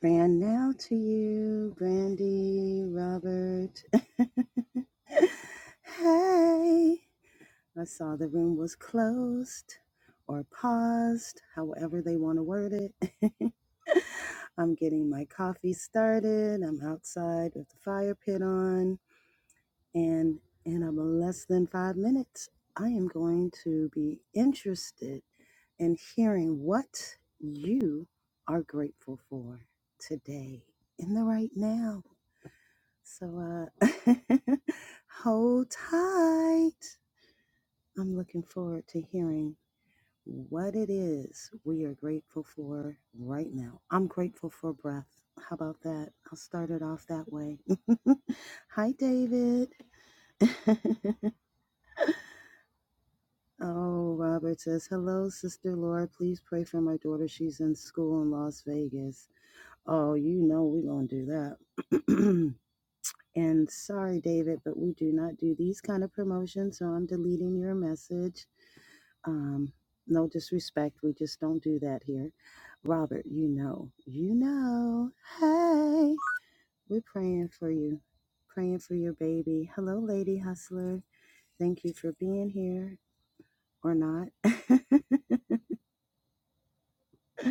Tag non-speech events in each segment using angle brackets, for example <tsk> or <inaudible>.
Grand now to you, Brandy, Robert. <laughs> hey, I saw the room was closed or paused, however they want to word it. <laughs> I'm getting my coffee started. I'm outside with the fire pit on. And in a less than five minutes, I am going to be interested in hearing what you are grateful for today in the right now. So uh, <laughs> hold tight. I'm looking forward to hearing what it is we are grateful for right now. I'm grateful for breath. How about that? I'll start it off that way. <laughs> Hi, David. <laughs> Oh, Robert says, Hello, Sister Laura. Please pray for my daughter. She's in school in Las Vegas. Oh, you know we're going to do that. <clears throat> and sorry, David, but we do not do these kind of promotions, so I'm deleting your message. Um, no disrespect. We just don't do that here. Robert, you know, you know. Hey, we're praying for you, praying for your baby. Hello, Lady Hustler. Thank you for being here or not.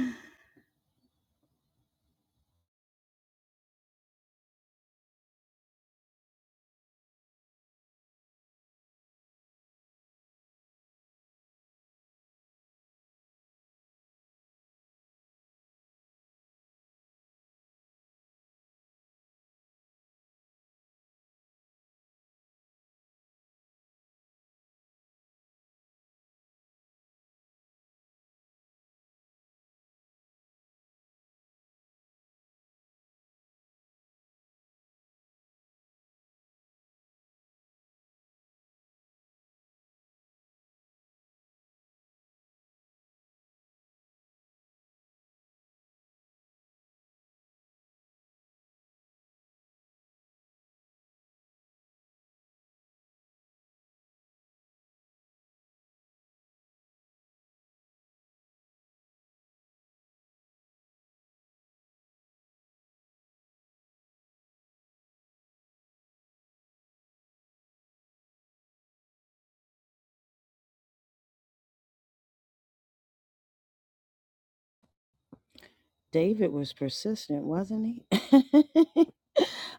<laughs> David was persistent, wasn't he? <laughs>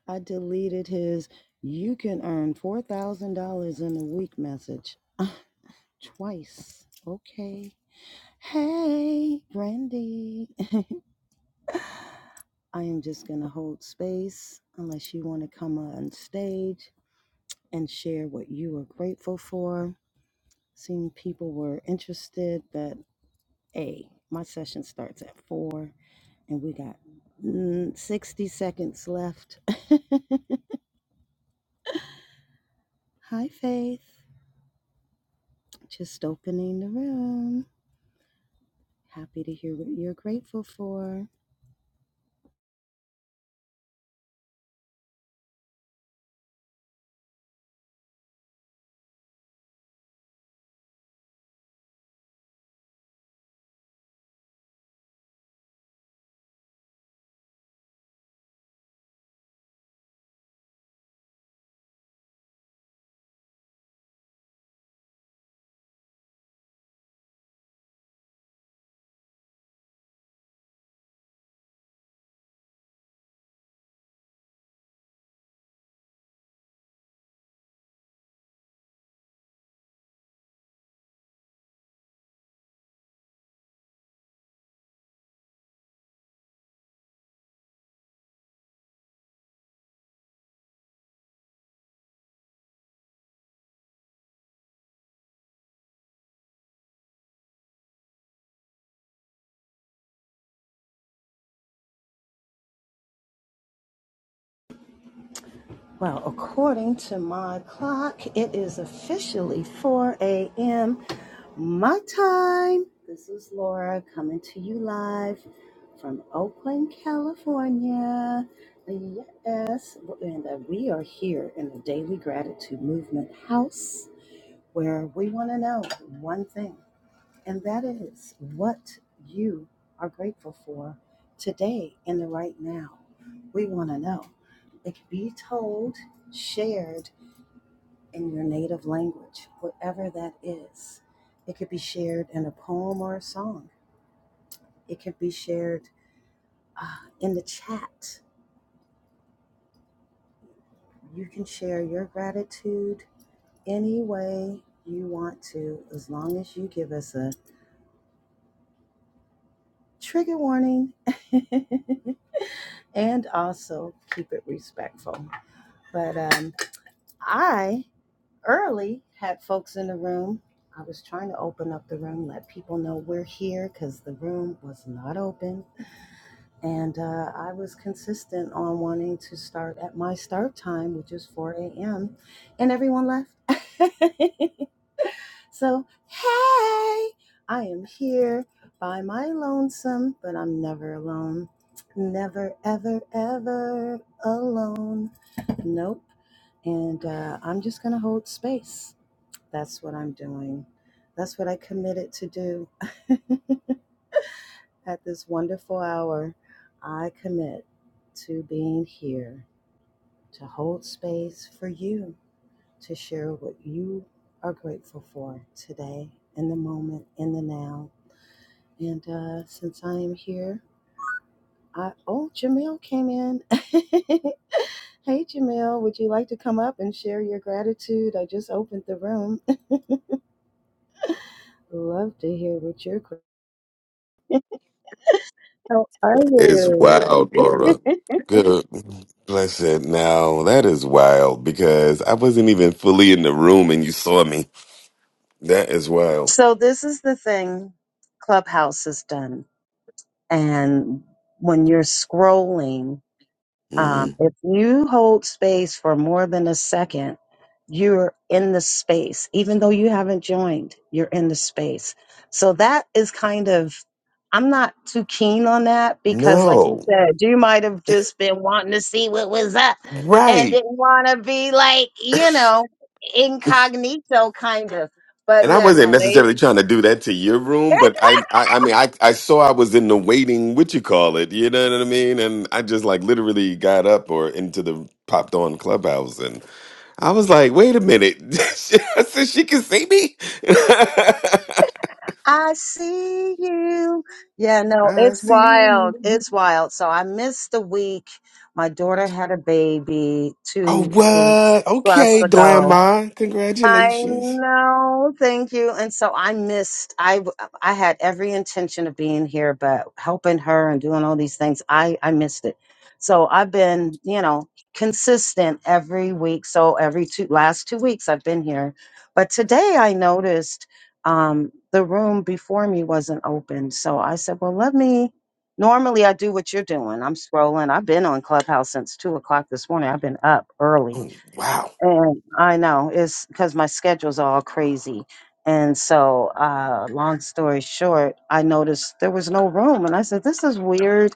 I deleted his you can earn $4,000 in a week message <laughs> twice. Okay. Hey, Brandy. <laughs> I am just going to hold space unless you want to come on stage and share what you are grateful for. Seeing people were interested, but A, my session starts at 4. And we got mm, 60 seconds left. <laughs> Hi, Faith. Just opening the room. Happy to hear what you're grateful for. Well, according to my clock, it is officially 4 a.m. my time. This is Laura coming to you live from Oakland, California. Yes, and uh, we are here in the Daily Gratitude Movement House where we want to know one thing, and that is what you are grateful for today in the right now. We want to know. It can be told, shared in your native language, whatever that is. It could be shared in a poem or a song. It could be shared uh, in the chat. You can share your gratitude any way you want to, as long as you give us a trigger warning. <laughs> and also keep it respectful. But um, I early had folks in the room. I was trying to open up the room, let people know we're here because the room was not open. And uh, I was consistent on wanting to start at my start time, which is 4 a.m., and everyone left. <laughs> so, hey, I am here by my lonesome, but I'm never alone. Never, ever, ever alone. Nope. And uh, I'm just going to hold space. That's what I'm doing. That's what I committed to do at this wonderful hour. I commit to being here to hold space for you to share what you are grateful for today, in the moment, in the now. And uh, since I am here, I, oh, Jamil came in. <laughs> hey, Jamil, would you like to come up and share your gratitude? I just opened the room. Love to hear what you're. How are It's you? wild, <laughs> Laura. Good. Bless it. Now, that is wild because I wasn't even fully in the room and you saw me. That is wild. so this is the thing Clubhouse has done. And when you're scrolling Um, hmm if you hold space for more than a second, you're in the space, even though you haven't joined, you're in the space. So that is kind of, I'm not too keen on that because, like you No. said, you might have just been wanting to see what was up and Right. didn't want to be like, you know, incognito kind of. But And I yeah, wasn't no, they. necessarily trying to do that to your <laughs> room, but I, I, I mean, I, I saw I was in the waiting, what you call it, you know what I mean? And I just like literally got up or into the popped on clubhouse and I was like, wait a minute. <laughs> I said, she can see me? <laughs> I see you. Yeah, no, I it's see wild. you. It's wild. So I missed the week. My daughter had a baby Oh, two weeks what? plus Okay, ago. Glamon. I Congratulations. know. Thank you. And so I missed. I w- I had every intention of being here, but helping her and doing all these things, I I missed it. So I've been, you know, consistent every week. So every two last two weeks I've been here. But today I noticed um the room before me wasn't open. So I said, well, let me normally I do what you're doing. I'm scrolling. I've been on Clubhouse since two o'clock this morning. I've been up early Oh, wow. and I know it's because my schedule's all crazy. And so, uh, long story short, I noticed there was no room. And I said, This is weird.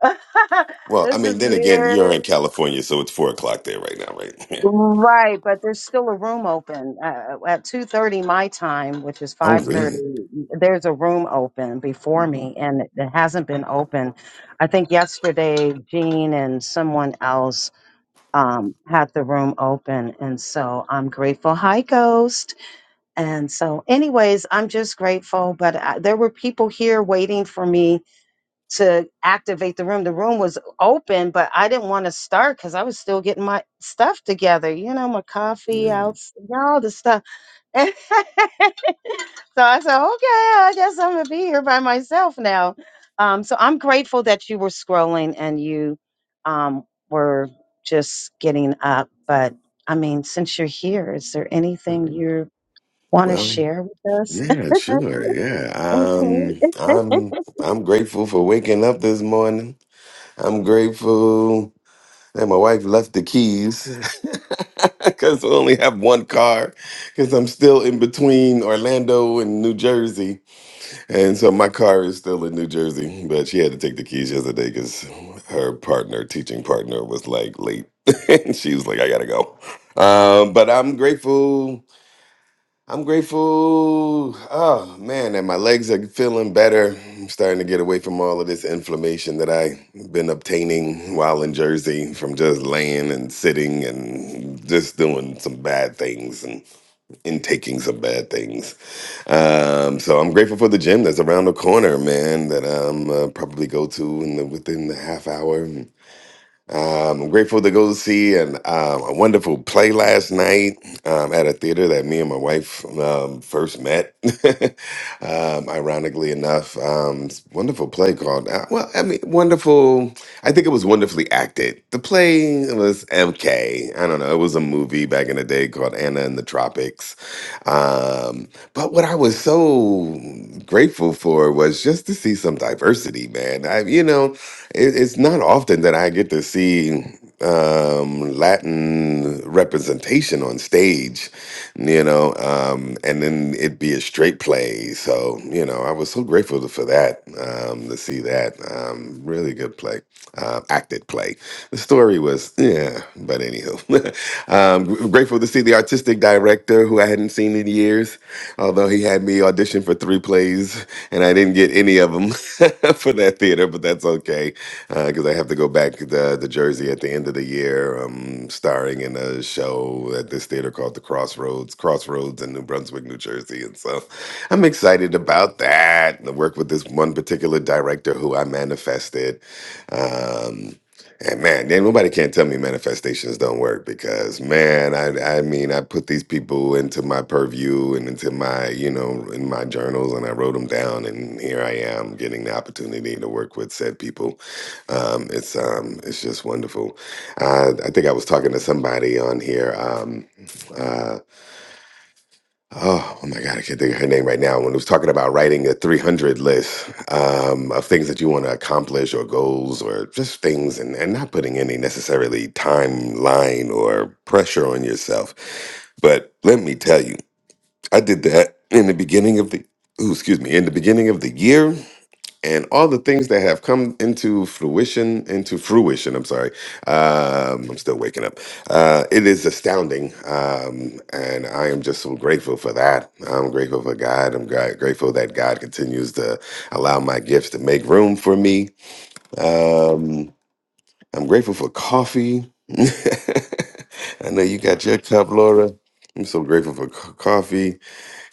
<laughs> Well, I this is mean, then again, weird. you're in California, so it's four o'clock there right now, right? <laughs> Right. But there's still a room open uh, uh, at 2.30 my time, which is Oh, 5.30. really? There's a room open before me and it it hasn't been open. I think yesterday, Jean and someone else um, had the room open. And so I'm grateful. Hi, Ghost. And so, anyways, I'm just grateful. But I, there were people here waiting for me to activate the room. The room was open, but I didn't want to start because I was still getting my stuff together, you know, my coffee out, Mm. all the stuff. <laughs> so I said, okay, I guess I'm going to be here by myself now. Um, so I'm grateful that you were scrolling and you um, were just getting up. But I mean, since you're here, is there anything Mm. you want to Well, share with us? yeah, sure. Yeah. Okay. um, I'm I'm grateful for waking up this morning. I'm grateful that my wife left the keys <laughs> because I only have one car because I'm still in between Orlando and New Jersey. And so my car is still in New Jersey, but she had to take the keys yesterday because her partner, teaching partner, was like late. <laughs> and she was like, I gotta go. Um, but I'm grateful. I'm grateful. Oh man, that my legs are feeling better. I'm starting to get away from all of this inflammation that I've been obtaining while in Jersey from just laying and sitting and just doing some bad things and intaking some bad things. Um, so I'm grateful for the gym that's around the corner, man. That I'm uh, probably go to in the, within the half hour. Um, I'm grateful to go to see an, um, a wonderful play last night um, at a theater that me and my wife um, first met. <laughs> um, ironically enough, um, it's a wonderful play called, uh, well, I mean, wonderful. I think it was wonderfully acted. The play was MK. I don't know. It was a movie back in the day called Anna in the Tropics. Um, but what I was so grateful for was just to see some diversity, man. I, you know, it, it's not often that I get to see um, Latin representation on stage, you know, um, and then it be a straight play. So, you know, I was so grateful to- for that, um, to see that. Um, really good play, uh, acted play. The story was, yeah, but anywho, <laughs> um, grateful to see the artistic director who I hadn't seen in years. Although he had me audition for three plays and I didn't get any of them <laughs> for that theater, but that's okay because I have to go back to, to Jersey at the end of the year, um, starring in a show at this theater called the Crossroads, Crossroads in New Brunswick, New Jersey, and so I'm excited about that. I work with this one particular director who I manifested. Um, and man, then nobody can't tell me manifestations don't work because man, I I mean I put these people into my purview and into my you know in my journals and I wrote them down and here I am getting the opportunity to work with said people. Um, it's um it's just wonderful. Uh, I think I was talking to somebody on here. Um, uh, Oh, oh my God, I can't think of her name right now. When it was talking about writing a 300 list um, of things that you want to accomplish or goals or just things and, and not putting any necessarily timeline or pressure on yourself. But let me tell you, I did that in the beginning of the, ooh, excuse me, in the beginning of the year and all the things that have come into fruition into fruition i'm sorry um, i'm still waking up uh, it is astounding um, and i am just so grateful for that i'm grateful for god i'm gra- grateful that god continues to allow my gifts to make room for me um, i'm grateful for coffee <laughs> i know you got your cup laura i'm so grateful for co- coffee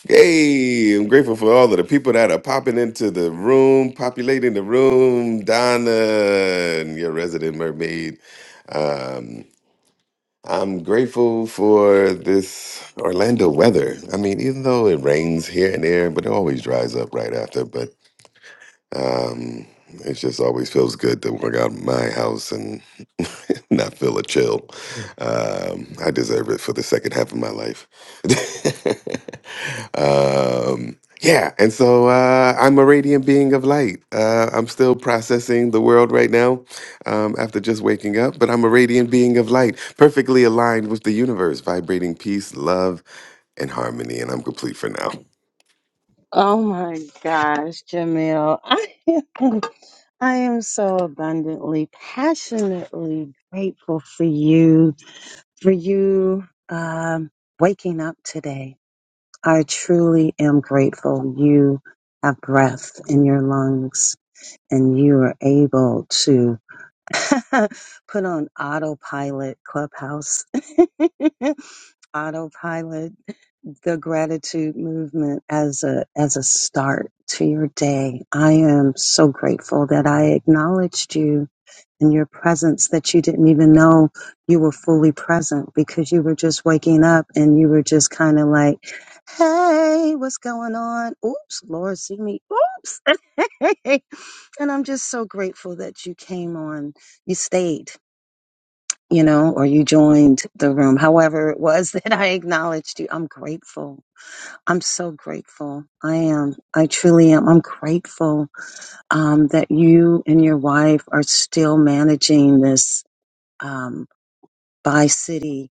Hey, I'm grateful for all of the people that are popping into the room, populating the room. Donna, and your resident mermaid. Um, I'm grateful for this Orlando weather. I mean, even though it rains here and there, but it always dries up right after. But um, it just always feels good to work out of my house and <laughs> not feel a chill. Um, I deserve it for the second half of my life. <laughs> um, yeah, and so uh, I'm a radiant being of light. Uh, I'm still processing the world right now um, after just waking up, but I'm a radiant being of light, perfectly aligned with the universe, vibrating peace, love, and harmony, and I'm complete for now. Oh my gosh, Jamil. <laughs> I am, I am so abundantly, passionately grateful for you, for you um, waking up today. I truly am grateful you have breath in your lungs and you are able to <laughs> put on autopilot clubhouse <laughs> autopilot the gratitude movement as a as a start to your day. I am so grateful that I acknowledged you and your presence that you didn't even know you were fully present because you were just waking up and you were just kind of like, "Hey, what's going on? Oops, Lord, see me. Oops." <laughs> and I'm just so grateful that you came on. You stayed you know, or you joined the room, however it was <laughs> that I acknowledged you. I'm grateful I'm so grateful. I am. I truly am. I'm grateful um, that you and your wife are still managing this um, by city,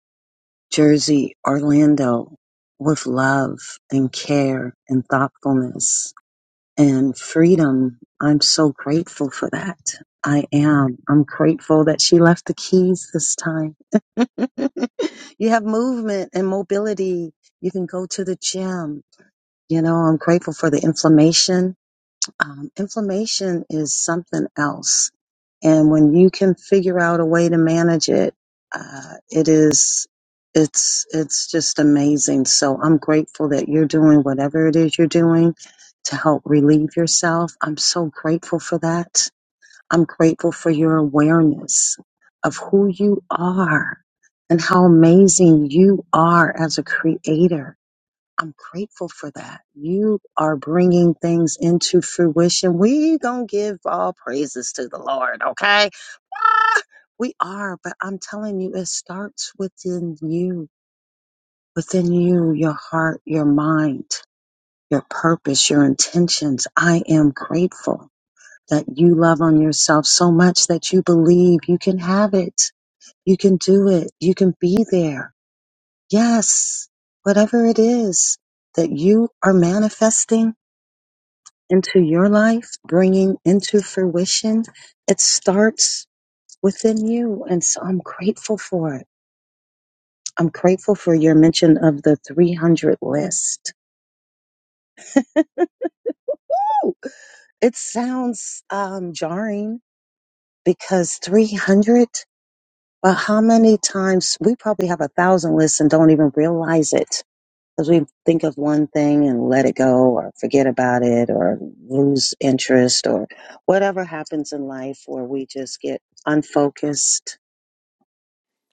Jersey, Orlando with love and care and thoughtfulness and freedom. I'm so grateful for that. I am. I'm grateful that she left the keys this time. <laughs> you have movement and mobility. You can go to the gym You know, I'm grateful for the inflammation. Um, inflammation is something else. And when you can figure out a way to manage it, uh, it is, it's, it's just amazing. So I'm grateful that you're doing whatever it is you're doing to help relieve yourself. I'm so grateful for that. I'm grateful for your awareness of who you are and how amazing you are as a creator I'm grateful for that. You are bringing things into fruition. We gonna give all praises to the Lord, okay? Ah, we are, but I'm telling you, it starts within you, within you, your heart, your mind, your purpose, your intentions. I am grateful that you love on yourself so much that you believe you can have it. You can do it. You can be there. Yes, whatever it is that you are manifesting into your life, bringing into fruition. It starts within you. And so I'm grateful for it. I'm grateful for your mention of the 300 list. Woo! It sounds um, jarring because 300, but how many times we probably have a thousand lists and don't even realize it Because we think of one thing and let it go or forget about it or lose interest or whatever happens in life where we just get unfocused.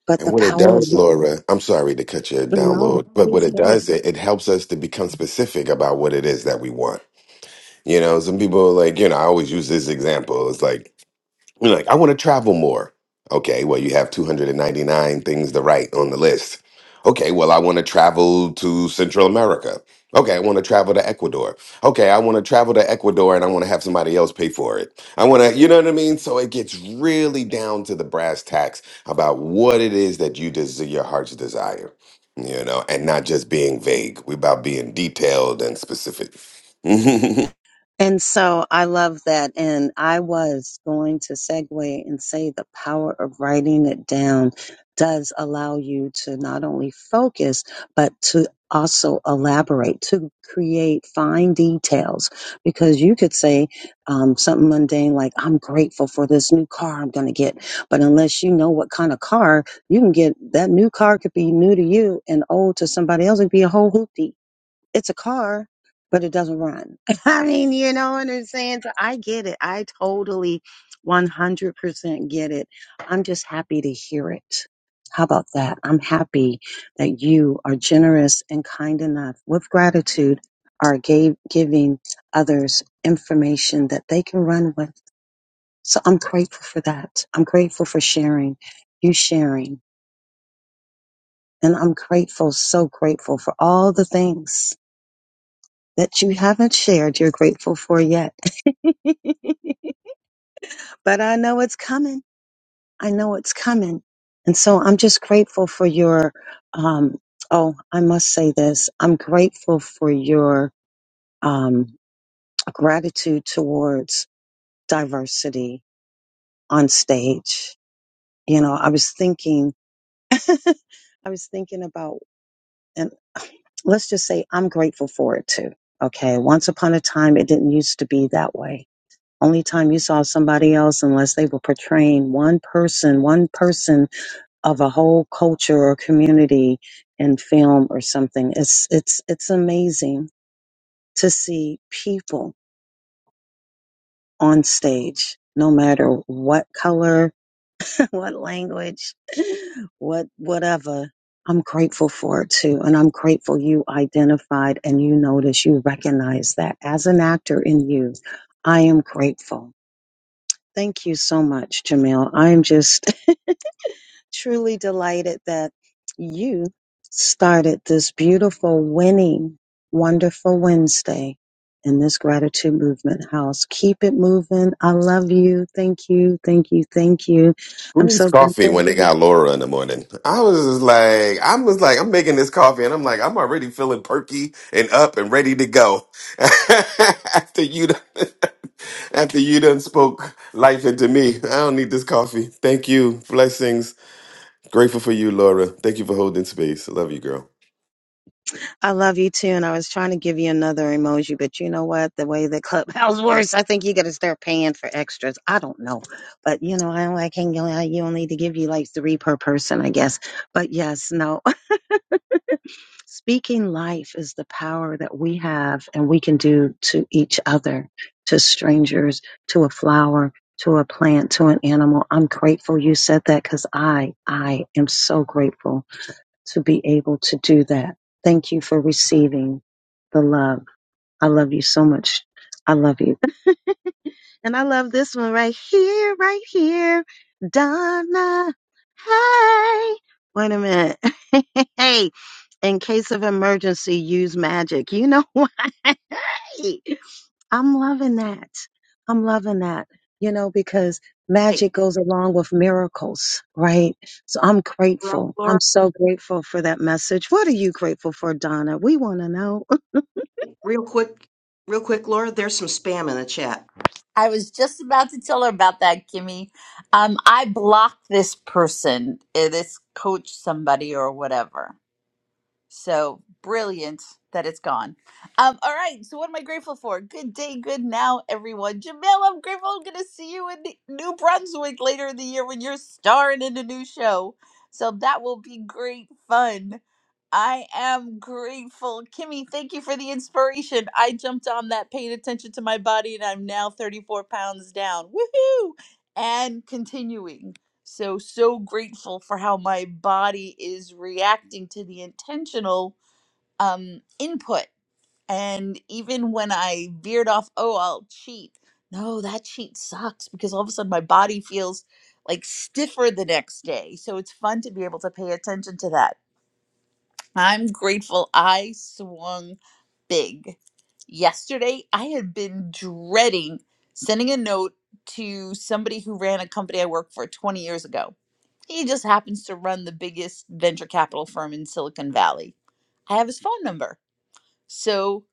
But And the what it power, does, Laura, I'm sorry to cut your no, download, but what please it go. does, it, it helps us to become specific about what it is that we want. You know, some people are like, you know, I always use this example. It's like, you're like, I want to travel more. Okay, well, you have 299 things to write on the list. Okay, well, I want to travel to Central America. Okay, I want to travel to Ecuador. Okay, I want to travel to Ecuador and I want to have somebody else pay for it. I want to, you know what I mean? So it gets really down to the brass tacks about what it is that you des- your heart's desire, you know, and not just being vague. we about being detailed and specific. <laughs> And so I love that. And I was going to segue and say the power of writing it down does allow you to not only focus, but to also elaborate, to create fine details. Because you could say um, something mundane like, I'm grateful for this new car I'm going to get. But unless you know what kind of car you can get, that new car could be new to you and old to somebody else. It'd be a whole hoopty it's a car, but it doesn't run. <laughs> I mean, you know what I'm saying? So I get it. I totally 100% get it. I'm just happy to hear it. How about that? I'm happy that you are generous and kind enough with gratitude are gave, giving others information that they can run with. So I'm grateful for that. I'm grateful for sharing, you sharing, and I'm grateful, so grateful for all the things that you haven't shared you're grateful for yet. <laughs> but I know it's coming. I know it's coming. And so I'm just grateful for your, um, oh, I must say this. I'm grateful for your, um, gratitude towards diversity on stage. You know, I was thinking, <laughs> I was thinking about, and let's just say I'm grateful for it too. Okay. Once upon a time, it didn't used to be that way Only time you saw somebody else unless they were portraying one person, one person of a whole culture or community in film or something. It's it's it's amazing to see people on stage, no matter what color, <laughs> what language, what whatever. I'm grateful for it too. And I'm grateful you identified and you noticed, you recognized that as an actor in you. I am grateful. Thank you so much, Jamil. I'm just <laughs> truly delighted that you started this beautiful, winning, wonderful Wednesday in this gratitude movement house. Keep it moving. I love you. Thank you. Thank you. Thank you. Who I'm needs so coffee grateful. when they got Laura in the morning? I was just like, I was like, I'm making this coffee, and I'm like, I'm already feeling perky and up and ready to go <laughs> after you, done, <laughs> after you done spoke life into me. I don't need this coffee. Thank you, blessings. Grateful for you, Laura. Thank you for holding space. I love you, girl. I love you too, and I was trying to give you another emoji, but you know what? The way the clubhouse <laughs> works, I think you got to start paying for extras. I don't know, but you know, I don't like hanging out. You only need to give you like three per person, I guess. But yes, no. <laughs> Speaking life is the power that we have, and we can do to each other, to strangers, to a flower, to a plant, to an animal. I'm grateful you said that because I, I am so grateful to be able to do that. Thank you for receiving the love. I love you so much. I love you. And I love this one right here, right here. Donna. Hey. Wait a minute. <laughs> hey. In case of emergency, use magic. You know <laughs> why? Hey. I'm loving that. I'm loving that, you know, because Hey, magic goes along with miracles, right? So I'm we're up, grateful. Laura, I'm so grateful for that message. What are you grateful for, Donna? We want to know. <laughs> real quick, real quick, Laura, there's some spam in the chat. I was just about to tell her about that, Kimmy. Um, I blocked this person, eh, this coach, somebody, or whatever. So brilliant that it's gone. Um, all right. So what am I grateful for? Good day, good now, everyone. Jamel, I'm grateful. I'm gonna see you in New Brunswick later in the year when you're starring in a new show. So that will be great fun. I am grateful. Kimmy, thank you for the inspiration. I jumped on that, paying attention to my body, and I'm now 34 pounds down. Woohoo! And continuing. So, so grateful for how my body is reacting to the intentional um, input. And even when I veered off, oh, I'll cheat. No, that cheat sucks because all of a sudden my body feels like stiffer the next day. So it's fun to be able to pay attention to that. I'm grateful I swung big. Yesterday, I had been dreading sending a note to somebody who ran a company I worked for 20 years ago he just happens to run the biggest venture capital firm in Silicon Valley. I have his phone number. So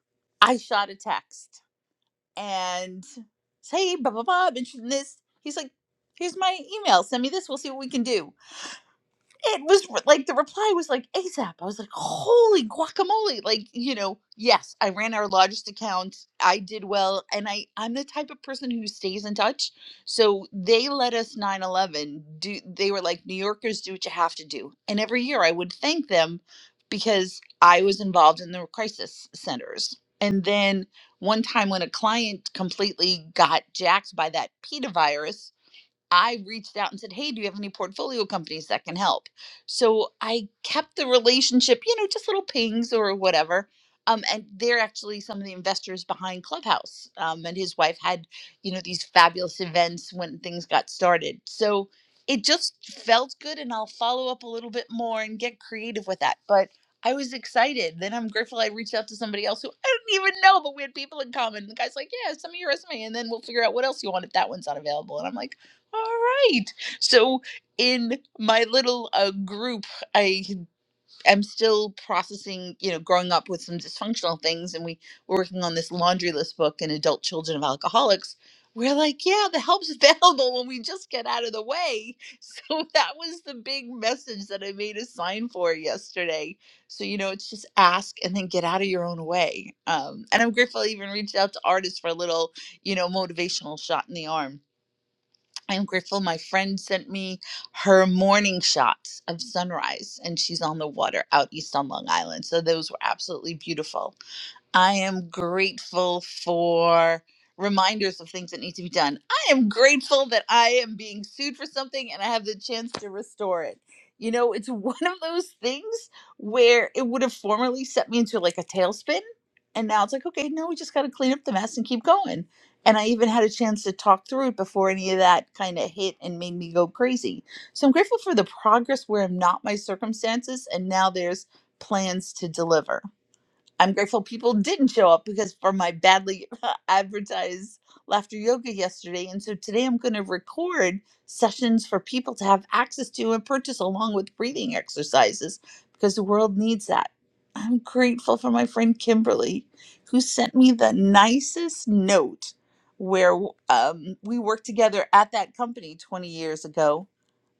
I shot a text and say, hey, blah, blah, blah, I'm interested in this. He's like, here's my email. Send me this. We'll see what we can do it was like the reply was like ASAP. I was like, holy guacamole! Like, you know, yes, I ran our largest account. I did well, and I I'm the type of person who stays in touch. So they let us 9/11 do. They were like, New Yorkers, do what you have to do. And every year, I would thank them because I was involved in the crisis centers. And then one time when a client completely got jacked by that peta virus, I reached out and said, Hey, do you have any portfolio companies that can help? So I kept the relationship, you know, just little pings or whatever. Um, and they're actually some of the investors behind Clubhouse. Um, and his wife had, you know, these fabulous events when things got started. So it just felt good. And I'll follow up a little bit more and get creative with that. But I was excited. Then I'm grateful I reached out to somebody else who I didn't even know, but we had people in common. And The guy's like, Yeah, send me your resume and then we'll figure out what else you want if that one's not available. And I'm like, all right. So in my little uh, group, I am still processing, you know, growing up with some dysfunctional things, and we were working on this laundry list book and adult children of alcoholics. We're like, yeah, the help's <laughs> available when we just get out of the way. <laughs> So that was the big message that I made a sign for yesterday. So you know, it's just ask and then get out of your own way. Um, and I'm grateful I even reached out to artists for a little, you know, motivational shot in the arm I'm grateful my friend sent me her morning shots of sunrise, and she's on the water out east on Long Island. So those were absolutely beautiful. I am grateful for reminders of things that need to be done. I am grateful that I am being sued for something and I have the chance to restore it. You know, it's <laughs> one of those things where it would have formerly set me into like a tailspin. And now it's like, okay, no, we just got to clean up the mess and keep going. And I even had a chance to talk through it before any of that kind of hit and made me go crazy. So I'm grateful for the progress where I'm not my circumstances. And now there's plans to deliver. I'm grateful people didn't show up because for my badly <laughs> advertised laughter yoga yesterday. And so today I'm going to record sessions for people to have access to and purchase along with breathing exercises because the world needs that. I'm grateful for my friend Kimberly who sent me the nicest note where um, we worked together at that company 20 years ago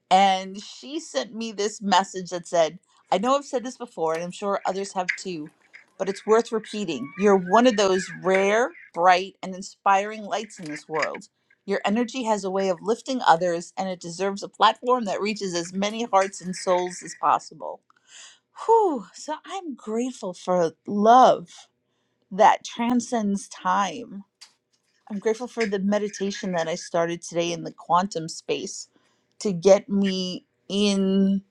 and she sent me this message that said, I know I've said this before, and I'm sure others have too, but it's worth repeating. You're one of those rare, bright, and inspiring lights in this world. Your energy has a way of lifting others, and it deserves a platform that reaches as many hearts and souls as possible. Whew, so I'm grateful for love that transcends time I'm grateful for the meditation that I started today in the quantum space to get me in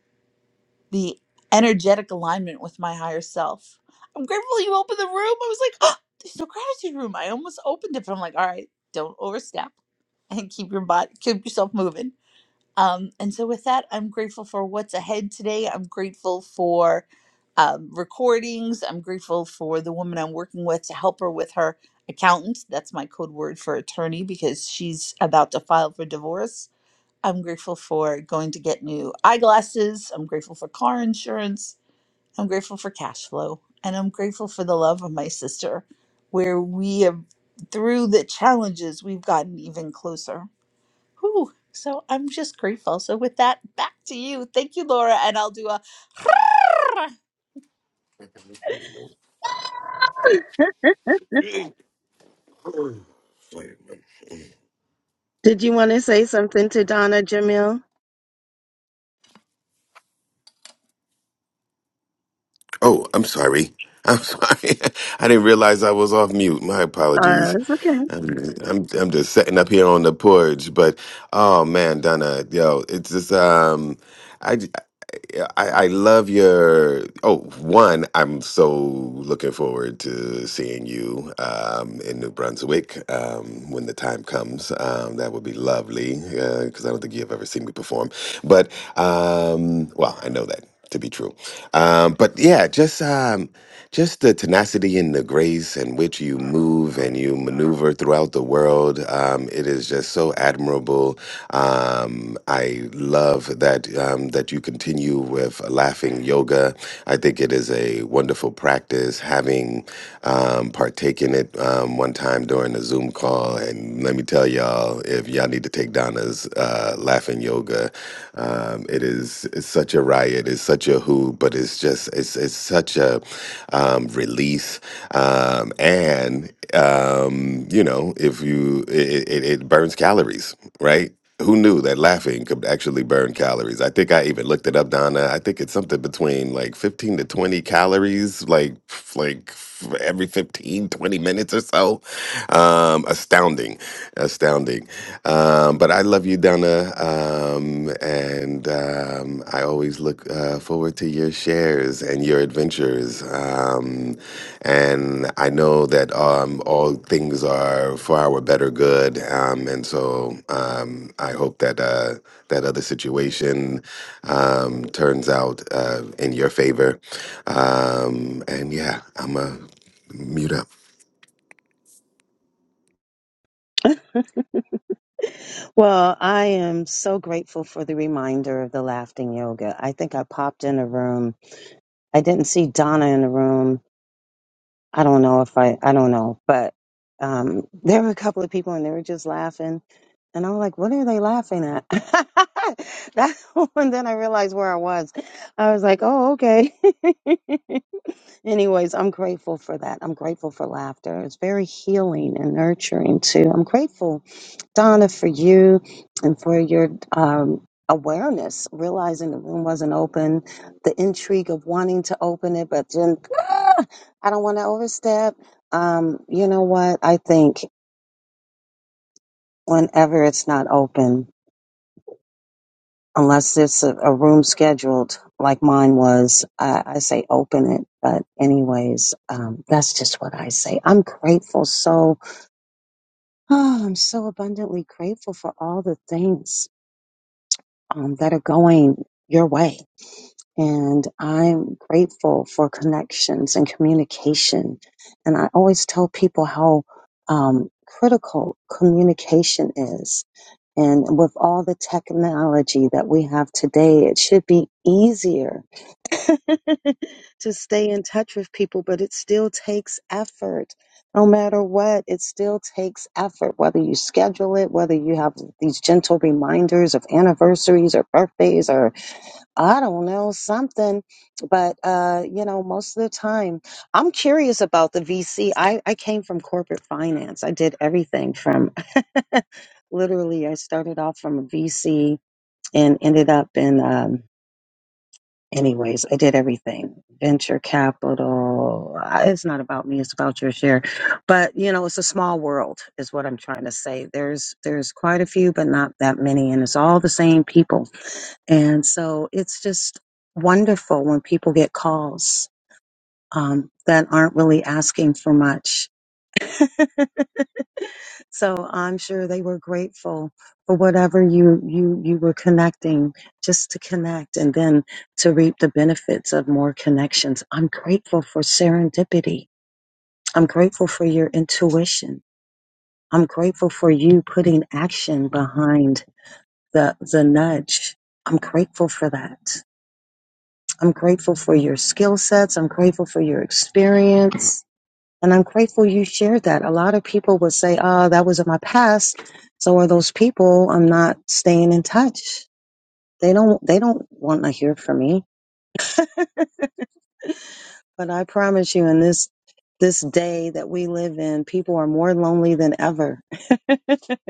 the energetic alignment with my higher self. I'm grateful you opened the room. I was like, oh, there's no gratitude room. I almost opened it, but I'm like, all right, don't overstep and keep your body, keep yourself moving. Um, and so, with that, I'm grateful for what's ahead today. I'm grateful for um, recordings. I'm grateful for the woman I'm working with to help her with her accountant. That's my code word for attorney because she's about to file for divorce. I'm grateful for going to get new eyeglasses. I'm grateful for car insurance. I'm grateful for cash flow. And I'm grateful for the love of my sister, where we have, through the challenges, we've gotten even closer. Whew. So I'm just grateful. So with that, back to you. Thank you, Laura. And I'll do a <laughs> <clears throat> Did you want to say something to Donna Jamil? Oh, I'm sorry. I'm sorry. <laughs> I didn't realize I was off mute. My Uh, apologies. it's okay. I'm, I'm I'm just sitting up here on the porch, but oh man, Donna, yo, it's just um, I j- I, I love your oh one. I'm so looking forward to seeing you um in New Brunswick um when the time comes. Um, that would be lovely because I don't think you've ever seen me perform, but um, well, I know that to be true. Um, but yeah, just um, just the tenacity and the grace in which you move and you maneuver throughout the world. Um, it is just so admirable. Um, I love that um, that you continue with laughing yoga. I think it is a wonderful practice. Having um, partaken it um, um, one time during a Zoom call, and let me tell y'all, if y'all need to take Donna's uh, laughing yoga, um, it is it's such a riot, it's such a who, but it's just it's it's such a um, release, um, and um, you know, if you it, it, it burns calories, right? Who knew that laughing could actually burn calories? I think I even looked it up, Donna. I think it's something between like 15 to 20 calories, like f- like f- every 15 20 minutes or so. Um, astounding, astounding. Um, but I love you, Donna. Um, and um, I always look uh, forward to your shares and your adventures. Um, and I know that um, all things are for our better good. Um, and so um, I hope that uh, that other situation um, turns out uh, in your favor. Um, and yeah, I'm a mute up. Well, I am so grateful for the reminder of the laughing yoga. I think I popped in a room. I didn't see Donna in the room. I don't know if I, I don't know, but um, there were a couple of people and they were just laughing. And I'm like, what are they laughing at? <laughs> that, and then I realized where I was. I was like, oh, okay. <laughs> Anyways, I'm grateful for that. I'm grateful for laughter. It's very healing and nurturing too. I'm grateful, Donna, for you and for your um, awareness, realizing the room wasn't open, the intrigue of wanting to open it, but then "Ah, I don't want to overstep. Um, you know what? I think whenever it's not open, unless it's a, a room scheduled like mine was, I, I say open it. But anyways, um, that's just what I say. I'm grateful. So <sighs> oh, I'm so abundantly grateful for all the things um, that are going your way. And I'm grateful for connections and communication. And I always tell people how um, critical communication is and with all the technology that we have today, it should be easier <laughs> to stay in touch with people, but it still takes effort. No matter what, it still takes effort, whether you schedule it, whether you have these gentle reminders of anniversaries or birthdays or. I don't know, something. But, uh, you know, most of the time, I'm curious about the VC. I, I came from corporate finance. I did everything from <laughs> literally, I started off from a VC and ended up in, um, anyways, I did everything venture capital. I- It's not about me, it's about your share. But, you know, it's a small world, is what I'm trying to say. There's, there's quite a few, but not that many. And it's all the same people and so it's just wonderful when people get calls um, that aren't really asking for much. <laughs> so I'm sure they were grateful for whatever you, you, you were connecting just to connect and then to reap the benefits of more connections. I'm grateful for serendipity. I'm grateful for your intuition. I'm grateful for you putting action behind the, the nudge. I'm grateful for that. I'm grateful for your skill sets. I'm grateful for your experience. And I'm grateful you shared that. A lot of people would say, oh, that was in my past. So are those people I'm not staying in touch. They don't they don't want to hear from me. But I promise you in this this day that we live in, people are more lonely than ever. <laughs>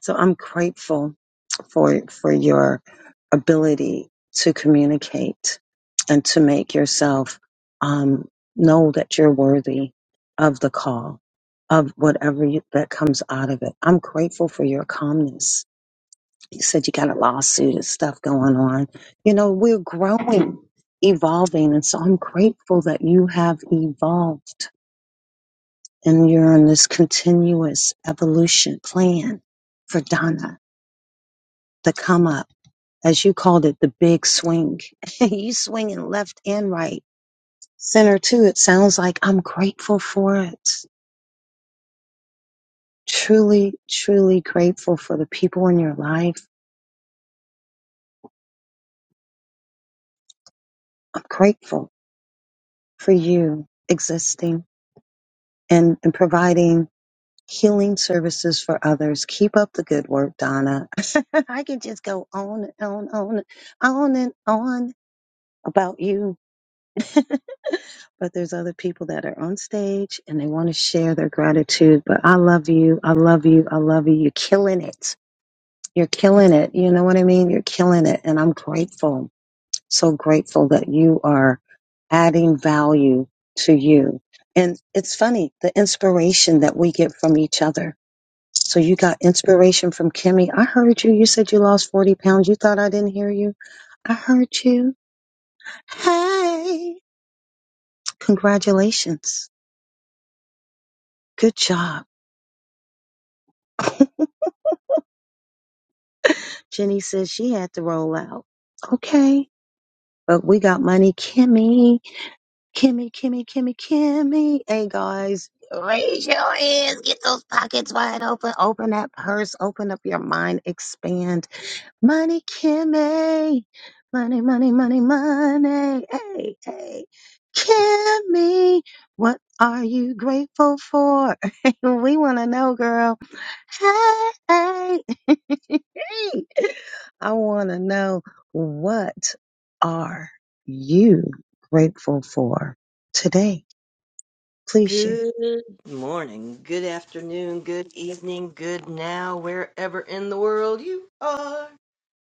so I'm grateful for for your ability to communicate and to make yourself um, know that you're worthy of the call of whatever you, that comes out of it. I'm grateful for your calmness. You said you got a lawsuit and stuff going on. You know, we're growing, evolving. And so I'm grateful that you have evolved and you're on this continuous evolution plan for Donna to come up as you called it, the big swing. <laughs> you swinging left and right, center too. It sounds like I'm grateful for it. Truly, truly grateful for the people in your life. I'm grateful for you existing and, and providing healing services for others. Keep up the good work, Donna. <laughs> I can just go on and on, on, on and on about you but there's other people that are on stage and they want to share their gratitude. But I love you. I love you. I love you. You're killing it. You're killing it. You know what I mean? You're killing it. And I'm grateful, so grateful that you are adding value to you. And it's funny, the inspiration that we get from each other. So you got inspiration from Kimmy. I heard you. You said you lost 40 pounds. You thought I didn't hear you. I heard you. Hey, congratulations. Good job <laughs> Jenny says she had to roll out. Okay. But we got money. Kimmy, Kimmy, Kimmy, Kimmy, Kimmy. Hey guys, raise your hands. Get those pockets wide open. Open that purse. Open up your mind. Expand. Money Kimmy. Money, money, money, money. Hey, hey. Kimmy, what are you grateful for? <laughs> we want to know, girl. Hey. hey, <laughs> I want to know what are you grateful for today? Please share. Good morning, good afternoon, good evening, good now, wherever in the world you are.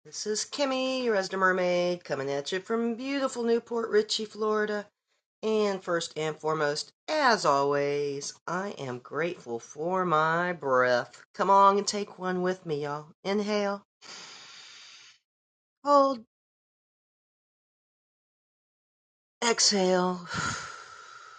This is Kimmy, your resident mermaid, coming at you from beautiful Newport Richey, Florida. And first and foremost, as always, I am grateful for my breath. Come on and take one with me, y'all. Inhale, hold, exhale. <sighs>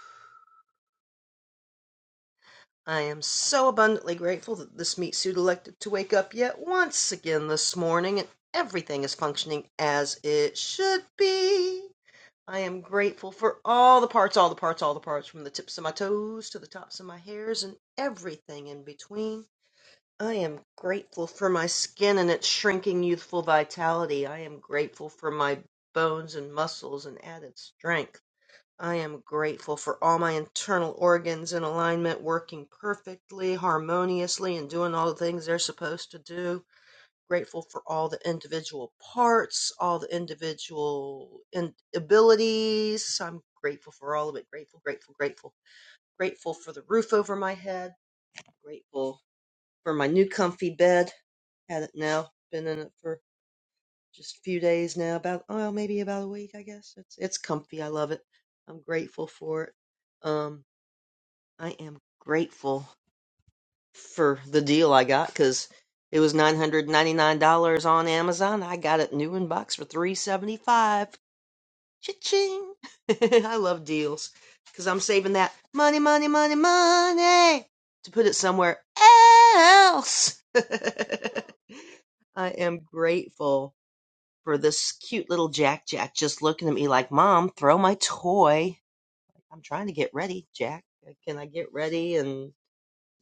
I am so abundantly grateful that this meat suit elected to wake up yet once again this morning and everything is functioning as it should be. I am grateful for all the parts, all the parts, all the parts, from the tips of my toes to the tops of my hairs and everything in between. I am grateful for my skin and its shrinking youthful vitality. I am grateful for my bones and muscles and added strength. I am grateful for all my internal organs in alignment, working perfectly, harmoniously, and doing all the things they're supposed to do. Grateful for all the individual parts, all the individual in- abilities. I'm grateful for all of it. Grateful, grateful, grateful. Grateful for the roof over my head. Grateful for my new comfy bed. Had it now, been in it for just a few days now, about, oh, maybe about a week, I guess. It's, it's comfy. I love it. I'm grateful for it. Um, I am grateful for the deal I got because it was nine hundred ninety nine dollars on Amazon. I got it new in box for three seventy five. Cha-ching! <laughs> I love deals because I'm saving that money, money, money, money to put it somewhere else. <laughs> I am grateful for this cute little Jack Jack just looking at me like, Mom, throw my toy. I'm trying to get ready, Jack. Can I get ready? And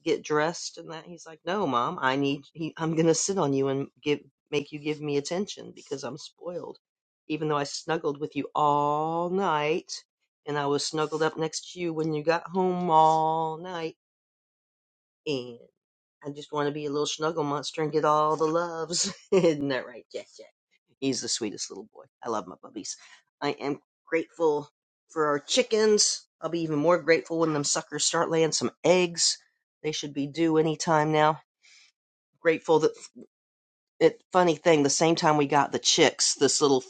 get dressed and that he's like no mom i need <laughs> he, i'm going to sit on you and give make you give me attention because i'm spoiled even though i snuggled with you all night and i was snuggled up next to you when you got home all night and I just want to be a little snuggle monster and get all the loves. <laughs> Isn't that right, Jack Jack? He's the sweetest little boy. I love my puppies. I am grateful for our chickens. I'll be even more grateful when them suckers start laying some eggs. They should be due any time now. Grateful that it funny thing, the same time we got the chicks, this little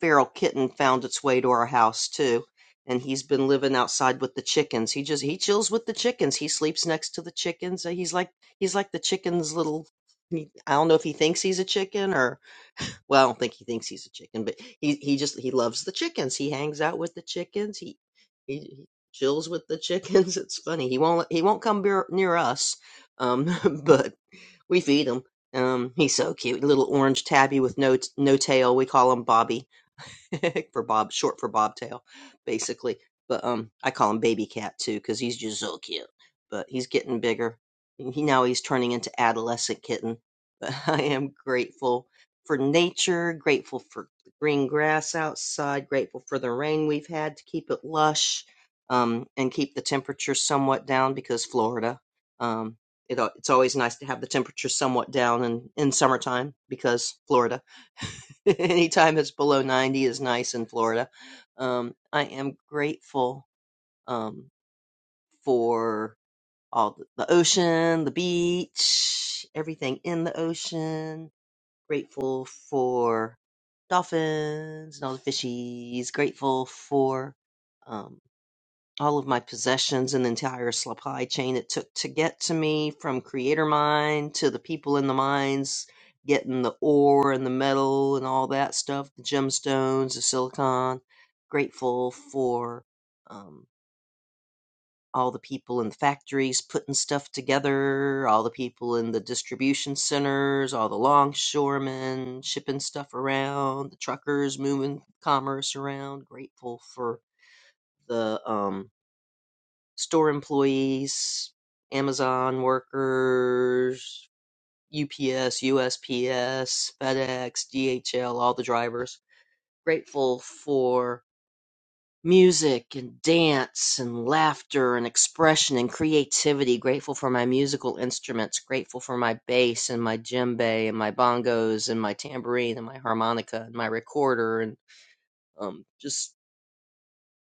feral kitten found its way to our house too, and he's been living outside with the chickens. He just he chills with the chickens. He sleeps next to the chickens. Uh, He's like he's like the chicken's little. he- I don't know if he thinks he's a chicken or well, I don't think he thinks he's a chicken, but he he just he loves the chickens. He hangs out with the chickens. He he, he chills with the chickens. <laughs> It's funny. He won't he won't come near, near us, um, <laughs> but we feed him. Um, he's so cute, little orange tabby with no no tail. We call him Bobby <laughs> for Bob, short for Bobtail, basically. But um, I call him Baby Cat too because he's just so cute. But he's getting bigger. He now he's turning into adolescent kitten. <laughs> But I am grateful for nature, grateful for the green grass outside, grateful for the rain we've had to keep it lush, um, and keep the temperature somewhat down because Florida. Um, it, it's always nice to have the temperature somewhat down in, in summertime because Florida. <laughs> <laughs> Anytime it's below 90 is nice in Florida. Um, I am grateful um, for all the, the ocean, the beach, everything in the ocean. Grateful for dolphins and all the fishies. Grateful for. um, all of my possessions and the entire supply chain it took to get to me from creator mine to the people in the mines getting the ore and the metal and all that stuff the gemstones the silicon grateful for um, all the people in the factories putting stuff together all the people in the distribution centers all the longshoremen shipping stuff around the truckers moving commerce around grateful for the um, store employees, Amazon workers, UPS, USPS, FedEx, DHL, all the drivers. Grateful for music and dance and laughter and expression and creativity. Grateful for my musical instruments. Grateful for my bass and my djembe and my bongos and my tambourine and my harmonica and my recorder and um, just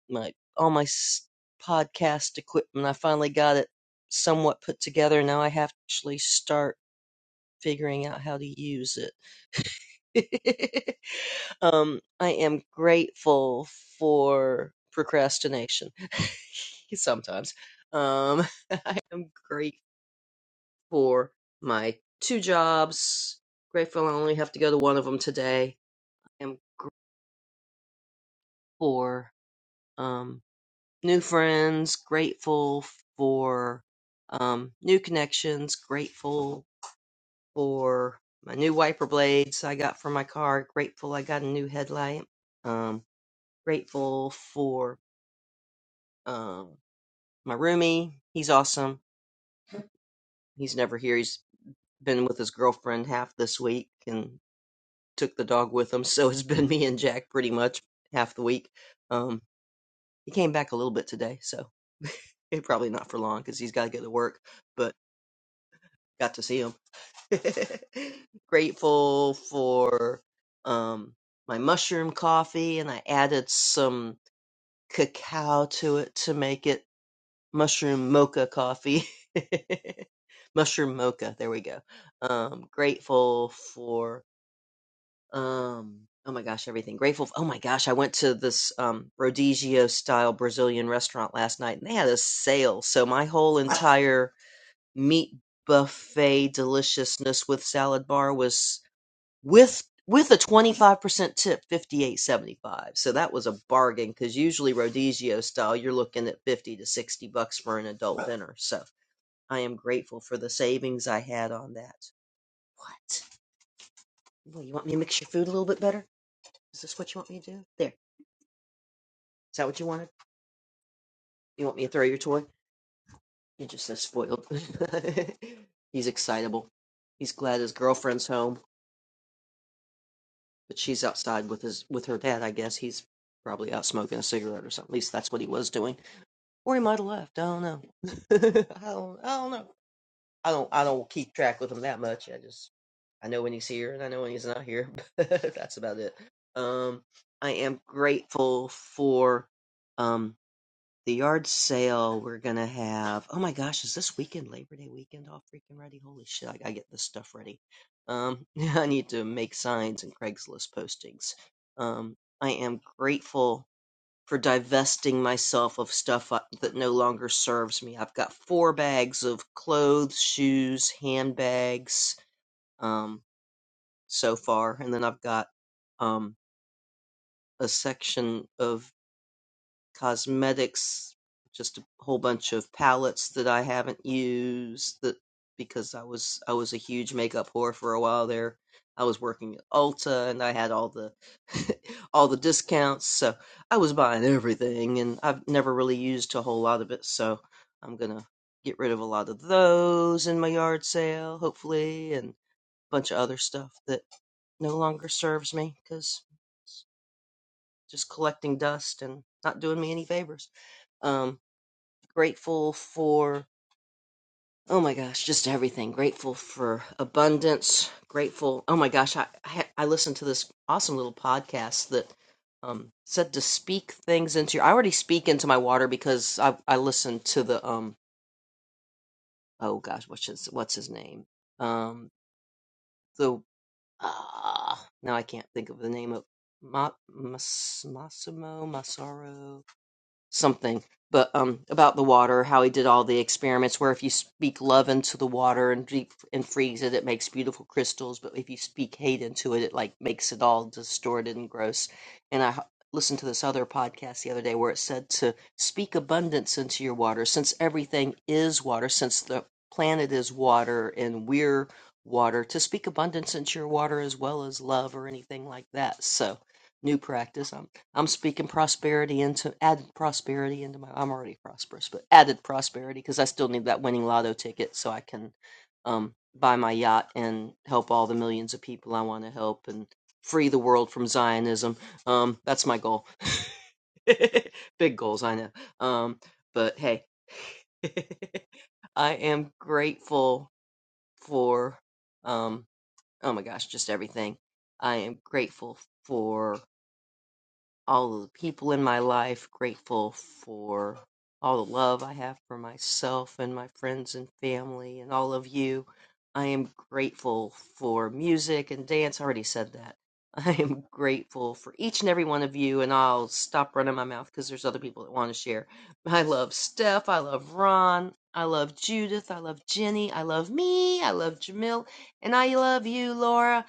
my all my s- podcast equipment. I finally got it somewhat put together. Now I have to actually start figuring out how to use it. <laughs> um, I am grateful for procrastination <laughs> sometimes. Um, <laughs> I am grateful for my two jobs. Grateful I only have to go to one of them today. I am grateful. for um, new friends, grateful for um, new connections, grateful for my new wiper blades I got for my car, grateful I got a new headlight, um, grateful for um, my roomie. He's awesome. He's never here. He's been with his girlfriend half this week and took the dog with him, <laughs> so it's been me and Jack pretty much half the week. Um, he came back a little bit today, so eh, probably not for long because he's got to go to work, but got to see him <laughs> grateful for um, my mushroom coffee, and I added some cacao to it to make it mushroom mocha coffee. <laughs> mushroom mocha, there we go. Um, grateful for, um, oh my gosh, everything. Grateful, f oh my gosh, I went to this um, Rodizio style Brazilian restaurant last night, and they had a sale. So my whole entire meat buffet deliciousness with salad bar was with with a 25% tip 58.75 so that was a bargain because usually Rodizio style you're looking at 50 to 60 bucks for an adult dinner so i am grateful for the savings i had on that what well you want me to mix your food a little bit better is this what you want me to do there is that what you wanted you want me to throw your toy you're just so spoiled <laughs> he's excitable he's glad his girlfriend's home but she's outside with his with her dad i guess he's probably out smoking a cigarette or something at least that's what he was doing or he might have left. I don't know. <laughs> I don't. I don't know. I don't. I don't keep track with him that much. I just I know when he's here and I know when he's not here. <laughs> that's about it. Um, I am grateful for um the yard sale we're gonna have. Oh my gosh, is this weekend Labor Day weekend all freaking ready? Holy shit! I gotta get this stuff ready. Um, <laughs> I need to make signs and Craigslist postings. Um, I am grateful for divesting myself of stuff uh, that no longer serves me. I've got four bags of clothes, shoes, handbags um, so far, and then I've got um, a section of cosmetics, just a whole bunch of palettes that I haven't used that because I was I was a huge makeup whore for a while there. I was working at Ulta and I had all the <laughs> all the discounts, so I was buying everything and I've never really used a whole lot of it, so I'm going to get rid of a lot of those in my yard sale hopefully and a bunch of other stuff that no longer serves me cuz just collecting dust and not doing me any favors. Um, grateful for, oh my gosh, just everything. Grateful for abundance. Grateful. Oh my gosh, I, I, I listened to this awesome little podcast that um, said to speak things into your. I already speak into my water because I, I listened to the, um, oh gosh, what's his, what's his name? Um, the, ah, now I can't think of the name of Ma, Mas, Massimo, Massaro. something, but um, about the water, how he did all the experiments where if you speak love into the water and deep and freeze it, it makes beautiful crystals, but if you speak hate into it, it like makes it all distorted and gross. And I h- listened to this other podcast the other day where it said to speak abundance into your water, since everything is water, since the planet is water and we're water, to speak abundance into your water as well as love or anything like that. So, new practice. I'm I'm speaking prosperity into added prosperity into my. I'm already prosperous, but added prosperity because I still need that winning lotto ticket so I can um, buy my yacht and help all the millions of people I want to help and free the world from Zionism. Um, that's my goal. <laughs> Big goals, I know. Um, but hey, <laughs> I am grateful for um, oh my gosh, just everything. I am grateful for all of the people in my life, grateful for all the love I have for myself and my friends and family and all of you. I am grateful for music and dance. I already said that. <laughs> I am grateful for each and every one of you, and I'll stop running my mouth because there's other people that want to share. I love Steph. I love Ron. I love Judith. I love Jenny. I love me. I love Jamil. And I love you, Laura.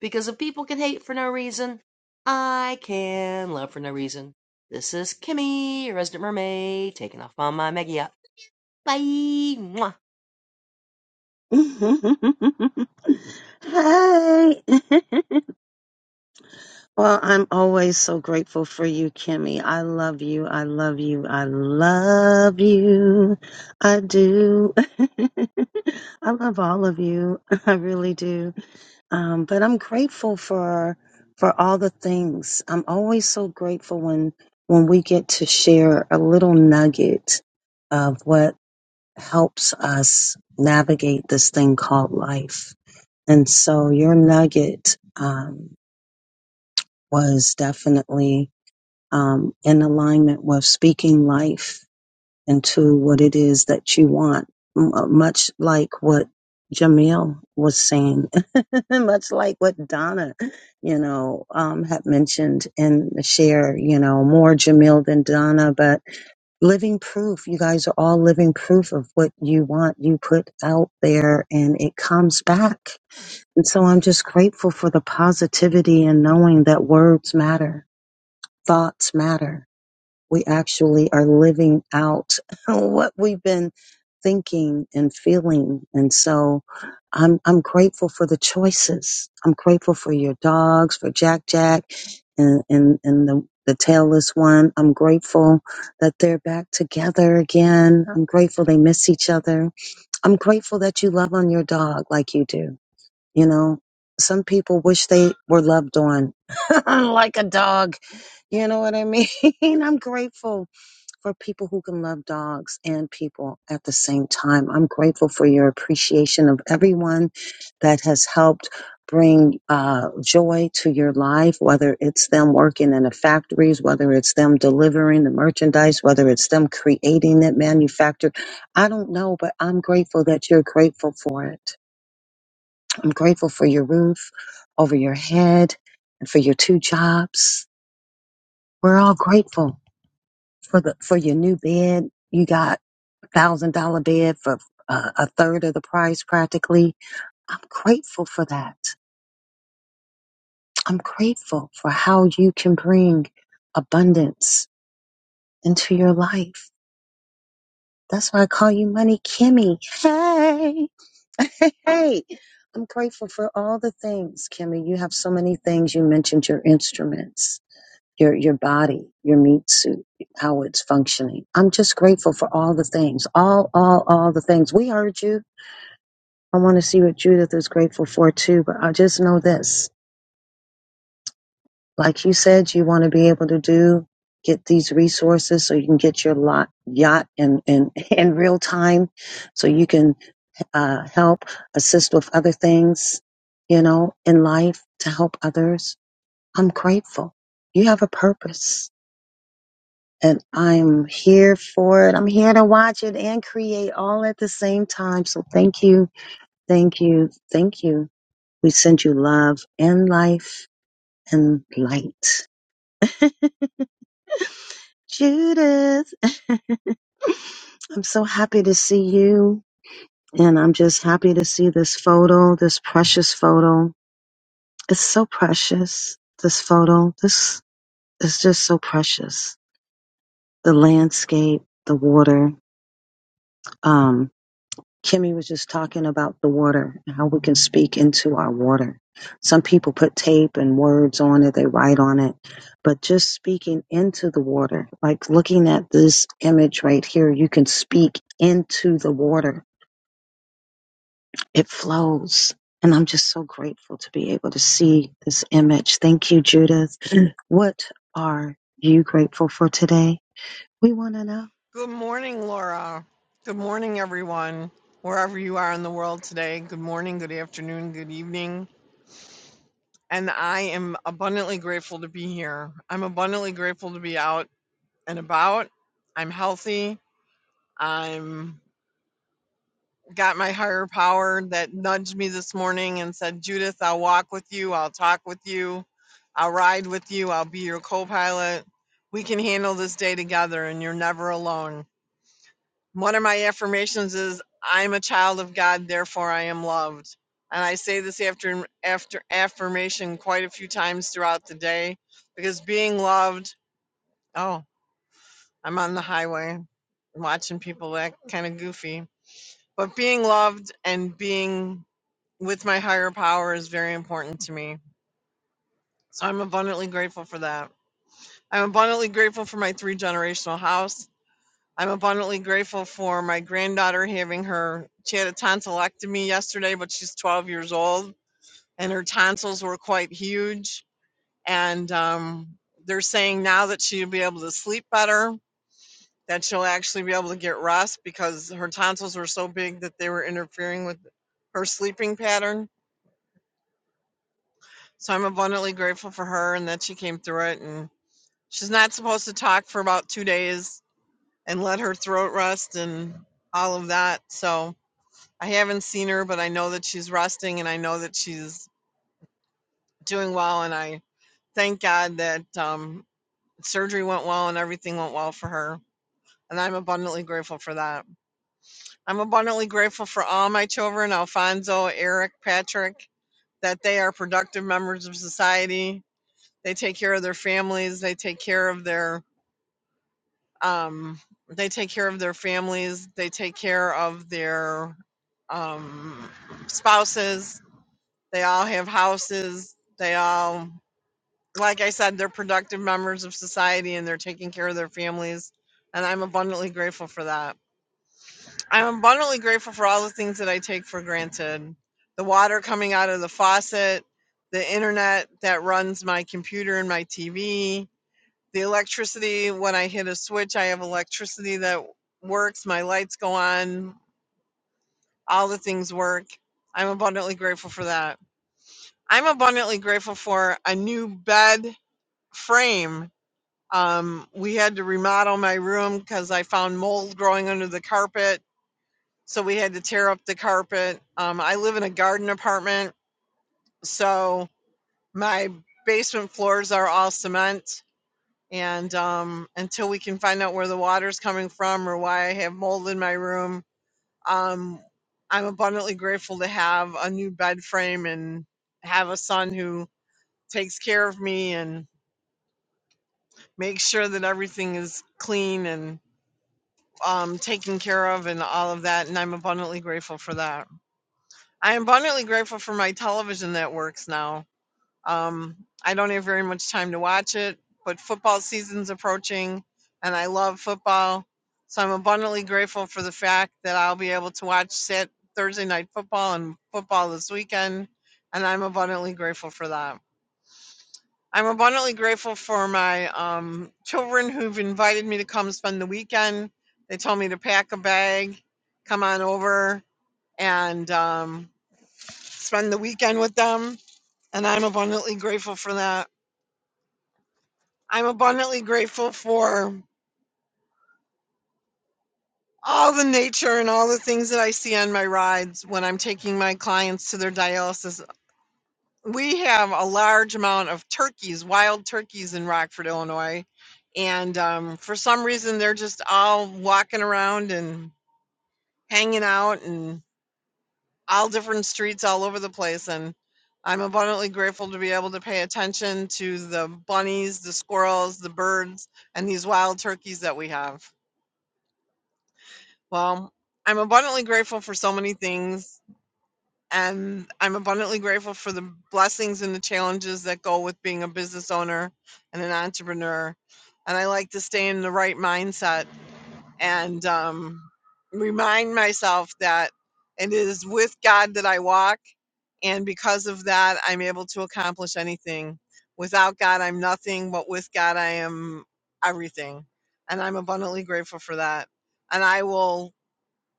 Because if people can hate for no reason, I can love for no reason. This is Kimmy, your resident mermaid, taking off on my mega yacht. Bye! Mwah! <laughs> hey. <laughs> Well, I'm always so grateful for you, Kimmy. I love you. I love you. I love you. I do. <laughs> I love all of you. <laughs> I really do. Um, but I'm grateful for for all the things. I'm always so grateful when when we get to share a little nugget of what helps us navigate this thing called life. And so your nugget um, was definitely um, in alignment with speaking life into what it is that you want, M- uh, much like what Jamil was saying, <laughs> much like what Donna, you know, um, had mentioned in the share, you know, more Jamil than Donna, but living proof. You guys are all living proof of what you want. You put out there and it comes back. And so I'm just grateful for the positivity and knowing that words matter, thoughts matter we actually are living out <laughs> what we've been thinking and feeling. And so I'm, I'm grateful for the choices. I'm grateful for your dogs, for Jack Jack and, and, and the, the tailless one. I'm grateful that they're back together again. I'm grateful they miss each other. I'm grateful that you love on your dog like you do. You know, some people wish they were loved on <laughs> like a dog. You know what I mean? <laughs> I'm grateful for people who can love dogs and people at the same time. I'm grateful for your appreciation of everyone that has helped bring uh, joy to your life, whether it's them working in the factories, whether it's them delivering the merchandise, whether it's them creating that manufactured. I don't know, but I'm grateful that you're grateful for it. I'm grateful for your roof over your head and for your two jobs. We're all grateful for the for your new bed you got thousand dollar bed for uh, a third of the price practically. I'm grateful for that. I'm grateful for how you can bring abundance into your life. That's why I call you Money Kimmy. Hey, <laughs> hey, I'm grateful for all the things, Kimmy. You have so many things. You mentioned your instruments, your your body, your meat suit, how it's functioning. I'm just grateful for all the things, all, all, all the things. We heard you I want to see what Judith is grateful for too, but I just know this. Like you said, you want to be able to do, get these resources so you can get your lot, yacht in, in, <laughs> in real time so you can uh, help, assist with other things, you know, in life to help others. I'm grateful. You have a purpose and I'm here for it. I'm here to watch it and create all at the same time. So thank you. Thank you. Thank you We send you love and life and light. <laughs> Judith, <laughs> I'm so happy to see you. And I'm just happy to see this photo, this precious photo. It's so precious, this photo. This is just so precious. The landscape, the water. um, Kimmy was just talking about the water and how we can speak into our water. Some people put tape and words on it, they write on it, but just speaking into the water, like looking at this image right here, you can speak into the water. It flows. And I'm just so grateful to be able to see this image. Thank you, Judith. <clears throat> What are you grateful for today? We want to know. Good morning, Laura. Good morning, everyone, wherever you are in the world today. Good morning, good afternoon, good evening. And I am abundantly grateful to be here. I'm abundantly grateful to be out and about. I'm healthy. I'm got my higher power that nudged me this morning and said, Judith, I'll walk with you. I'll talk with you. I'll ride with you. I'll be your co pilot. We can handle this day together and you're never alone. One of my affirmations is I'm a child of God, therefore I am loved. And I say this after after affirmation quite a few times throughout the day because being loved, oh, I'm on the highway watching people act kind of goofy. But being loved and being with my higher power is very important to me. So I'm abundantly grateful for that. I'm abundantly grateful for my three generational house. I'm abundantly grateful for my granddaughter having her. She had a tonsillectomy yesterday, but she's 12 years old, and her tonsils were quite huge. And um, they're saying now that she'll be able to sleep better, that she'll actually be able to get rest because her tonsils were so big that they were interfering with her sleeping pattern. So I'm abundantly grateful for her and that she came through it. And she's not supposed to talk for about two days and let her throat rest and all of that. So. I haven't seen her, but I know that she's resting and I know that she's doing well. And I thank God that um, surgery went well and everything went well for her. And I'm abundantly grateful for that. I'm abundantly grateful for all my children Alfonso, Eric, Patrick, that they are productive members of society. They take care of their families, they take care of their. Um, they take care of their families. They take care of their um, spouses They all have houses. They all, like I said, they're productive members of society and they're taking care of their families. And I'm abundantly grateful for that. I'm abundantly grateful for all the things that I take for granted the water coming out of the faucet, the internet that runs my computer and my TV, the electricity. When I hit a switch, I have electricity that works, my lights go on, all the things work. I'm abundantly grateful for that. I'm abundantly grateful for a new bed frame. Um, we had to remodel my room because I found mold growing under the carpet. So we had to tear up the carpet. Um, I live in a garden apartment. So my basement floors are all cement. And um, until we can find out where the water's coming from or why I have mold in my room, um, I'm abundantly grateful to have a new bed frame and have a son who takes care of me. and. make sure that everything is clean and um, taken care of and all of that. And I'm abundantly grateful for that. I'm abundantly grateful for my television that works now. Um, I don't have very much time to watch it, but football season's approaching and I love football. So I'm abundantly grateful for the fact that I'll be able to watch Sat Thursday night football and football this weekend. And I'm abundantly grateful for that. I'm abundantly grateful for my um, children who've invited me to come spend the weekend. They told me to pack a bag, come on over, and um, spend the weekend with them. And I'm abundantly grateful for that. I'm abundantly grateful for all the nature and all the things that I see on my rides when I'm taking my clients to their dialysis We have a large amount of turkeys, wild turkeys in Rockford, Illinois. And um, for some reason, they're just all walking around and hanging out and all different streets all over the place. And I'm abundantly grateful to be able to pay attention to the bunnies, the squirrels, the birds, and these wild turkeys that we have. Well, I'm abundantly grateful for so many things and I'm abundantly grateful for the blessings and the challenges that go with being a business owner and an entrepreneur. And I like to stay in the right mindset and um, remind myself that it is with God that I walk. And because of that, I'm able to accomplish anything. Without God, I'm nothing, but with God, I am everything. And I'm abundantly grateful for that. And I will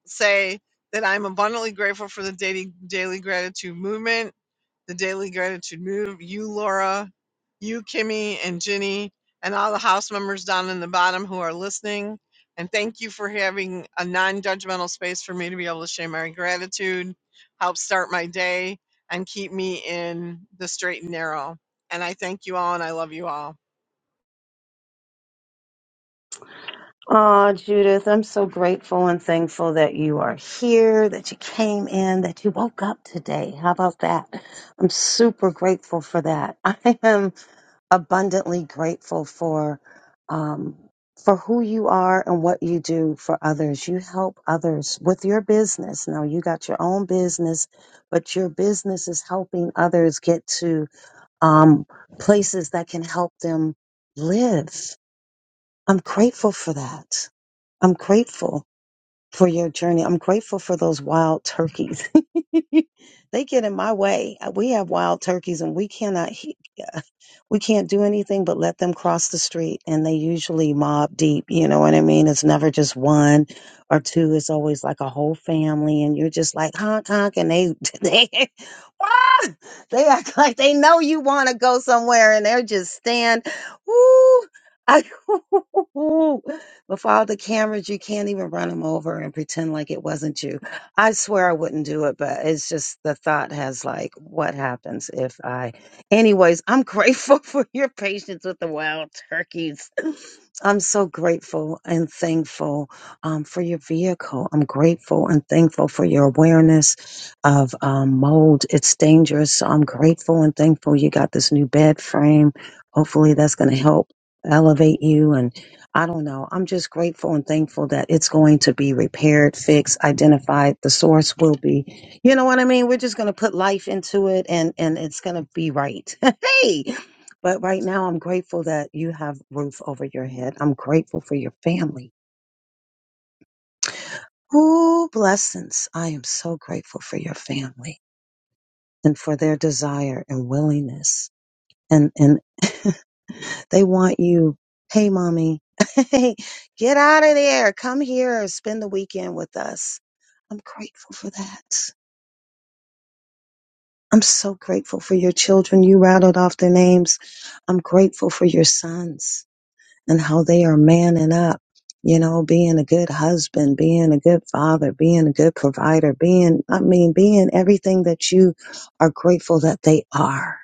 say that I'm abundantly grateful for the daily, daily gratitude movement, the daily gratitude move, you, Laura, you, Kimmy, and Ginny, and all the house members down in the bottom who are listening. And thank you for having a non judgmental space for me to be able to share my gratitude, help start my day, and keep me in the straight and narrow. And I thank you all and I love you all. Oh, Judith, I'm so grateful and thankful that you are here, that you came in, that you woke up today. How about that? I'm super grateful for that. <laughs> I am abundantly grateful for um, for who you are and what you do for others. You help others with your business. Now you got your own business, but your business is helping others get to um, places that can help them live. I'm grateful for that. I'm grateful for your journey. I'm grateful for those wild turkeys. <laughs> they get in my way. Uh, We have wild turkeys and we cannot he- yeah, we can't do anything but let them cross the street and they usually mob deep, you know what I mean? It's never just one or two. It's always like a whole family and you're just like honk honk and they <laughs> they ah! they act like they know you want to go somewhere and they're just stand. Ooh, I <laughs> With all the cameras, you can't even run them over and pretend like it wasn't you. I swear I wouldn't do it, but it's just the thought has like, what happens if I. Anyways, I'm grateful <laughs> for your patience with the wild turkeys. I'm so grateful and thankful um, for your vehicle. I'm grateful and thankful for your awareness of um, mold. It's dangerous. So I'm grateful and thankful you got this new bed frame. Hopefully, that's going to help elevate you. And I don't know. I'm just grateful and thankful that it's going to be repaired, fixed, identified. The source will be, you know what I mean? We're just going to put life into it and, and it's going to be right. <laughs> hey, but right now, I'm grateful that you have roof over your head. I'm grateful for your family. Oh, blessings. I am so grateful for your family and for their desire and willingness. And, and <laughs> they want you. Hey, mommy, <laughs> hey, get out of there. Come here and spend the weekend with us. I'm grateful for that. I'm so grateful for your children. You rattled off their names. I'm grateful for your sons. and how they are manning up, you know, being a good husband, being a good father, being a good provider, being, I mean, being everything that you are grateful that they are.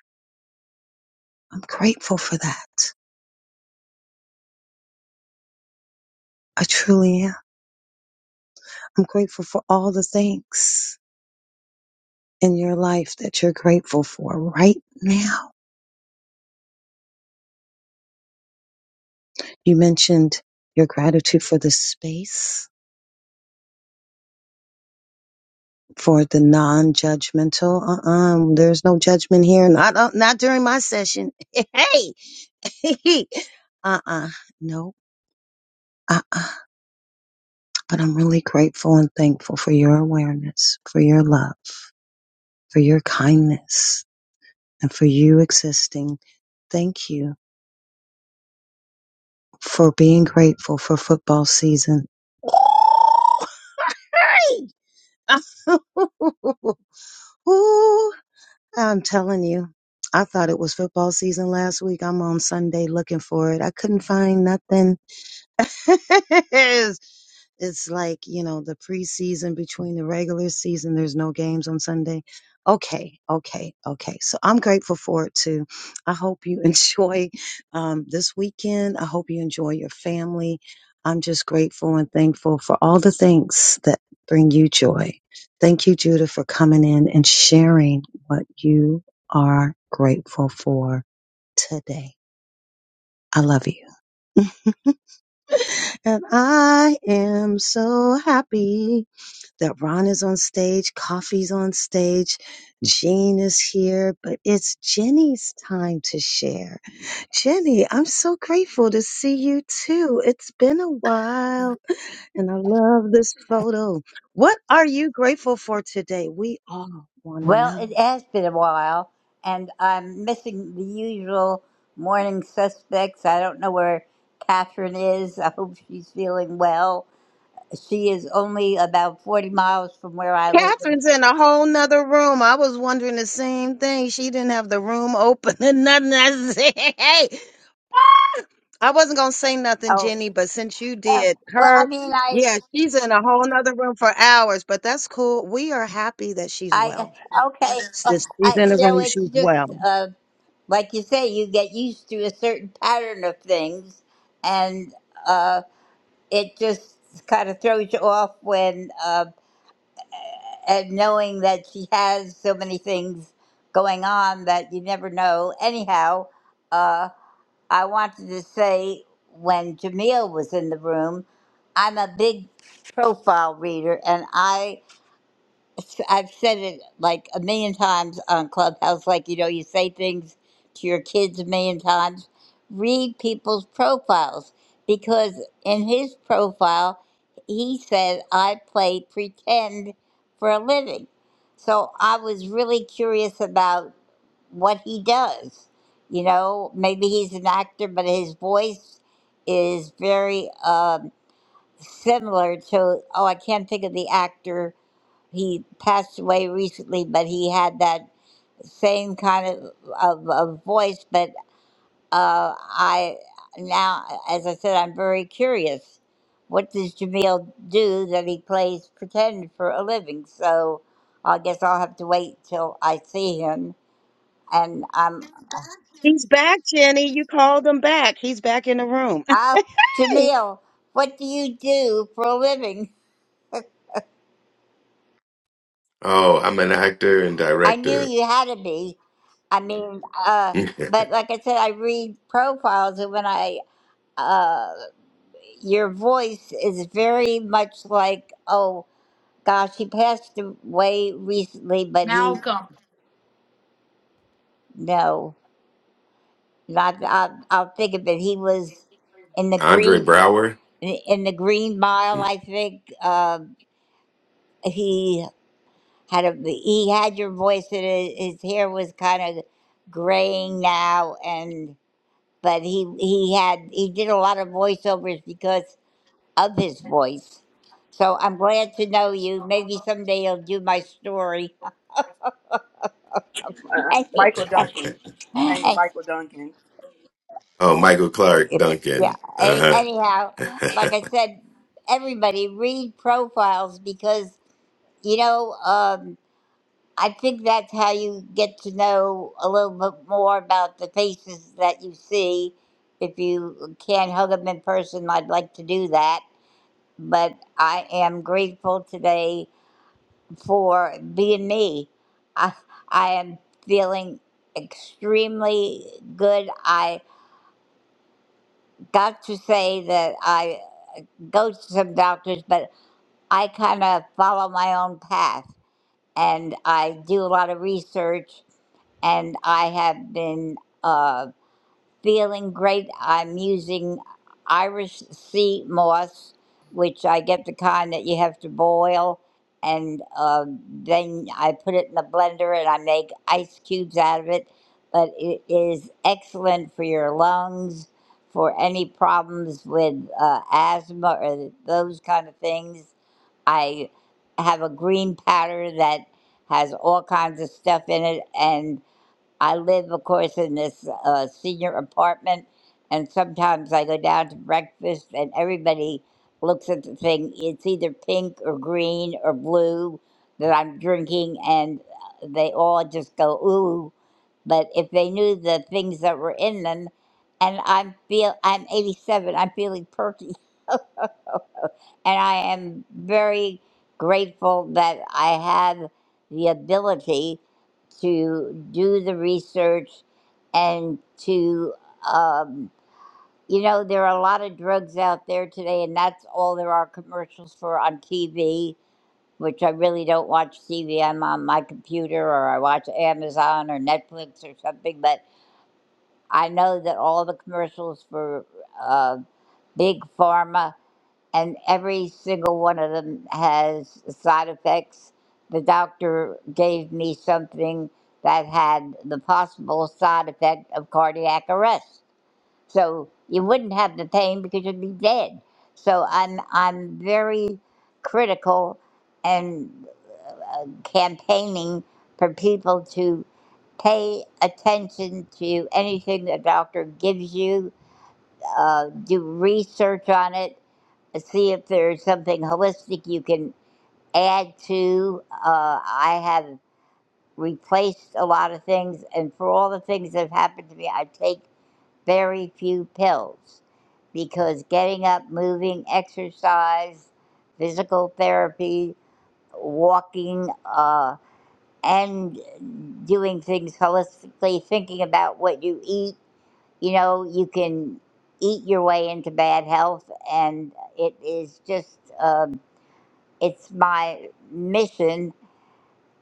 I'm grateful for that. I truly am. I'm grateful for all the things in your life that you're grateful for right now. You mentioned your gratitude for the space for the non-judgmental. Uh-uh, there's no judgment here. Not uh, not during my session. <laughs> Hey, <laughs> uh-uh, no, uh-uh. But I'm really grateful and thankful for your awareness, for your love, for your kindness, and for you existing. Thank you for being grateful for football season. <laughs> Hey! <laughs> I'm telling you, I thought it was football season last week. I'm on Sunday looking for it. I couldn't find nothing. <laughs> it's like you know the preseason between the regular season there's no games on sunday okay okay okay so i'm grateful for it too i hope you <laughs> enjoy um, this weekend i hope you enjoy your family i'm just grateful and thankful for all the things that bring you joy thank you judah for coming in and sharing what you are grateful for today i love you <laughs> and i am so happy that Ron is on stage, Coffee's on stage, Jean is here, but it's Jenny's time to share. Jenny, I'm so grateful to see you too. It's been a while, and I love this photo. What are you grateful for today? We all want to Well, it know. has been a while, and I'm missing the usual morning suspects. I don't know where Catherine is. I hope she's feeling well. She is only about 40 miles from where I live. In, Catherine's in a whole nother room. I was wondering the same thing. She didn't have the room open <laughs> and nothing. I said, hey. I wasn't gonna say nothing, oh, Jenny, but since you oh, did well, I her, mean, I, yeah, she's in a whole nother room for hours, but that's cool. We are happy that she's I, well. okay. uh, Since she's I, in the you know, room, it's she's well. just, uh, like you say, you get used to a certain pattern of things, and uh, it just kind of throws you off when. Uh, and knowing that she has so many things going on that you never know. Anyhow, uh, I wanted to say when Jamil was in the room, I'm a big profile reader and I I've said it like a million times on Clubhouse, like, you know, you say things to your kids a million times. Read people's profiles because in his profile, he said, I play pretend for a living. So I was really curious about what he does. You know, maybe he's an actor, but his voice is very um, similar to, oh, I can't think of the actor he passed away recently, but he had that same kind of of, of voice. But uh, I now, as I said, I'm very curious. What does Jamil do that he plays pretend for a living? So I guess I'll have to wait till I see him. And I'm, He's back, Jenny. You called him back. He's back in the room. oh, <laughs> Jamil, what do you do for a living? Oh, I'm an actor and I knew director. you had to be. I mean, uh, <laughs> but like I said, I read profiles, and when I uh. your voice is very much like, oh gosh, he passed away recently, but he Malcolm no, not I'll, I'll think of it. He was in the Andre green Brower. in the Green Mile, I think. Um, he had a he had your voice, and his his hair was kind of graying now, and but he he had he did a lot of voiceovers because. of his voice. So I'm glad to know you. Maybe someday you'll do my story. <laughs> uh, Michael Duncan. His name is yeah. Michael Duncan. Oh, Michael Clark Duncan. Any, Uh anyhow, huh. <laughs> like I said, everybody read profiles because you know um, I think that's how you get to know a little bit more about the faces that you see. If you can't hug them in person, I'd like to do that. But I am grateful today for being me. I, I am feeling extremely good. I got to say that I go to some doctors, but I kind of follow my own path and I do a lot of research and I have been. uh, feeling great. I'm using Irish sea moss, which I get the kind that you have to boil, and uh, then I put it in the blender and I make ice cubes out of it. But it is excellent for your lungs, for any problems with uh, asthma or those kind of things. I have a green powder that has all kinds of stuff in it, and I live, of course, in this uh, senior apartment, and sometimes I go down to breakfast, and everybody looks at the thing. It's either pink or green or blue that I'm drinking, and they all just go, ooh. But if they knew the things that were in them, and I am feel I'm 87, I'm feeling perky and I am very grateful that I have the ability to do the research and to, um, you know, there are a lot of drugs out there today, and that's all there are commercials for on TV, which I really don't watch TV. I'm on my computer or I watch Amazon or Netflix or something, but I know that all the commercials for uh, Big Pharma and every single one of them has side effects. The doctor gave me something that had the possible side effect of cardiac arrest. So you wouldn't have the pain because you'd be dead. So I'm I'm very critical and uh, campaigning for people to pay attention to anything the doctor gives you, uh, do research on it, see if there's something holistic you can add to. Uh, I have replaced a lot of things, and for all the things that have happened to me, I take very few pills because getting up, moving, exercise, physical therapy, walking, uh, and doing things holistically, thinking about what you eat, you know, you can eat your way into bad health, and it is just. Uh, it's my mission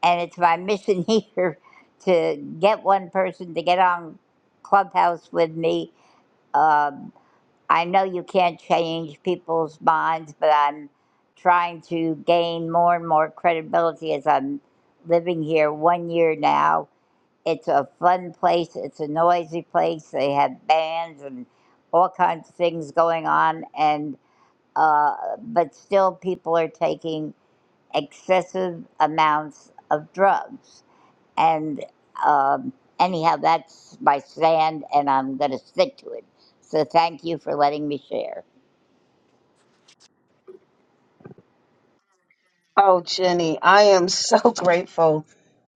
and it's my mission <laughs> here to get one person to get on clubhouse with me um, i know you can't change people's minds but i'm trying to gain more and more credibility as i'm living here one year now it's a fun place it's a noisy place they have bands and all kinds of things going on and uh, but still people are taking excessive amounts of drugs. And um, anyhow, that's my stand, and I'm going to stick to it. So thank you for letting me share. Oh, Jenny, I am so <laughs> grateful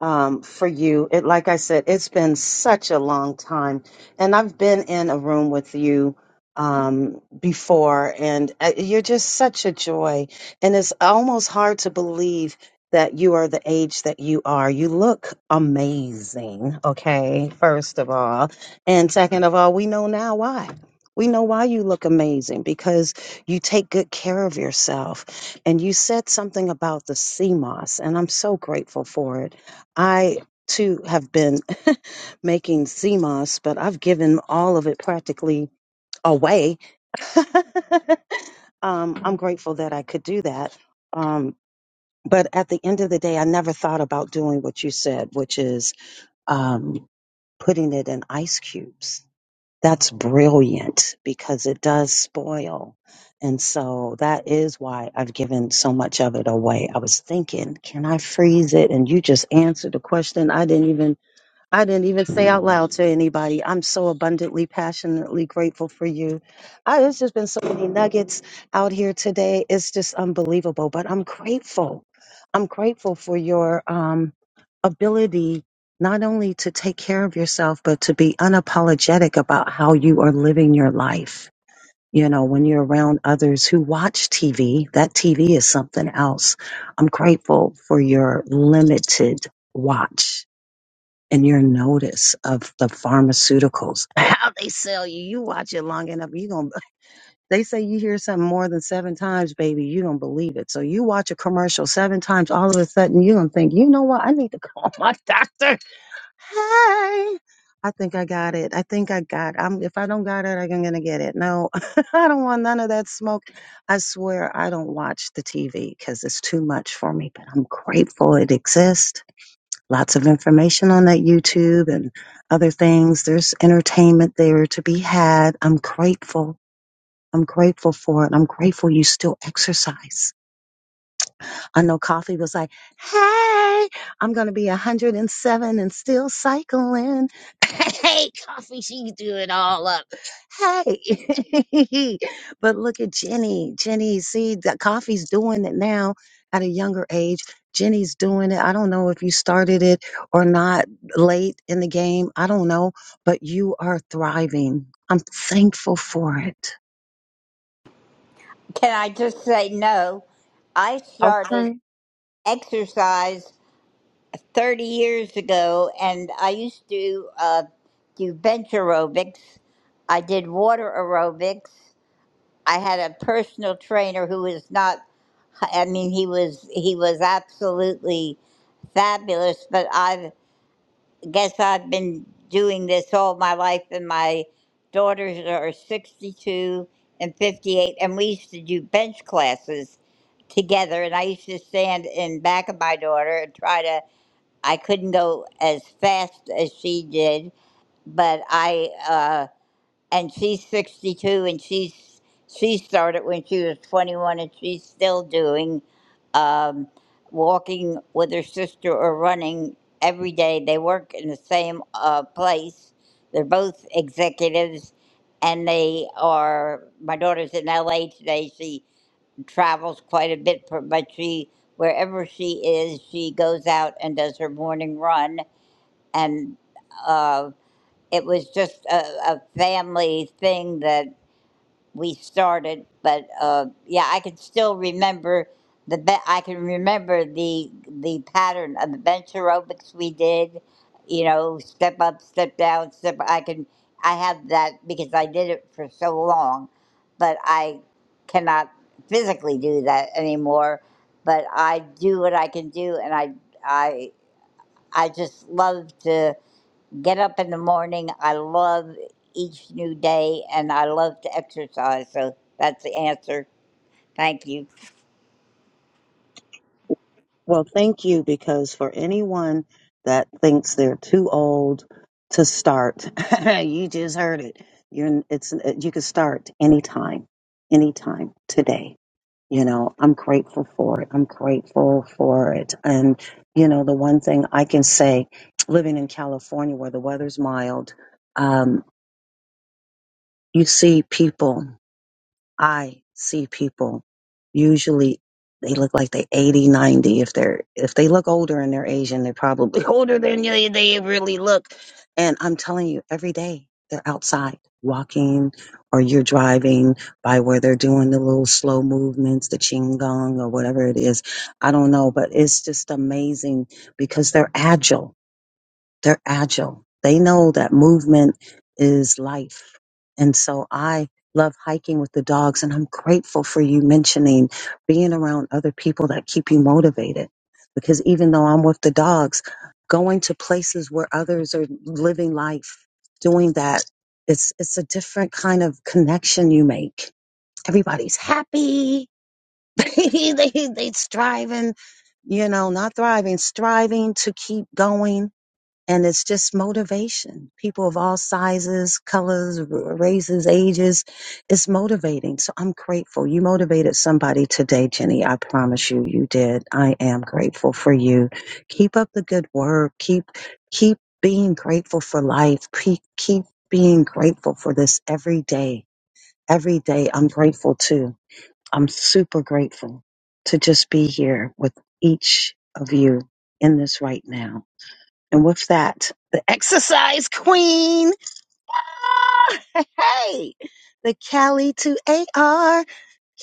um, for you. It, like I said, it's been such a long time, and I've been in a room with you um, before, and uh, you're just such a joy. And it's almost hard to believe that you are the age that you are. You look amazing, okay, first of all. And second of all, we know now why. We know why you look amazing because you take good care of yourself and you said something about the CMOS, and I'm so grateful for it. I too have been <laughs> making CMOS, but I've given all of it practically away. <laughs> um, I'm grateful that I could do that. Um, but at the end of the day, I never thought about doing what you said, which is um, putting it in ice cubes that's brilliant because it does spoil. And so that is why I've given so much of it away. I was thinking, can I freeze it? And you just answered the question. I didn't even I didn't even say out loud to anybody. I'm so abundantly, passionately grateful for you. I, it's just been so many nuggets out here today. It's just unbelievable, but I'm grateful. I'm grateful for your um, ability not only to take care of yourself, but to be unapologetic about how you are living your life. You know, when you're around others who watch TV, that TV is something else. I'm grateful for your limited watch and your notice of the pharmaceuticals, <laughs> how they sell you. You watch it long enough, you gonna. They say you hear something more than seven times, baby, you don't believe it. So you watch a commercial seven times, all of a sudden you don't think, you know what? I need to call <laughs> my doctor. Hey. I think I got it. I think I got. I'm if I don't got it, I'm gonna get it. No, <laughs> I don't want none of that smoke. I swear I don't watch the TV because it's too much for me. But I'm grateful it exists. Lots of information on that YouTube and other things. There's entertainment there to be had. I'm grateful. I'm grateful for it. I'm grateful you still exercise. I know Coffee was like, hey, I'm going to be 107 and seven and still cycling. <laughs> Hey, Coffee, she threw it all up. Hey. <laughs> but look at Jenny. Jenny, see, that Coffee's doing it now at a younger age. Jenny's doing it. I don't know if you started it or not late in the game. I don't know, but you are thriving. I'm thankful for it. Can I just say no? I started Okay. exercise 30 years ago, and I used to uh, do bench aerobics. I did water aerobics. I had a personal trainer who was not I mean, he was he was absolutely fabulous. But I guess I've been doing this all my life, and my daughters are sixty-two and fifty-eight, and we used to do bench classes together. And I used to stand in back of my daughter and try to. I couldn't go as fast as she did, but I. uh, and she's 62 and she's she started when she was 21 and she's still doing um, walking with her sister or running every day they work in the same uh, place they're both executives and they are my daughter's in la today she travels quite a bit per- but she wherever she is she goes out and does her morning run and Uh, it was just a, a family thing that we started. But uh, yeah, I can still remember the be- I can remember the the pattern of the bench aerobics we did. You know, step up, step down, step. I can I have that because I did it for so long, but I cannot physically do that anymore. But I do what I can do, and I I I just love to get up in the morning. I love each new day and I love to exercise. So that's the answer. Thank you. Well, thank you, because for anyone that thinks they're too old to start, <laughs> you just heard it. You're, it's, uh, you can start anytime, anytime today. You know, I'm grateful for it. I'm grateful for it. And, you know, the one thing I can say, living in California where the weather's mild, um, you see people I see people usually they look like they 80, 90. If they're if they look older and they're Asian, they're probably <laughs> older than they, they really look. And I'm telling you, every day they're outside walking or you're driving by where they're doing the little slow movements, the ching gong or whatever it is. I don't know, but it's just amazing because they're agile they're agile. They know that movement is life. And so I love hiking with the dogs and I'm grateful for you mentioning being around other people that keep you motivated because even though I'm with the dogs, going to places where others are living life, doing that, it's it's a different kind of connection you make. Everybody's happy. <laughs> they they they striving, you know, not thriving, striving to keep going and it's just motivation. People of all sizes, colors, r- races, ages. It's motivating. So I'm grateful. You motivated somebody today, Jenny. I promise you, you did. I am grateful for you. Keep up the good work. Keep, keep being grateful for life. Keep, keep being grateful for this every day. Every day I'm grateful too. I'm super grateful to just be here with each of you in this right now. And with that, the exercise queen. Ah, hey, the Cali to AR,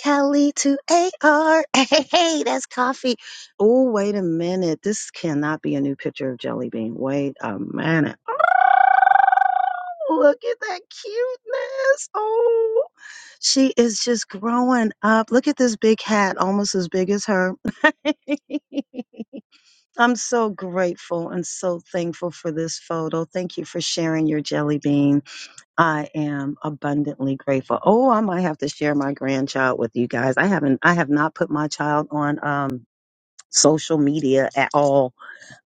Cali to AR. Hey, <laughs> hey, that's coffee. Oh, wait a minute. This cannot be a new picture of Jelly Bean. Wait a minute. Oh, look at that cuteness. Oh, she is just growing up. Look at this big hat, almost as big as her. <laughs> I'm so grateful and so thankful for this photo. Thank you for sharing your jelly bean. I am abundantly grateful. Oh, I might have to share my grandchild with you guys. I haven't I have not put my child on um social media at all.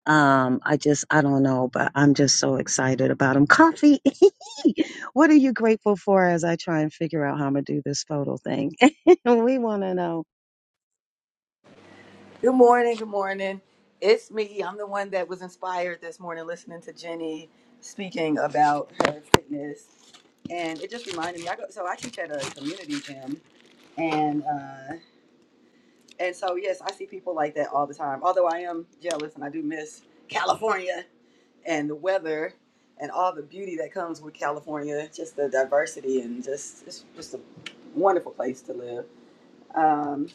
Um I just I don't know, but I'm just so excited about him. Coffee. <laughs> what are you grateful for as I try and figure out how I'm going to do this photo thing? <laughs> we want to know. Good morning. Good morning. It's me. I'm the one that was inspired this morning listening to Jenny speaking about her fitness, and it just reminded me. I go so I teach at a community gym, and uh, and so yes, I see people like that all the time. Although I am jealous, and I do miss California and the weather. And all the beauty that comes with California, just the diversity and just it's just a wonderful place to live. Um,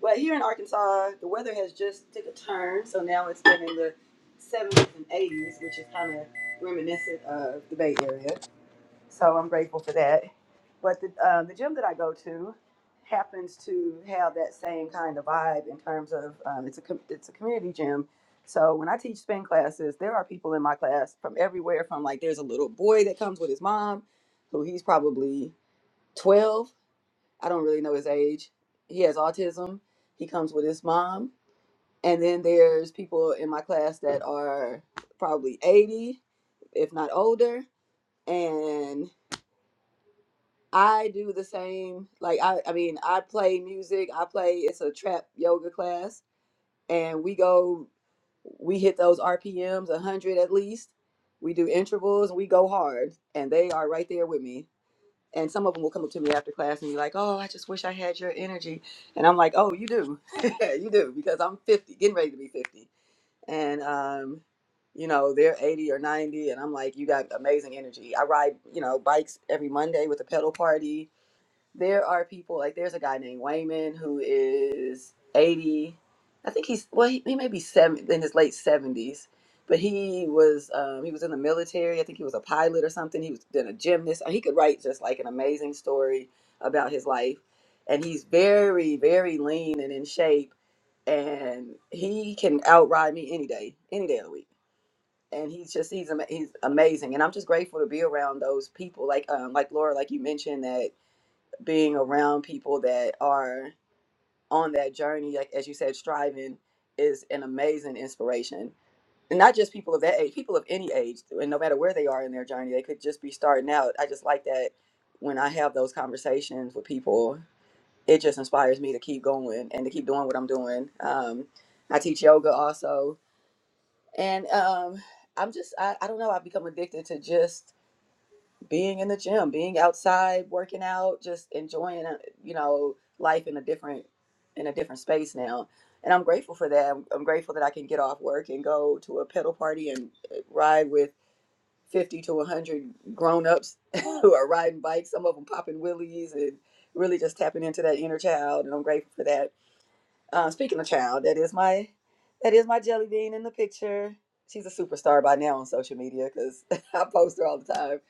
Well, here in Arkansas, the weather has just took a turn, so now it's been in the 70s and 80s, which is kind of reminiscent of the Bay Area. So I'm grateful for that. But the um, the gym that I go to happens to have that same kind of vibe in terms of um, it's a com- it's a community gym. So when I teach spin classes, there are people in my class from everywhere. From like, there's a little boy that comes with his mom, who he's probably 12 I don't really know his age. He has autism. He comes with his mom. And then there's people in my class that are probably 80, if not older. And I do the same. Like, I, I mean, I play music. I play, it's a trap yoga class. And we go, we hit those RPMs, 100 at least. We do intervals. We go hard. And they are right there with me and some of them will come up to me after class and be like, "Oh, I just wish I had your energy," and I'm like, "Oh, you do, <laughs> you do," because I'm 50, getting ready to be 50, and um, you know they're 80 or 90, and I'm like, "You got amazing energy." I ride, you know, bikes every Monday with a pedal party there are people like there's a guy named Wayman who is 80. I think he's well, he, he may be seven in his late 70s, but he was um, he was in the military. I think he was a pilot or something. He was then a gymnast. He could write just like an amazing story about his life, and he's very very lean and in shape, and he can outride me any day, any day of the week. And he's just he's ama- he's amazing, and I'm just grateful to be around those people. Like um, like Laura, like you mentioned that being around people that are on that journey, like as you said, striving is an amazing inspiration. And not just people of that age, people of any age, and no matter where they are in their journey, they could just be starting out. I just like that when I have those conversations with people, it just inspires me to keep going and to keep doing what I'm doing. Um, I teach yoga also. And um, I'm just, I, I don't know, I've become addicted to just being in the gym, being outside, working out, just enjoying, uh, you know, life in a different in a different space now. And I'm grateful for that. I'm, I'm grateful that I can get off work and go to a pedal party and uh, ride with 50 to 100 grown-ups <laughs> who are riding bikes, some of them popping wheelies and really just tapping into that inner child. And I'm grateful for that. Uh, speaking of child, that is my that is my jelly bean in the picture. She's a superstar by now on social media because <laughs> I post her all the time.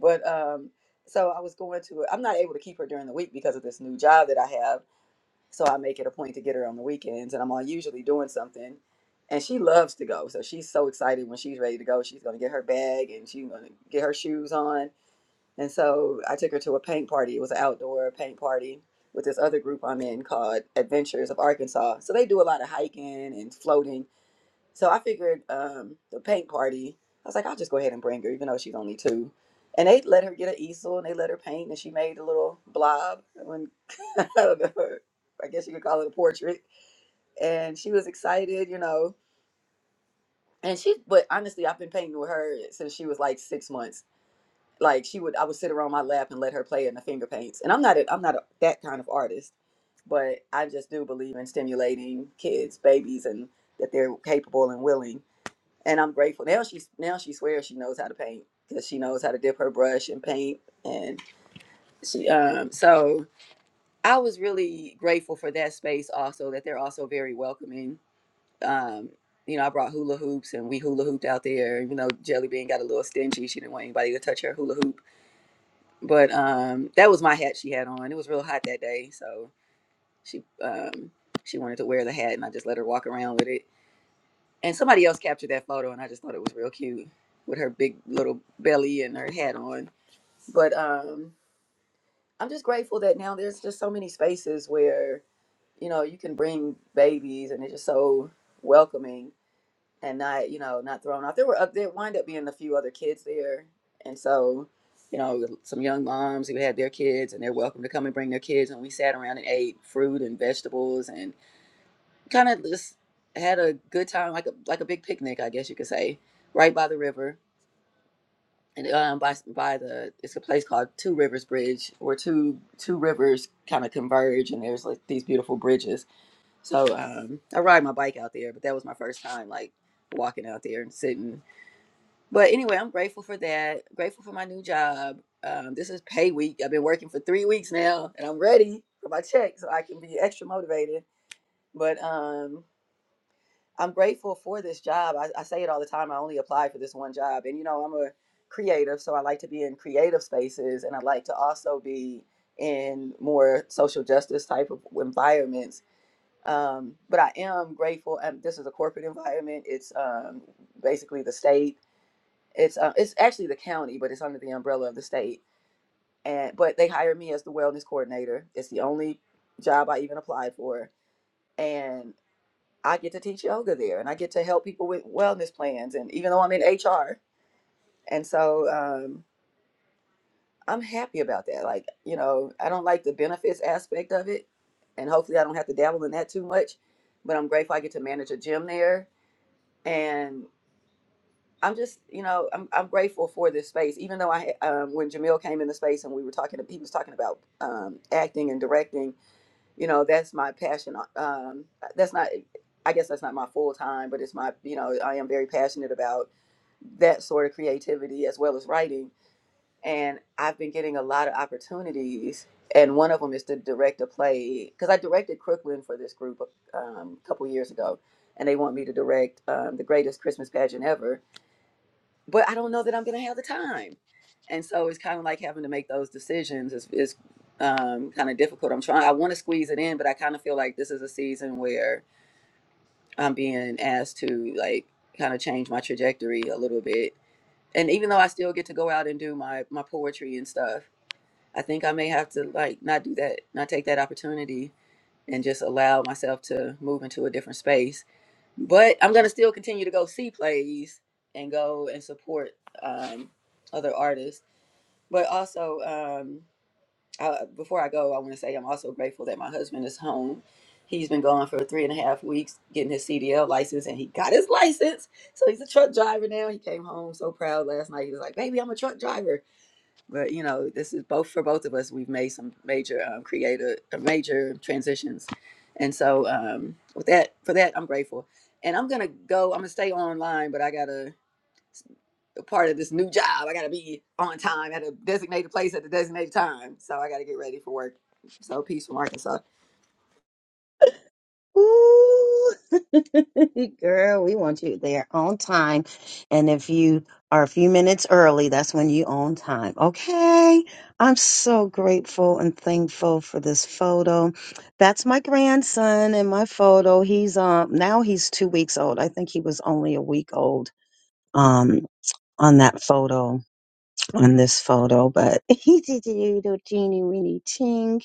But um, so I was going to. I'm not able to keep her during the week because of this new job that I have. So I make it a point to get her on the weekends, and I'm all usually doing something. And she loves to go, so she's so excited when she's ready to go. She's gonna get her bag and she's gonna get her shoes on and so I took her to a paint party. It was an outdoor paint party with this other group I'm in called Adventures of Arkansas. So they do a lot of hiking and floating. So I figured um, the paint party, I was like, I'll just go ahead and bring her, even though she's only two. And they let her get an easel and they let her paint and she made a little blob. When, <laughs> I don't know, I guess you could call it a portrait. And she was excited, you know. And she, but honestly, I've been painting with her since she was like six months like she would i would sit her on my lap and let her play in the finger paints and i'm not a, i'm not a, that kind of artist but i just do believe in stimulating kids babies and that they're capable and willing and i'm grateful now She now she swears she knows how to paint because she knows how to dip her brush and paint and she um so i was really grateful for that space also that they're also very welcoming um you know, I brought hula hoops and we hula hooped out there. Even though Jelly Bean got a little stingy, she didn't want anybody to touch her hula hoop but um that was my hat she had on it was real hot that day so she um she wanted to wear the hat and i just let her walk around with it and somebody else captured that photo and i just thought it was real cute with her big little belly and her hat on but um i'm just grateful that now there's just so many spaces where you know you can bring babies and it's just so welcoming and not you know not thrown off. There were uh, there wind up being a few other kids there, and so you know some young moms who had their kids and they're welcome to come and bring their kids. And we sat around and ate fruit and vegetables and kind of just had a good time, like a like a big picnic, I guess you could say, right by the river. And um, by by the it's a place called Two Rivers Bridge where two two rivers kind of converge and there's like these beautiful bridges. So um, I ride my bike out there, but that was my first time like walking out there and sitting but anyway, I'm grateful for that. Grateful for my new job. Um, this is pay week. I've been working for three weeks now, and I'm ready for my check so I can be extra motivated. But um, I'm grateful for this job. I, I say it all the time. I only apply for this one job, and you know I'm a creative, so I like to be in creative spaces, and I like to also be in more social justice type of environments. Um, but I am grateful. And this is a corporate environment. It's um, basically the state it's uh, it's actually the county, but it's under the umbrella of the state. And but they hired me as the wellness coordinator. It's the only job I even applied for, and I get to teach yoga there, and I get to help people with wellness plans. And even though I'm in HR, and so um, I'm happy about that. Like you know, I don't like the benefits aspect of it, and hopefully I don't have to dabble in that too much. But I'm grateful I get to manage a gym there, and. I'm just, you know, I'm, I'm grateful for this space. Even though I, um, when Jamil came in the space and we were talking, he was talking about um, acting and directing. You know, that's my passion. Um, that's not, I guess that's not my full time, but it's my, you know, I am very passionate about that sort of creativity as well as writing. And I've been getting a lot of opportunities, and one of them is to direct a play because I directed Crooklyn for this group um, a couple years ago, and they want me to direct um, the greatest Christmas pageant ever but I don't know that I'm going to have the time. And so it's kind of like having to make those decisions is, is um, kind of difficult. I'm trying, I want to squeeze it in, but I kind of feel like this is a season where I'm being asked to like kind of change my trajectory a little bit. And even though I still get to go out and do my, my poetry and stuff, I think I may have to like not do that, not take that opportunity and just allow myself to move into a different space but I'm gonna still continue to go see plays and go and support um, other artists. But also, um, I, before I go, I want to say I'm also grateful that my husband is home. He's been gone for three and a half weeks getting his CDL license, and he got his license. So he's a truck driver now. He came home so proud last night. He was like, "Baby, I'm a truck driver." but you know this is both for both of us we've made some major um, creative uh, major transitions and so um, with that for that i'm grateful and i'm gonna go i'm gonna stay online but i gotta a part of this new job i gotta be on time at a designated place at the designated time so i gotta get ready for work so peace from arkansas Ooh. <laughs> Girl, we want you there on time. And if you are a few minutes early, that's when you on time. Okay. I'm so grateful and thankful for this photo. That's my grandson in my photo. He's um now he's two weeks old. I think he was only a week old um on that photo, on this photo, but <laughs> he he's a little teeny weeny ting.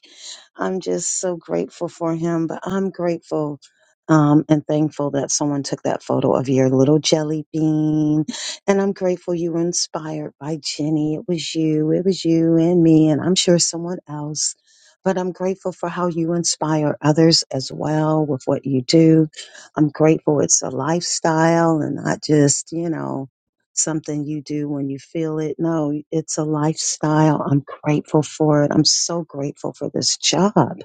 I'm just so grateful for him, but I'm grateful um, and thankful that someone took that photo of your little jelly bean. And I'm grateful you were inspired by Jenny. It was you, it was you and me, and I'm sure someone else. But I'm grateful for how you inspire others as well with what you do. I'm grateful it's a lifestyle and not just, you know, something you do when you feel it. No, it's a lifestyle. I'm grateful for it. I'm so grateful for this job.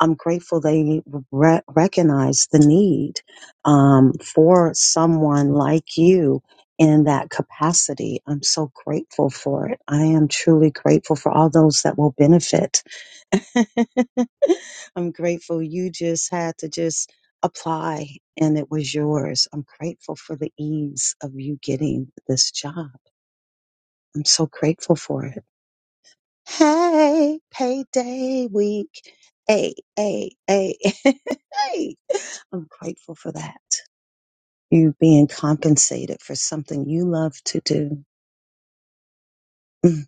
I'm grateful they re- recognize the need um, for someone like you in that capacity. I'm so grateful for it. I am truly grateful for all those that will benefit. <laughs> I'm grateful you just had to just apply and it was yours. I'm grateful for the ease of you getting this job. I'm so grateful for it. Hey, payday week. Hey, hey, hey, <laughs> hey. I'm grateful for that. You being compensated for something you love to do. Mm.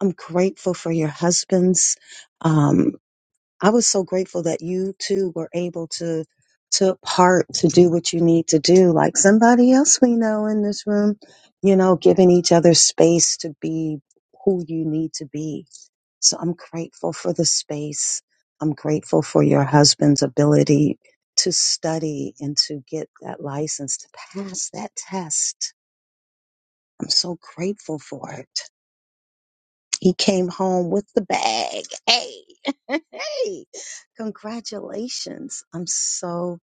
I'm grateful for your husband's um, I was so grateful that you too were able to took part to do what you need to do, like somebody else we know in this room, you know, giving each other space to be who you need to be. So I'm grateful for the space. I'm grateful for your husband's ability to study and to get that license to pass that test. I'm so grateful for it. He came home with the bag. Hey, <laughs> hey, congratulations. I'm so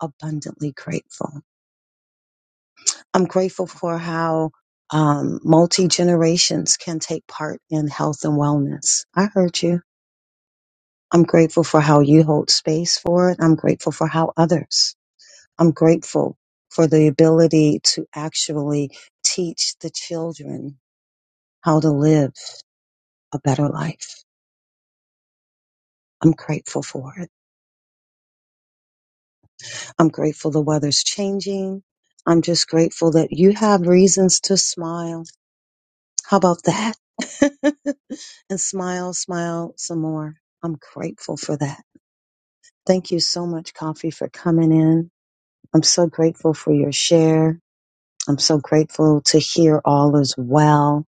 abundantly grateful. I'm grateful for how um, multi generations can take part in health and wellness. I heard you. I'm grateful for how you hold space for it. I'm grateful for how others. I'm grateful for the ability to actually teach the children how to live a better life. I'm grateful for it. I'm grateful the weather's changing. I'm just grateful that you have reasons to smile. How about that? <laughs> and smile, smile some more. I'm grateful for that. Thank you so much, Coffee, for coming in. I'm so grateful for your share. I'm so grateful to hear all is well.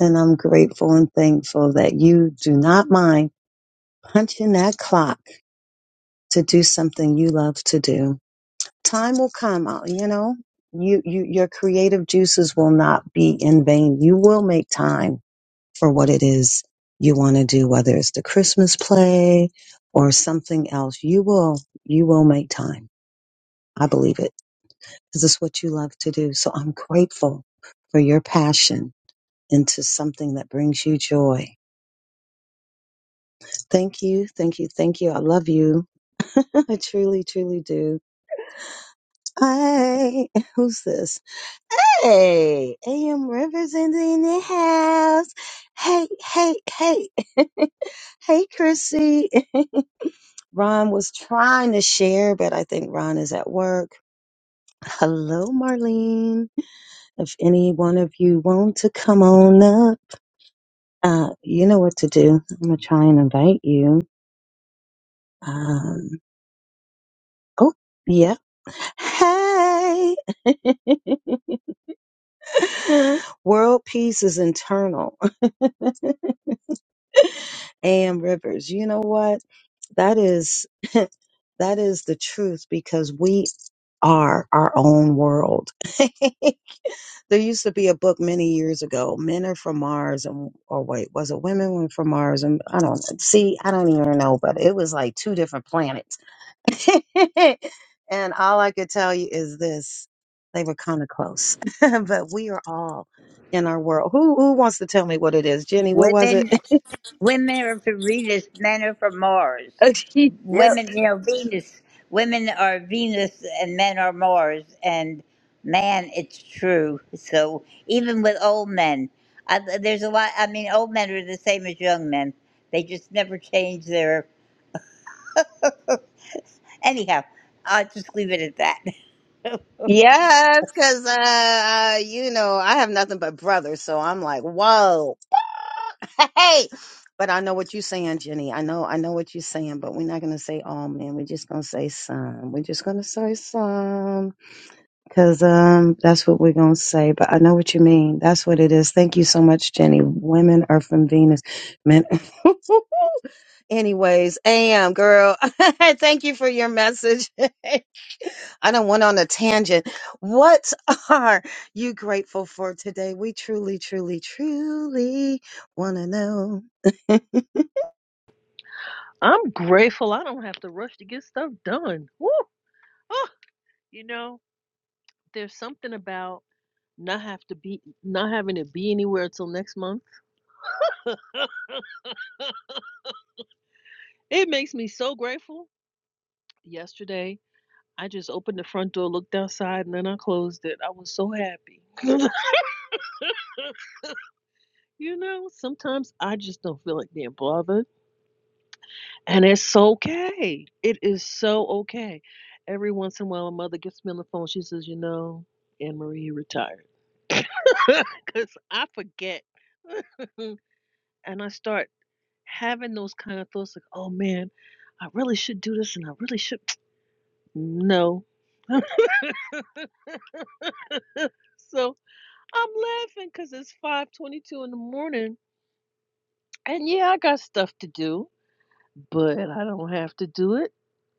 And I'm grateful and thankful that you do not mind punching that clock to do something you love to do. time will come uh, you know you, you your creative juices will not be in vain you will make time for what it is you want to do whether it's the christmas play or something else you will you will make time i believe it because it's what you love to do so i'm grateful for your passion into something that brings you joy thank you thank you thank you i love you <laughs> i truly truly do hi <laughs> who's this Hey, AM Rivers in the house. Hey, hey, hey, <laughs> hey, Chrissy. <laughs> Ron was trying to share, but I think Ron is at work. Hello, Marlene. If any one of you want to come on up, uh, you know what to do. I'm gonna try and invite you. Um, oh, yeah. Hey, <laughs> world peace is internal. <laughs> am rivers you know what that is <laughs> that is the truth because we are our own world <laughs> there used to be a book many years ago men are from mars and or wait was it women were from mars and i don't see i don't even know but it was like two different planets <laughs> and all i could tell you is this they were kind of close <laughs> but we are all in our world who who wants to tell me what it is jenny what was it Women women are for Venus, men are for Mars. <laughs> Yep. Women, you know, Venus. Women are Venus and men are Mars. And man, it's true. So even with old men, I, there's a lot. I mean, old men are the same as young men. They just never change their. Anyhow, I'll just leave it at that. <laughs> Yes, because uh, uh, you know I have nothing but brothers, so I'm like, whoa, <laughs> hey. But I know what you're saying, Jenny. I know, I know what you're saying. But we're not gonna say all men. We're just gonna say some. We're just gonna say some, because um, that's what we're gonna say. But I know what you mean. That's what it is. Thank you so much, Jenny. Women are from Venus, men. <laughs> Anyways, am girl. <laughs> Thank you for your message. <laughs> I don't went on a tangent. What <laughs> are you grateful for today? We truly, truly, truly want to know. <laughs> I'm grateful I don't have to rush to get stuff done. Woo! Ah, you know, there's something about not have to be not having to be anywhere till next month. <laughs> It makes me so grateful. Yesterday, I just opened the front door, looked outside, and then I closed it. I was so happy. <laughs> you know, sometimes I just don't feel like being bothered, and it's okay. It is so okay. Every once in a while, a mother gets me on the phone. She says, "You know, Anne Marie, you retired." <laughs> because I forget. <laughs> and I start having those kind of thoughts like, oh man, I really should do this and I really should. <tsk> No. So I'm laughing because it's 522 in the morning. And yeah, I got stuff to do, but I don't have to do it.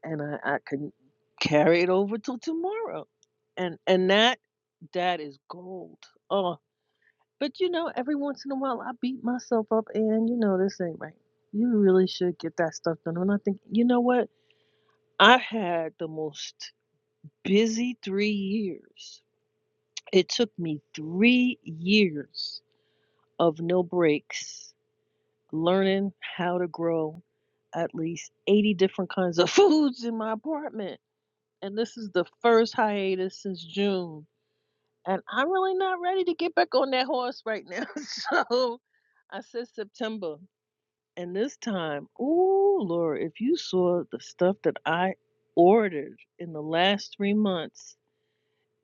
And I, I can carry it over till tomorrow. And and that that is gold. Oh. But you know, every once in a while I beat myself up and you know, this ain't right. You really should get that stuff done. And I think, you know what? I had the most busy three years. It took me three years of no breaks, learning how to grow at least 80 different kinds of <laughs> foods in my apartment. And this is the first hiatus since June. And I'm really not ready to get back on that horse right now. <laughs> So I said September. And this time, ooh, Laura, if you saw the stuff that I ordered in the last three months,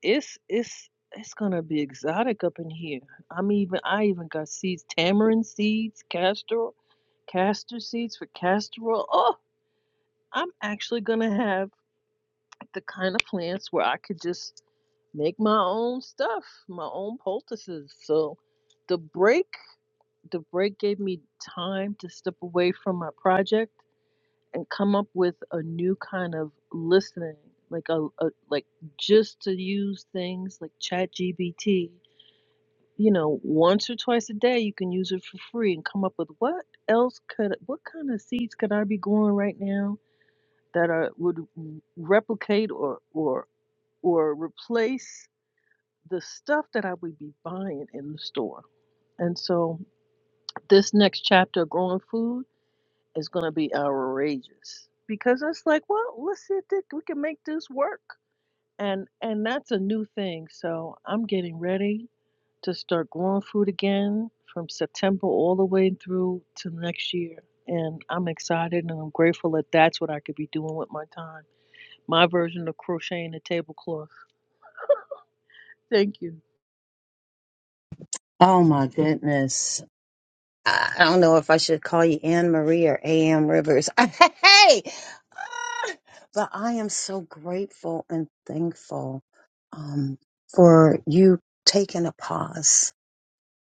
it's it's it's gonna be exotic up in here. I'm even I even got seeds, tamarind seeds, castor castor seeds for castor oil. Oh, I'm actually gonna have the kind of plants where I could just make my own stuff, my own poultices. So the break the break gave me time to step away from my project and come up with a new kind of listening like a, a like just to use things like ChatGPT. you know once or twice a day you can use it for free and come up with what else could what kind of seeds could i be growing right now that are would replicate or or or replace the stuff that i would be buying in the store and so this next chapter growing food is going to be outrageous because it's like, well, let's see if they, we can make this work, and and that's a new thing. So I'm getting ready to start growing food again from September all the way through to next year, and I'm excited and I'm grateful that that's what I could be doing with my time. My version of crocheting a tablecloth. Thank you. Oh my goodness. I I don't know if I should call you Anne Marie or A.M. Rivers. <laughs> hey! Ah! But I am so grateful and thankful um, for you taking a pause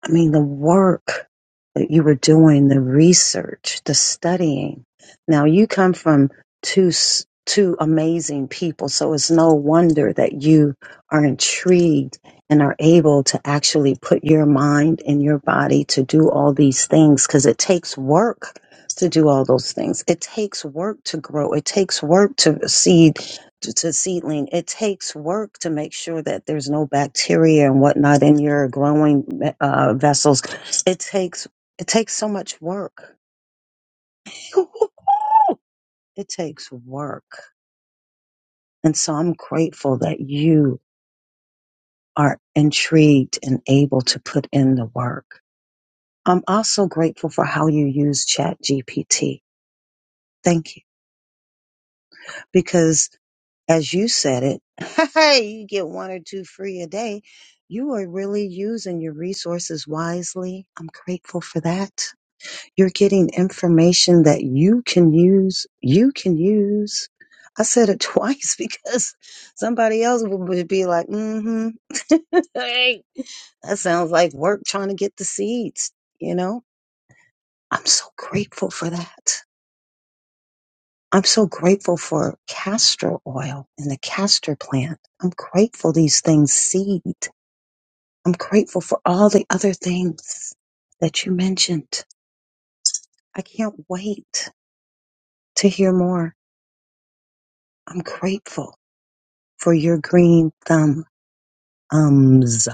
I mean, the work that you were doing, the research, the studying. Now you come from two s- two amazing people, so it's no wonder that you are intrigued and are able to actually put your mind and your body to do all these things because it takes work to do all those things. It takes work to grow. It takes work to see to, to seedling, it takes work to make sure that there's no bacteria and whatnot in your growing uh, vessels. It takes it takes so much work. <laughs> it takes work, and so I'm grateful that you are intrigued and able to put in the work. I'm also grateful for how you use Chat GPT. Thank you, because. as you said it, <laughs> hey, you get one or two free a day. You are really using your resources wisely. I'm grateful for that. You're getting information that you can use. You can use. I said it <laughs> twice because somebody else would would be like, mm hmm. <laughs> hey, that sounds like work trying to get the seeds, you know? I'm so grateful for that. I'm so grateful for castor oil and the castor plant. I'm grateful these things seed. I'm grateful for all the other things that you mentioned. I can't wait to hear more. I'm grateful for your green thumb ums.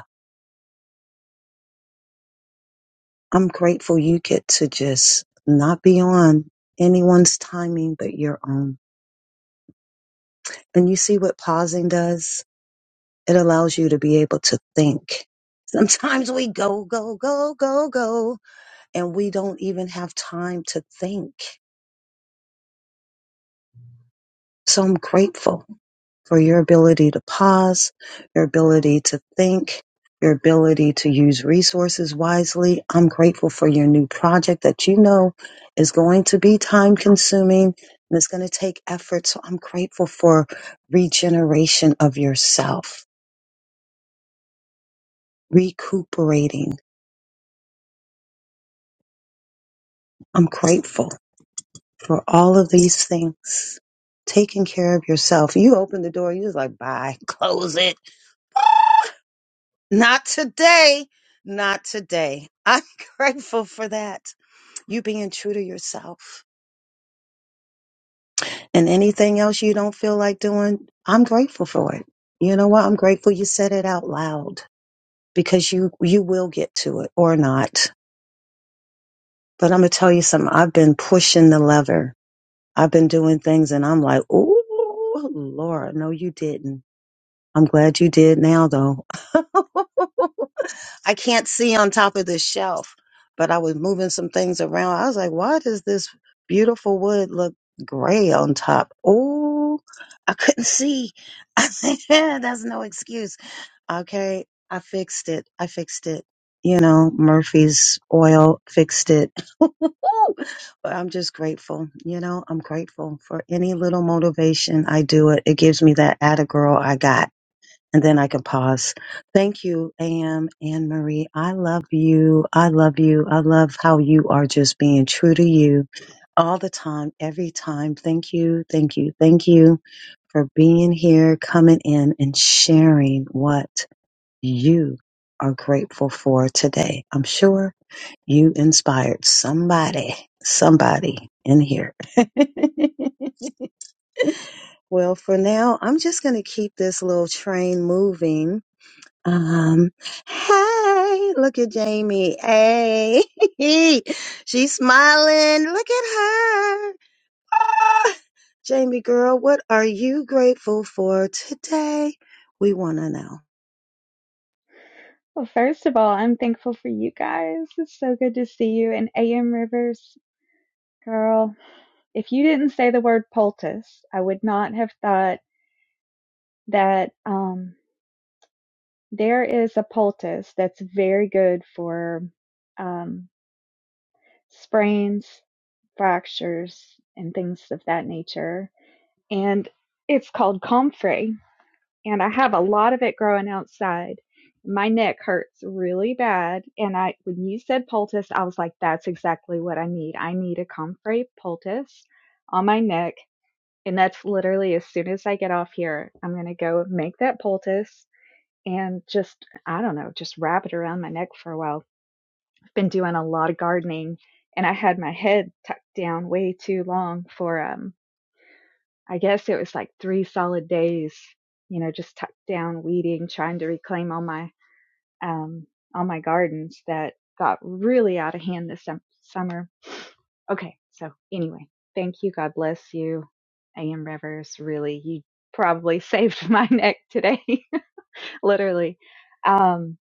I'm grateful you get to just not be on anyone's timing but your own. And you see what pausing does? It allows you to be able to think. Sometimes we go, go, go, go, go and we don't even have time to think. So I'm grateful for your ability to pause, your ability to think, your ability to use resources wisely. I'm grateful for your new project that you know is going to be time consuming and it's going to take effort. So I'm grateful for regeneration of yourself, recuperating. I'm grateful for all of these things. Taking care of yourself. You open the door, you just like, bye, <laughs> close it Not today. Not today. I'm <laughs> grateful for that. You being true to yourself and anything else you don't feel like doing, I'm grateful for it. You know what? I'm grateful you said it out loud because you, you will get to it or not. But I'm going to tell you something. I've been pushing the lever. I've been doing things and I'm like, oh, Laura, no, you didn't. I'm glad you did now though. <laughs> I can't see on top of this shelf, but I was moving some things around. I was like, why does this beautiful wood look gray on top? Oh, I couldn't see. <laughs> I said, yeah, that's no excuse. Okay, I fixed it. I fixed it. You know, Murphy's oil fixed it. <laughs> but I'm just grateful. You know, I'm grateful for any little motivation I do it. It gives me that atta girl I got and then I can pause. Thank you, AM Anne Marie. I love you. I love you. I love how you are just being true to you all the time, every time. Thank you, thank you, thank you for being here, coming in and sharing what you are grateful for today. I'm sure you inspired somebody, somebody in here. <laughs> Well, for now, I'm just going to keep this little train moving um, hey, look at Jamie. Hey, <laughs> she's smiling. Look at her. Ah, Jamie girl, what are you grateful for today? We want to know. Well, first of all, I'm thankful for you guys. It's so good to see you. And AM Rivers, girl, if you didn't say the word poultice, I would not have thought that um, there is a poultice that's very good for um, sprains, fractures, and things of that nature. And it's called comfrey. and I have a lot of it growing outside. My neck hurts really bad. And I, when you said poultice, I was like, that's exactly what I need. I need a comfrey poultice on my neck. And that's literally as soon as I get off here, I'm going to go make that poultice and just, I don't know, just wrap it around my neck for a while. I've been doing a lot of gardening and I had my head tucked down way too long for, um. I guess it was like three solid days, you know, just tucked down weeding, trying to reclaim all my um all my gardens that got really out of hand this sum- summer. Okay, so anyway, thank you. God bless you, A.M. Rivers. Really, you probably <laughs> saved my neck today, <laughs> literally. Um,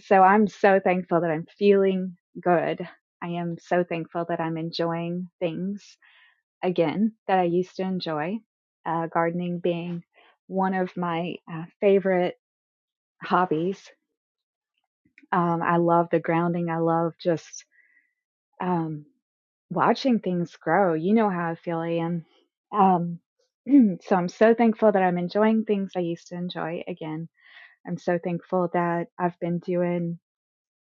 so I'm so thankful that I'm feeling good. I am so thankful that I'm enjoying things again that I used to enjoy, uh, gardening being one of my uh, favorite hobbies. Um, I love the grounding. I love just um, watching things grow. You know how I feel, Ian. Um, <clears throat> so I'm so thankful that I'm enjoying things I used to enjoy again. I'm so thankful that I've been doing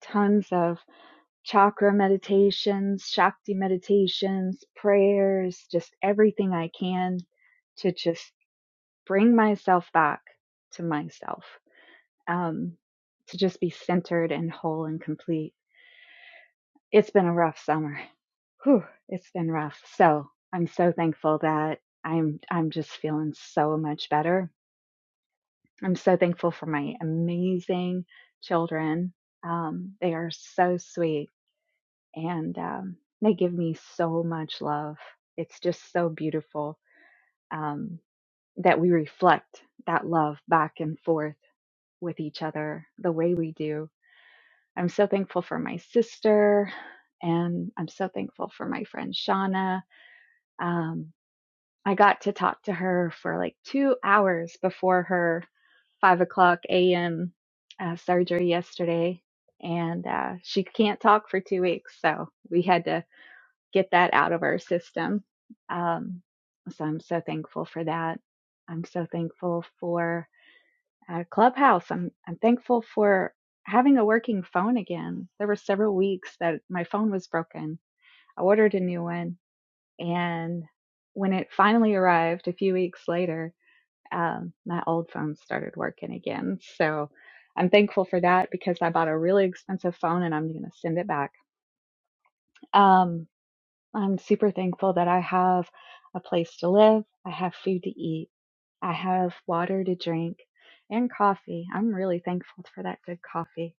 tons of chakra meditations, Shakti meditations, prayers, just everything I can to just bring myself back to myself um, to just be centered and whole and complete. It's been a rough summer. Whew, it's been rough. So I'm so thankful that I'm I'm just feeling so much better. I'm so thankful for my amazing children. Um, they are so sweet and um, they give me so much love. It's just so beautiful um, that we reflect that love back and forth with each other the way we do. I'm so thankful for my sister, and I'm so thankful for my friend Shauna. Um, I got to talk to her for like two hours before her five o'clock a.m. Uh, surgery yesterday, and uh, she can't talk for two weeks, so we had to get that out of our system. Um, so I'm so thankful for that. I'm so thankful for uh, Clubhouse. I'm I'm thankful for having a working phone again. There were several weeks that my phone was broken. I ordered a new one, and when it finally arrived a few weeks later, um, my old phone started working again. So I'm thankful for that because I bought a really expensive phone and I'm going to send it back. Um, I'm super thankful that I have a place to live, I have food to eat, I have water to drink, and coffee. I'm really thankful for that good coffee.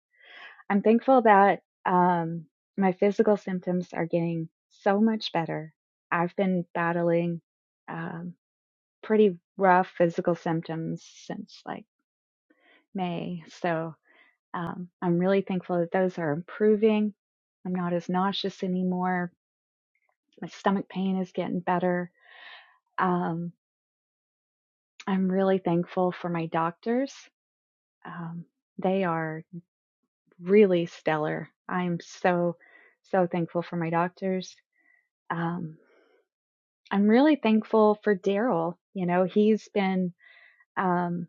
I'm thankful that um, my physical symptoms are getting so much better. I've been battling um, pretty rough physical symptoms since like May. So um, I'm really thankful that those are improving. I'm not as nauseous anymore. My stomach pain is getting better Um, I'm really thankful for my doctors. Um, they are really stellar. I'm so, so thankful for my doctors. Um, I'm really thankful for Daryl. You know, he's been, um,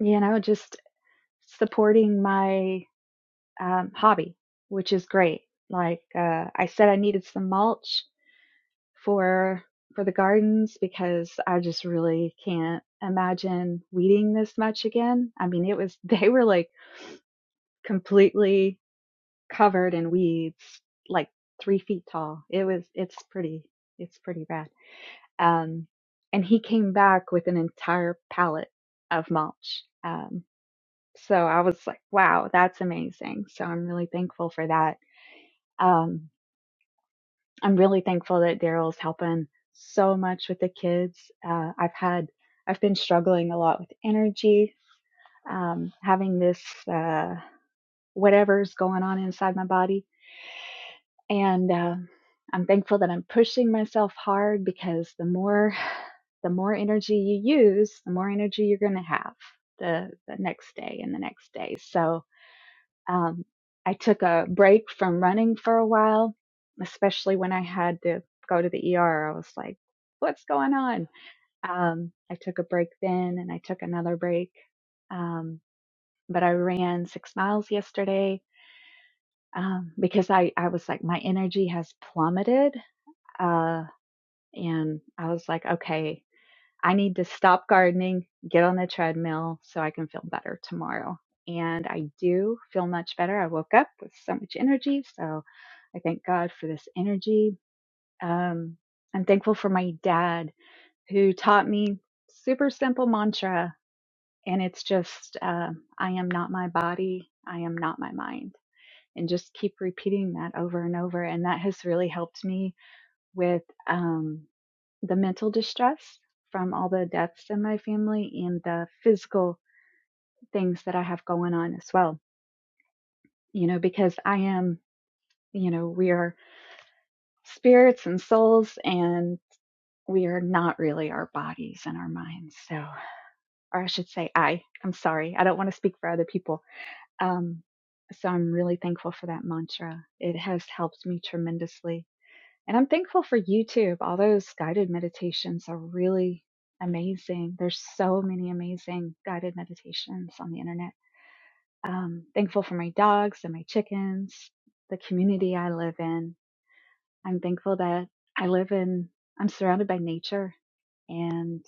you know, just supporting my um, hobby, which is great. Like uh, I said, I needed some mulch for for the gardens because I just really can't imagine weeding this much again. I mean, it was <laughs> they were like completely covered in weeds, like three feet tall. It was, it's pretty, it's pretty bad. Um, and he came back with an entire pallet of mulch. Um, so I was like, wow, that's amazing. So I'm really thankful for that. Um, I'm really thankful that Daryl's helping so much with the kids. Uh, I've had, I've been struggling a lot with energy, um, having this, uh, whatever's going on inside my body and uh, i'm thankful that i'm pushing myself hard because the more <sighs> the more energy you use the more energy you're going to have the the next day and the next day so um, i took a break from running for a while especially when i had to go to the er i was like what's going on um, i took a break then and i took another break um, but i ran six miles yesterday um, because I, I was like my energy has plummeted uh, and I was like, okay, I need to stop gardening, get on the treadmill so I can feel better tomorrow. And I do feel much better. I woke up with so much energy. So I thank God for this energy. Um, I'm thankful for my dad who taught me super simple mantra. And it's just, uh, I am not my body. I am not my mind. And just keep repeating that over and over. And that has really helped me with, um the mental distress from all the deaths in my family and the physical things that I have going on as well. You know, because I am, you know, we are spirits and souls and we are not really our bodies and our minds. So, or I should say, I, I'm sorry. I don't want to speak for other people. Um, so I'm really thankful for that mantra. It has helped me tremendously And I'm thankful for YouTube. All those guided meditations are really amazing. There's so many amazing guided meditations on the internet. Um, thankful for my dogs and my chickens, the community I live in. I'm thankful that I live in, I'm surrounded by nature and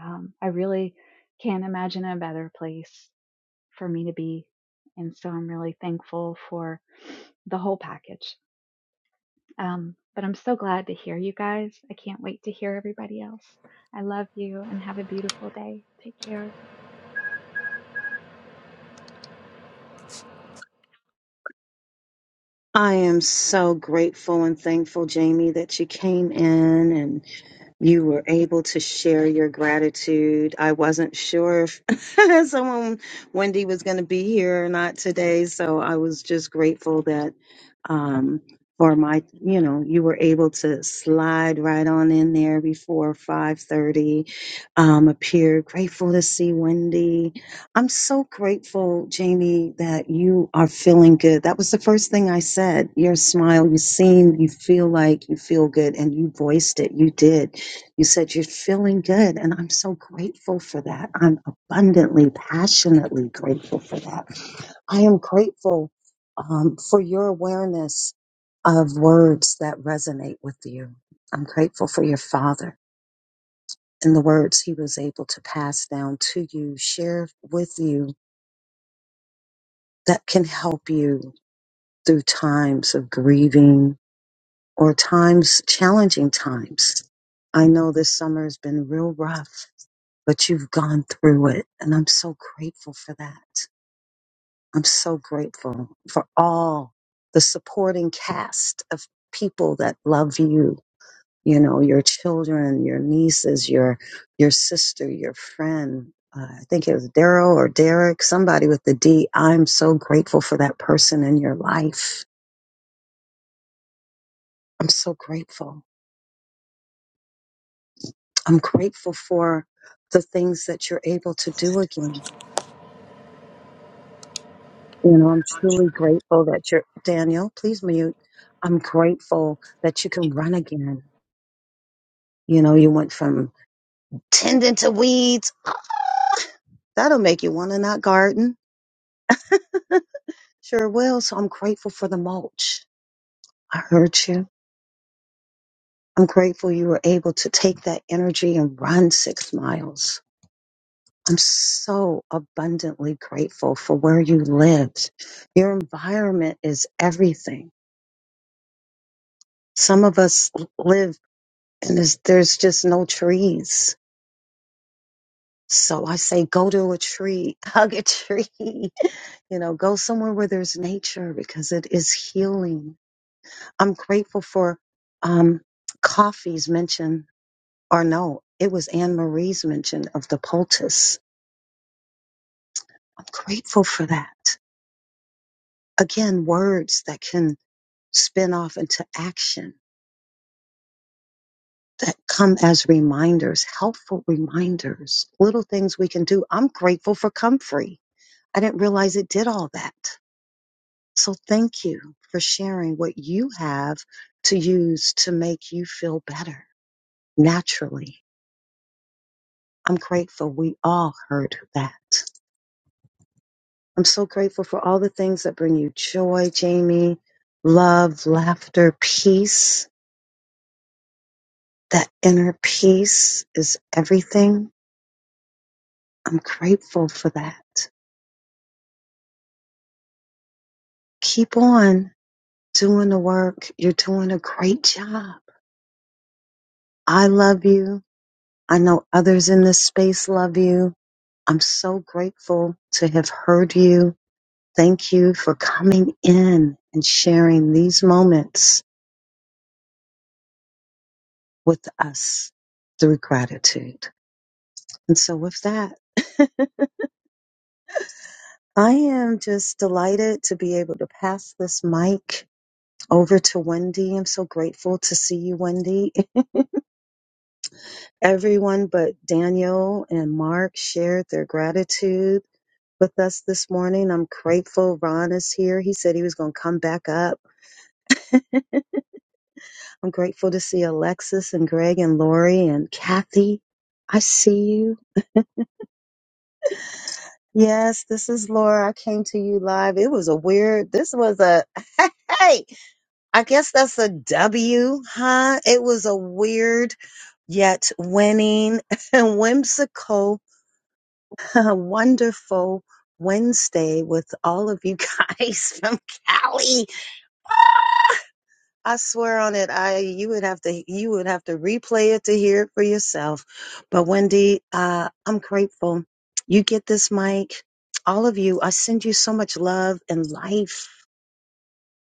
um, I really can't imagine a better place for me to be. And so I'm really thankful for the whole package. Um, but I'm so glad to hear you guys. I can't wait to hear everybody else. I love you and have a beautiful day. Take care. I am so grateful and thankful, Jamie, that you came in you were able to share your gratitude. I wasn't sure if <laughs> someone, Wendy, was going to be here or not today. So I was just grateful that um, for my, you know, you were able to slide right on in there before 5.30, um, appear. Grateful to see Wendy. I'm so grateful, Jamie, that you are feeling good. That was the first thing I said. Your smile, you seem, you feel like you feel good and you voiced it. You did you said you're feeling good, and I'm so grateful for that. I'm abundantly, passionately grateful for that. I am grateful um, for your awareness of words that resonate with you. I'm grateful for your father and the words he was able to pass down to you, share with you that can help you through times of grieving or times, challenging times. I know this summer has been real rough but you've gone through it. And I'm so grateful for that. I'm so grateful for all the supporting cast of people that love you. You know, your children, your nieces, your, your sister, your friend. Uh, I think it was Daryl or Derek, somebody with the D. I'm so grateful for that person in your life. I'm so grateful. I'm grateful for the things that you're able to do again You know, I'm truly grateful that you're, Daniel, please mute. I'm grateful that you can run again. You know, you went from tending to weeds. <gasps> Ah, That'll make you want to not garden. <laughs> Sure will. So I'm grateful for the mulch. I heard you. I'm grateful you were able to take that energy and run six miles. I'm so abundantly grateful for where you lived. Your environment is everything. Some of us live and there's, there's just no trees So I say go to a tree, <laughs> hug a tree, <laughs> you know, go somewhere where there's nature because it is healing. I'm grateful for um, coffee's mention, or no, it was Anne Marie's mention of the poultice. I'm grateful for that. Again, words that can spin off into action that come as reminders, helpful reminders, little things we can do. I'm grateful for comfrey. I didn't realize it did all that. So thank you for sharing what you have to use to make you feel better naturally. I'm grateful we all heard that. I'm so grateful for all the things that bring you joy, Jamie. Love, laughter, peace. That inner peace is everything. I'm grateful for that. Keep on doing the work. You're doing a great job. I love you. I know others in this space love you. I'm so grateful to have heard you. Thank you for coming in and sharing these moments with us through gratitude. And so, with that, <laughs> I am just delighted to be able to pass this mic over to Wendy. I'm so grateful to see you, Wendy. <laughs> Everyone but Daniel and Mark shared their gratitude. with us this morning. I'm grateful Ron is here. He said he was going to come back up. I'm grateful to see Alexis and Greg and Lori and Kathy. I see you. Yes, this is Laura. I came to you live. It was a weird, this was a, <laughs> hey, I guess that's a W, huh? It was a weird yet winning <laughs> and whimsical, <laughs> wonderful Wednesday with all of you guys <laughs> from Cali. I swear on it, I you would have to you would have to replay it to hear it for yourself. But Wendy, uh, I'm grateful you get this mic. All of you, I send you so much love and life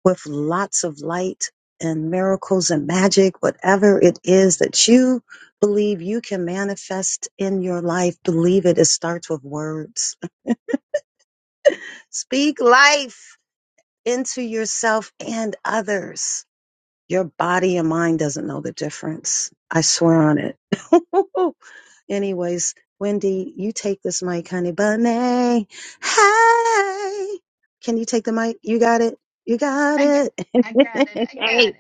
with lots of light and miracles and magic, whatever it is that you believe you can manifest in your life. Believe it. It starts with words. Speak life into yourself and others Your body and mind doesn't know the difference. I swear on it. <laughs> Anyways, Wendy, you take this mic, honey bunny. Hey, can you take the mic? You got it. You got it. <laughs> hey,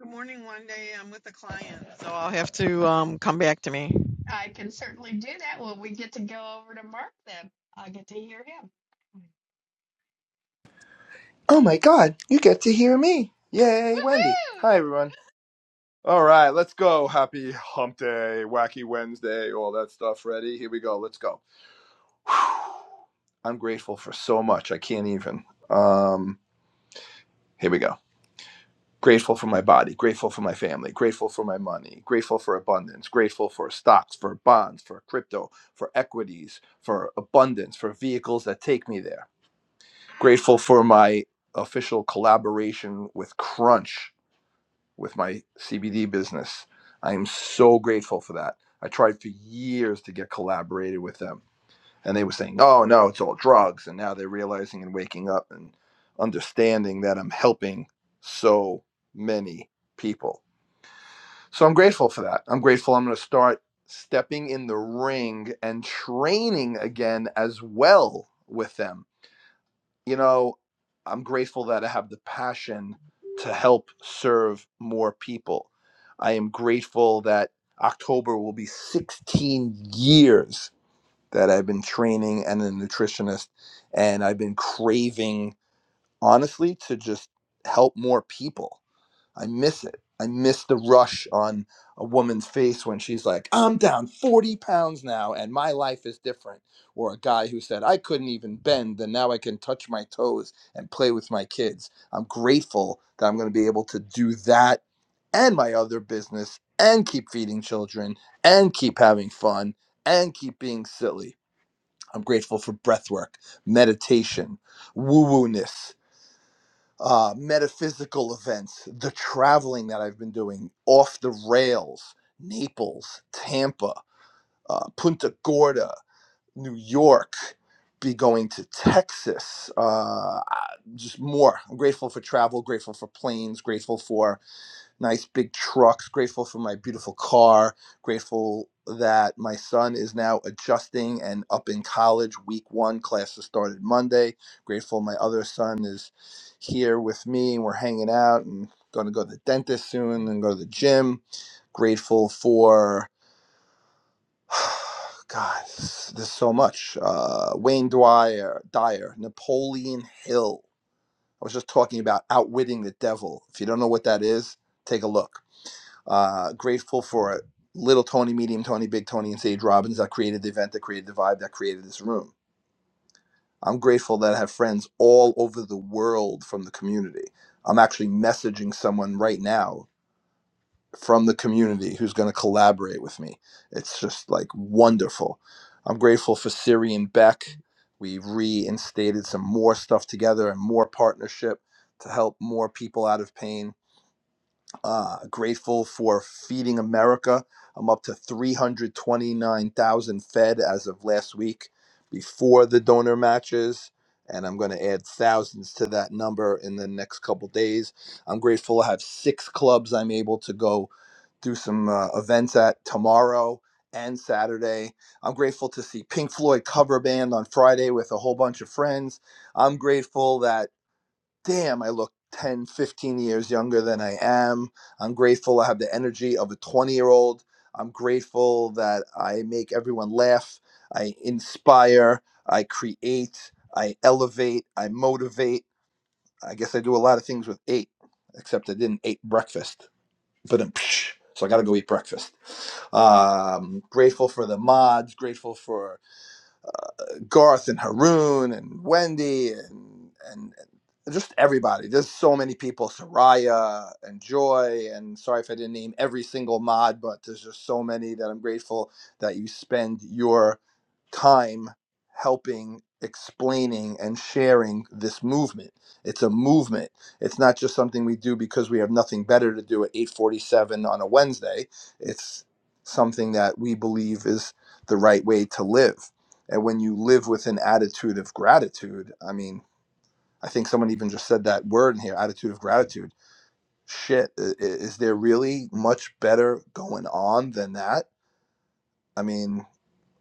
Good morning. One day I'm with a client, so I'll have to um, come back to me. Oh my God, you get to hear me. Yay, Wendy. Hi, everyone. All right, let's go. Happy hump day, wacky Wednesday, all that stuff. Ready? Here we go. Let's go. <sighs> I'm grateful for so much. I can't even. Um, here we go. Grateful for my body, grateful for my family, grateful for my money, grateful for abundance, grateful for stocks, for bonds, for crypto, for equities, for abundance, for vehicles that take me there. Grateful for my official collaboration with Crunch with my CBD business. I am so grateful for that. I tried for years to get collaborated with them, and they were saying, "Oh no, it's all drugs." And now they're realizing and waking up and understanding that I'm helping so many people. So I'm grateful for that. I'm grateful. I'm going to start stepping in the ring and training again as well with them you know, I'm grateful that I have the passion to help serve more people. I am grateful that October will be 16 years that I've been training and a nutritionist, and I've been craving, honestly, to just help more people. I miss it. I miss the rush on a woman's face when she's like, I'm down 40 pounds now and my life is different. Or a guy who said, I couldn't even bend and now I can touch my toes and play with my kids. I'm grateful that I'm going to be able to do that and my other business and keep feeding children and keep having fun and keep being silly. I'm grateful for breath work, meditation, woo woo ness uh, metaphysical events, the traveling that I've been doing off the rails, Naples, Tampa, uh, Punta Gorda, New York, be going to Texas, uh, just more. I'm grateful for travel, grateful for planes, grateful for nice big trucks, grateful for my beautiful car, grateful that my son is now adjusting and up in college. Week one classes started Monday. Grateful my other son is here with me and we're hanging out and going to go to the dentist soon and go to the gym. Grateful for. <sighs> God, s- there's so much. Uh, Wayne Dwyer, Dyer, Napoleon Hill. I was just talking about outwitting the devil. If you don't know what that is, take a look uh, grateful for little Tony, medium Tony, big Tony, and Sage Robbins that created the event, that created the vibe, that created this room. I'm grateful that I have friends all over the world from the community. I'm actually messaging someone right now from the community who's going to collaborate with me. It's just like wonderful. I'm grateful for Siri and Beck. We've reinstated some more stuff together and more partnership to help more people out of pain uh, grateful for Feeding America. I'm up to 329,000 fed as of last week before the donor matches. And I'm going to add thousands to that number in the next couple days. I'm grateful I have six clubs I'm able to go do some uh, events at tomorrow and Saturday. I'm grateful to see Pink Floyd cover band on Friday with a whole bunch of friends. I'm grateful that damn, I look 10, 15 years younger than I am. I'm grateful I have the energy of a 20 year old. I'm grateful that I make everyone laugh. I inspire. I create. I elevate. I motivate. I guess I do a lot of things with eight, except I didn't eat breakfast. But I'm, so I got to go eat breakfast. Um, grateful for the mods. Grateful for Garth and Haroon and Wendy and and and just everybody. There's so many people, Soraya and Joy, and sorry if I didn't name every single mod, but there's just so many that I'm grateful that you spend your time helping explaining and sharing this movement. It's a movement. It's not just something we do because we have nothing better to do at 8:47 on a Wednesday. It's something that we believe is the right way to live and when you live with an attitude of gratitude, I mean, I think someone even just said that word in here, attitude of gratitude. Shit, i- i- is there really much better going on than that? I mean,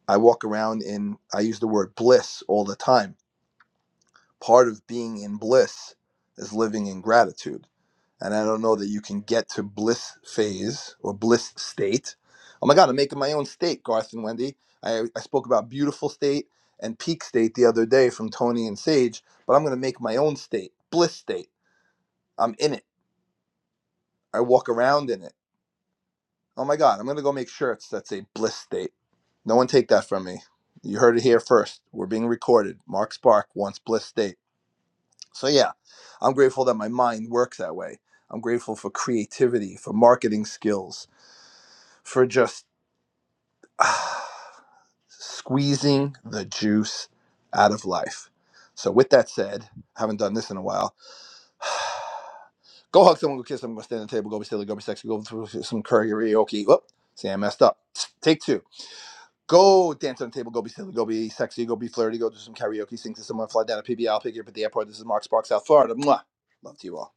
I walk around in, I use the word bliss all the time. Part of being in bliss is living in gratitude and I don't know that you can get to bliss phase or bliss state. Oh my God, I'm making my own state, Garth and Wendy. I, I spoke about beautiful state and peak state the other day from Tony and Sage, but I'm going to make my own state, bliss state. I'm in it. I walk around in it. Oh my God, I'm going to go make shirts that say bliss state. No one take that from me. You heard it here first. We're being recorded. Mark Spark wants bliss state. So yeah, I'm grateful that my mind works that way. I'm grateful for creativity, for marketing skills, for just <sighs> ah, squeezing the juice out of life. So, with that said, I haven't done this in a while. <sighs> go hug someone, go kiss someone, go stand at the table, go be silly, go be sexy, go through some karaoke. okay, Whoop, see, I messed up. Take two. Go dance on the table, go be silly, go be sexy, go be flirty, go do some karaoke, sing to someone, fly down to PBL, pick you up at the airport. This is Mark Sparks, South Florida. Mwah. Love to you all.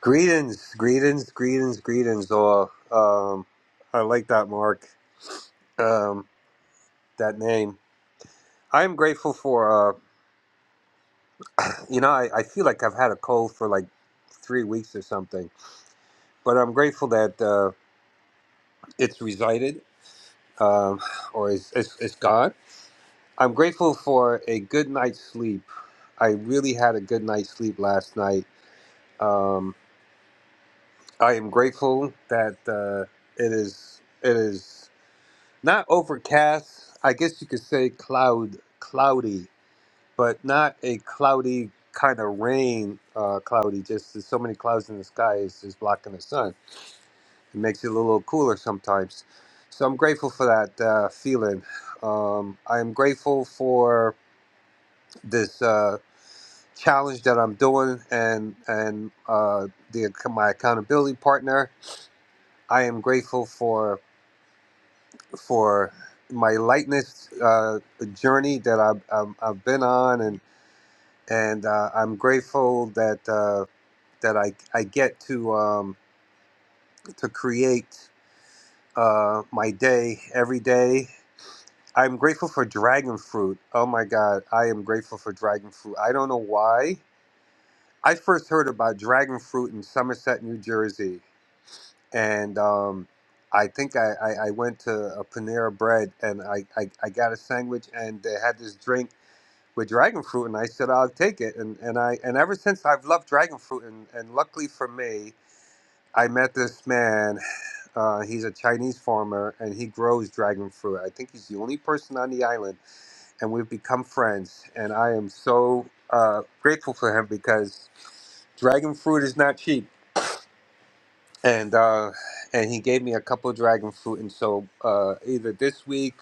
Greetings, greetings, greetings, greetings, all. Um, I like that, Mark. Um, that name. I am grateful for. Uh, you know, I, I feel like I've had a cold for like three weeks or something, but I'm grateful that uh, it's resided um, or is it's, it's gone. I'm grateful for a good night's sleep. I really had a good night's sleep last night. Um, I am grateful that uh, it is. It is. Not overcast. I guess you could say cloud, cloudy, but not a cloudy kind of rain. Uh, cloudy. Just there's so many clouds in the sky is just blocking the sun. It makes it a little cooler sometimes. So I'm grateful for that uh, feeling. Um, I'm grateful for this uh, challenge that I'm doing and and uh, the my accountability partner. I am grateful for. for my lightness uh, journey that I've, I've, I've been on, and and uh, I'm grateful that uh, that I, I get to um, to create uh, my day every day. I'm grateful for dragon fruit. Oh my God, I am grateful for dragon fruit. I don't know why. I first heard about dragon fruit in Somerset, New Jersey, and um, I think I, I, I went to a Panera Bread and I, I, I got a sandwich and they had this drink with dragon fruit and I said I'll take it and, and I and ever since I've loved dragon fruit and, and luckily for me I met this man uh, he's a Chinese farmer and he grows dragon fruit I think he's the only person on the island and we've become friends and I am so uh, grateful for him because dragon fruit is not cheap and uh, and he gave me a couple of dragon fruit and so uh, either this week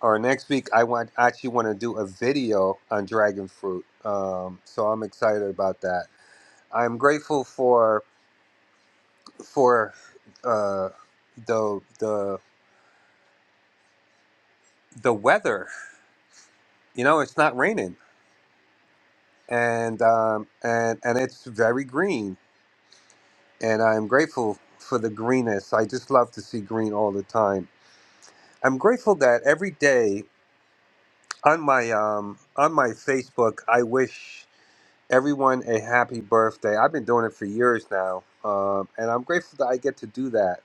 or next week I want actually want to do a video on dragon fruit. Um, so I'm excited about that. I'm grateful for for uh, the the the weather. You know, it's not raining, and um, and and it's very green, and I'm grateful for the greenness. I just love to see green all the time. I'm grateful that every day on my um, on my Facebook, I wish. everyone a happy birthday. I've been doing it for years now, um, and I'm grateful that I get to do that.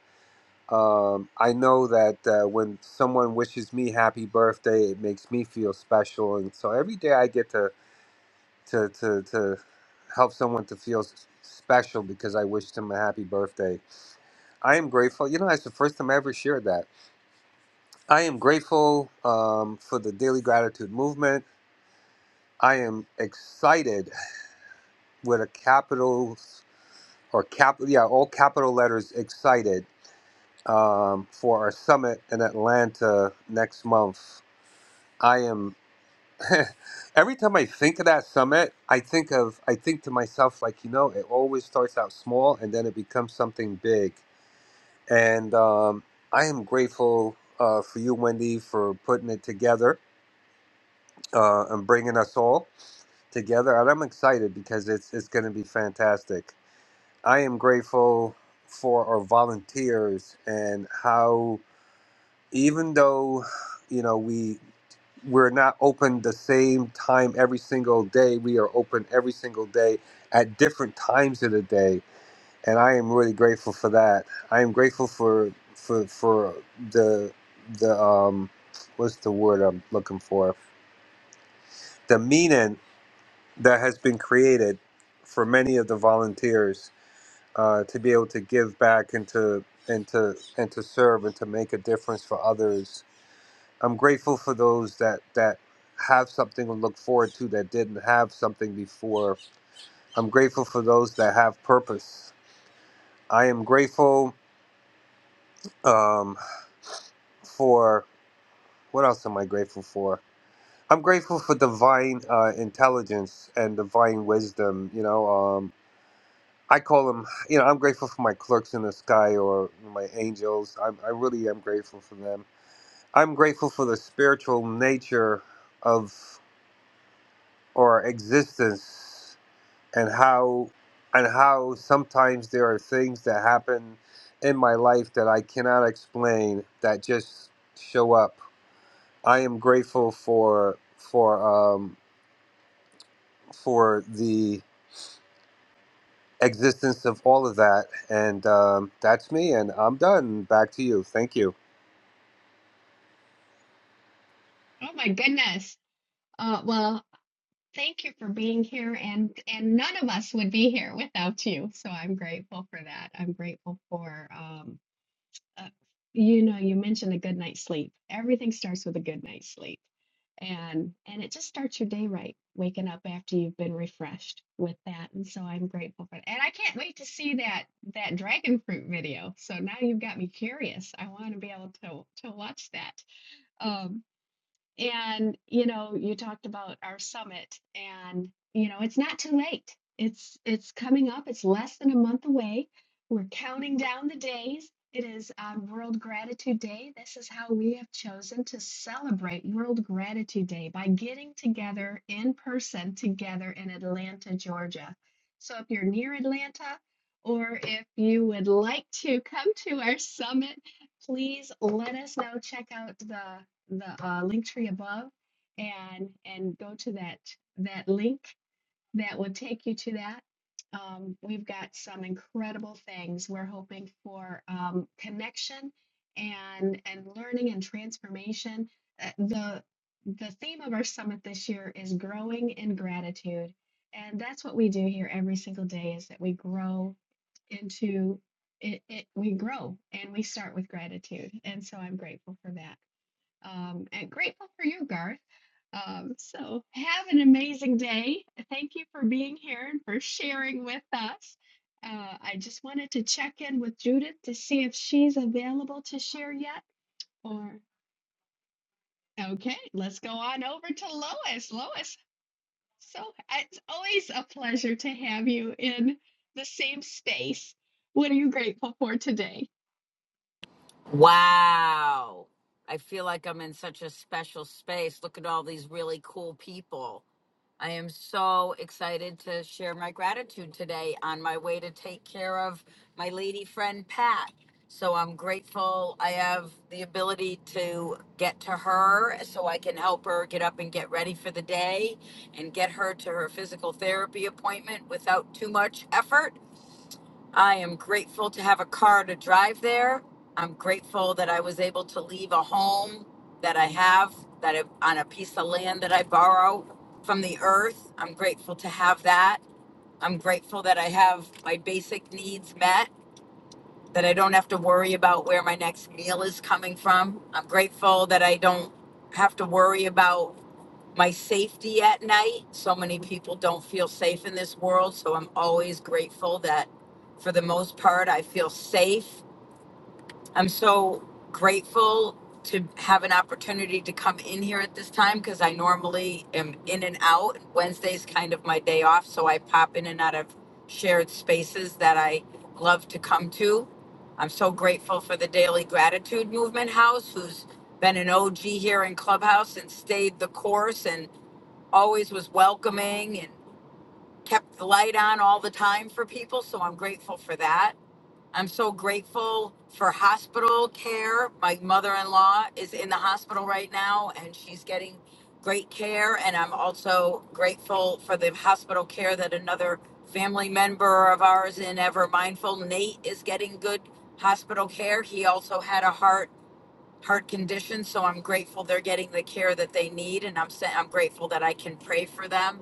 Um, I know that uh, when someone wishes me happy birthday, it makes me feel special, and so every day I get to to to, to help someone to feel s- special because I wished them a happy birthday. I am grateful. You know, that's the first time I ever shared that. I am grateful um, for the daily gratitude movement. I am excited with a capital. or capital, yeah, all capital letters excited um, for our summit in Atlanta next month. I am. <laughs> every time I think of that summit, I think of I think to myself like you know it always starts out small and then it becomes something big. And um, I am grateful uh, for you, Wendy, for putting it together uh, and bringing us all together. And I'm excited because it's it's going to be fantastic. I am grateful for our volunteers and how even though you know we we're not open the same time every single day, we are open every single day at different times of the day. And I am really grateful for that. I am grateful for for for the the um what's the word I'm looking for? The meaning that has been created for many of the volunteers uh, to be able to give back and to and to and to serve and to make a difference for others. I'm grateful for those that that have something to look forward to that didn't have something before. I'm grateful for those that have purpose. I am grateful um, for what else am I grateful for? I'm grateful for divine uh, intelligence and divine wisdom. You know, um, I call them. You know, I'm grateful for my clerks in the sky or my angels. I'm, I really am grateful for them. I'm grateful for the spiritual nature of our existence and how and how sometimes there are things that happen in my life that I cannot explain that just show up. I am grateful for for um, for the existence of all of that, and um, that's me. And I'm done. Back to you. Thank you. Wow. I feel like I'm in such a special space. Look at all these really cool people. I am so excited to share my gratitude today on my way to take care of my lady friend Pat. So I'm grateful I have the ability to get to her so I can help her get up and get ready for the day and get her to her physical therapy appointment without too much effort. I am grateful to have a car to drive there. I'm grateful that I was able to leave a home that I have that I, on a piece of land that I borrow from the earth. I'm grateful to have that. I'm grateful that I have my basic needs met, that I don't have to worry about where my next meal is coming from. I'm grateful that I don't have to worry about my safety at night. So many people don't feel safe in this world. So I'm always grateful that for the most part, I feel safe. I'm so grateful to have an opportunity to come in here at this time because I normally am in and out. Wednesday's kind of my day off. So I pop in and out of shared spaces that I love to come to. I'm so grateful for the Daily Gratitude Movement House, who's been an OG here in Clubhouse and stayed the course and always was welcoming and kept the light on all the time for people. So I'm grateful for that. I'm so grateful for hospital care. My mother in law is in the hospital right now and she's getting great care. And I'm also grateful for the hospital care that another family member of ours in Ever Mindful, Nate, is getting good hospital care. He also had a heart heart condition so i'm grateful they're getting the care that they need and i'm sa- i'm grateful that i can pray for them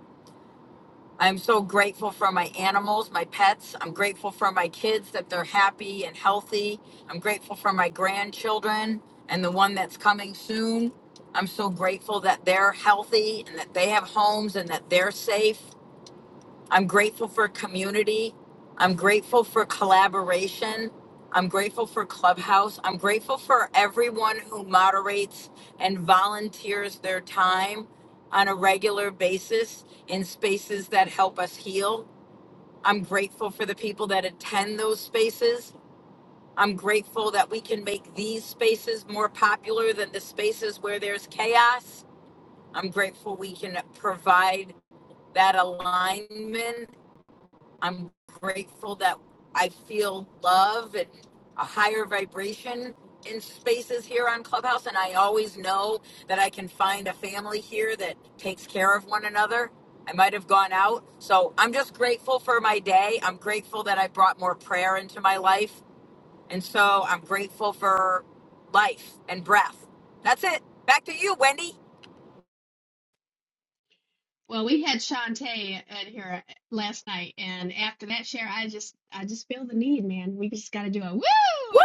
I'm so grateful for my animals, my pets. I'm grateful for my kids that they're happy and healthy. I'm grateful for my grandchildren and the one that's coming soon. I'm so grateful that they're healthy and that they have homes and that they're safe. I'm grateful for community. I'm grateful for collaboration. I'm grateful for Clubhouse. I'm grateful for everyone who moderates and volunteers their time on a regular basis in spaces that help us heal. I'm grateful for the people that attend those spaces. I'm grateful that we can make these spaces more popular than the spaces where there's chaos. I'm grateful we can provide that alignment I'm grateful that I feel love and a higher vibration in spaces here on Clubhouse. And I always know that I can find a family here that takes care of one another. I might have gone out. So I'm just grateful for my day. I'm grateful that I brought more prayer into my life. And so I'm grateful for life and breath. That's it. Back to you, Wendy. Woo!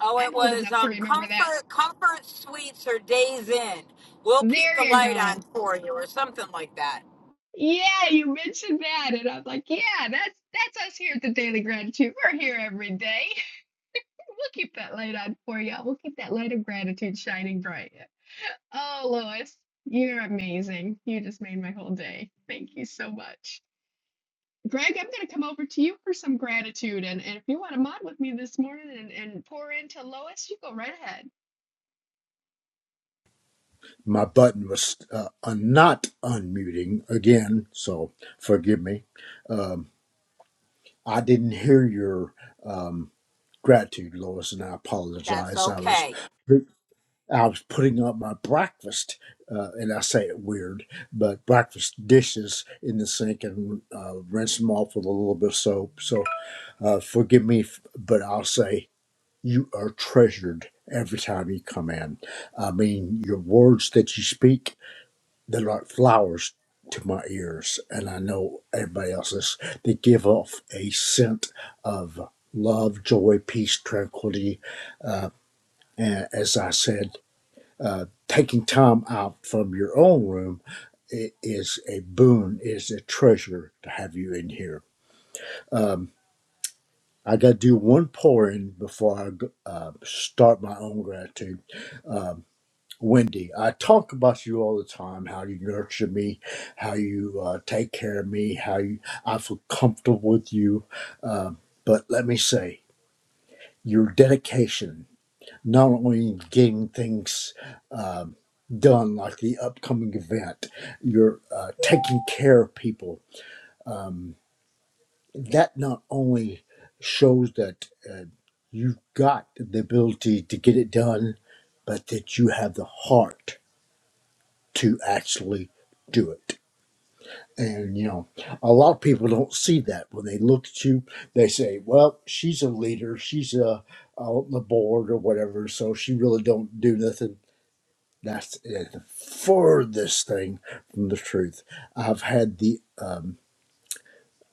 Oh, it was um, comfort comfort suites or days in. We'll keep the light on for you or something like that. my button was uh, uh, not unmuting again, so forgive me. Um, I didn't hear your um, gratitude, Lois, and I That's apologize. I was okay. I was putting up my breakfast, uh, and I say it weird, but breakfast dishes in the sink and uh, rinse them off with a little bit of soap. So uh, forgive me, f- but I'll say you are treasured every time you come in. I mean, your words that you speak They're like flowers to my ears, and I know everybody else's. They give off a scent of love, joy, peace, tranquility. Uh, and as I said, uh, taking time out from your own room i- is a boon, is a treasure to have you in here. Um, I got to do one pouring before I go- uh, start my own gratitude. Um, Wendy, I talk about you all the time, how you nurture me, how you uh, take care of me, how you, I feel comfortable with you. Um, but let me say, your dedication, not only in getting things um, done like the upcoming event, you're uh, taking care of people. Um, that not only shows that uh, you've got the ability to get it done, but that you have the heart to actually do it. And you know, a lot of people don't see that when they look at you. They say, "Well, she's a leader. She's uh on the board or whatever, so she really don't do nothing." That's the furthest thing from the truth. I've had the um,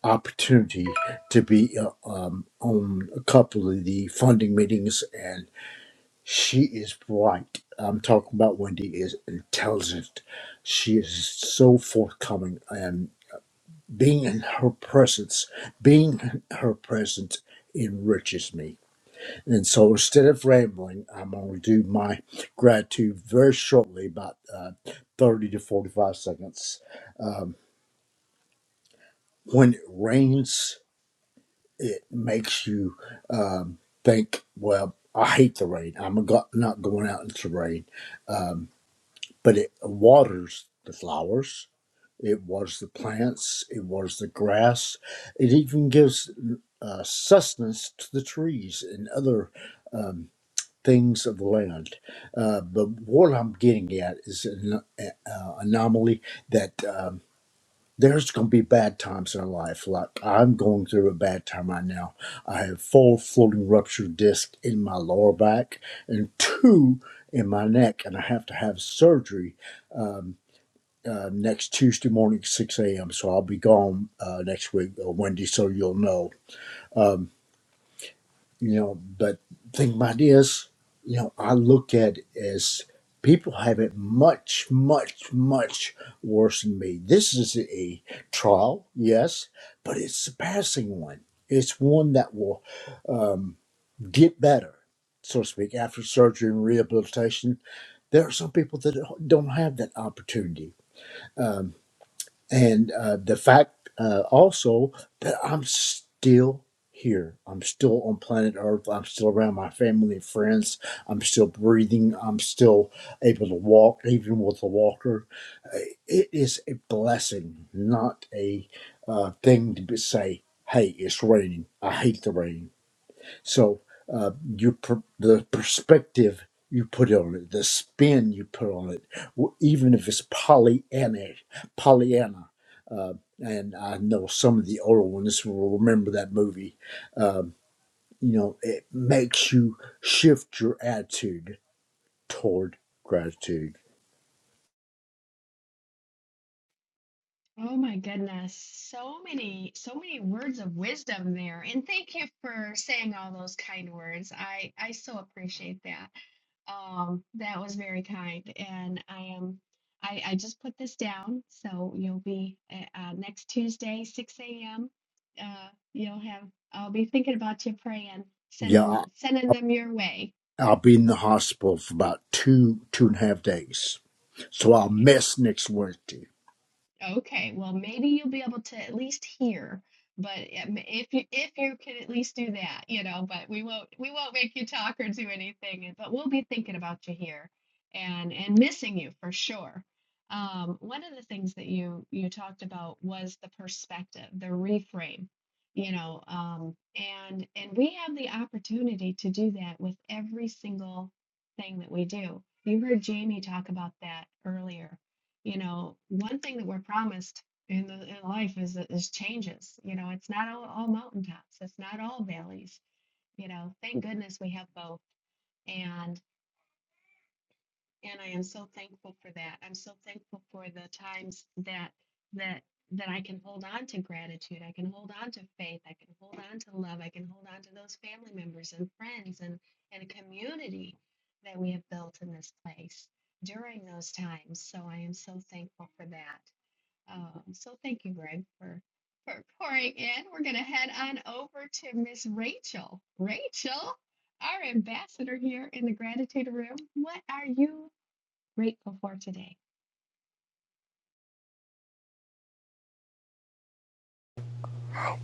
opportunity to be uh, um, on a couple of the funding meetings and. She is bright. I'm talking about Wendy is intelligent. She is so forthcoming and being in her presence, being in her presence enriches me. And so instead of rambling, I'm going to do my gratitude very shortly, about uh, 30 to 45 seconds. Um, when it rains, it makes you um, think, well, I hate the rain. I'm go- not going out into the rain Um, but it waters the flowers, it waters the plants, it waters the grass, it even gives uh, sustenance to the trees and other um, things of the land. Uh, but what I'm getting at is an uh, anomaly that. Um, there's going to be bad times in our life. Like I'm going through a bad time right now. I have four floating ruptured discs in my lower back and two in my neck, and I have to have surgery um, uh, next Tuesday morning, 6 a.m. So I'll be gone uh, next week, uh, Wendy, so you'll know. Um, you know, but thing about it is, you know, I look at it as people have it much, much, much worse than me. This is a trial, yes, but it's a passing one. It's one that will um, get better, so to speak, after surgery and rehabilitation. There are some people that don't have that opportunity Um, and uh, the fact uh, also that I'm still here. I'm still on planet Earth. I'm still around my family and friends. I'm still breathing. I'm still able to walk, even with a walker. Uh, It is a blessing, not a uh, thing to be- say, hey, it's raining. I hate the rain so uh, you per- the perspective you put on it, the spin you put on it, w- even if it's Pollyanna, Pollyanna. Uh, and I know some of the older ones will remember that movie. Um, you know, it makes you shift your attitude toward gratitude. Yeah, I- I'll be in the hospital for about two two and a half days, so I'll miss next Wednesday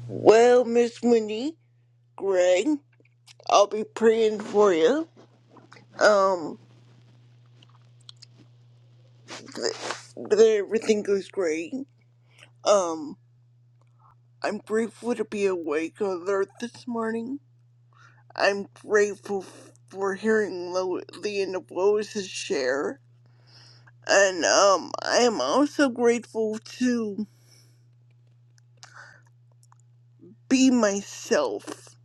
Well, Miss Winnie, Greg, I'll be praying for you. Um, th- that everything goes great. Um, I'm grateful to be awake on Earth this morning. I'm grateful f- for hearing Lo- the end of Lois's share, and um, I am also grateful to be myself,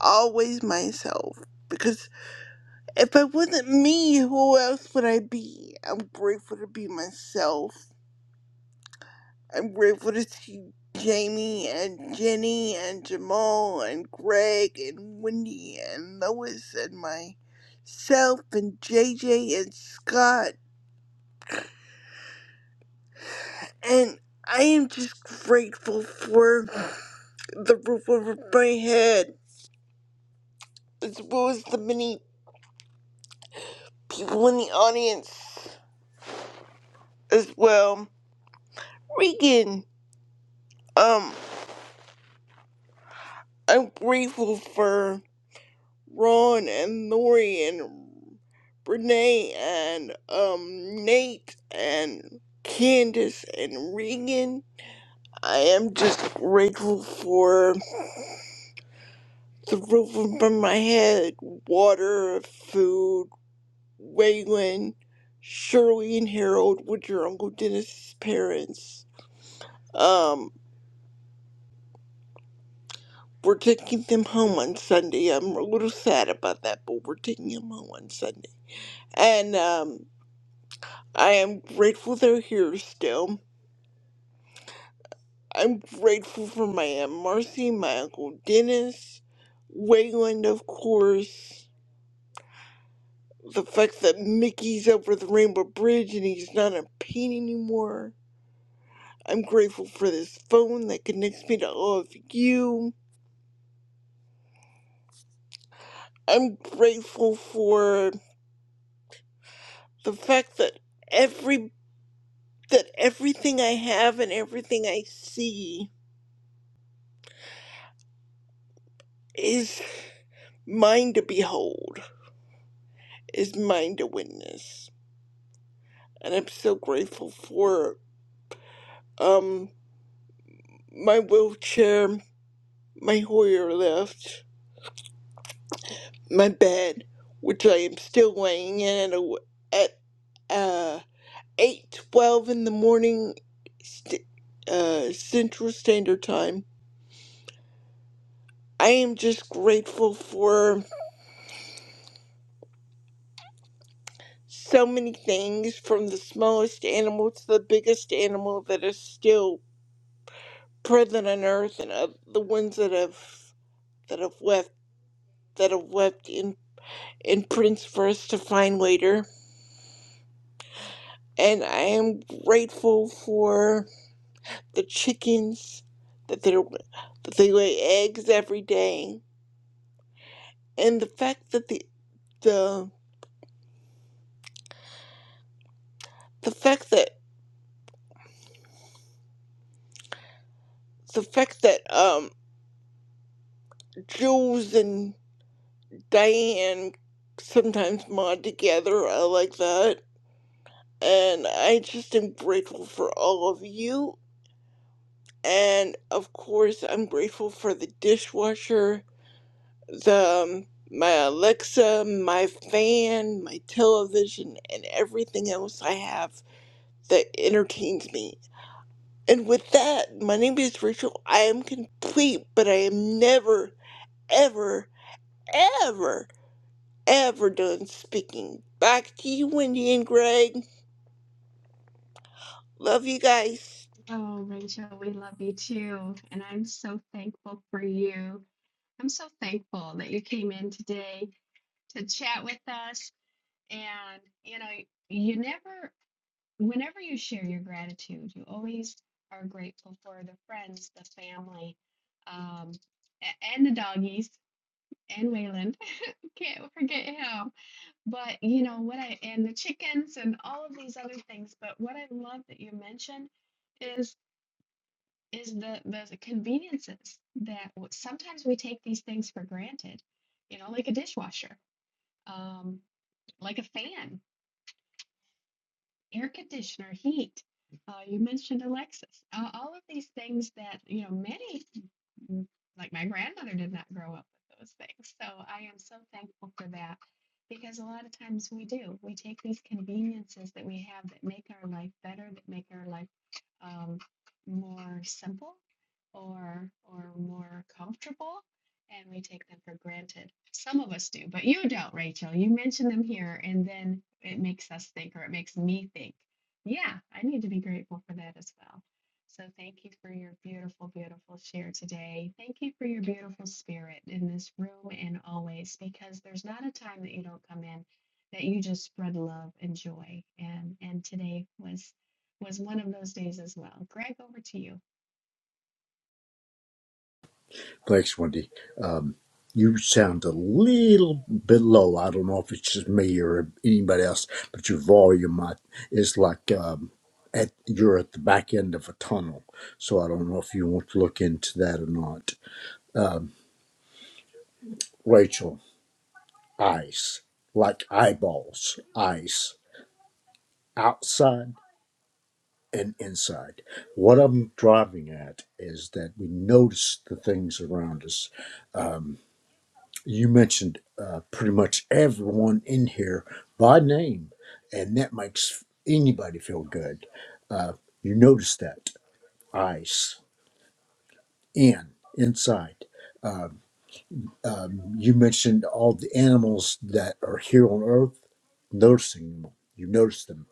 always myself, because if I wasn't me, who else would I be? I'm grateful to be myself I'm grateful to see Jamie and Jenny and Jamal and Greg and Wendy and Lois and myself and JJ and Scott. And I am just grateful for the roof over my head, as well as the many people in the audience as well. Regan, um, I'm grateful for. Ron and Lori and Renee and um Nate and Candace and Regan. I am just grateful for the roof over my head, water, food, Waylon, Shirley and Harold, which are Uncle Dennis's parents. Um, we're taking them home on Sunday. I'm a little sad about that, but we're taking them home on Sunday. And um I am grateful they're here still. I'm grateful for my Aunt Marcy, my Uncle Dennis, Wayland, of course, the fact that Mickey's over the Rainbow Bridge and he's not in pain anymore. I'm grateful for this phone that connects me to all of you. I'm grateful for the fact that every that everything I have and everything I see is mine to behold, is mine to witness. and I'm so grateful for um my wheelchair, my Hoyer lift, my bed, which I am still laying in at, a, at uh eight twelve in the morning, st- uh Central Standard Time. I am just grateful for so many things, from the smallest animal to the biggest animal that is still present on Earth, and of the ones that have that have left that have left And prints for us to Find Later. And I am grateful for the chickens that they that they lay eggs every day, and the fact that the the the fact that the fact that um Jules and Diane sometimes mod together. I like that, and I just am grateful for all of you. And of course, I'm grateful for the dishwasher the um, my Alexa, my fan, my television, and everything else I have that entertains me. And with that, my name is Rachel. I am complete, but I am never, ever, ever, ever done speaking. Back to you, Wendy and Greg. Love you guys. Thanks, Wendy. Um, you sound a little bit low. I don't know if it's just me or anybody else, but your volume I, is like um, at you're at the back end of a tunnel. So I don't know if you want to look into that or not. Um, Rachel, eyes like eyeballs, eyes outside and inside. What I'm driving at is that we notice the things around us Um, you mentioned uh, pretty much everyone in here by name, and that makes anybody feel good. Uh, you notice that ice in inside. Um, um, you mentioned all the animals that are here on Earth, noticing them. You notice them,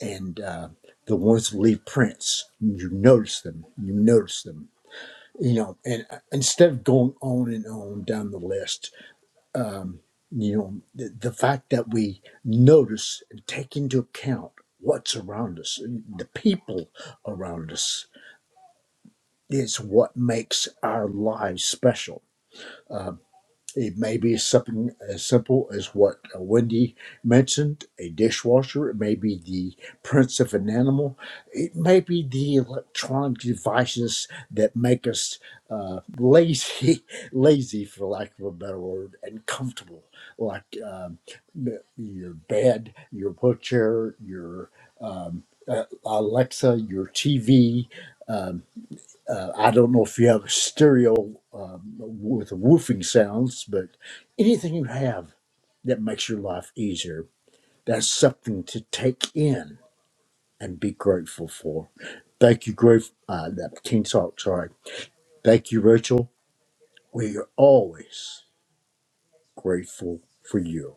and uh, the ones that leave prints. You notice them. You notice them. You know, and uh, instead of going on and on down the list, um, you know, the, the fact that we notice and take into account what's around us, uh, the people around us, is what makes our lives special. Um, it may be something as simple as what uh, Wendy mentioned a dishwasher, it may be the prints of an animal, it may be the electronic devices that make us uh, lazy, <laughs> lazy, for lack of a better word, and comfortable, like um, the- your bed, your wheelchair, your um, uh, Alexa, your TV uh, I don't know if you have a stereo um, with woofing sounds, but anything you have that makes your life easier, that's something to take in and be grateful for. Thank you, Grave. Uh, that Teen Talk, sorry. Thank you, Rachel. We are always grateful for you.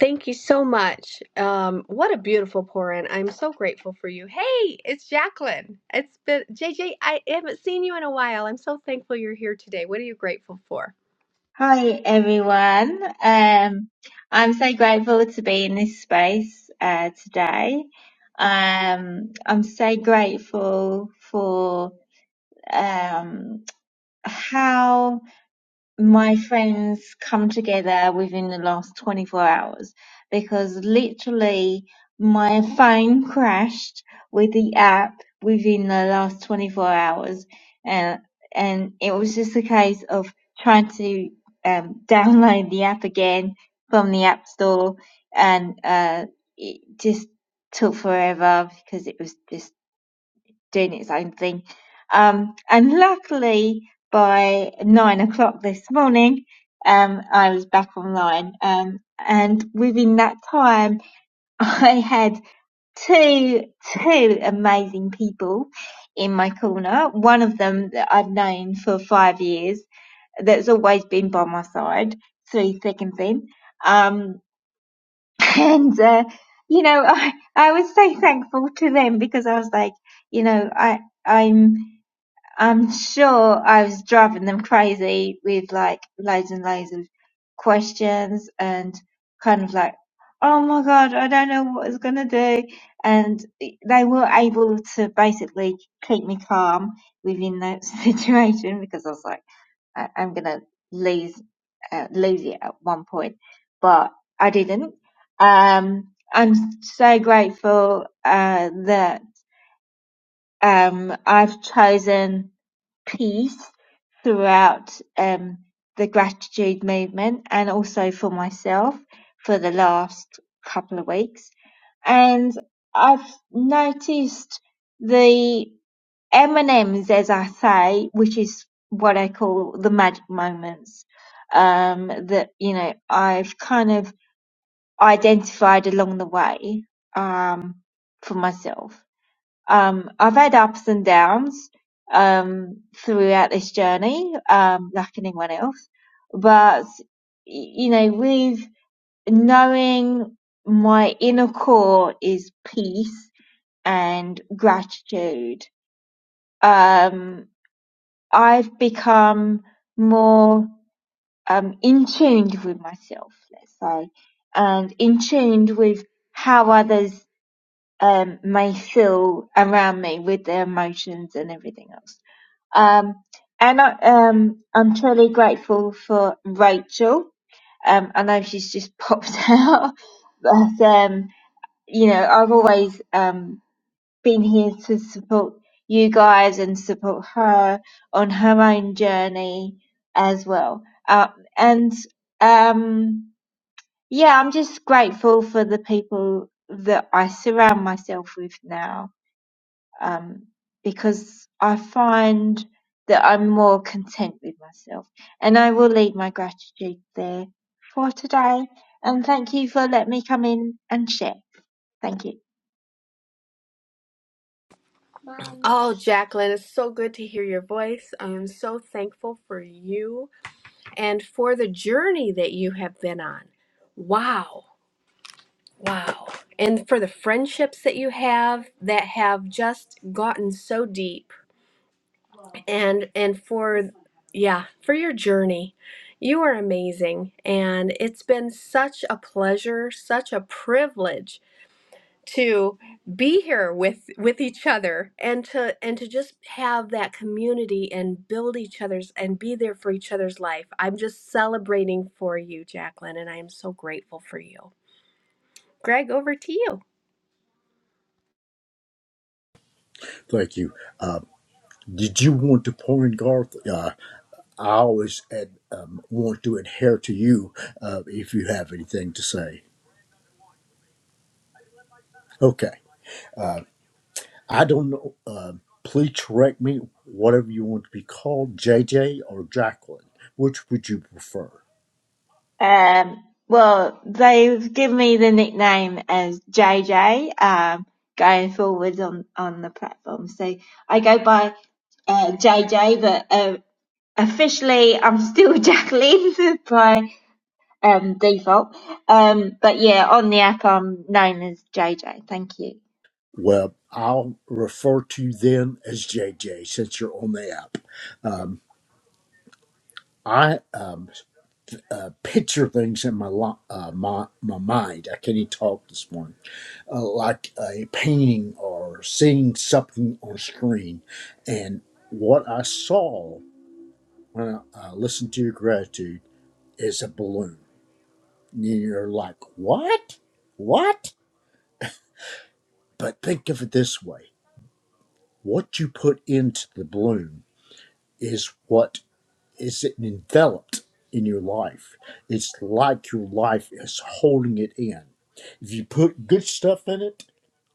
Thank you so much. Um, what a beautiful pour-in. I'm so grateful for you. Hey, it's Jacqueline. It's been JJ. I haven't seen you in a while. I'm so thankful you're here today. What are you grateful for? Hi everyone. Um, I'm so grateful to be in this space uh, today. Um, I'm so grateful for um, how my friends come together within the last 24 hours because literally my phone crashed with the app within the last 24 hours and and it was just a case of trying to um, <laughs> download the app again from the app store and uh, it just took forever because it was just Dennis, I think. Um, and luckily, by nine o'clock this morning, um, I was back online. Um, and within that time, <laughs> I had two two amazing people in my corner. One of them that I've known for five years, that's always been by my side through thick and thin. Um, <laughs> and uh, you know, I I was so thankful to them because I was like, you know, I I'm I'm sure I was driving them crazy with like loads and loads of questions and kind of like, oh my God, I don't know what I was going to do. And they were able to basically keep me calm within that <laughs> situation because I was like, I- I'm going to lose, uh, lose it at one point. But I didn't. Um, I'm so grateful uh, that um, I've chosen peace throughout um, the gratitude movement and also for myself for the last couple of weeks. And I've noticed the M&Ms, as I say, which is what I call the magic moments, um, that, you know, I've kind of identified along the way, um, for myself um, I've had ups and downs um, throughout this journey, um, like anyone else. But you know, with knowing my inner core is peace and gratitude, um, I've become more um, in tune with myself, let's say, and in tune with how others um, may feel around me with their emotions and everything else. Um, and I, um, I'm truly grateful for Rachel. Um, I know she's just popped <laughs> out, but um, you know, I've always um, been here to support you guys and support her on her own journey as well. Uh, and um, yeah, I'm just grateful for the people that I surround myself with now um, because I find that I'm more content with myself. And I will leave my gratitude there for today. And thank you for letting me come in and share. Thank you. Mom. Oh, Jacqueline, it's so good to hear your voice. I am so thankful for you and for the journey that you have been on. Wow. Wow. And for the friendships that you have that have just gotten so deep and and for yeah for your journey you are amazing and it's been such a pleasure such a privilege to be here with with each other and to and to just have that community and build each other's and be there for each other's life i'm just celebrating for you jacqueline and i am so grateful for you greg over to you Thank you. Did you want to pour in, Garth? Uh, I always ad, um, want to adhere to you uh, if you have anything to say. Okay. I don't know. Uh, please correct me, whatever you want to be called, JJ or Jacqueline. Which would you prefer? Um, well, they've given me the nickname as JJ um, going forward on, on the platform. So I go by uh, JJ, but uh, officially I'm still <laughs> Jacqueline by um, default. Um, but yeah, on the app, I'm known as JJ. Thank you. Well, I'll refer to you then as JJ since you're on the app. Um, I um, uh, picture things in my, lo- uh, my my mind. I can't even talk this morning. Uh, like a painting or seeing something on screen. And what I saw when I uh, listened to your gratitude is a balloon You're like, what? What? But think of it this way what you put into the bloom is what is enveloped in your life. It's like your life is holding it in. If you put good stuff in it,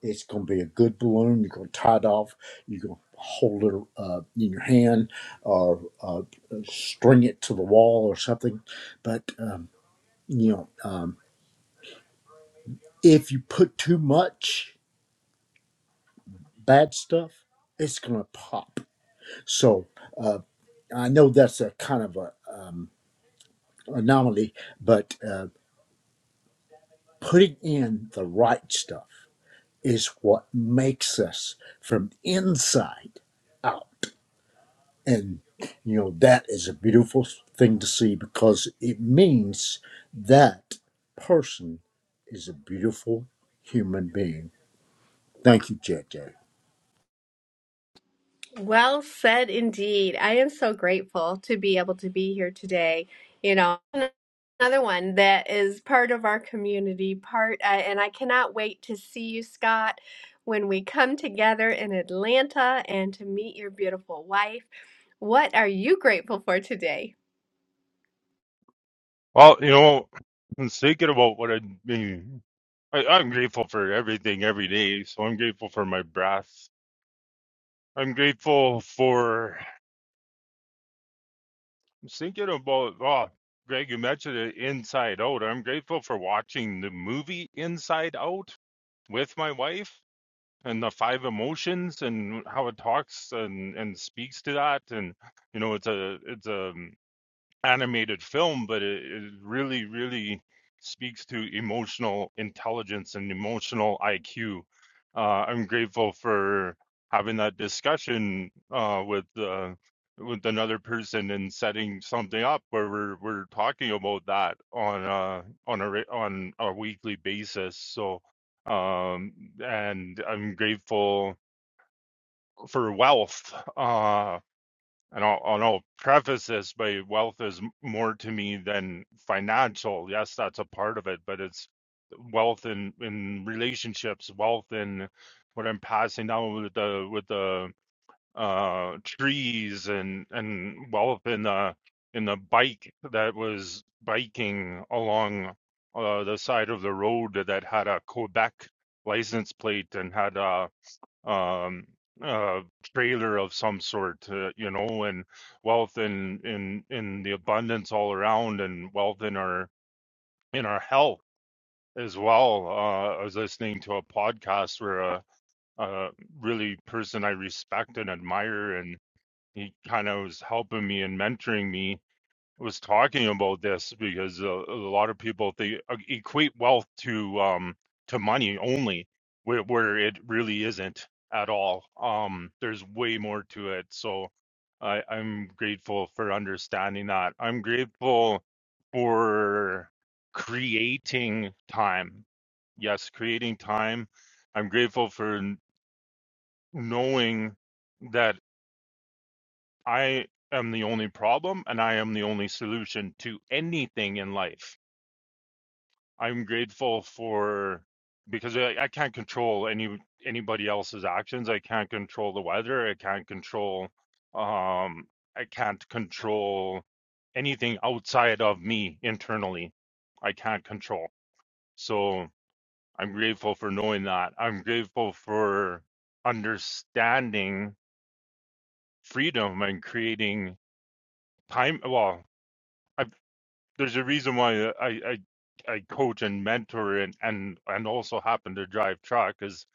it's going to be a good balloon. You're going to tie it off. You're going to hold it uh, in your hand or uh, string it to the wall or something. But, um, you know, um, if you put too much, bad stuff, it's gonna pop. So uh, I know that's a kind of a um, anomaly, but uh, putting in the right stuff is what makes us from inside out, and you know that is a beautiful thing to see because it means that person is a beautiful human being. Thank you, JJ. Well said indeed. I am so grateful to be able to be here today. You know, another one that is part of our community, part, uh, and I cannot wait to see you, Scott, when we come together in Atlanta and to meet your beautiful wife. What are you grateful for today? Well, you know, I was thinking about what I mean. I, I'm grateful for everything every day. So I'm grateful for my breath. I'm grateful for I was thinking about, oh, Greg, you mentioned it inside out. I'm grateful for watching the movie Inside Out with my wife and the five emotions and how it talks and, and speaks to that. And, you know, it's a, it's a, animated film, but it, it really, really speaks to emotional intelligence and emotional IQ. Uh, I'm grateful for having that discussion uh, with uh, with another person and setting something up where we're we're talking about that on uh on a re- on a weekly basis. So um and I'm grateful for wealth. Uh and I'll, and I'll preface this by wealth is more to me than financial. Yes, that's a part of it, but it's wealth in, in relationships, wealth in what I'm passing down with the with the uh, trees, and and wealth in the in the bike that was biking along uh, the side of the road that had a Quebec license plate and had a um uh trailer of some sort uh, you know and wealth and in in in the abundance all around and wealth in our in our health as well uh i was listening to a podcast where a, a really person i respect and admire and he kind of was helping me and mentoring me was talking about this because a, a lot of people they uh, equate wealth to um to money only where, where it really isn't at all um there's way more to it so i i'm grateful for understanding that i'm grateful for creating time yes creating time i'm grateful for n- knowing that I am the only problem and I am the only solution to anything in life. I'm grateful for because I, I can't control any anybody else's actions. I can't control the weather. I can't control um I can't control anything outside of me internally. I can't control. So I'm grateful for knowing that. I'm grateful for understanding freedom and creating time well I've. there's a reason why uh, I I, I coach and mentor and and and also happen to drive truck is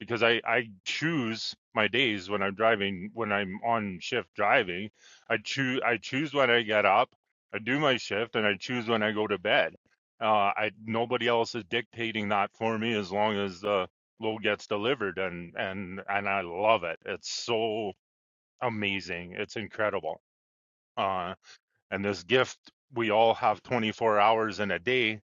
because I I choose my days when I'm driving when I'm on shift driving. I choose I choose when I get up, I do my shift, and I choose when I go to bed. Uh, I nobody else is dictating that for me as long as the load gets delivered and and and I love it. It's so amazing. It's incredible. Uh, and this gift, we all have 24 hours in a day,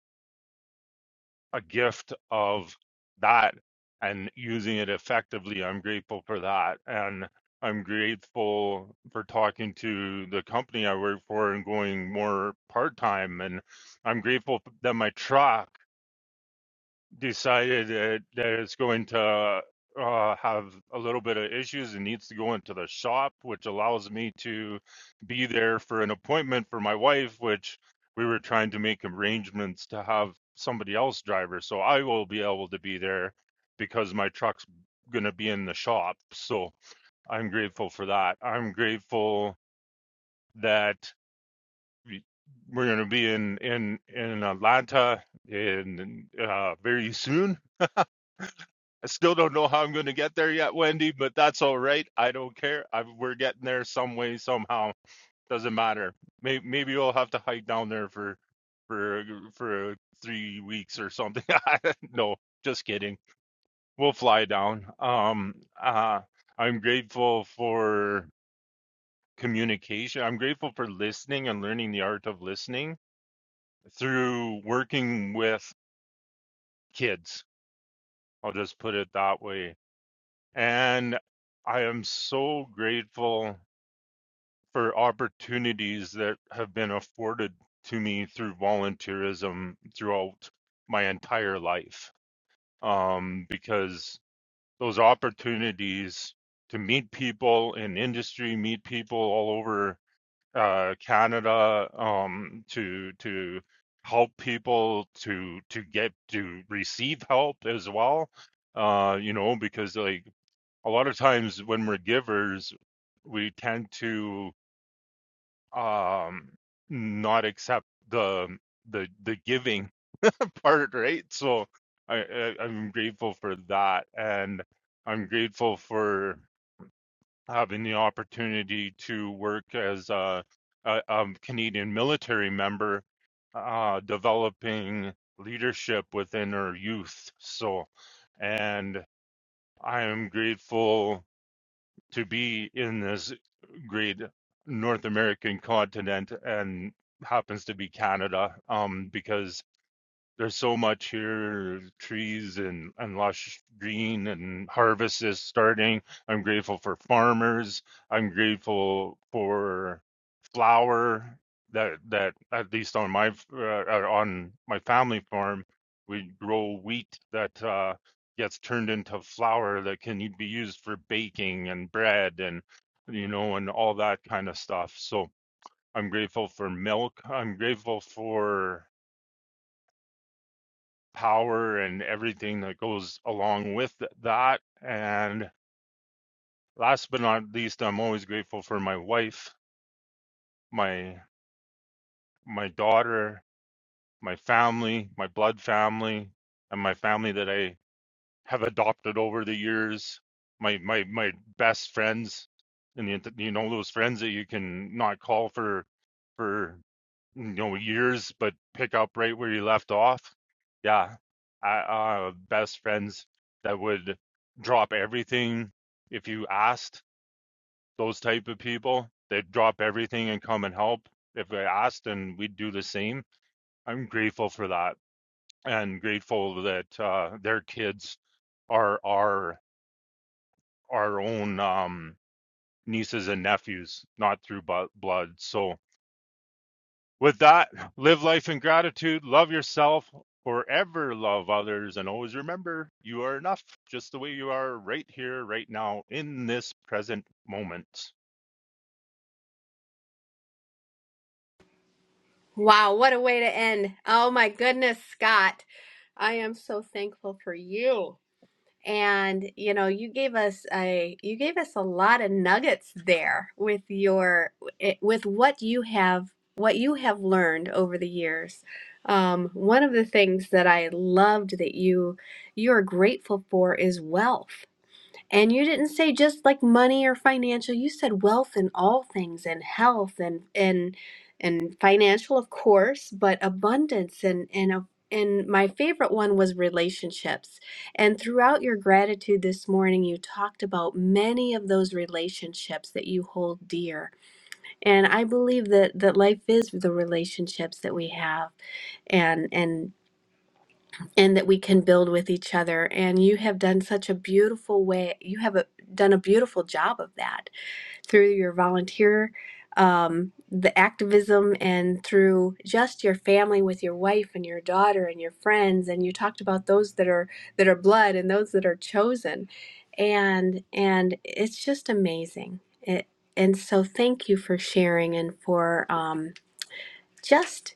a gift of that and using it effectively. I'm grateful for that. And I'm grateful for talking to the company I work for and going more part time. And I'm grateful that my truck decided that, that it's going to uh, have a little bit of issues and needs to go into the shop, which allows me to be there for an appointment for my wife, which we were trying to make arrangements to have somebody else drive her. So I will be able to be there because my truck's going to be in the shop. So I'm grateful for that. I'm grateful that. we- We're going to be in in in Atlanta in uh, very soon, I still don't know how I'm going to get there yet, Wendy, but that's all right. I don't care. I, we're getting there some way, somehow. Doesn't matter. Maybe, maybe we'll have to hike down there for for uh, for uh, three weeks or something. <laughs> no, just kidding. We'll fly down. Um, uh, I'm grateful for communication. I'm grateful for listening and learning the art of listening through working with kids. I'll just put it that way And I am so grateful for opportunities that have been afforded to me through volunteerism throughout my entire life. Um, because those opportunities to meet people in industry, meet people all over uh, Canada, um, to to help people, to to get to receive help as well. Uh, you know, because like a lot of times when we're givers, we tend to um, not accept the the the giving <laughs> part, right? So I, I I'm grateful for that, and I'm grateful for having the opportunity to work as a, a, a Canadian military member, uh, developing leadership within our youth. So, and I am grateful to be in this great North American continent and happens to be Canada, um, because there's so much here trees and, and lush green and harvest is starting i'm grateful for farmers i'm grateful for flour that that at least on my f- uh, uh, on my family farm we grow wheat that uh, gets turned into flour that can be used for baking and bread and you know and all that kind of stuff so i'm grateful for milk i'm grateful for power and everything that goes along with th- that. And last but not least, I'm always grateful for my wife, my my daughter, my family, my blood family, and my family that I have adopted over the years. My my my best friends, and the, you know those friends that you can not call for for you know years but pick up right where you left off yeah i uh best friends that would drop everything if you asked those type of people they'd drop everything and come and help if they asked and we'd do the same i'm grateful for that and grateful that uh their kids are our our own um nieces and nephews not through blood so With that, live life in gratitude, love yourself, forever love others, and always remember you are enough just the way you are right here, right now, in this present moment. Wow, what a way to end. Oh my goodness, Scott. I am so thankful for you. and you know you gave us a you gave us a lot of nuggets there with your it- with what you have what you have learned over the years um, one of the things that i loved that you you are grateful for is wealth and you didn't say just like money or financial, you said wealth and all things and health and and and financial of course, but abundance and and a- and my favorite one was relationships. And throughout your gratitude this morning, you talked about many of those relationships that you hold dear. And I believe that that life is the relationships that we have and and and that we can build with each other. And you have done such a beautiful way, you have a, done a beautiful job of that through your volunteer, um, the activism, and through just your family with your wife and your daughter and your friends. And you talked about those that are that are blood and those that are chosen, and and it's just amazing. It, and so, thank you for sharing and for um, just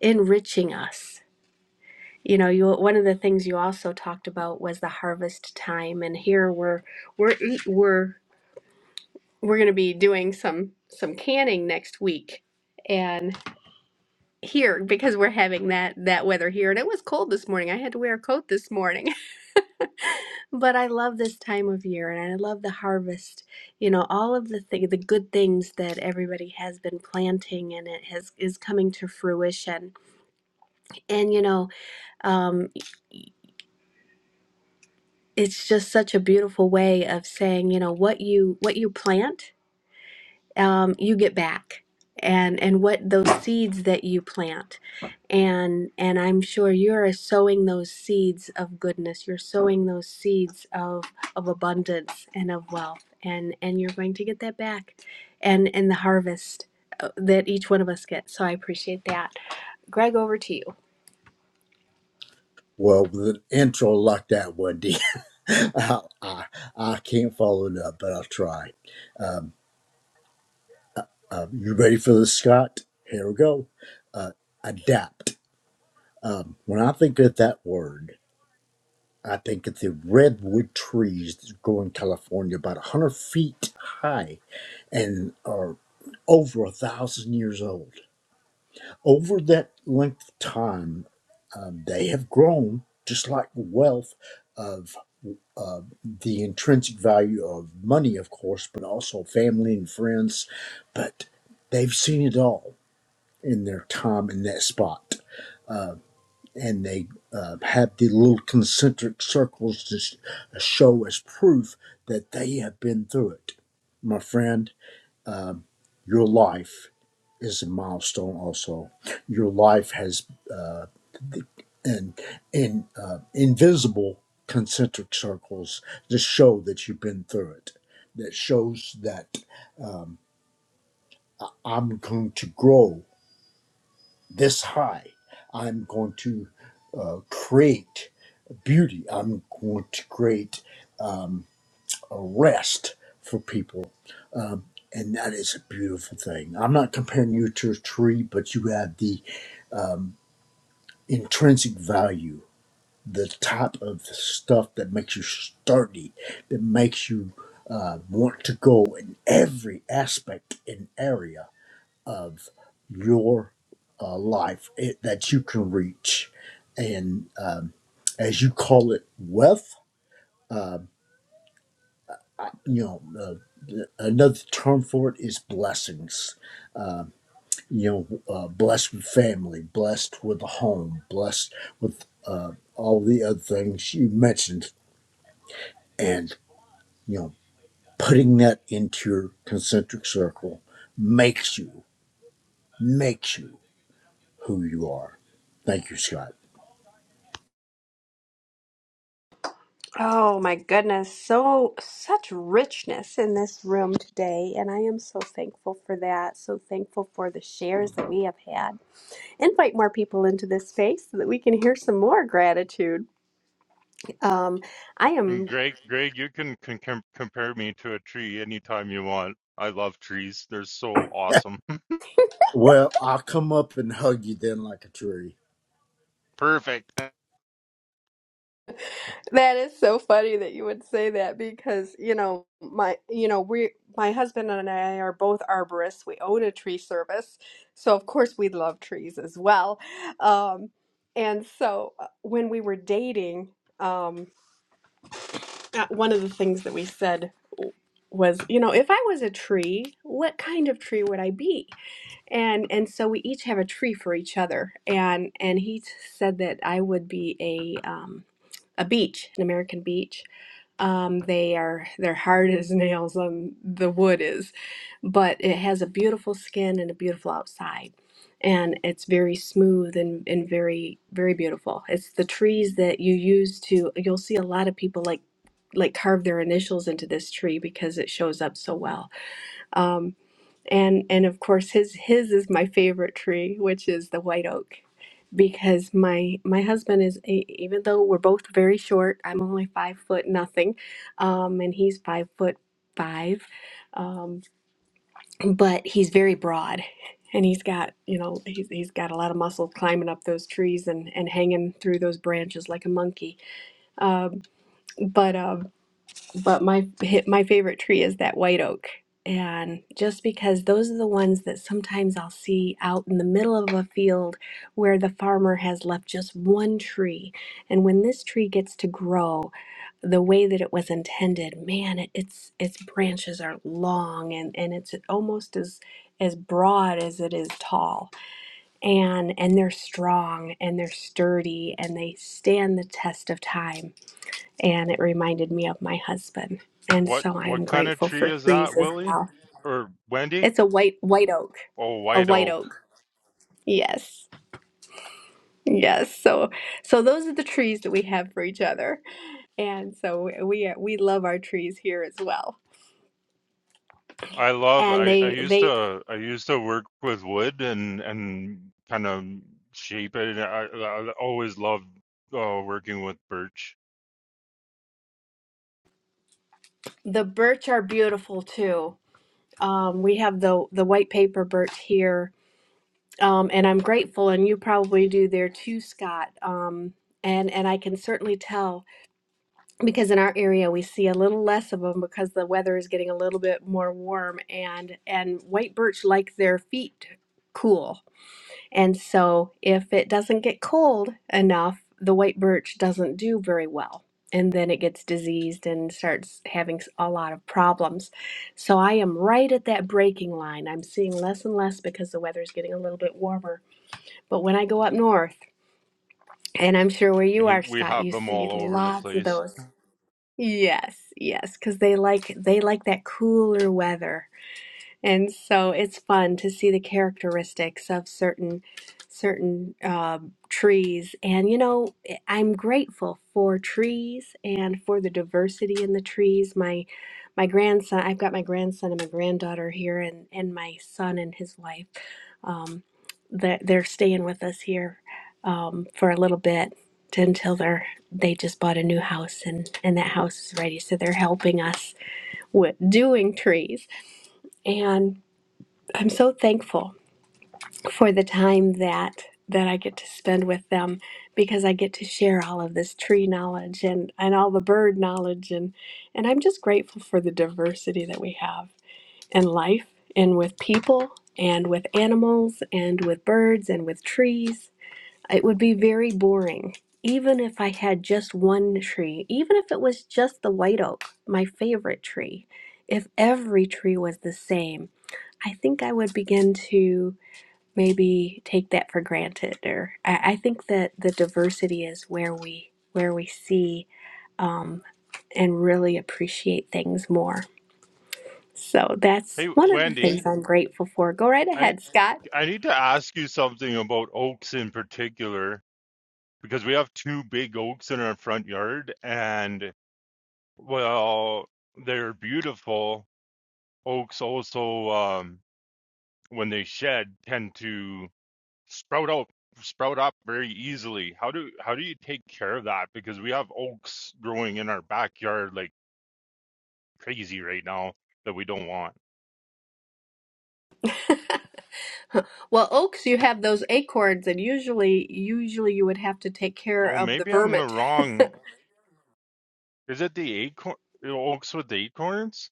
enriching us you know you one of the things you also talked about was the harvest time and here we're we're eat- we're we're going to be doing some some canning next week and here because we're having that that weather here and it was cold this morning i had to wear a coat this morning <laughs> but i love this time of year and i love the harvest you know all of the thing, the good things that everybody has been planting and it has is coming to fruition and you know um, it's just such a beautiful way of saying you know what you what you plant um, you get back and and what those seeds that you plant and and i'm sure you're sowing those seeds of goodness you're sowing those seeds of of abundance and of wealth and and you're going to get that back and and the harvest uh, that each one of us gets so i appreciate that greg over to you Well, with an intro like that one, D, <laughs> I, I, I can't follow it up, but I'll try. Um, uh, you ready for this, Scott? Here we go. Uh, adapt. Um, when I think of that word, I think of the redwood trees that grow in California about 100 feet high and are over a thousand years old. Over that length of time, um, they have grown just like the wealth of. uh, the intrinsic value of money, of course, but also family and friends. But they've seen it all in their time in that spot. Uh, and they uh, have the little concentric circles to sh- show as proof that they have been through it. My friend, um, your life is a milestone also. Your life has. Uh, and in uh, invisible concentric circles to show that you've been through it. That shows that um, I'm going to grow this high. I'm going to uh, create beauty. I'm going to create um, a rest for people. Um, and that is a beautiful thing. I'm not comparing you to a tree, but you have the um, intrinsic value the type of stuff that makes you sturdy, that makes you uh, want to go in every aspect and area of your uh, life it, that you can reach. And um, as you call it, wealth, um, I- you know, uh, th- another term for it is blessings. You know, uh, blessed with family, blessed with a home, blessed with uh, all the other things you mentioned. And, you know, putting that into your concentric circle makes you makes you who you are thank you scott Oh my goodness, so such richness in this room today, and I am so thankful for that. So thankful for the shares that we have had. Invite more people into this space so that we can hear some more gratitude. Um, I And am Greg, Greg, you can, can, com- compare me to a tree anytime you want. I love trees. They're so awesome. <laughs> well i'll come up and hug you then like a tree Perfect. that is so funny that you would say that because you know, my you know, we my husband and I are both arborists, we own a tree service, so of course we love trees as well. Um, and so uh, when we were dating. Um, Uh, one of the things that we said was, you know, if I was a tree, what kind of tree would I be? And and so we each have a tree for each other. And and he said that I would be a um, a beach, an American beach. Um, they are they're hard as <laughs> nails on the wood is, but it has a beautiful skin and a beautiful outside, and it's very smooth and and very very beautiful. It's the trees that you use to. You'll see a lot of people like like carve their initials into this tree because it shows up so well. Um, and and of course his his is my favorite tree, which is the white oak because my my husband is a, even though we're both very short i'm only five foot nothing um, and he's five foot five um, but he's very broad and he's got you know he's, he's got a lot of muscle climbing up those trees and and hanging through those branches like a monkey um, but um, but my my favorite tree is that white oak. And just because those are the ones that sometimes I'll see out in the middle of a field where the farmer has left just one tree. And when this tree gets to grow the way that it was intended, man, it, it's its branches are long and, and it's almost as as broad as it is tall. And and they're strong and they're sturdy and they stand the test of time and it reminded me of my husband. And What so I am what kind of grateful for tree is that, trees as Willie? well. Or Wendy? It's a white white oak, Oh, a white white oak. oak. Yes. Yes. So so those are the trees that we have for each other. And so we we love our trees here as well. I love And I, I they used they to I used to work with wood and and kind of shape it. I, I always loved uh, working with birch. the birch are beautiful too. Um, we have the the white paper birch here. Um, and I'm grateful, and you probably do there too, Scott. Um, and and I can certainly tell because in our area we see a little less of them because the weather is getting a little bit more warm and and white birch like their feet cool and so if it doesn't get cold enough the white birch doesn't do very well and then it gets diseased and starts having s- a lot of problems so i am right at that breaking line i'm seeing less and less because the weather is getting a little bit warmer but when i go up north and i'm sure where you He, are we scott have you them see all over the lots of place. those Yes, yes, because they like they like that cooler weather. And so it's fun to see the characteristics of certain certain um, trees. And you know, eh, I'm grateful for trees and for the diversity in the trees. My my grandson, I've got my grandson and my granddaughter here, and and my son and his wife. Um, that they're staying with us here um, for a little bit t- until they're they just bought a new house and and that house is ready so they're helping us with doing trees and I'm so thankful for the time that that I get to spend with them because I get to share all of this tree knowledge and and all the bird knowledge and and I'm just grateful for the diversity that we have in life and with people and with animals and with birds and with trees it would be very boring. Even if I had just one tree, even if it was just the white oak, my favorite tree, if every tree was the same, I think I would begin to maybe take that for granted. Or I, I think that the diversity is where we where we see um, and really appreciate things more. So that's Hey one of the things Wendy, I'm grateful for. Go right I ahead, Scott. I need to ask you something about oaks in particular because we have two big oaks in our front yard and well they're beautiful. Oaks also um, when they shed tend to sprout out sprout up very easily how do how do you take care of that because we have oaks growing in our backyard like crazy right now that we don't want <laughs> <laughs> Well, oaks, you have those acorns, and usually, usually you would have to take care oh of the maybe i'm vermin. the <laughs> wrong is it the acorn oaks with the acorns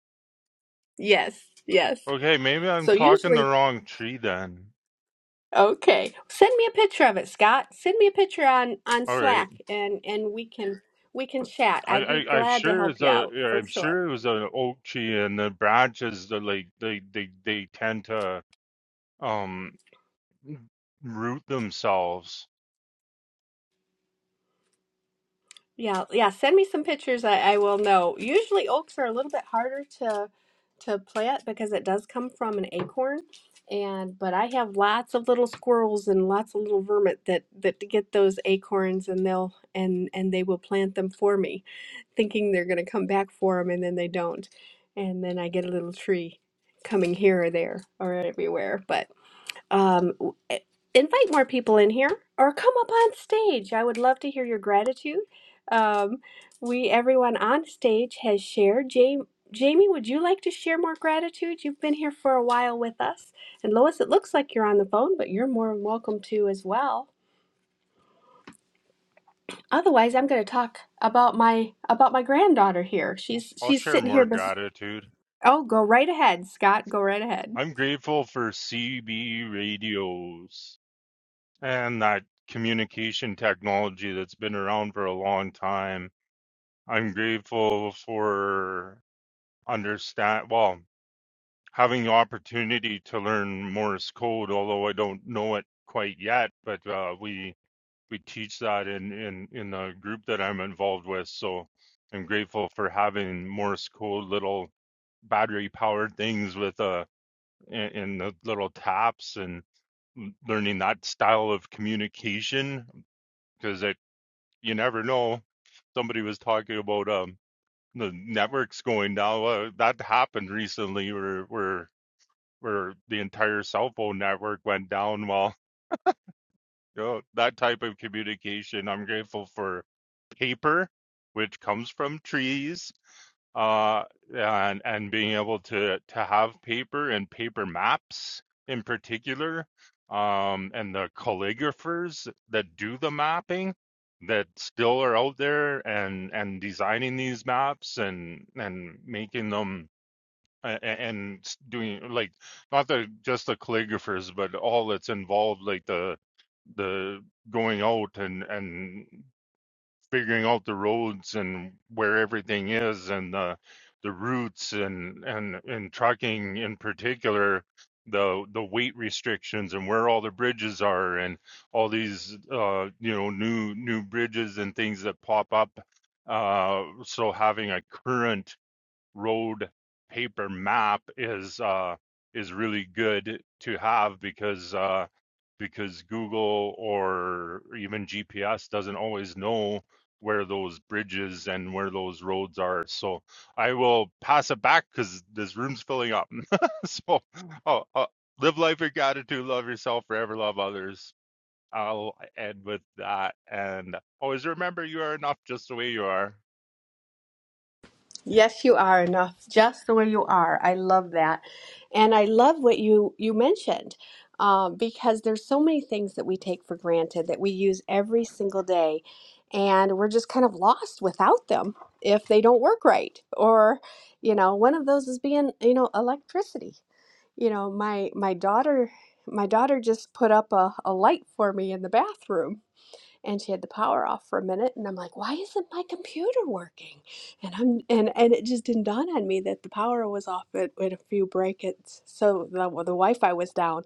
Yes, yes. okay maybe i'm So talking the usually, wrong tree then okay. Send me a picture of it, Scott. Send me a picture on on all Slack, right and and we can we can chat. i I'd be i, I glad to sure help is you a out yeah, for i'm sure. sure it was an oak tree and the branches are like they they they tend to um root themselves Yeah, yeah. Send me some pictures. I, I will know. Usually oaks are a little bit harder to to plant because it does come from an acorn. And but I have lots of little squirrels and lots of little vermin that that get those acorns and they'll and and they will plant them for me, thinking they're going to come back for them and then they don't. And then I get a little tree coming here or there or everywhere. But um, w- eh, invite more people in here or come up on stage. I would love to hear your gratitude. Um, we, everyone on stage, has shared. Jamie, Jamie, would you like to share more gratitude? You've been here for a while with us. And Lois, it looks like you're on the phone, but you're more than welcome to as well. Otherwise, I'm going to talk about my about my granddaughter here. She's i'll she's share sitting here. more bes- gratitude Oh, go right ahead, Scott. Go right ahead. I'm grateful for CB radios and that communication technology that's been around for a long time. I'm grateful for understand well, having the opportunity to learn Morse code, although I don't know it quite yet, but uh, we we teach that in, in, in the group that I'm involved with. So I'm grateful for having Morse code little battery powered things with uh in, in the little taps and. learning that style of communication because it you never know. Somebody was talking about um the networks going down. Well, that happened recently where where where the entire cell phone network went down. Well, you know, that type of communication, I'm grateful for paper, which comes from trees uh, and and being able to to have paper and paper maps in particular, um, and the calligraphers that do the mapping that still are out there and and designing these maps and and making them a- and doing like not the just the calligraphers but all that's involved like the the going out and and figuring out the roads and where everything is and the the routes and and and trucking in particular the the weight restrictions and where all the bridges are and all these uh you know new new bridges and things that pop up uh so having a current road paper map is uh, is really good to have because uh, because Google or even GPS doesn't always know where those bridges and where those roads are. So I will pass it back because this room's filling up. <laughs> so oh, uh, live life with gratitude, love yourself, forever love others. I'll end with that. And always remember you are enough just the way you are. Yes, you are enough, just the way you are. I love that. And I love what you you mentioned um, because there's so many things that we take for granted that we use every single day, and we're just kind of lost without them if they don't work right. Or, you know, one of those is being, you know, electricity. You know, my my daughter my daughter just put up a, a light for me in the bathroom and she had the power off for a minute and i'm like why isn't my computer working and i'm and and it just didn't dawn on me that the power was off at, at a few break-ins so the, well, the wi-fi was down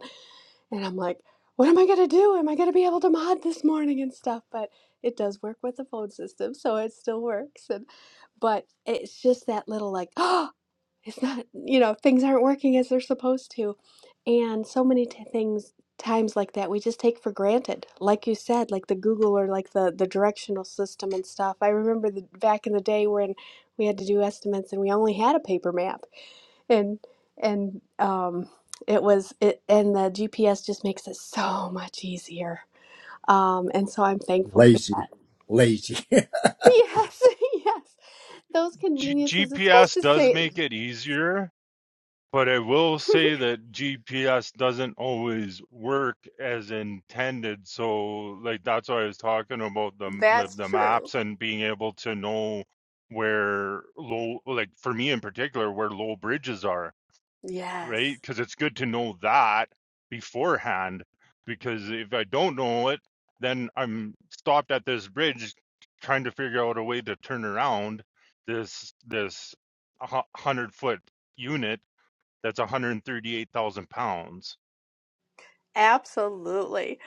and i'm like what am i going to do am i going to be able to mod this morning and stuff but it does work with the phone system so it still works and but it's just that little like <gasps> it's not you know things aren't working as they're supposed to and so many t- things times like that we just take for granted like you said like the google or like the the directional system and stuff i remember the, back in the day when we had to do estimates and we only had a paper map and and um it was it and the gps just makes it so much easier um and so i'm thankful for that lazy lazy <laughs> yes <laughs> yes those G- conveniences it's supposed GPS to does say make it easier But I will <laughs> say that GPS doesn't always work as intended. So, like, that's why I was talking about the, that's the true maps and being able to know where low, like, for me in particular, where low bridges are, right? Yes, Because it's good to know that beforehand. Because if I don't know it, then I'm stopped at this bridge trying to figure out a way to turn around this, this 100 foot unit that's 138,000 pounds. absolutely.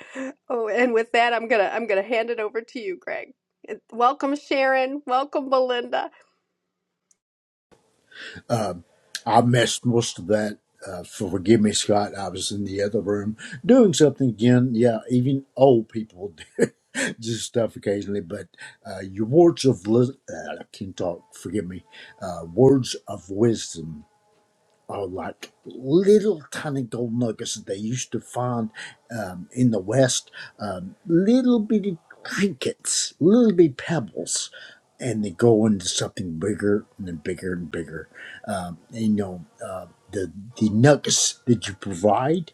Oh, and with that, I'm gonna I'm gonna hand it over to you, Greg. It- Welcome, Sharon. Welcome, Belinda. um, i missed most of that uh, forgive me scott i was in the other room doing something again yeah even old people <laughs> do just stuff occasionally but uh, your words of lis- uh, i can talk forgive me uh, words of wisdom are like little tiny gold nuggets that they used to find um, in the West, um, little bitty trinkets, little bitty pebbles, and they go into something bigger and then bigger and bigger. Um, and, you know, uh, the, the nuggets that you provide,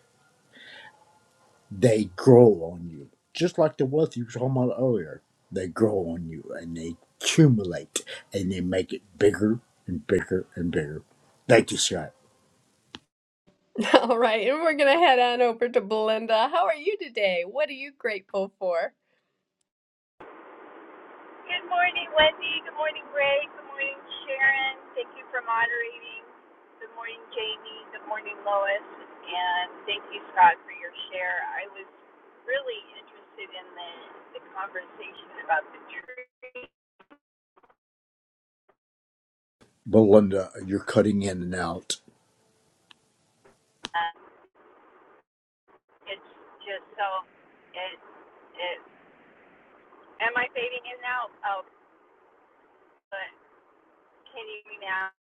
they grow on you. Just like the wealth you were talking about earlier, they grow on you and they accumulate and they make it bigger and bigger and bigger. Thank you, Scott. <laughs> All right, and we're gonna head on over to Belinda. How are you today? What are you grateful for? Good morning, Wendy. Good morning, Ray. Good morning, Sharon. Thank you for moderating. Good morning, Jamie. Good morning, Lois. And thank you, Scott, for your share. I was really interested in the, the conversation about the tree. Belinda, you're cutting in and out. Um, it's just so, it, it, am I fading in now? Oh, but can you hear me now?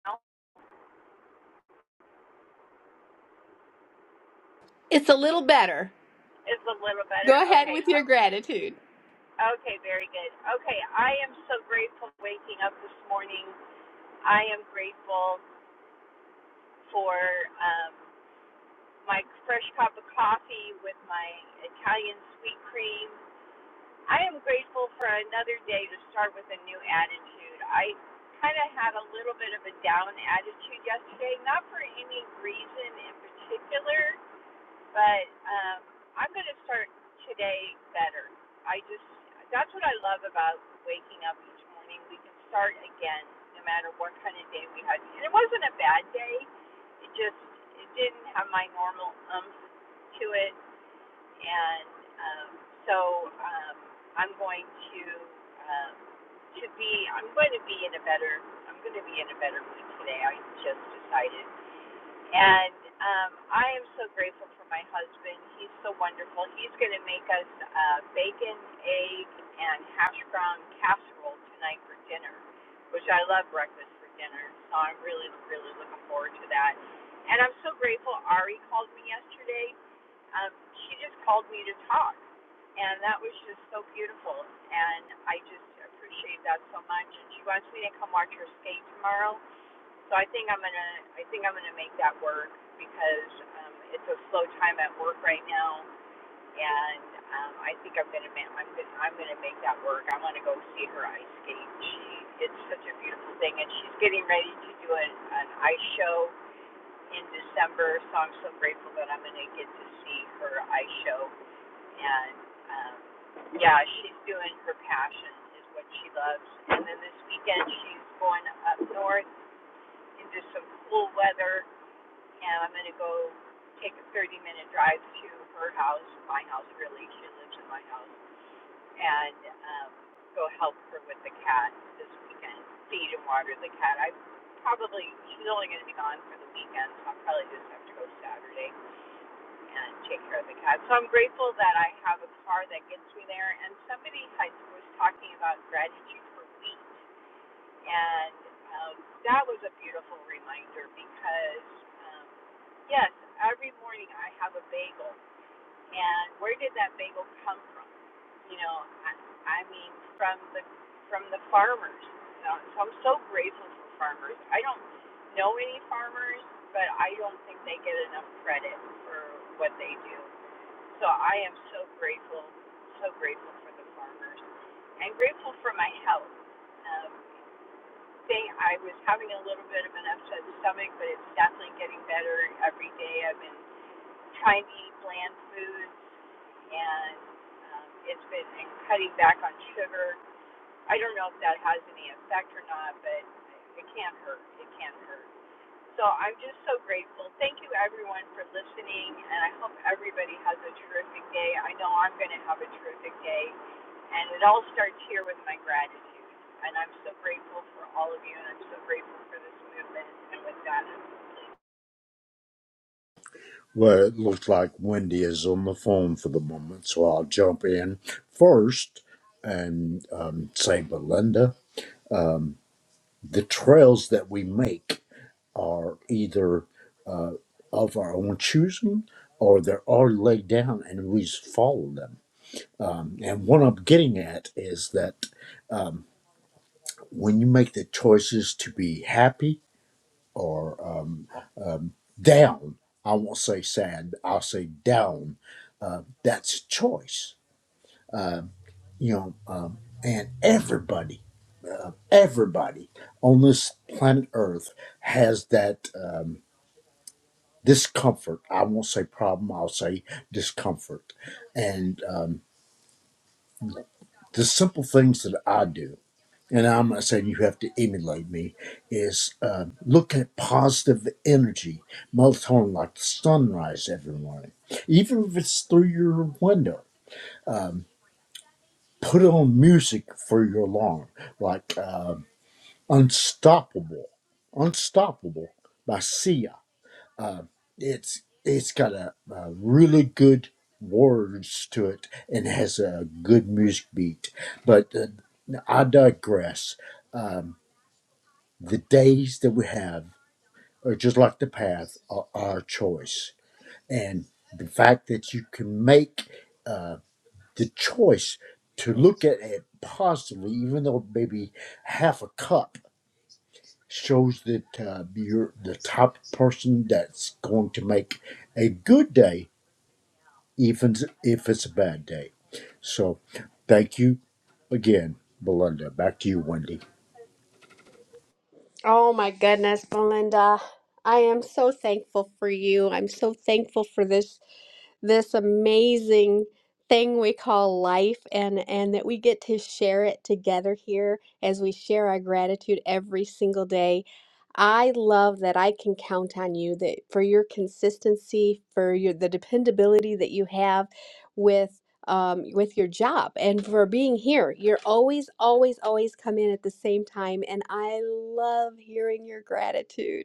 It's a little better. It's a little better. Go ahead Okay. with uh, your gratitude. Okay, very good. Okay, I am so grateful for waking up this morning I am grateful for um, my fresh cup of coffee with my Italian sweet cream. I am grateful for another day to start with a new attitude. I kind of had a little bit of a down attitude yesterday, not for any reason in particular, but um, I'm going to start today better. I just that's what I love about waking up each morning. We can start again, no matter what kind of day we had. And it wasn't a bad day. It just it didn't have my normal umph to it, and um, so um, I'm going to um, to be I'm going to be in a better I'm going to be in a better mood today. I just decided. And um, I am so grateful for my husband. He's so wonderful. He's going to make us uh, bacon, egg, and hash brown casserole tonight for dinner, which I love breakfast for dinner. So I'm really, really looking forward to that. And I'm so grateful Ari called me yesterday. Um, she just called me to talk. And that was just so beautiful. And I just appreciate that so much. And she wants me to come watch her skate tomorrow so I think I'm gonna I think I'm gonna make that work because um, it's a slow time at work right now, and um, I think I'm gonna ma- I'm gonna I'm gonna make that work. I want to go see her ice skate. She it's such a beautiful thing, and she's getting ready to do an, an ice show in December. So I'm so grateful that I'm gonna get to see her ice show, and um, yeah, she's doing her passion is what she loves. And then this weekend she's going up north into some cool weather and I'm gonna go take a 30 minute drive to her house, my house really. She lives in my house, and um, go help her with the cat this weekend. Feed and water the cat. I probably she's only gonna be gone for the weekend, so I'll probably just have to go Saturday and take care of the cat. So I'm grateful that I have a car that gets me there. And somebody had, was talking about gratitude for wheat, and um, that was a beautiful reminder because. Um, Yes, every morning I have a bagel. And where did that bagel come from? You know, I, I mean, from the from the farmers. You know, so I'm so grateful for farmers. I don't know any farmers, but I don't think they get enough credit for what they do. So I am so grateful, so grateful for the farmers, and grateful for my health. Um, thing I was having a little bit of an upset stomach, but it's definitely getting better every day. I've been Chinese bland foods, and um, it's been cutting back on sugar. I don't know if that has any effect or not, but it can not hurt. It can not hurt. So I'm just so grateful. Thank you everyone for listening, and I hope everybody has a terrific day. I know I'm going to have a terrific day, and it all starts here with my gratitude. And I'm so grateful for all of you, and I'm so grateful for this movement. And with that, I'm Well, it looks like Wendy is on the phone for the moment, so I'll jump in first and um, say, Belinda, the trails that we make are either uh, of our own choosing or they're already laid down and we just follow them. Um, and what I'm getting at is that um, when you make the choices to be happy, or um, um, down. I won't say sad. I'll say down. Uh, that's choice. Um, you know, um, and everybody, uh, everybody on this planet Earth has that um, discomfort. I won't say problem. I'll say discomfort. And um, the simple things that I do. and I'm not saying you have to emulate me, is uh, look at positive energy, melatonin, like the sunrise every morning, even if it's through your window. Um, put on music for your alarm, like um Unstoppable, Unstoppable by Sia. Uh, it's it's got a, a really good words to it and has a good music beat. But uh, I digress. Um, the days that we have are just like the path are our choice and the fact that you can make uh, the choice to look at it positively even though maybe half a cup shows that uh, you're the type of person that's going to make a good day even if it's a bad day so thank you again belinda back to you wendy Oh my goodness, Belinda. I am so thankful for you. I'm so thankful for this this amazing thing we call life and and that we get to share it together here as we share our gratitude every single day. I love that I can count on you that for your consistency, for your the dependability that you have um, with your job and for being here. You're always, always, always come in at the same time. And I love hearing your gratitude.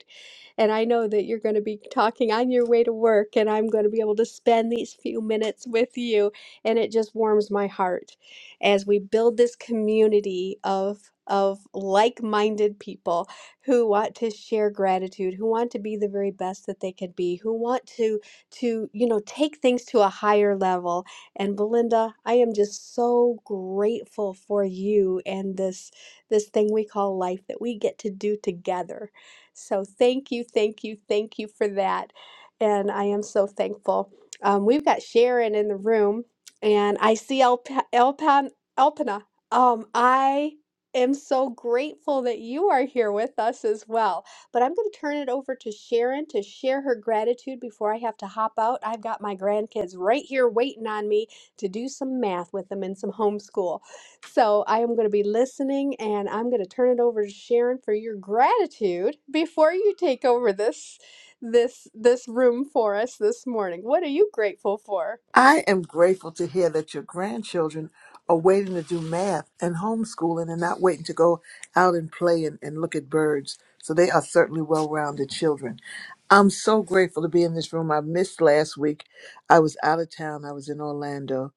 And I know that you're going to be talking on your way to work, and I'm going to be able to spend these few minutes with you. And it just warms my heart as we build this community of. Of like minded people who want to share gratitude, who want to be the very best that they can be, who want to to you know take things to a higher level. And Belinda, I am just so grateful for you and this this thing we call life that we get to do together. So thank you, thank you, thank you for that. And I am so thankful. Um, we've got Sharon in the room, and I see Elp- Elpan Elpana. Um, I am so grateful that you are here with us as well. But I'm going to turn it over to Sharon to share her gratitude before I have to hop out. I've got my grandkids right here waiting on me to do some math with them and some homeschool. So I am going to be listening and I'm going to turn it over to Sharon for your gratitude before you take over this this this room for us this morning. What are you grateful for? I am grateful to hear that your grandchildren are waiting to do math and homeschooling and not waiting to go out and play and, and look at birds. So they are certainly well rounded children. I'm so grateful to be in this room. I missed last week. I was out of town, I was in Orlando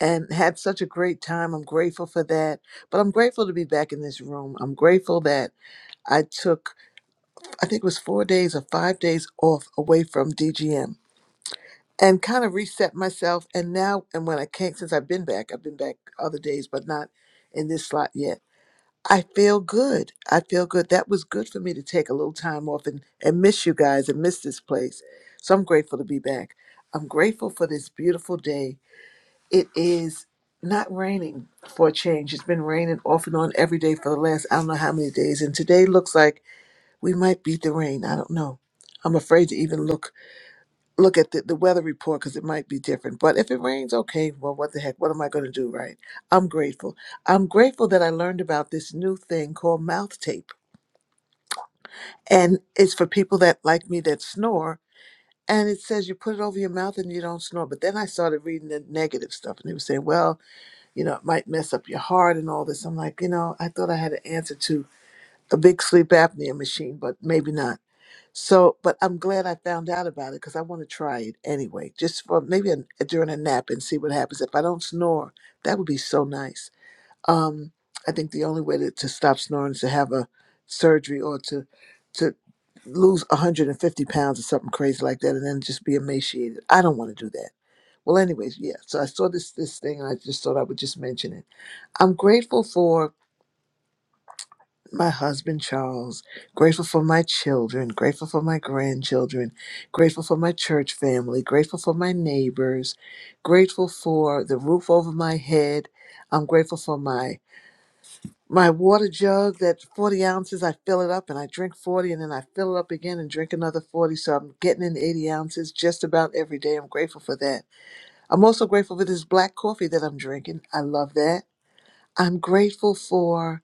and had such a great time. I'm grateful for that. But I'm grateful to be back in this room. I'm grateful that I took, I think it was four days or five days off away from DGM and kind of reset myself. And now, and when I came, since I've been back, I've been back other days, but not in this slot yet. I feel good. I feel good. That was good for me to take a little time off and, and miss you guys and miss this place. So I'm grateful to be back. I'm grateful for this beautiful day. It is not raining for a change. It's been raining off and on every day for the last I don't know how many days. And today looks like we might beat the rain. I don't know. I'm afraid to even look look at the, the weather report because it might be different. But if it rains, okay, well, what the heck? What am I going to do, right? I'm grateful. I'm grateful that I learned about this new thing called mouth tape. And it's for people that like me that snore. And it says you put it over your mouth and you don't snore. But then I started reading the negative stuff and they were saying, well, you know, it might mess up your heart and all this. I'm like, you know, I thought I had an answer to a big sleep apnea machine, but maybe not. So, but I'm glad I found out about it because I want to try it anyway, just for maybe an uh, during a nap and see what happens. If I don't snore, that would be so nice. Um, I think the only way to, to stop snoring is to have a surgery or to to lose 150 pounds or something crazy like that, and then just be emaciated. I don't want to do that. Well, anyways, yeah. So I saw this this thing, and I just thought I would just mention it. I'm grateful for my husband Charles, grateful for my children, grateful for my grandchildren, grateful for my church family, grateful for my neighbors, grateful for the roof over my head. I'm grateful for my my water jug that 40 ounces i fill it up and i drink 40 and then i fill it up again and drink another 40 so i'm getting in 80 ounces just about every day i'm grateful for that i'm also grateful for this black coffee that i'm drinking i love that I'm grateful for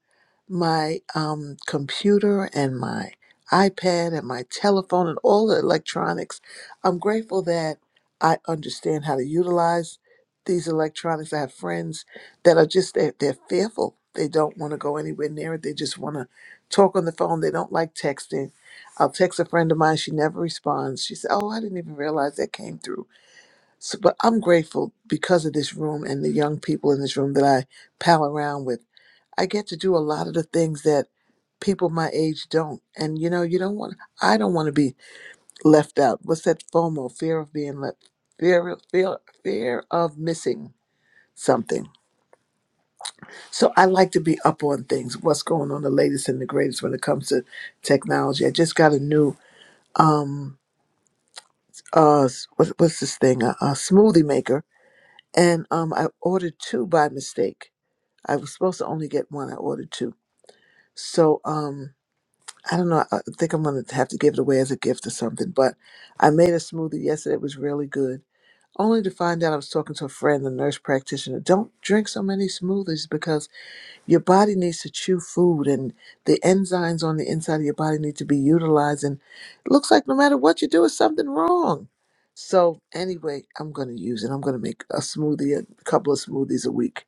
my um, computer and my iPad and my telephone and all the electronics. I'm grateful that I understand how to utilize these electronics. I have friends that are just, they're, they're fearful. They don't want to go anywhere near it. They just want to talk on the phone. They don't like texting. I'll text a friend of mine. She never responds. She said, Oh, I didn't even realize that came through. So, but I'm grateful because of this room and the young people in this room that I pal around with. I get to do a lot of the things that people my age don't. And you know, you don't want I don't want to be left out. What's that FOMO? Fear of being left fear fear fear of missing something. So I like to be up on things, what's going on the latest and the greatest when it comes to technology. I just got a new um uh s- what, what's this thing? A, a smoothie maker and um I ordered two by mistake. I was supposed to only get one. I ordered two. So um I don't know. I think I'm going to have to give it away as a gift or something. But I made a smoothie yesterday. It was really good. Only to find out I was talking to a friend, a nurse practitioner. Don't drink so many smoothies because your body needs to chew food and the enzymes on the inside of your body need to be utilized. And it looks like no matter what you do, it's something wrong. So, anyway, I'm going to use it. I'm going to make a smoothie, a couple of smoothies a week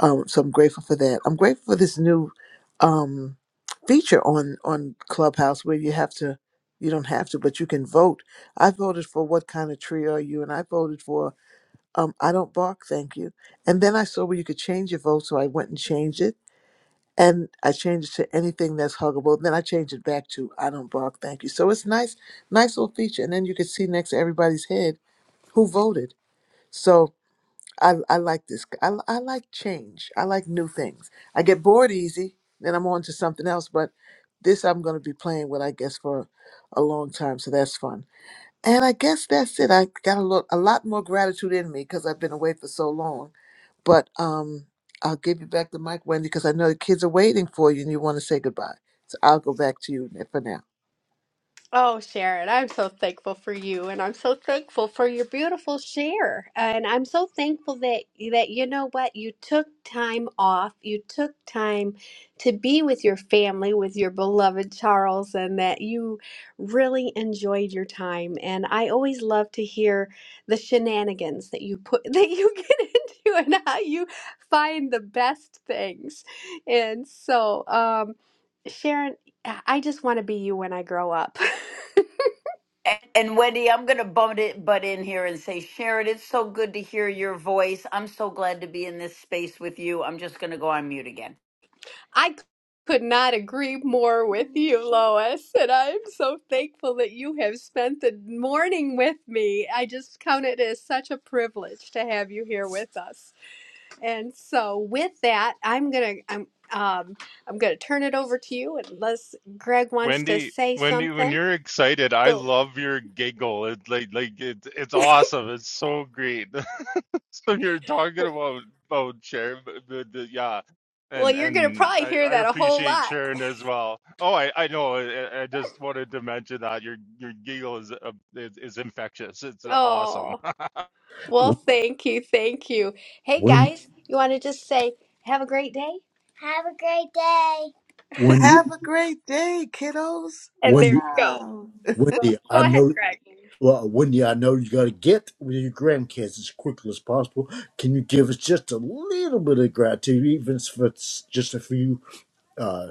um, so I'm grateful for that. I'm grateful for this new um, feature on on Clubhouse where you have to, you don't have to, but you can vote. I voted for what kind of tree are you, and I voted for um, I don't bark, thank you. And then I saw where you could change your vote, so I went and changed it, and I changed it to anything that's huggable. Then I changed it back to I don't bark, thank you. So it's nice, nice little feature, and then you could see next to everybody's head who voted. So I, I like this. I, I like change. I like new things. I get bored easy, then I'm on to something else. But this I'm going to be playing with, I guess, for a long time. So that's fun. And I guess that's it. I got a lot, a lot more gratitude in me because I've been away for so long. But um, I'll give you back the mic, Wendy, because I know the kids are waiting for you and you want to say goodbye. So I'll go back to you for now. Oh, Sharon, I'm so thankful for you, and I'm so thankful for your beautiful share. And I'm so thankful that that you know what, you took time off, you took time to be with your family, with your beloved Charles, and that you really enjoyed your time. And I always love to hear the shenanigans that you put <laughs> that you get into and how you find the best things. And so, um, Sharon. Uh, I just want to be you when I grow up. And, and Wendy, I'm going to butt it butt in here and say, Sharon, it's so good to hear your voice. I'm so glad to be in this space with you. I'm just going to go on mute again. <laughs> I could not agree more with you, Lois, and I'm so thankful that you have spent the morning with me. I just count it as such a privilege to have you here with us. And so, with that, I'm gonna I'm um, I'm gonna turn it over to you, unless Greg wants to Wendy, say Wendy, when something. you're excited, I Go. love your giggle. It's like like it's it's awesome. It's so great. <laughs> So you're talking about about Sharon, but, but, but yeah, Well, and you're gonna and probably I, hear I that a whole appreciate lot. Sharon as well. Oh, I I know. I, I just wanted to mention that your your giggle is uh, is, is infectious. It's uh, awesome. Oh. Well, W- thank you. Thank you. Hey, Wen- guys, you want to just say, have a great day? Have a great day. wendy Have a great day, kiddos. And there wendy you go. Wow. Go, wendy go i ahead, know Greg. Well, Wendy, I know you got to get with your grandkids as quickly as possible. Can you give us just a little bit of gratitude, even if it's just a few uh,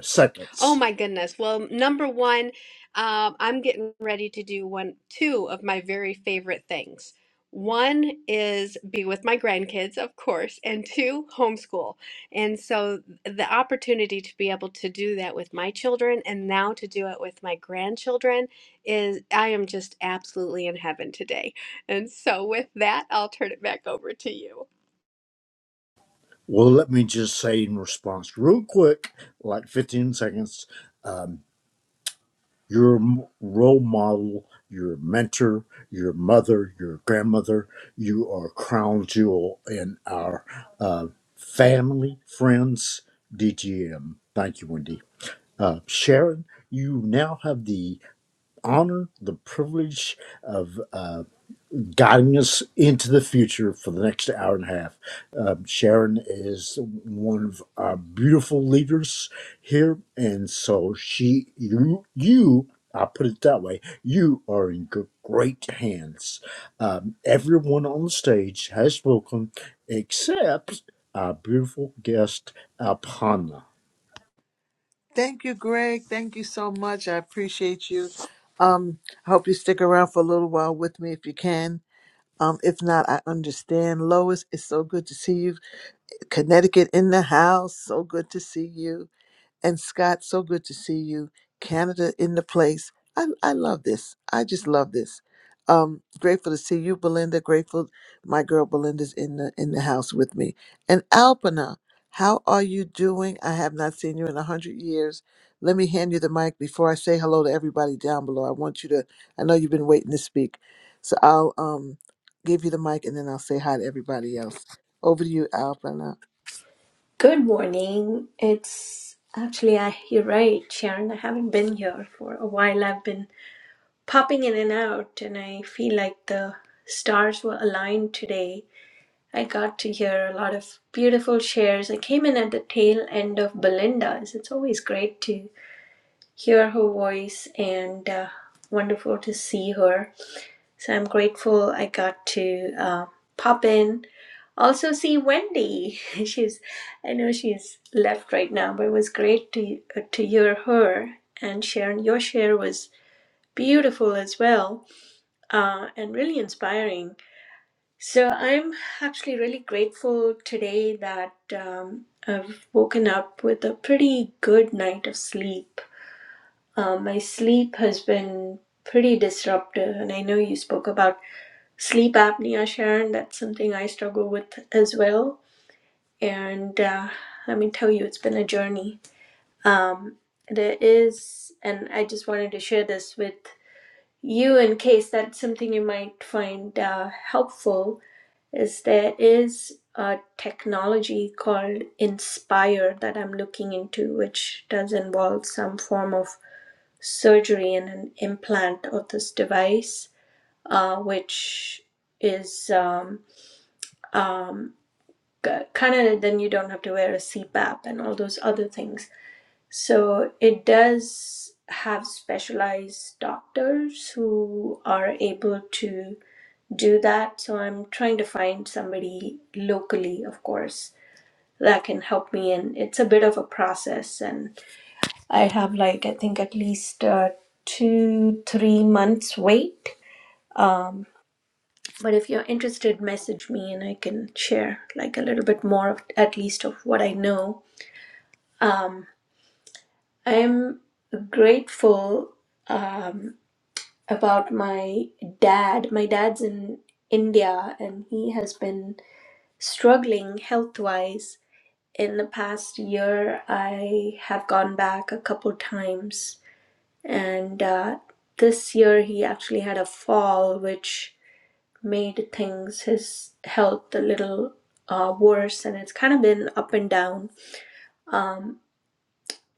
Oh seconds? my goodness. Well, number one, um, I'm getting ready to do one, two of my very favorite things. One is be with my grandkids, of course, and two, homeschool. And so the opportunity to be able to do that with my children and now to do it with my grandchildren is, I am just absolutely in heaven today. And so with that, I'll turn it back over to you. Well, let me just say in response, real quick, like 15 seconds, um, you're a m- role model, you're a mentor, your mother, your grandmother, you are a crown jewel in our uh, family, friends, DGM. Thank you, Wendy. Uh, Sharon, you now have the honor, the privilege of uh, guiding us into the future for the next hour and a half. Um, Sharon is one of our beautiful leaders here, and so she, you, you. I'll put it that way. You are in good, great hands. Um, everyone on the stage has spoken except our beautiful guest, Alpana. Thank you, Greg. Thank you so much. I appreciate you. Um, I hope you stick around for a little while with me if you can. Um, if not, I understand. Lois, it's so good to see you. Connecticut in the house. So good to see you. And Scott, so good to see you. Canada in the place. I, I love this. I just love this. Um, grateful to see you, Belinda. Grateful my girl Belinda's in the in the house with me. And Alpina, how are you doing? I have not seen you in a hundred years. Let me hand you the mic before I say hello to everybody down below. I want you to I know you've been waiting to speak. So I'll um give you the mic and then I'll say hi to everybody else. Over to you, Alpina. Good morning. It's actually, I, you're right, Sharon. I haven't been here for a while. I've been popping in and out, and I feel like the stars were aligned today. I got to hear a lot of beautiful shares. I came in at the tail end of Belinda's. It's always great to hear her voice and uh, wonderful to see her. So I'm grateful I got to uh, pop in. Also, see Wendy. <laughs> She's, I know she's left right now, but it was great to uh, to hear her and Sharon. Your share was beautiful as well, uh, and really inspiring. So I'm actually really grateful today that um, I've woken up with a pretty good night of sleep. Uh, my sleep has been pretty disruptive, and I know you spoke about Sleep apnea, Sharon, that's something I struggle with as well. And uh, let me tell you, it's been a journey. Um, there is, and I just wanted to share this with you in case that's something you might find uh, helpful, is there is a technology called Inspire that I'm looking into, which does involve some form of surgery and an implant of this device, uh, which is. Um, um, kind of then you don't have to wear a CPAP and all those other things. So it does have specialized doctors who are able to do that. So I'm trying to find somebody locally, of course, that can help me. And it's a bit of a process. And I have like, I think at least uh, two, three months wait. Um, but if you're interested message me and i can share like a little bit more of at least of what i know um, i am grateful um, about my dad my dad's in india and he has been struggling health-wise in the past year i have gone back a couple times and uh, this year he actually had a fall which made things his health a little uh, worse and it's kind of been up and down um,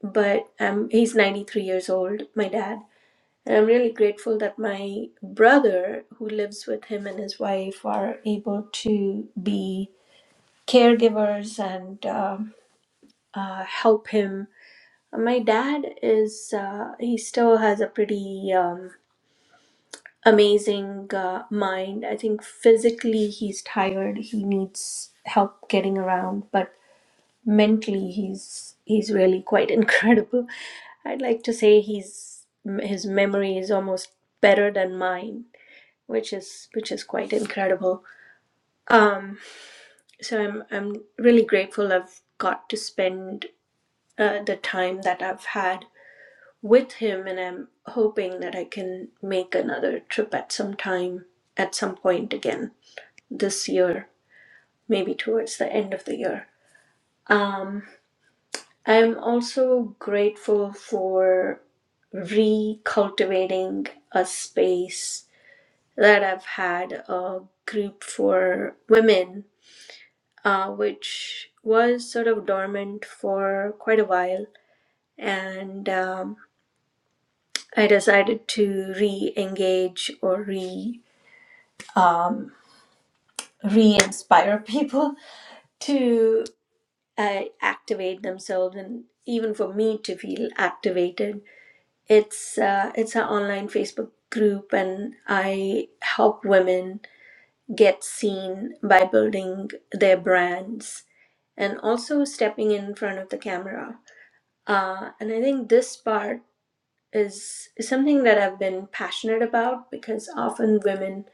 but um, he's 93 years old my dad and i'm really grateful that my brother who lives with him and his wife are able to be caregivers and um uh, help him my dad is uh, he still has a pretty um, amazing uh, mind. I think physically he's tired. He needs help getting around, but mentally he's he's really quite <laughs> incredible. I'd like to say he's his memory is almost better than mine, which is which is quite incredible. Um, so I'm I'm really grateful I've got to spend uh, the time that I've had with him, and I'm hoping that I can make another trip at some time at some point again this year, maybe towards the end of the year. Um, I'm also grateful for recultivating a space that I've had a group for women, uh, which was sort of dormant for quite a while. And um, I decided to re engage or re um, re inspire <laughs> people to uh, activate themselves and even for me to feel activated it's uh, it's an online facebook group and i help women get seen by building their brands and also stepping in front of the camera uh, and i think this part is is something that i've been passionate about because often women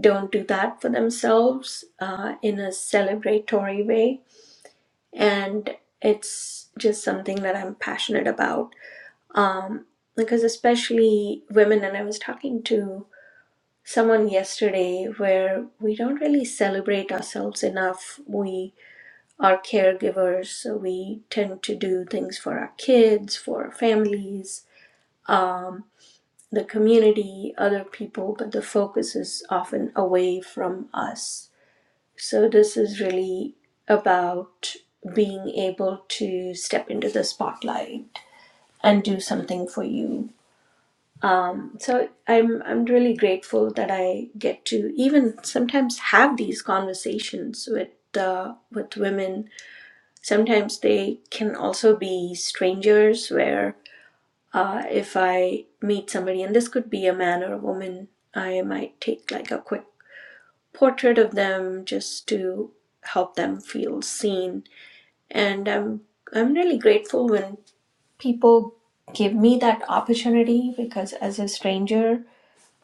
don't do that for themselves uh, in a celebratory way and it's just something that I'm passionate about. Um, because especially women, and I was talking to someone yesterday where we don't really celebrate ourselves enough. We are caregivers, so we tend to do things for our kids, for our families, um, the community, other people, but the focus is often away from us. So, this is really about being able to step into the spotlight and do something for you. Um, so, I'm, I'm really grateful that I get to even sometimes have these conversations with. Uh, with women, sometimes they can also be strangers. Where uh, if I meet somebody, and this could be a man or a woman, I might take like a quick portrait of them just to help them feel seen. And I'm I'm really grateful when people give me that opportunity because as a stranger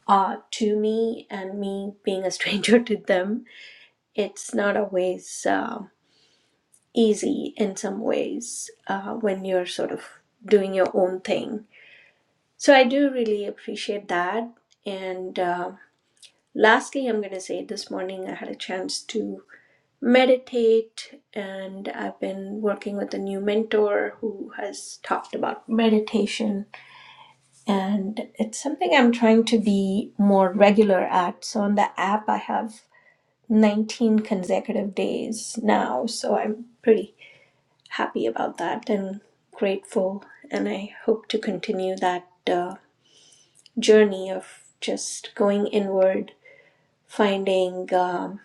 uh, to me and me being a stranger <laughs> to them, it's not always uh, easy in some ways uh, when you're sort of doing your own thing. So I do really appreciate that. And uh, lastly, I'm going to say this morning I had a chance to meditate and i've been working with a new mentor who has talked about meditation and it's something i'm trying to be more regular at so on the app i have 19 consecutive days now so i'm pretty happy about that and grateful and i hope to continue that uh, journey of just going inward finding um,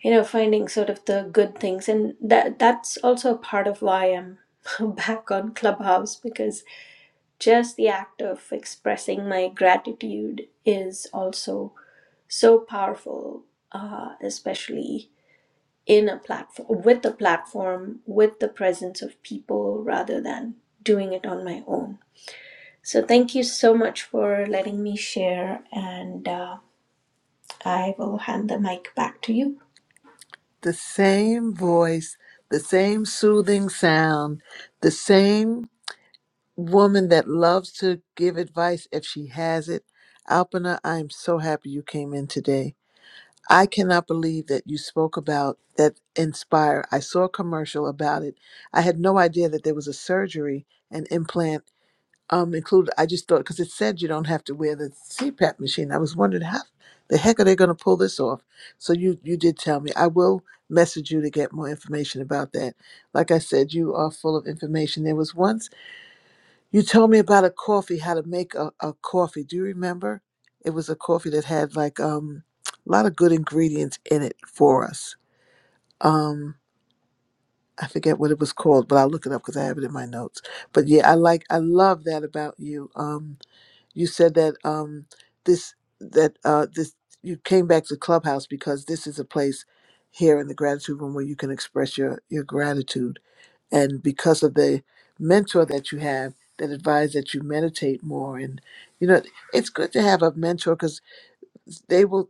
you know finding sort of the good things and that that's also a part of why i'm <laughs> back on clubhouse because just the act of expressing my gratitude is also so powerful uh, especially in a platform with a platform with the presence of people rather than doing it on my own so thank you so much for letting me share and uh, i will hand the mic back to you the same voice, the same soothing sound, the same woman that loves to give advice if she has it. Alpina, I am so happy you came in today. I cannot believe that you spoke about that Inspire. I saw a commercial about it. I had no idea that there was a surgery, an implant um, included. I just thought because it said you don't have to wear the CPAP machine. I was wondering how the heck are they going to pull this off. So you you did tell me. I will message you to get more information about that. Like I said, you are full of information. There was once you told me about a coffee, how to make a, a coffee. Do you remember? It was a coffee that had like um, a lot of good ingredients in it for us. Um, I forget what it was called, but I'll look it up because I have it in my notes. But yeah, I like I love that about you. Um, you said that um this that uh this you came back to clubhouse because this is a place here in the gratitude room where you can express your your gratitude and because of the mentor that you have that advised that you meditate more and you know it's good to have a mentor because they will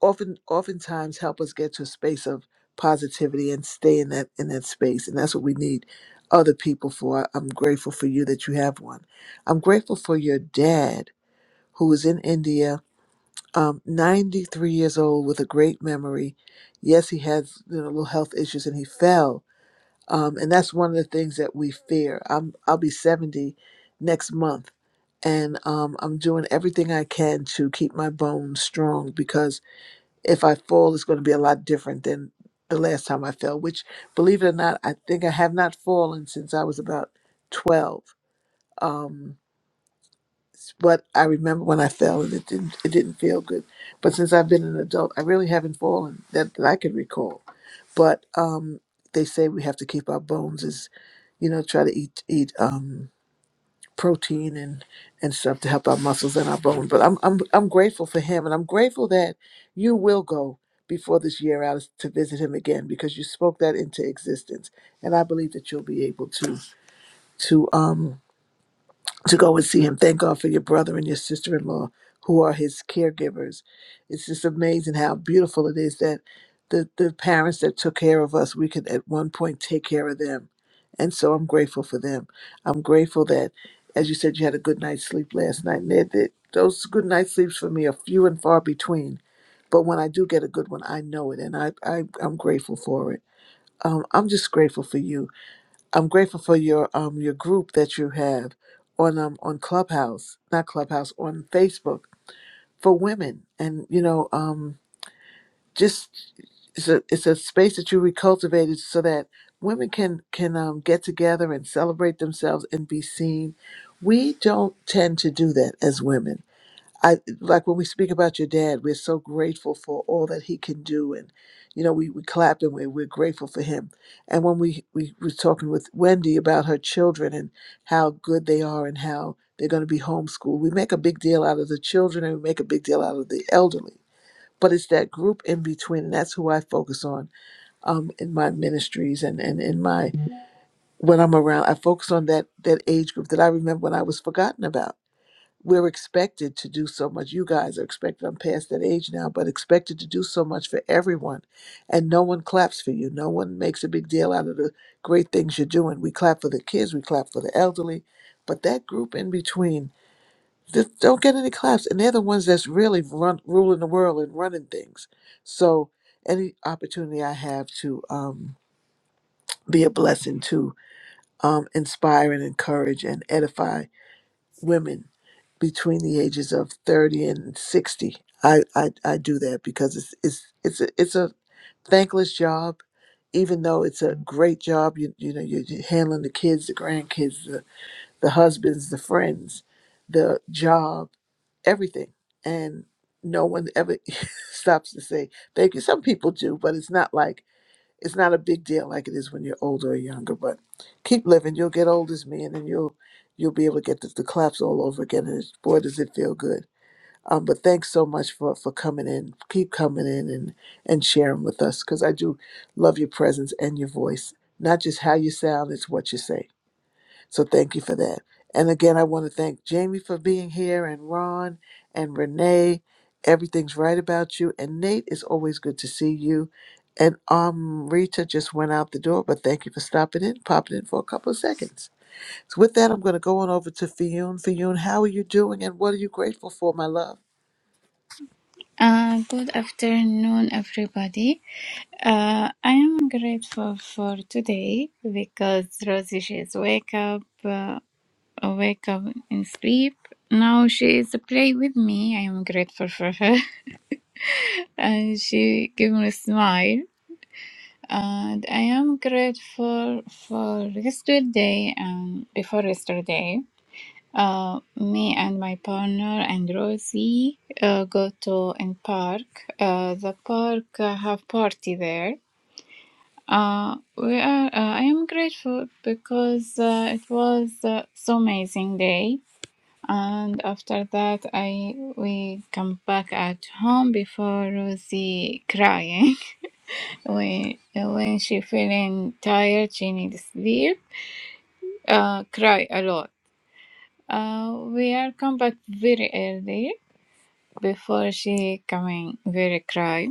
often oftentimes help us get to a space of positivity and stay in that in that space and that's what we need other people for i'm grateful for you that you have one i'm grateful for your dad who was in India, um, 93 years old with a great memory. Yes, he had you know, little health issues and he fell. Um, and that's one of the things that we fear. I'm, I'll be 70 next month. And um, I'm doing everything I can to keep my bones strong because if I fall, it's going to be a lot different than the last time I fell, which, believe it or not, I think I have not fallen since I was about 12. Um, it's what I remember when I fell, and it didn't it didn't feel good. But since I've been an adult, I really haven't fallen that, that I can recall. But um, they say we have to keep our bones is you know try to eat eat um, protein and and stuff to help our muscles and our bones. But I'm I'm I'm grateful for him, and I'm grateful that you will go before this year out to visit him again because you spoke that into existence, and I believe that you'll be able to to um to go and see him. Thank God for your brother and your sister in law who are his caregivers. It's just amazing how beautiful it is that the, the parents that took care of us, we could at one point take care of them. And so I'm grateful for them. I'm grateful that, as you said, you had a good night's sleep last night. And that, that, those good night sleeps for me are few and far between. But when I do get a good one, I know it and I, I, I'm grateful for it. Um, I'm just grateful for you I'm grateful for your um your group that you have on um on Clubhouse, not Clubhouse, on Facebook for women, and you know um just it's a it's a space that you recultivated so that women can can um, get together and celebrate themselves and be seen. We don't tend to do that as women I like when we speak about your dad, we're so grateful for all that he can do. And, you know, we, we clapped and we, we're grateful for him. And when we, we were talking with Wendy about her children and how good they are and how they're going to be homeschooled, we make a big deal out of the children and we make a big deal out of the elderly. But it's that group in between, and that's who I focus on um, in my ministries and, and in my when I'm around. I focus on that that age group that I remember when I was forgotten about we're expected to do so much. You guys are expected, I'm past that age now, but expected to do so much for everyone. And no one claps for you. No one makes a big deal out of the great things you're doing. We clap for the kids, we clap for the elderly. But that group in between, they don't get any claps. And they're the ones that's really run, ruling the world and running things. So any opportunity I have to um, be a blessing to um, inspire and encourage and edify women between the ages of 30 and 60. I, I, I do that because it's it's it's a, it's a thankless job, even though it's a great job. You you know you're you're handling the kids, the grandkids, the, the husbands, the friends, the job, everything, and no one ever <laughs> stops to say thank you. Some people do, but it's not like it's not a big deal like it is when you're older or younger. But keep living. You'll get old as me, and then you'll you'll be able to get the, the claps all over again. And it's- boy, does it feel good. Um, but thanks so much for for coming in. Keep coming in and and sharing with us because I do love your presence and your voice. Not just how you sound, it's what you say. So thank you for that. And again, I want to thank Jamie for being here and Ron and Renee. Everything's right about you. And Nate, it's always good to see you. And um, Rita just went out the door, but thank you for stopping in, popping in for a couple of seconds. So with that, I'm going to go on over to Fiyun. Fiyun, how are you doing and what are you grateful for, my love? Uh, good afternoon, everybody. Uh, I am grateful for today because Rosie she is wake up, uh, wake up and sleep. Now she is play with me. I am grateful for her, <laughs> and she give me a smile. And I am grateful for yesterday and before yesterday. Uh, me and my partner and Rosie uh, go to in park. Uh, the park uh, have party there. Uh, we are. Uh, I am grateful because uh, it was uh, so amazing day. And after that, I we come back at home before Rosie crying <laughs> when when she feeling tired, she needs sleep. Uh, cry a lot. Uh, we are come back very early before she coming very cry.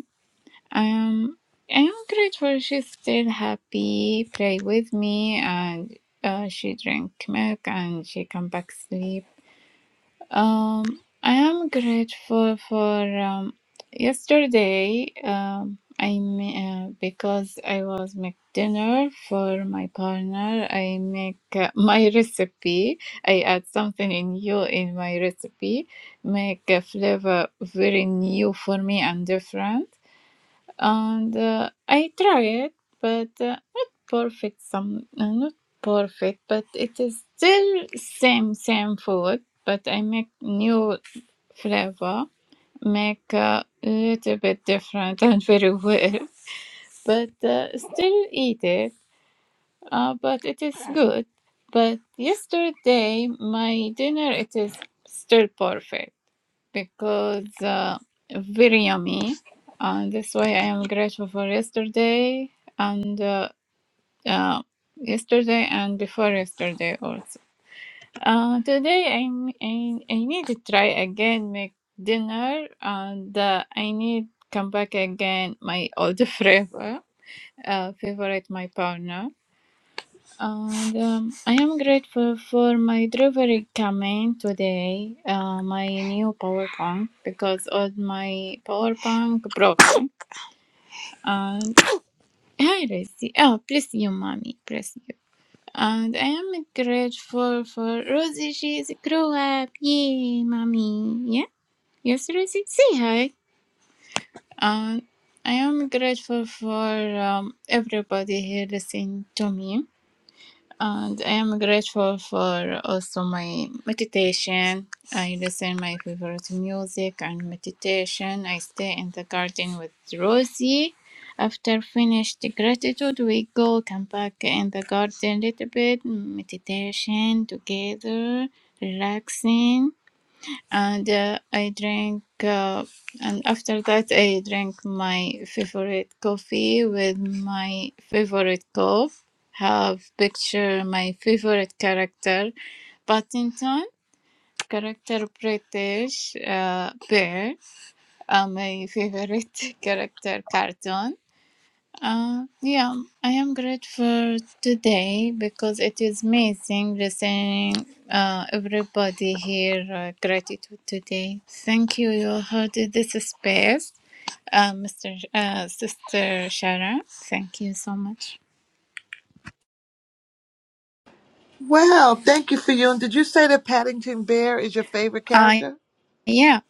I am I am grateful she's still happy, play with me and uh, she drink milk and she come back sleep. Um, I am grateful for um, yesterday. Um, I ma- uh, because I was make dinner for my partner. I make uh, <laughs> my recipe. I add something new in my recipe. Make a flavor very new for me and different and uh, I try it, but uh, not perfect. Some uh, not perfect, but it is still same same food. But I make new flavor, make a little bit different <laughs> and very well. But uh, still eat it. Uh, but it is good. But yesterday my dinner it is still perfect because uh, very yummy. Uh, that's why I am grateful for yesterday and uh, uh, yesterday and before yesterday also. Uh, today I'm, I I need to try again make dinner and uh, I need come back again my old <laughs> flavor uh, favorite my partner and um, I am grateful for my delivery coming today, uh, my new power bank, because all my power bank broken. And hi, Rosie. Oh, bless you, mommy. Bless you. And I am grateful for Rosie. She is grow up. Yay, mommy. Yeah. Yes, Rosie. Say hi. And I am grateful for um, everybody here listening to me. And I am grateful for also my meditation. I listen my favorite music and meditation. I stay in the garden with Rosie. After finished gratitude, we go come back in the garden a little bit, meditation together, relaxing and uh, I drank, uh, and after that, I drank my favorite coffee with my favorite cup. Have picture my favorite character, Paddington, character British uh, bear, uh, my favorite <laughs> character cartoon. Uh, yeah, I am grateful today because it is amazing listening uh, everybody here. Uh, gratitude today. Thank you, you hosted this space, uh, Mr. Sh- Uh, Sister Sharon. Thank you so much. Wow, thank you, Fiyun. Did you say that Paddington Bear is your favorite I character? yeah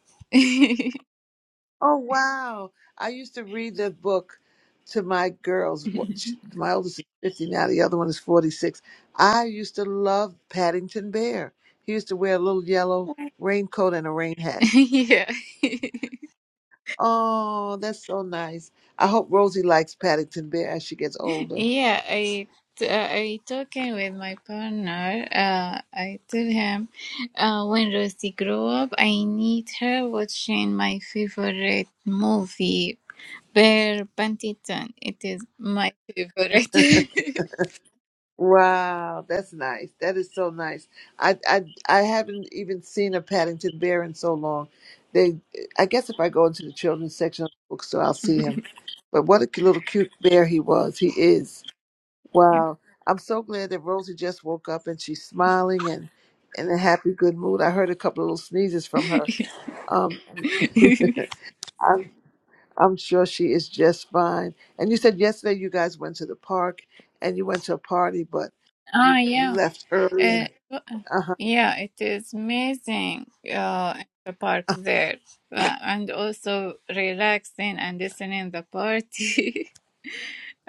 Oh wow! I used to read the book to my girls. One- <laughs> sh- My oldest is fifty now; the other one is forty-six. I used to love Paddington Bear. He used to wear a little yellow raincoat and a rain hat. yeah. Oh, that's so nice. I hope Rosie likes Paddington Bear as she gets older. Yeah, I t- uh, I talking with my partner. Uh, I tell him, uh, when Rosie grow up, I need her watching my favorite movie, Bear Pantyton. It is my favorite. <laughs> Wow, that's nice. That is so nice. I I I haven't even seen a Paddington Bear in so long. They, I guess if I go into the children's section of the bookstore, I'll see him. But what a cu- little cute bear he was. He is. Wow. I'm so glad that Rosie just woke up and she's smiling and in a happy, good mood. I heard a couple of little sneezes from her. Um, <laughs> I'm sure she is just fine. And you said yesterday you guys went to the park and you went to a party, but Ah, you you yeah. left early. Uh, yeah, it is amazing. Uh, in the park there, uh, and also relaxing and listening the party. <laughs>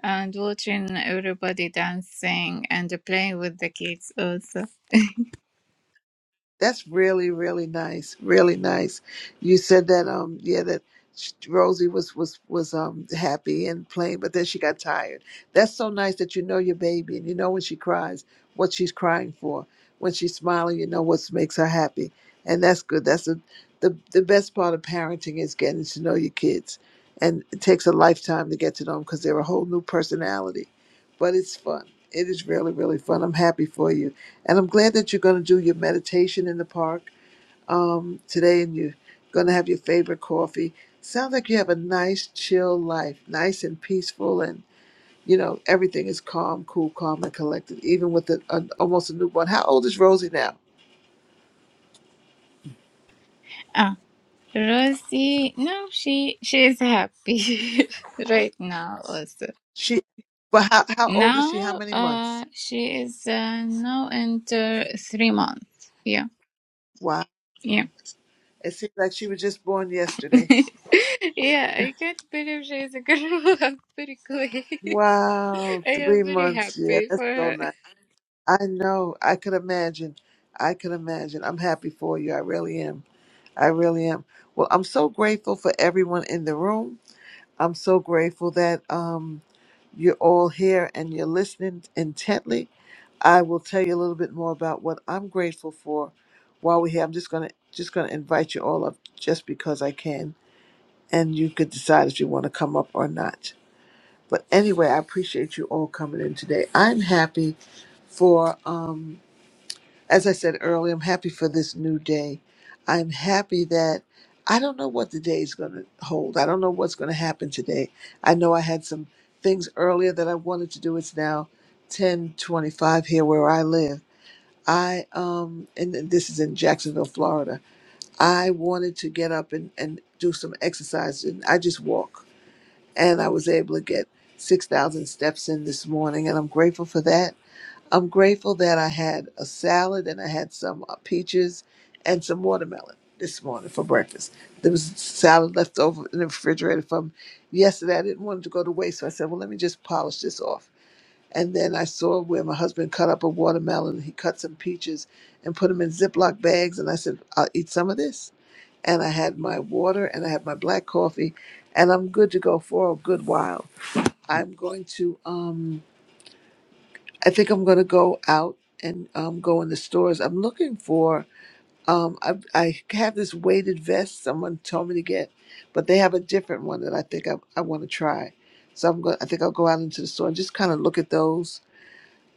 and watching everybody dancing and playing with the kids also. That's really, really nice. Really nice. You said that, um, yeah, that sh- Rosie was was was um happy and playing, but then she got tired. That's so nice that you know your baby and you know when she cries, what she's crying for. When she's smiling, you know what makes her happy, and that's good. That's the the the best part of parenting is getting to know your kids, and it takes a lifetime to get to know them because they're a whole new personality but it's fun. It is really, really fun. I'm happy for you. And I'm glad that you're going to do your meditation in the park um, today and you're going to have your favorite coffee. Sounds like you have a nice, chill life, nice and peaceful. And, you know, everything is calm, cool, calm, and collected, even with a, a, almost a newborn. How old is Rosie now? Ah, Rosie, no, she she is happy <laughs> right now also. She, but how, how old is she? How Now, many uh, months? she is uh, now into three months. Yeah, Wow. yeah, It seems like she was just born <laughs> yesterday. yeah. I can't believe she is a girl <laughs> up very quick. <laughs> Wow. I Three am very months. Yeah, happy that's for so her. nice. I know. I could imagine. I could imagine. I'm happy for you. I really am. I really am. Well, I'm so grateful for everyone in the room. I'm so grateful that um, you're all here and you're listening intently. I will tell you a little bit more about what I'm grateful for while we're here. I'm just gonna just gonna invite you all up just because I can, and you could decide if you want to come up or not. But anyway, I appreciate you all coming in today. I'm happy for. Um, as I said earlier, I'm happy for this new day. I'm happy that I don't know what the day is going to hold. I don't know what's going to happen today. I know I had some things earlier that I wanted to do. It's now 10:25 here where I live. I um and this is in Jacksonville, Florida. I wanted to get up and and do some exercise and I just walk and I was able to get 6,000 steps in this morning and I'm grateful for that. I'm grateful that I had a salad and I had some uh, peaches and some watermelon this morning for breakfast. There was salad left over in the refrigerator from yesterday. I didn't want it to go to waste, so I said, well, let me just polish this off. And then I saw where my husband cut up a watermelon. He cut some peaches and put them in Ziploc bags. And I said, I'll eat some of this. And I had my water and I had my black coffee, and I'm good to go for a good while. I'm going to um, I think I'm gonna go out and um, go in the stores. I'm looking for. Um, I, I have this weighted vest someone told me to get, but they have a different one that I think I, I want to try. So I'm going. I think I'll go out into the store and just kind of look at those.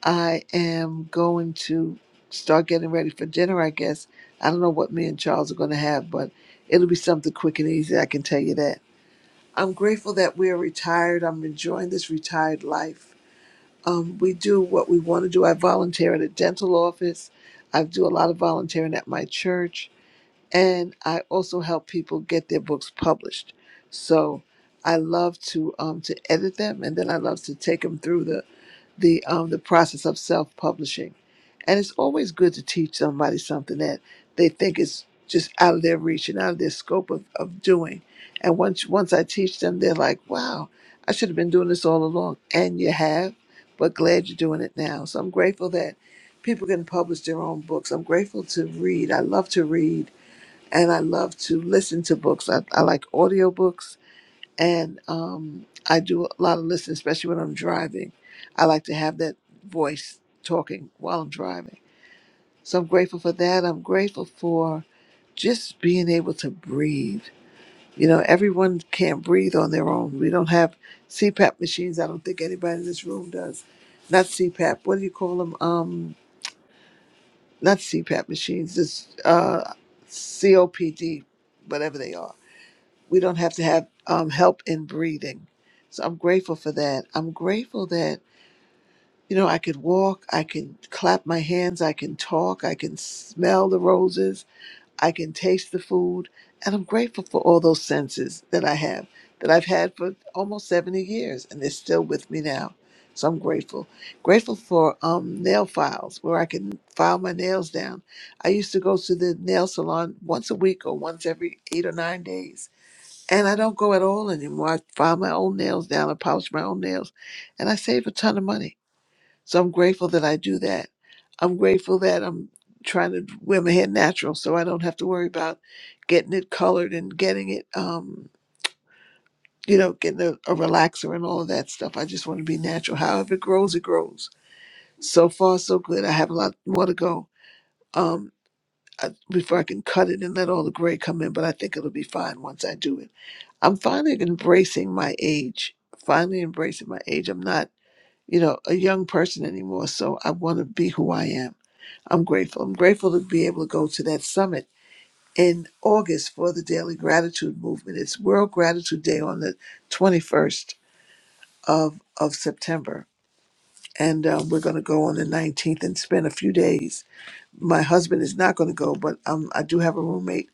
I am going to start getting ready for dinner. I guess I don't know what me and Charles are going to have, but it'll be something quick and easy. I can tell you that. I'm grateful that we are retired. I'm enjoying this retired life um, we do what we want to do. I volunteer at a dental office. I do a lot of volunteering at my church, and I also help people get their books published. So I love to um, to edit them, and then I love to take them through the the um, the process of self publishing, and it's always good to teach somebody something that they think is just out of their reach and out of their scope of, of doing. And once once I teach them, they're like, "Wow, I should have been doing this all along." And you have, but glad you're doing it now. So I'm grateful that people can publish their own books. I'm grateful to read. I love to read, and I love to listen to books. I, I like audiobooks and um, I do a lot of listening, especially when I'm driving. I like to have that voice talking while I'm driving. So I'm grateful for that. I'm grateful for just being able to breathe. You know, everyone can't breathe on their own. We don't have CPAP machines. I don't think anybody in this room does. Not CPAP. What do you call them? Um, not CPAP machines. It's uh, COPD, whatever they are we don't have to have um, help in breathing. So I'm grateful for that. I'm grateful that, you know, I could walk, I can clap my hands, I can talk, I can smell the roses, I can taste the food. And I'm grateful for all those senses that I have, that I've had for almost 70 years, and they're still with me now. So I'm grateful. Grateful for um, nail files where I can file my nails down. I used to go to the nail salon once a week or once every eight or nine days and I don't go at all anymore. I file my own nails down, I polish my own nails, and I save a ton of money. So I'm grateful that I do that. I'm grateful that I'm trying to wear my hair natural so I don't have to worry about getting it colored and getting it, um, you know, getting a, a relaxer and all of that stuff. I just want to be natural. However it grows, it grows. So far, so good. I have a lot more to go um, I, before I can cut it and let all the gray come in, but I think it'll be fine once I do it. I'm finally embracing my age. Finally embracing my age. I'm not, you know, a young person anymore. So I want to be who I am. I'm grateful. I'm grateful to be able to go to that summit in August for the Daily Gratitude Movement. It's World Gratitude Day on the 21st of, of September. And um, we're going to go on the 19th and spend a few days. My husband is not going to go, but um, I do have a roommate,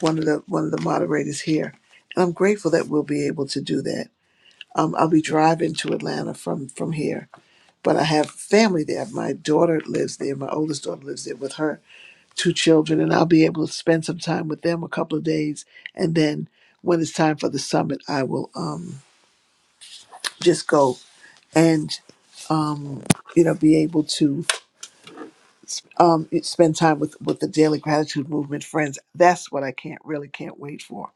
one of the one of the moderators here, and I'm grateful that we'll be able to do that. Um, I'll be driving to Atlanta from from here, but I have family there. My daughter lives there. My oldest daughter lives there with her two children, and I'll be able to spend some time with them a couple of days. And then when it's time for the summit, I will um, just go and um, you know be able to um, spend time with with the Daily Gratitude Movement friends. That's what I can't really can't wait for.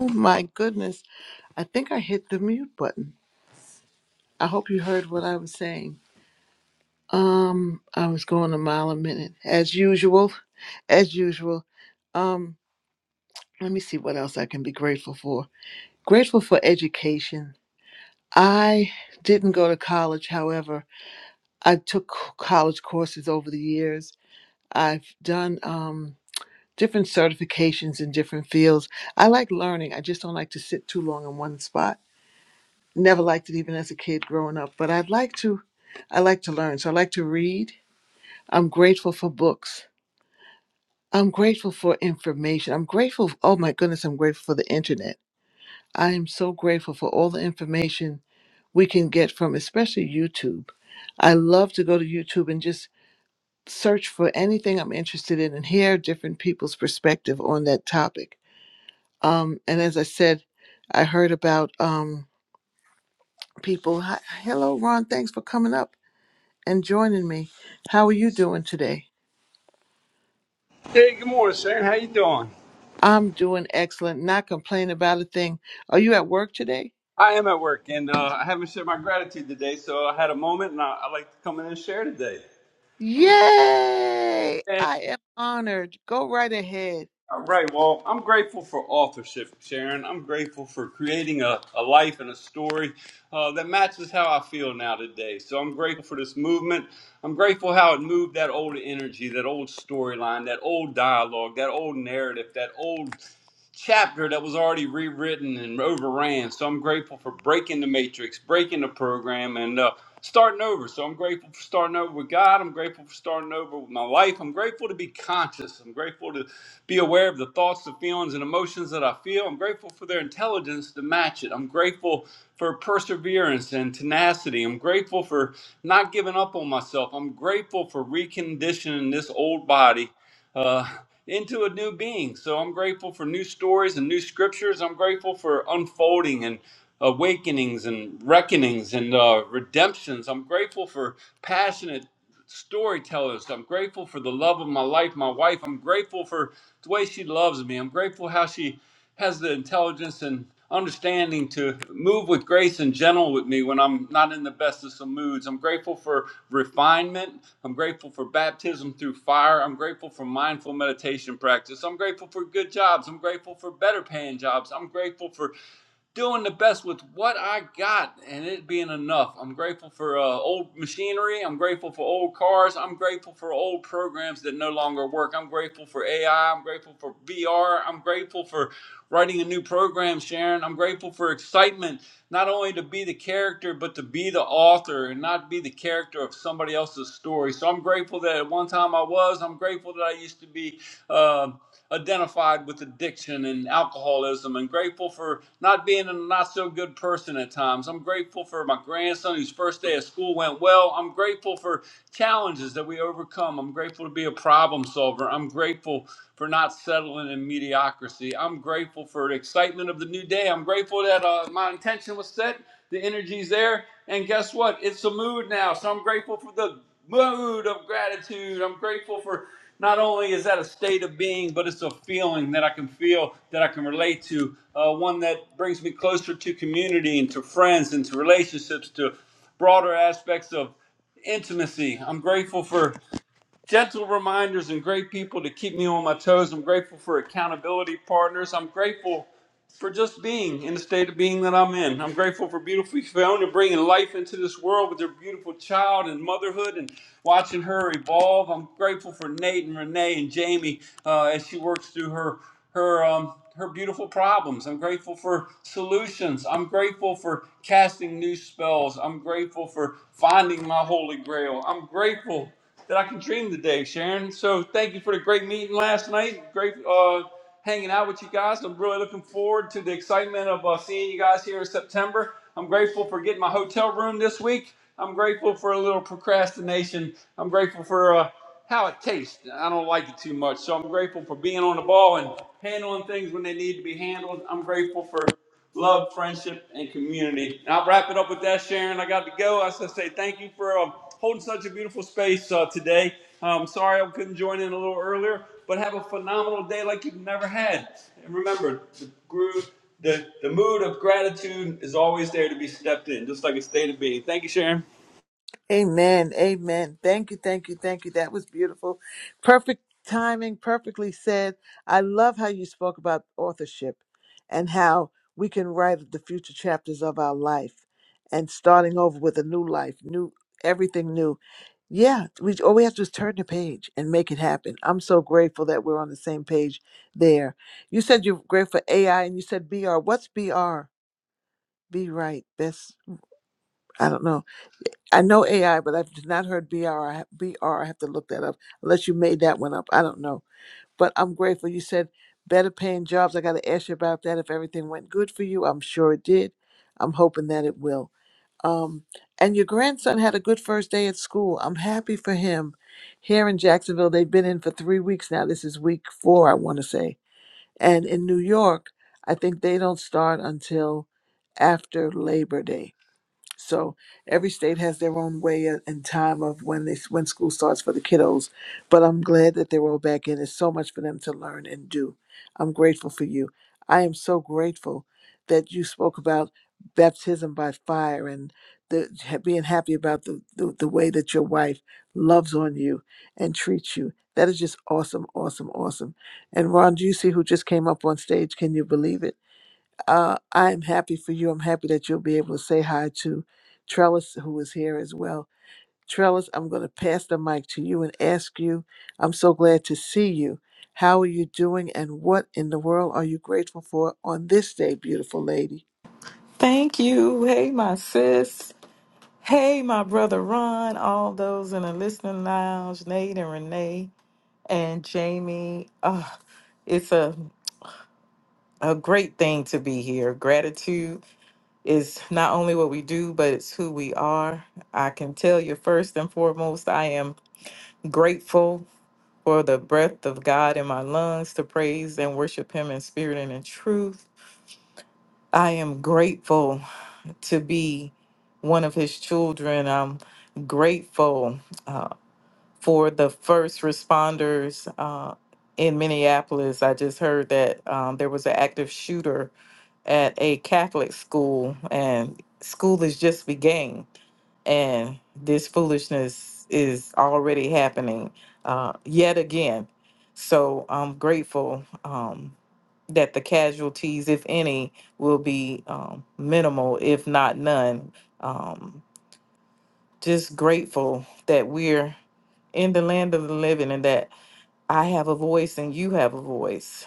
Oh my goodness! I think I hit the mute button. I hope you heard what I was saying. Um, I was going a mile a minute as usual, as usual. Um, let me see what else I can be grateful for. Grateful for education. I didn't go to college, however, I took c- college courses over the years. I've done um different certifications in different fields. I like learning. I just don't like to sit too long in one spot. Never liked it even as a kid growing up, but I'd like to I like to learn. So I like to read. I'm grateful for books. I'm grateful for information. I'm grateful. Oh my goodness, I'm grateful for the internet. I am so grateful for all the information we can get from, especially YouTube. I love to go to YouTube and just search for anything I'm interested in and hear different people's perspective on that topic. Um, and as I said, I heard about um, people. Hi, hello, Ron. Thanks for coming up and joining me. How are you doing today? Hey, good morning, sir. How you doing? I'm doing excellent. Not complaining about a thing. Are you at work today? I am at work, and uh, I haven't shared my gratitude today, so I had a moment, and I, I like to come in and share today. Yay! Hey, I am honored. Go right ahead. all right. Well, I'm grateful for authorship, Sharon. I'm grateful for creating a, a life and a story uh, that matches how I feel now today. So I'm grateful for this movement. I'm grateful how it moved that old energy, that old storyline, that old dialogue, that old narrative, that old chapter that was already rewritten and overran. So I'm grateful for breaking the matrix, breaking the program, and uh, starting over. So I'm grateful for starting over with God. I'm grateful for starting over with my life. I'm grateful to be conscious. I'm grateful to be aware of the thoughts, the feelings, and emotions that I feel. I'm grateful for their intelligence to match it. I'm grateful for perseverance and tenacity. I'm grateful for not giving up on myself. I'm grateful for reconditioning this old body. Uh, into a new being. So I'm grateful for new stories and new scriptures. I'm grateful for unfolding and awakenings and reckonings and uh, redemptions. I'm grateful for passionate storytellers. I'm grateful for the love of my life, my wife. I'm grateful for the way she loves me. I'm grateful how she has the intelligence and understanding to move with grace and gentle with me when I'm not in the best of some moods. I'm grateful for refinement. I'm grateful for baptism through fire. I'm grateful for mindful meditation practice. I'm grateful for good jobs. I'm grateful for better paying jobs. I'm grateful for doing the best with what I got and it being enough. I'm grateful for uh, old machinery. I'm grateful for old cars. I'm grateful for old programs that no longer work. I'm grateful for AI. I'm grateful for VR. I'm grateful for writing a new program, Sharon. I'm grateful for excitement, not only to be the character, but to be the author and not be the character of somebody else's story. So I'm grateful that at one time I was. I'm grateful that I used to be. Uh, identified with addiction and alcoholism and grateful for not being a not so good person at times. I'm grateful for my grandson whose first day of school went well. I'm grateful for challenges that we overcome. I'm grateful to be a problem solver. I'm grateful for not settling in mediocrity. I'm grateful for the excitement of the new day. I'm grateful that uh, my intention was set. The energy's there. And guess what? It's a mood now. So I'm grateful for the mood of gratitude. I'm grateful for not only is that a state of being, but it's a feeling that I can feel, that I can relate to, uh, one that brings me closer to community and to friends and to relationships, to broader aspects of intimacy. I'm grateful for gentle reminders and great people to keep me on my toes. I'm grateful for accountability partners. I'm grateful for just being in the state of being that I'm in. I'm grateful for beautiful Fiona bringing life into this world with her beautiful child and motherhood and watching her evolve. I'm grateful for Nate and Renee and Jamie uh, as she works through her her um, her beautiful problems. I'm grateful for solutions. I'm grateful for casting new spells. I'm grateful for finding my holy grail. I'm grateful that I can dream today, Sharon. So thank you for the great meeting last night. Great uh, hanging out with you guys. I'm really looking forward to the excitement of uh, seeing you guys here in September. I'm grateful for getting my hotel room this week. I'm grateful for a little procrastination. I'm grateful for uh, how it tastes. I don't like it too much, so I'm grateful for being on the ball and handling things when they need to be handled. I'm grateful for love, friendship, and community. And I'll wrap it up with that, Sharon. I got to go. I just say thank you for um, holding such a beautiful space uh, today. I'm sorry I couldn't join in a little earlier, but have a phenomenal day like you've never had. And remember, the groove, the, the mood of gratitude is always there to be stepped in, just like it stayed to be. Thank you, Sharon. Amen. Amen. Thank you. Thank you. Thank you. That was beautiful. Perfect timing, perfectly said. I love how you spoke about authorship and how we can write the future chapters of our life and starting over with a new life, new everything new. Yeah, we all we have to do is turn the page and make it happen. I'm so grateful that we're on the same page there. You said you're grateful for AI and you said BR. What's BR? Be right. That's I don't know. I know AI, but I've not heard BR. have, BR. I have to look that up. Unless you made that one up, I don't know. But I'm grateful. You said better paying jobs. I got to ask you about that. If everything went good for you, I'm sure it did. I'm hoping that it will. Um, and your grandson had a good first day at school. I'm happy for him. Here in Jacksonville, they've been in for three weeks now. This is week four, I want to say. And in New York, I think they don't start until after Labor Day so every state has their own way a- and time of when they when school starts for the kiddos. But I'm glad that they're all back in. There's so much for them to learn and do. I'm grateful for you. I am so grateful that you spoke about baptism by fire and the ha- being happy about the, the, the way that your wife loves on you and treats you. That is just awesome, awesome, awesome. And Ron, do you see who just came up on stage? Can you believe it? Uh, I'm happy for you. I'm happy that you'll be able to say hi to Trellis, who is here as well. Trellis, I'm going to pass the mic to you and ask you. I'm so glad to see you. How are you doing, and what in the world are you grateful for on this day, beautiful lady? Thank you. Hey, my sis. Hey, my brother Ron. All those in the listening lounge, Nate and Renee and Jamie. Oh, it's a, a great thing to be here. Gratitude is not only what we do, but it's who we are. I can tell you first and foremost, I am grateful for the breath of God in my lungs to praise and worship Him in spirit and in truth. I am grateful. to be one of his children. I'm grateful uh, for the first responders uh, in Minneapolis. I just heard that um, there was an active shooter at a Catholic school, and school is just beginning, and this foolishness is already happening uh, yet again. So I'm grateful. Um, that the casualties, if any, will be um, minimal, if not none. Um, just grateful that we're in the land of the living and that I have a voice and you have a voice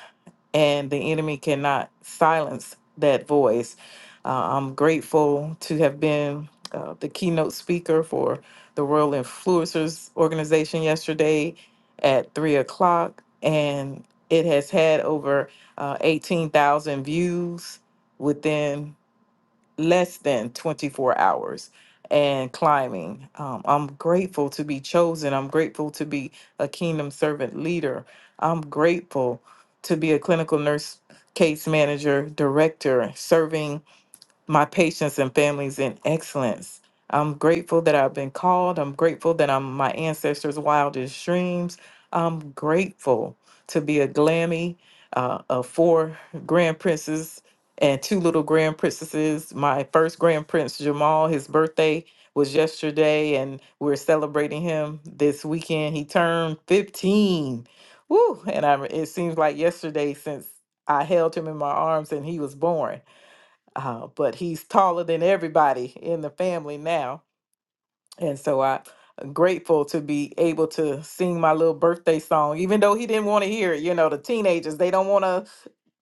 and the enemy cannot silence that voice. Uh, I'm grateful to have been uh, the keynote speaker for the Royal Influencers Organization yesterday at three o'clock, and it has had over uh, 18,000 views within less than 24 hours and climbing. Um, I'm grateful to be chosen. I'm grateful to be a kingdom servant leader. I'm grateful to be a clinical nurse case manager, director, serving my patients and families in excellence. I'm grateful that I've been called. I'm grateful that I'm my ancestors' wildest dreams. I'm grateful to be a glammy uh, of four grand princes and two little grand princesses. My first grand prince, Jamal, his birthday was yesterday, and we're celebrating him this weekend. He turned 15. Woo! And I, it seems like yesterday since I held him in my arms and he was born uh, but he's taller than everybody in the family now. And so I- I'm grateful to be able to sing my little birthday song, even though he didn't want to hear it. You know, the teenagers, they don't want to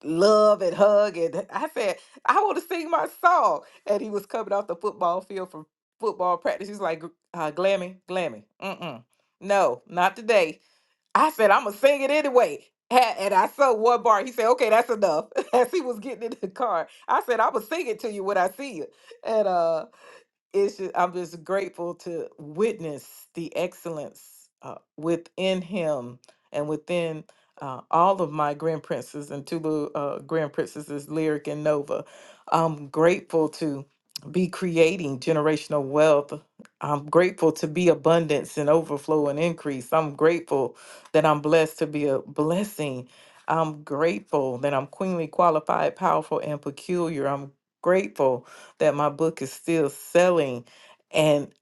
love and hug. And I said, I want to sing my song. And he was coming off the football field from football practice. He's like, "Gr- uh, Glammy, Glammy, mm-mm. No, not today. I said, I'm gonna sing it anyway. Ha- And I saw one bar. He said, okay, that's enough. <laughs> As he was getting in the car, I said, I'm gonna sing it to you when I see you. And uh it's just, I'm just grateful to witness the excellence uh, within him and within uh, all of my grand princes and Tulu uh, grand princesses, Lyric and Nova. I'm grateful to be creating generational wealth. I'm grateful to be abundance and overflow and increase. I'm grateful that I'm blessed to be a blessing. I'm grateful that I'm queenly qualified, powerful, and peculiar. I'm grateful that my book is still selling. And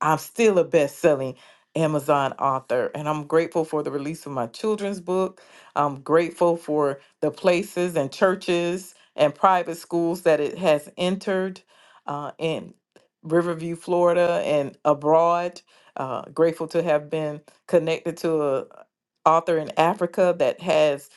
I'm still a best selling Amazon author, and I'm grateful for the release of my children's book. I'm grateful for the places and churches and private schools that it has entered uh, in Riverview, Florida, and abroad. Uh, grateful to have been connected to a author in Africa that has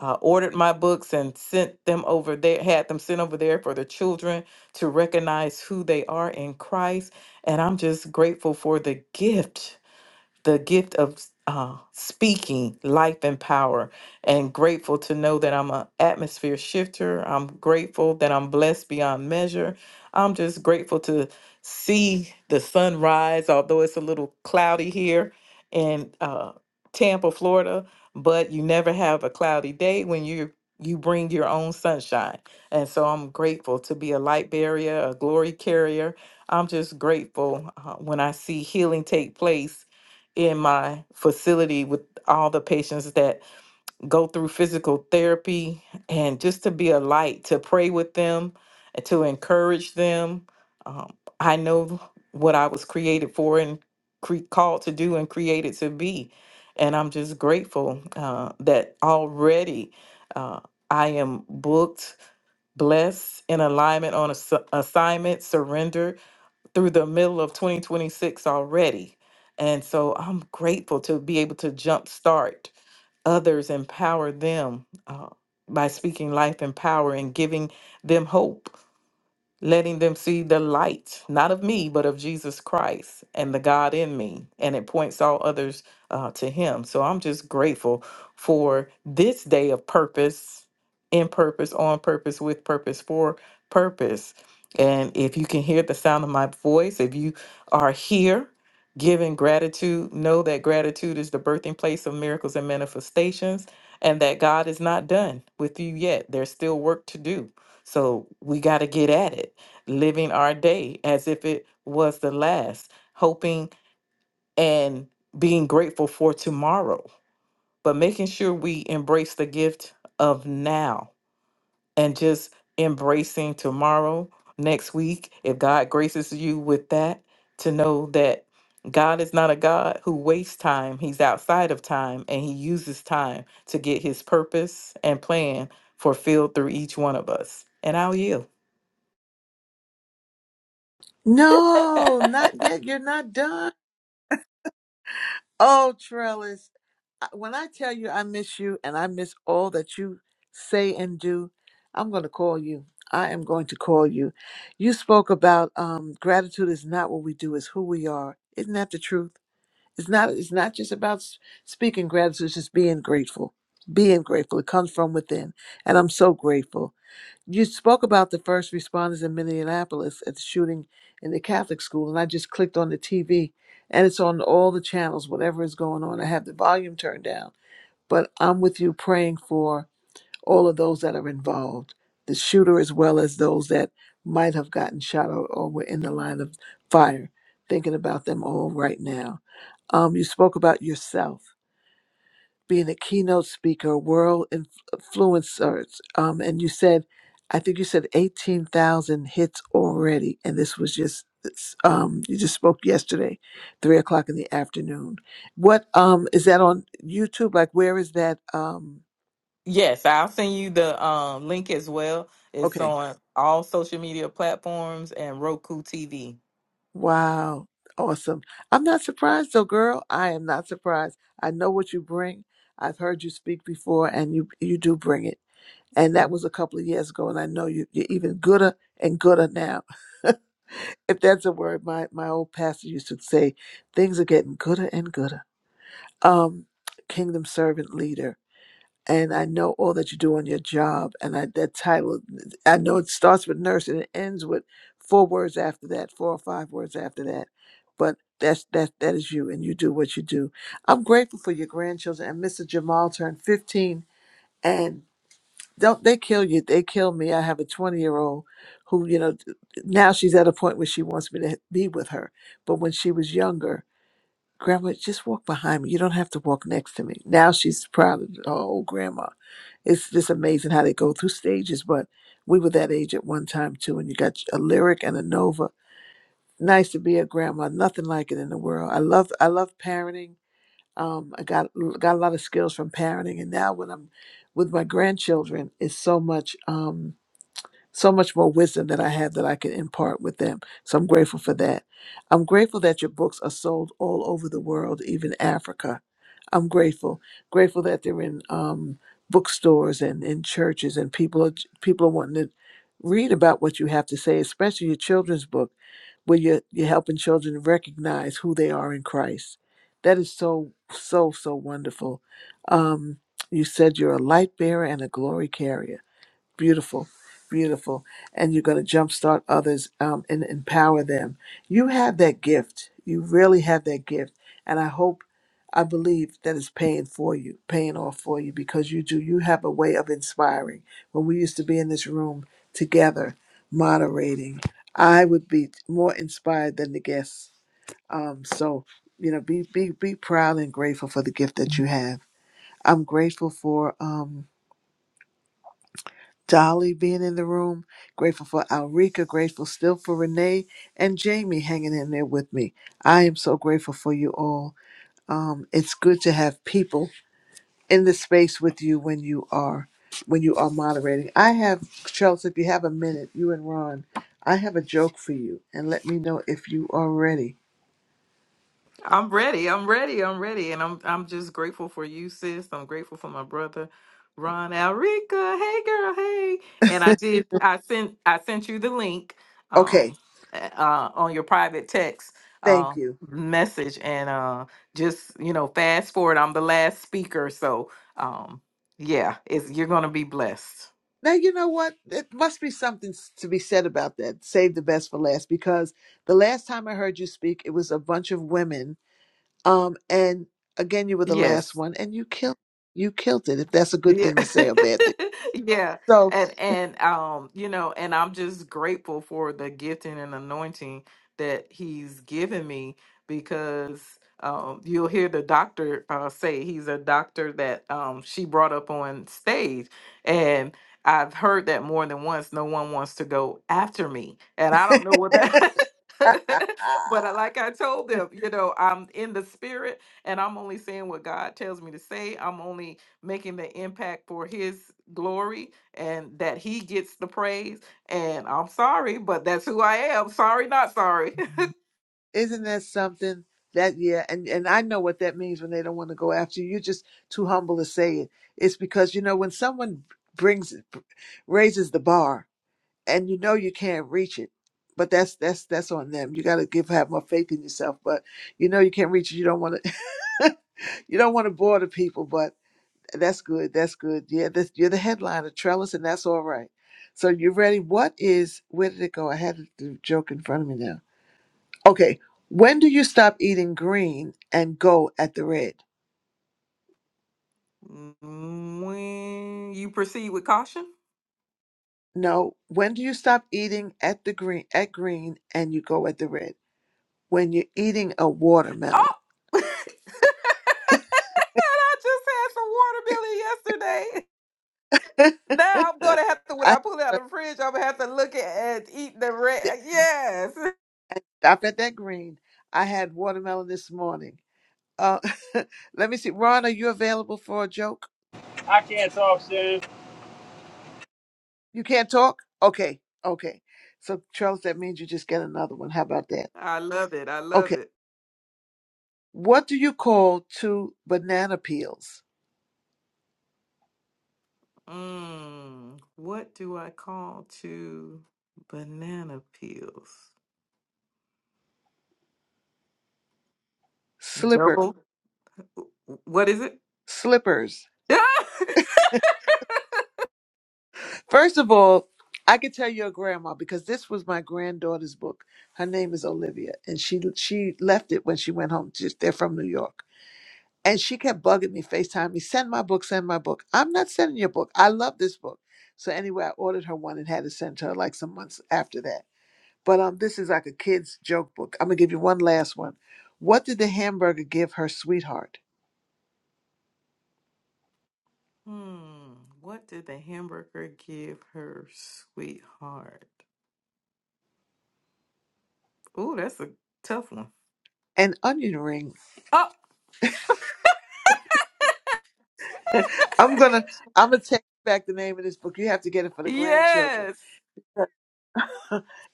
uh, ordered my books and sent them over there, had them sent over there for the children to recognize who they are in Christ and I'm just grateful for the gift the gift of uh, speaking life and power and grateful to know that i'm an atmosphere shifter i'm grateful that i'm blessed beyond measure i'm just grateful to see the sun rise although it's a little cloudy here in uh, tampa florida but you never have a cloudy day when you you bring your own sunshine and so i'm grateful to be a light barrier a glory carrier i'm just grateful uh, when i see healing take place in my facility with all the patients that go through physical therapy and just to be a light, to pray with them, and to encourage them. Um, I know what I was created for and cre- called to do and created to be. And I'm just grateful uh, that already uh, I am booked, blessed, in alignment on ass- assignment, surrendered through the middle of 2026 already. And so I'm grateful to be able to jumpstart others, empower them uh, by speaking life and power and giving them hope letting them see the light, not of me, but of Jesus Christ and the God in me. And it points all others uh, to Him. So I'm just grateful for this day of purpose, in purpose, on purpose, with purpose, for purpose. And if you can hear the sound of my voice, if you are here, Giving gratitude, know that gratitude is the birthing place of miracles and manifestations, and that God is not done with you yet. There's still work to do. So we got to get at it living our day as if it was the last, hoping and being grateful for tomorrow, but making sure we embrace the gift of now and just embracing tomorrow, next week, if God graces you with that, to know that God is not a God who wastes time. He's outside of time and he uses time to get his purpose and plan fulfilled through each one of us. And I'll yield. No, not yet. You're not done. Oh, Trellis, I- when I tell you I miss you and I miss all that you say and do, I'm going to call you. I am going to call you. You spoke about um, gratitude is not what we do, it's who we are. Isn't that the truth? It's not. It's not just about s- speaking gratitude. It's just being grateful. Being grateful. It comes from within, and I'm so grateful. You spoke about the first responders in Minneapolis at the shooting in the Catholic school, and I just clicked on the TV, and it's on all the channels, whatever is going on. I have the volume turned down, but I'm with you praying for all of those that are involved, the shooter as well as those that might have gotten shot or, or were in the line of fire, thinking about them all right now. Um, you spoke about yourself being a keynote speaker, world influencers, um, and you said, I think you said eighteen thousand hits already, and this was just it's, um, you just spoke yesterday, three o'clock in the afternoon. What um is that on YouTube? Like, where is that? Um, Yes, I'll send you the um, link as well. It's okay, on all social media platforms and Roku TV. wow, awesome. I'm not surprised though, girl. I am not surprised. I know what you bring. I've heard you speak before, and you you do bring it. and that was a couple of years ago. And I know you, you're even gooder and gooder now. <laughs> if that's a word, my my old pastor used to say, things are getting gooder and gooder. Um, kingdom servant leader, and I know all that you do on your job, and I, that title, I know it starts with nurse and it ends with four words after that, four or five words after that, but. That's that that is you and you do what you do. I'm grateful for your grandchildren and Mr. Jamal turned 15 and don't they kill you they kill me i have a 20 year old who you know now she's at a point where she wants me to be with her but when she was younger grandma just walk behind me you don't have to walk next to me now she's proud of her old grandma it's just amazing how they go through stages but we were that age at one time too and you got a lyric and a nova nice to be a grandma nothing like it in the world i love i love parenting um, I got got a lot of skills from parenting, and now when I'm with my grandchildren, it's so much. Um, so much more wisdom that I have that I can impart with them. So I'm grateful for that. I'm grateful that your books are sold all over the world, even Africa. I'm grateful. Grateful that they're in um, bookstores and in churches, and people are people are wanting to read about what you have to say, especially your children's book, where you're you're helping children recognize who they are in Christ. That is so so so wonderful. Um, you said you're a light bearer and a glory carrier Beautiful, beautiful. And you're going to jumpstart others um, and empower them. You have that gift. You really have that gift. And I hope, I believe that it's paying for you, paying off for you because you do. You have a way of inspiring. When we used to be in this room together, moderating, I would be more inspired than the guests. Um, so, you know, be, be, be proud and grateful for the gift that you have. I'm grateful for. Um, Dolly being in the room, grateful for Alrika, grateful still for Renee and Jamie hanging in there with me. I am so grateful for you all. Um, it's good to have people in the space with you when you are when you are moderating. I have Charles, if you have a minute, you and Ron, I have a joke for you, and let me know if you are ready. I'm ready. I'm ready. I'm ready, and I'm I'm just grateful for you, sis. I'm grateful for my brother, Ron Alrica. Hey, girl. Hey, and I did. I sent I sent you the link um, Okay, uh, on your private text thank uh, you. message, and uh, just you know, fast forward. I'm the last speaker, so um, yeah, it's you're gonna be blessed. Now you know what? It must be something s- to be said about that. Save the best for last because the last time I heard you speak, it was a bunch of women Um, and again, you were the Yes. last one, and you killed you killed it. If that's a good Yeah. thing <laughs> to say or a bad thing, Yeah. so And and um, you know, and I'm just grateful for the gifting and anointing that he's given me because um you'll hear the doctor uh say he's a doctor that um she brought up on stage and I've heard that more than once. No one wants to go after me. And I don't know <laughs> what that <laughs> But I- like I told them, you know, I'm in the spirit and I'm only saying what God tells me to say. I'm only making the impact for his glory and that he gets the praise. And I'm sorry, but that's who I am. Sorry, not sorry. <laughs> isn't that something? That yeah, and and I know what that means when they don't want to go after you. You're just too humble to say it. It's because you know when someone brings raises the bar, and you know you can't reach it but that's that's that's on them you got to give have more faith in yourself but you know you can't reach it you don't want to <laughs> you don't want to bore the people but that's good that's good yeah that's, you're the headliner trellis and that's all right so you ready what is where did it go i had the joke in front of me now okay when do you stop eating green and go at the red Mm, when you proceed with caution. no when do you stop eating at the green at green and you go at the red when you're eating a watermelon Oh, <laughs> and I just had some watermelon yesterday. Now I'm gonna have to, <laughs> when I I pull it out of the fridge, I'm gonna have to look at and eat the red. Yes, stopped at that green. I had watermelon this morning. Uh, <laughs> let me see. Ron, are you available for a joke? I can't talk, Sharon. You can't talk? Okay. Okay. So, Charles, that means you just get another one. How about that? <laughs> I love it. I love Okay. it. What do you call two banana peels? Mm, what do I call two banana peels? Slipper. Gerbil. What is it? Slippers. <laughs> First of all, I can tell your grandma because this was my granddaughter's book. Her name is Olivia, and she she left it when she went home. Just they're from New York And she kept bugging me, FaceTime me, send my book, send my book. I'm not sending your book. I love this book. So anyway, I ordered her one and had it sent to her like some months after that. But um, this is like a kid's joke book. I'm gonna give you one last one. What did the hamburger give her sweetheart? hmm. What did the hamburger give her sweetheart? Oh, that's a tough one. An onion ring. Oh, <laughs> <laughs> I'm gonna I'm gonna take back the name of this book. You have to get it for the grandchildren. yes.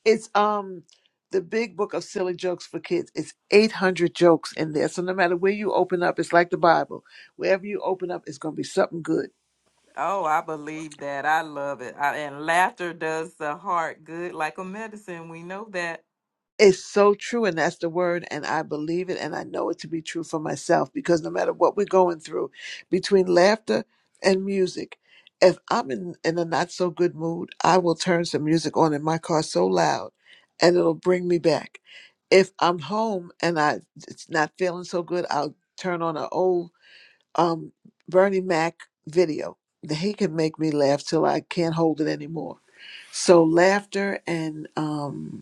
It's um the big book of silly jokes for kids. It's 800 jokes in there. So no matter where you open up, it's like the Bible. Wherever you open up, it's gonna be something good. Oh, I believe that. I love it. I, and laughter does the heart good like a medicine. We know that. It's so true, and that's the word, and I believe it, and I know it to be true for myself because no matter what we're going through, between laughter and music, if I'm in, in a not so good mood, I will turn some music on in my car so loud and it'll bring me back. If I'm home and I it's not feeling so good, I'll turn on an old um Bernie Mac video. He can make me laugh till I can't hold it anymore. So laughter and um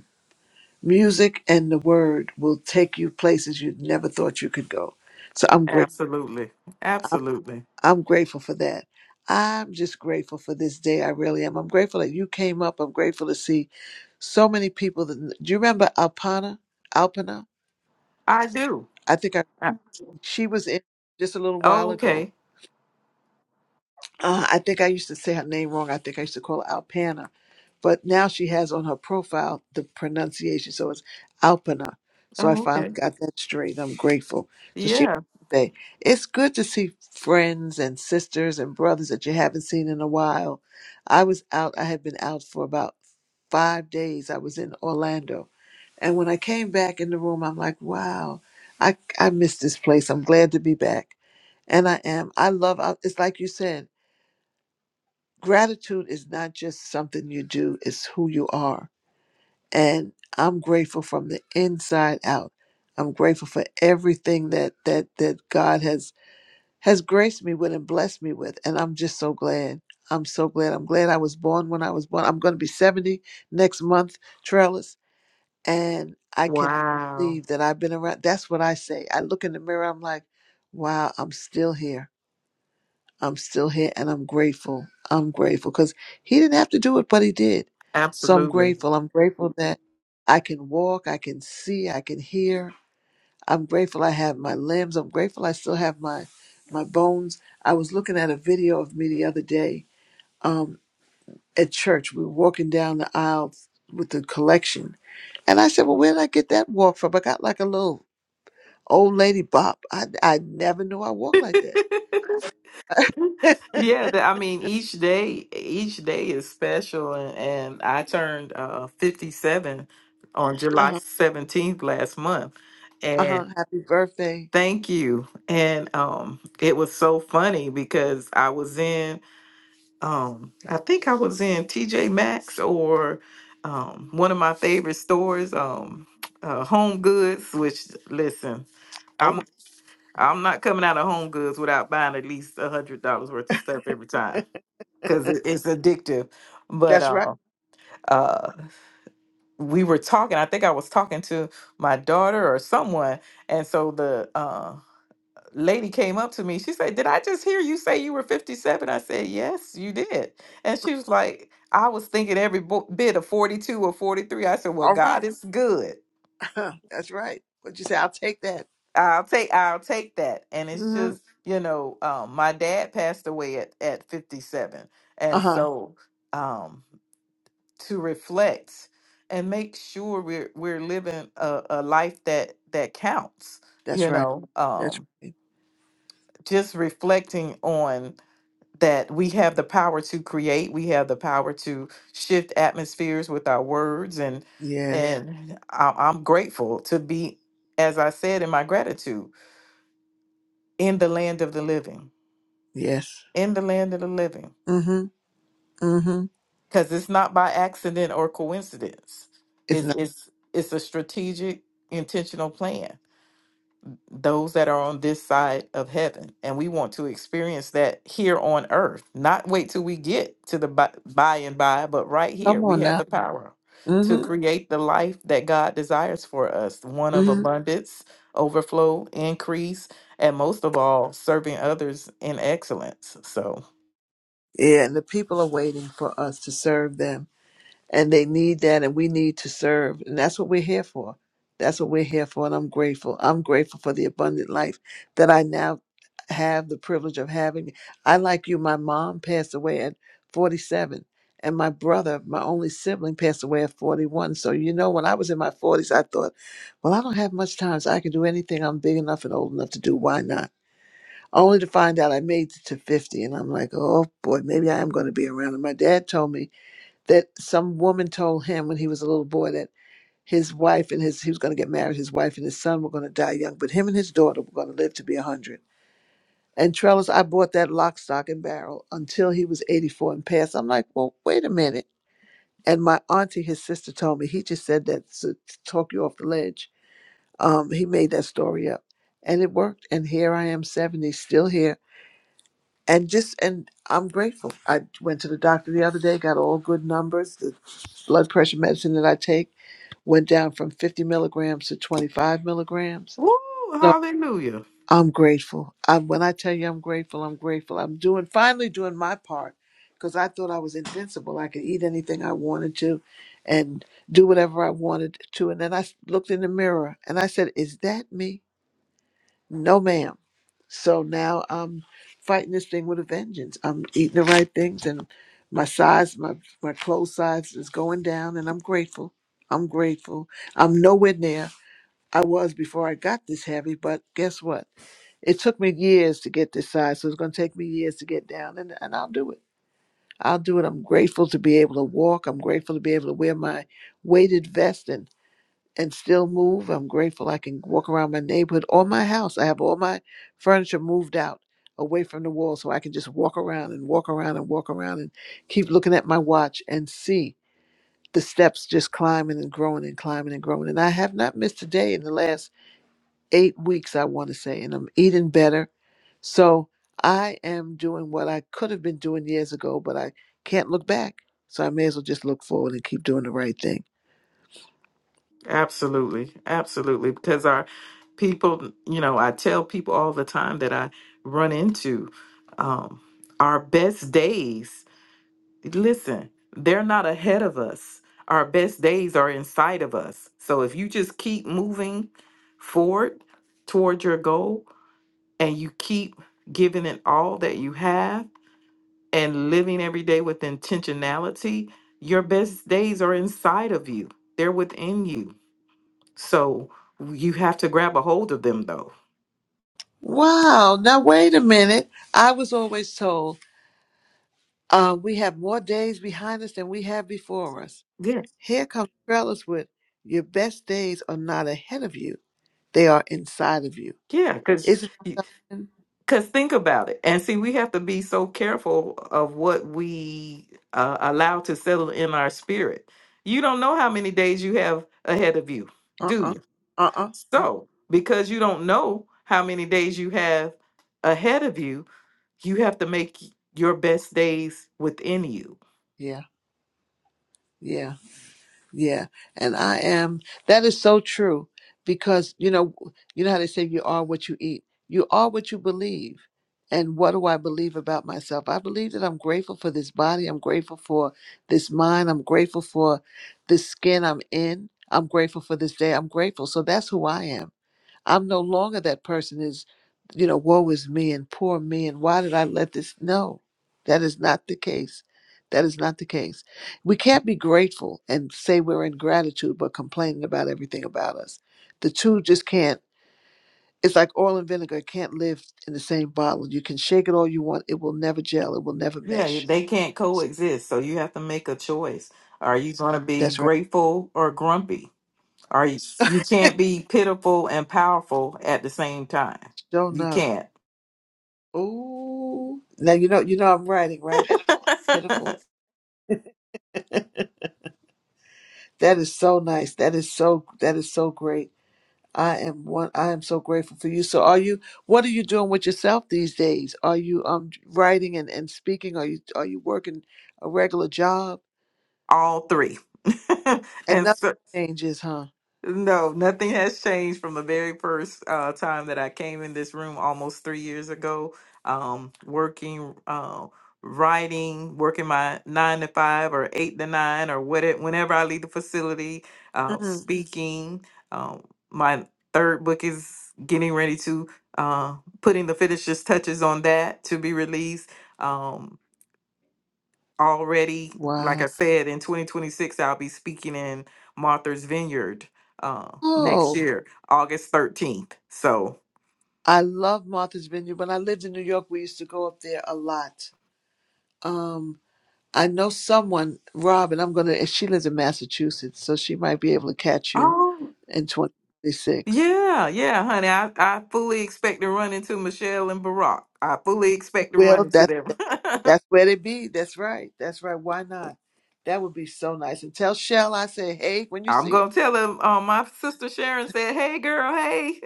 Music and the word will take you places you never thought you could go. So I'm great. Absolutely. Absolutely. I'm grateful for that. I'm just grateful for this day. I really am. I'm grateful that you came up. I'm grateful to see so many people. That, do you remember Alpana? Alpana? I do. I think I, I- she was in just a little while ago. Okay. Uh, I think I used to say her name wrong. I think I used to call her Alpana, but now she has on her profile the pronunciation, so it's Alpana. So I Oh, finally okay. got that straight. I'm grateful. So she Yeah. say it's good to see friends and sisters and brothers that you haven't seen in a while. I was out. I had been out for about five days. I was in Orlando, and when I came back in the room, I'm like, wow, I I miss this place. I'm glad to be back, and I am. I love. It's like you said gratitude is not just something you do, it's who you are. And I'm grateful from the inside out. I'm grateful for everything that that that God has has graced me with and blessed me with. And I'm just so glad. I'm so glad. I'm glad I was born when I was born. I'm gonna be 70 next month, Trellis. And I can Wow. believe that I've been around. That's what I say. I look in the mirror, I'm like, wow, I'm still here. I'm still here and I'm grateful. I'm grateful because he didn't have to do it, but he did. So I'm Absolutely. grateful. I'm grateful that I can walk, I can see, I can hear. I'm grateful I have my limbs. I'm grateful I still have my my bones. I was looking at a video of me the other day um, at church. We were walking down the aisle with the collection, and I said, "Well, where did I get that walk from?" I got like a little old lady bop. I I never knew I walked like that. Yeah, the, I mean each day each day is special and, and I turned uh 57 on <laughs> uh July huh. 17th last month. Uh huh. And Happy birthday. thank you. And um it was so funny because I was in um I think I was in TJ Maxx or um one of my favorite stores um uh, Home Goods which listen I'm not coming out of Home Goods without buying at least a hundred dollars worth of stuff every time because it, it's addictive. But That's right. uh, uh, we were talking. I think I was talking to my daughter or someone, and so the uh, lady came up to me. She said, "Did I just hear you say you were 57?" I said, "Yes, you did." And she was like, "I was thinking every bo- bit of 42 or 43." I said, "Well, All right. God is good." <laughs> That's right. What'd you say? I'll take that. I'll take I'll take that. And it's Mm-hmm. just, you know, um my dad passed away at at 57. Uh And huh. so um to reflect and make sure we're we're living a, a life that that counts, That's you right. know, That's um right. just reflecting on that we have the power to create, we have the power to shift atmospheres with our words and Yes. and I, I'm grateful to be as I said in my gratitude in the land of the living, Yes. in the land of the living, Mm-hmm. Mm-hmm. because it's not by accident or coincidence. It's It's not. it's it's a strategic, intentional plan. Those that are on this side of heaven, and we want to experience that here on earth. Not wait till we get to the by, by and by, but right here Come we on have now. the power to Mm-hmm. create the life that God desires for us, one of Mm-hmm. abundance, overflow, increase, and most of all, serving others in excellence. So, Yeah, and the people are waiting for us to serve them. and they need that and we need to serve and that's what we're here for that's what we're here for and i'm grateful i'm grateful for the abundant life that i now have the privilege of having i like you my mom passed away at 47 and my brother my only sibling passed away at 41 so you know when i was in my 40s i thought well i don't have much time so i can do anything i'm big enough and old enough to do why not only to find out i made it to 50 and i'm like oh boy maybe i am going to be around and my dad told me that some woman told him when he was a little boy that his wife and his he was going to get married his wife and his son were going to die young but him and his daughter were going to live to be 100 and trellis i bought that lock stock and barrel until he was 84 and passed i'm like well wait a minute and my auntie his sister told me he just said that to, to talk you off the ledge um, he made that story up and it worked and here i am 70 still here and just and i'm grateful i went to the doctor the other day got all good numbers the blood pressure medicine that i take went down from 50 milligrams to 25 milligrams. Woo, So hallelujah. I'm grateful. I, when I tell you I'm grateful, I'm grateful. I'm doing finally doing my part because I thought I was invincible. I could eat anything I wanted to and do whatever I wanted to. And then I looked in the mirror and I said, Is that me? No, ma'am. So now I'm fighting this thing with a vengeance. I'm eating the right things and my size, my, my clothes size is going down and I'm grateful. I'm grateful. I'm nowhere near. I was before I got this heavy, but guess what? It took me years to get this size, so it's going to take me years to get down, and, and I'll do it. I'll do it. I'm grateful to be able to walk. I'm grateful to be able to wear my weighted vest and, and still move. I'm grateful I can walk around my neighborhood or my house. I have all my furniture moved out away from the wall so I can just walk around and walk around and walk around and keep looking at my watch and see the steps just climbing and growing and climbing and growing. And I have not missed a day in the last eight weeks, I want to say, and I'm eating better. So I am doing what I could have been doing years ago, but I can't look back. So I may as well just look forward and keep doing the right thing. Absolutely. Absolutely. Because our people, you know, I tell people all the time that I run into um, our best days. Listen, they're not ahead of us. Our best days are inside of us. So if you just keep moving forward toward your goal and you keep giving it all that you have, and living every day with intentionality, your best days are inside of you. They're within you. So you have to grab a hold of them though. Wow. Now, wait a minute. I was always told uh, we have more days behind us than we have before us. Yeah. Here comes fellas with your best days are not ahead of you, they are inside of you. Yeah, cuz Isn't it? cuz think about it. And see we have to be so careful of what we uh, allow to settle in our spirit. You don't know how many days you have ahead of you, Uh do you? uh. Uh uh. So, because you don't know how many days you have ahead of you, you have to make your best days within you. Yeah. Yeah. Yeah, and I am. That is so true because you know, you know how they say you are what you eat. You are what you believe. And what do I believe about myself? I believe that I'm grateful for this body. I'm grateful for this mind. I'm grateful for this skin I'm in. I'm grateful for this day. I'm grateful. So that's who I am. I'm no longer that person is, you know, woe is me and poor me and why did I let this? No, that is not the case. That is not the case. We can't be grateful and say we're in gratitude, but complaining about everything about us. The two just can't. It's like oil and vinegar it can't live in the same bottle. You can shake it all you want, it will never gel. It will never Yeah, mesh. they can't S- coexist. So you have to make a choice. Are you going to be That's right. grateful or grumpy? Are you, you can't be pitiful and powerful at the same time. Sure You enough. can't. Ooh. Now you know you know I'm writing right. Pitiful. <laughs> That is so nice. That is so that is so great I am one. I am so grateful for you. So, are you? What are you doing with yourself these days? Are you um writing and, and speaking? Are you are you working a regular job? All three. <laughs> And and nothing so, changes, huh? No, nothing has changed from the very first uh, time that I came in this room almost three years ago. Um, working, uh, writing, working my nine to five or eight to nine or whatever, whenever I leave the facility, uh, Mm. speaking. Um, my third book is getting ready to uh, putting the finishes touches on that to be released. Um, already, like Wow. I said, in 2026, I'll be speaking in Martha's Vineyard uh, next Oh, year, August 13th. So, I love Martha's Vineyard. When I lived in New York, we used to go up there a lot. Um, I know someone, Rob, and I'm gonna. and She lives in Massachusetts, so she might be able to catch you oh, in 2026. yeah, yeah, honey. I, I fully expect to run into Michelle and Barack. I fully You expect to run will. into That's them. <laughs> that's where they be. That's right. That's right. Why not? That would be so nice. And tell Shell I say, hey, when you I'm see her. going to tell them uh, my sister Sharon said, hey, girl, hey.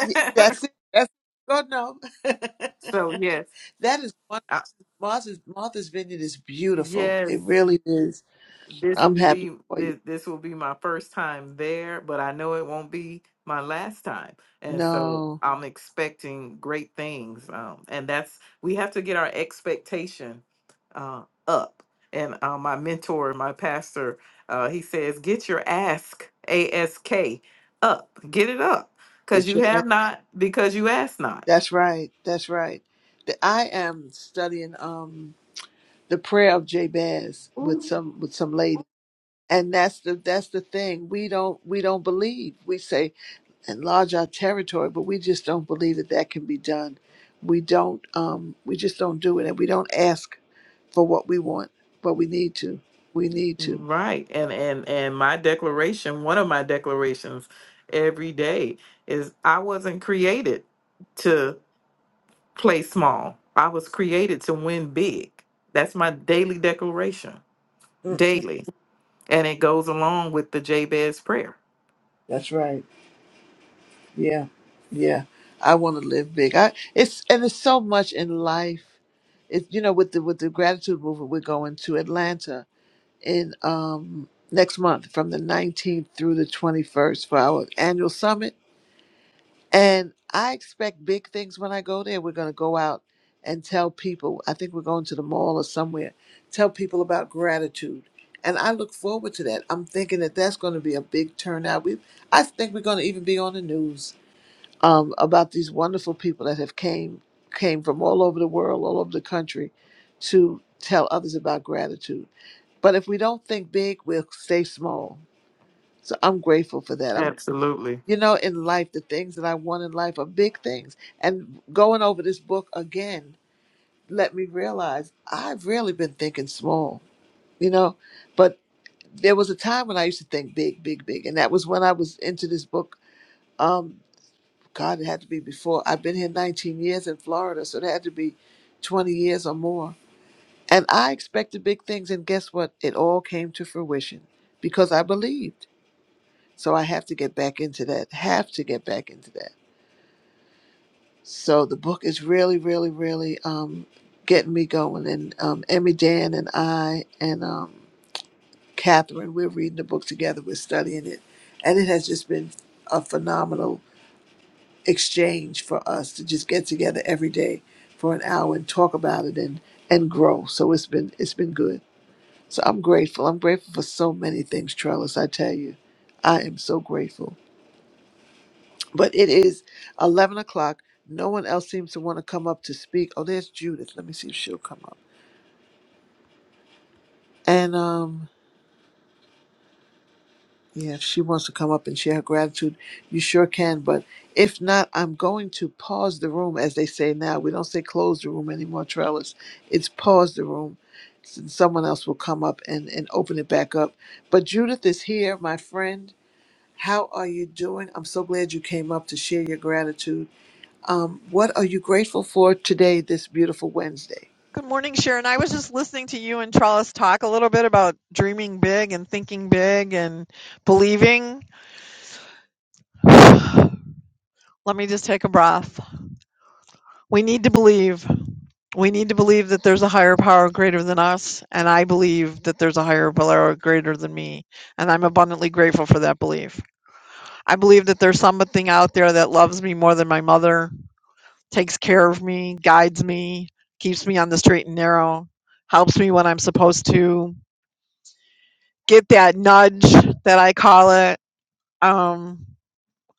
Y- That's it. That's God no. <laughs> <laughs> so, yes. that is one I, Martha's Martha's Vineyard is beautiful. It yes. really is. this I'm will happy be for you. this, this will be my first time there but i know it won't be my last time and so No. i'm expecting great things um, and that's we have to get our expectation uh, up and uh, my mentor my pastor uh, he says get your ask ask up get it up because Get you your ass- have not because you ask not that's right. That's right. The- I am studying um the prayer of Jabez with some with some lady. And that's the that's the thing. We don't we don't believe. We say enlarge our territory, but we just don't believe that that can be done. We don't, um, we just don't do it, and we don't ask for what we want, but we need to. We need to. Right. And and and my declaration, one of my declarations every day is I wasn't created to play small. I was created to win big. That's my daily declaration. Mm, Daily. And it goes along with the Jabez prayer. That's right. Yeah, yeah. I want to live big. I it's and it's so much in life. It's you know with the with the gratitude movement, we're going to Atlanta in um next month from the 19th through the 21st for our annual summit And I expect big things when I go there. We're going to go out and tell people. I think we're going to the mall or somewhere. Tell people about gratitude. And I look forward to that. I'm thinking that that's going to be a big turnout. We, I think we're going to even be on the news um, about these wonderful people that have came came from all over the world, all over the country, to tell others about gratitude. But if we don't think big, we'll stay small. So I'm grateful for that. I'm Absolutely. you know, in life, the things that I want in life are big things. And going over this book again let me realize I've really been thinking small, you know. But there was a time when I used to think big, big, big. And that was when I was into this book. Um, God, it had to be before. I've been here 19 years in Florida, so it had to be 20 years or more. And I expected big things. And guess what? It all came to fruition because I believed. So I have to get back into that, have to get back into that So the book is really, really, really um, getting me going. And um, Emmy, Dan, and I, and um, Catherine, we're reading the book together. We're studying it, and it has just been a phenomenal exchange for us to just get together every day for an hour and talk about it and and grow. So it's been it's been good. So I'm grateful. I'm grateful for so many things, Trellis. I tell you, I am so grateful. But it is 11 o'clock. No one else seems to want to come up to speak. Oh, there's Judith. Let me see if she'll come up. And, um, yeah, if she wants to come up and share her gratitude, you sure can. But if not, I'm going to pause the room, as they say now. We don't say close the room anymore, Trellis. It's pause the room. S- Someone else will come up and, and open it back up. But Judith is here, my friend. How are you doing? I'm so glad you came up to share your gratitude. Um, what are you grateful for today, this beautiful Wednesday? Good morning, Sharon. I was just listening to you and Trellis talk a little bit about dreaming big and thinking big and believing. <sighs> Let me just take a breath. We need to believe. We need to believe that there's a higher power greater than us, and I believe that there's a higher power greater than me, and I'm abundantly grateful for that belief. I believe that there's something out there that loves me more than my mother, takes care of me, guides me, keeps me on the straight and narrow, helps me when I'm supposed to get that nudge that I call it. Um,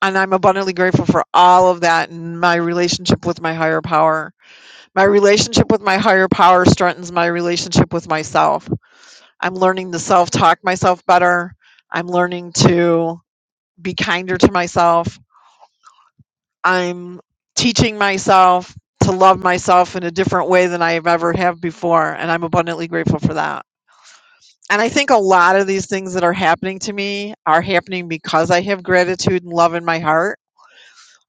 and I'm abundantly grateful for all of that and my relationship with my higher power. My relationship with my higher power strengthens my relationship with myself. I'm learning to self talk myself better. I'm learning to be kinder to myself. I'm teaching myself to love myself in a different way than I have ever have before, and I'm abundantly grateful for that. And I think a lot of these things that are happening to me are happening because I have gratitude and love in my heart.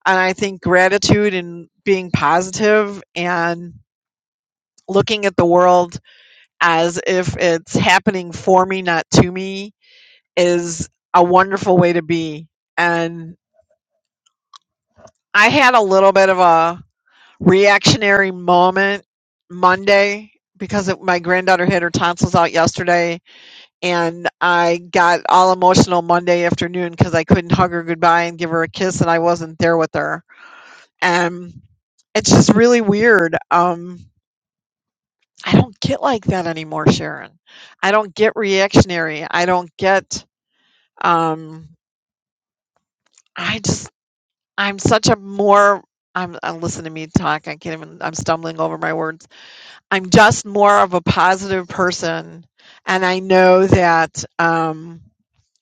And I think gratitude and being positive and looking at the world as if it's happening for me, not to me, is a wonderful way to be. And I had a little bit of a reactionary moment Monday because it, my granddaughter had her tonsils out yesterday, and I got all emotional Monday afternoon because I couldn't hug her goodbye and give her a kiss, and I wasn't there with her. And it's just really weird. Um, I don't get like that anymore, Sharon. I don't get reactionary. I don't get. Um, I just I'm such a more. I'm, uh listen to me talk. I can't even. I'm stumbling over my words. I'm just more of a positive person. And I know that um,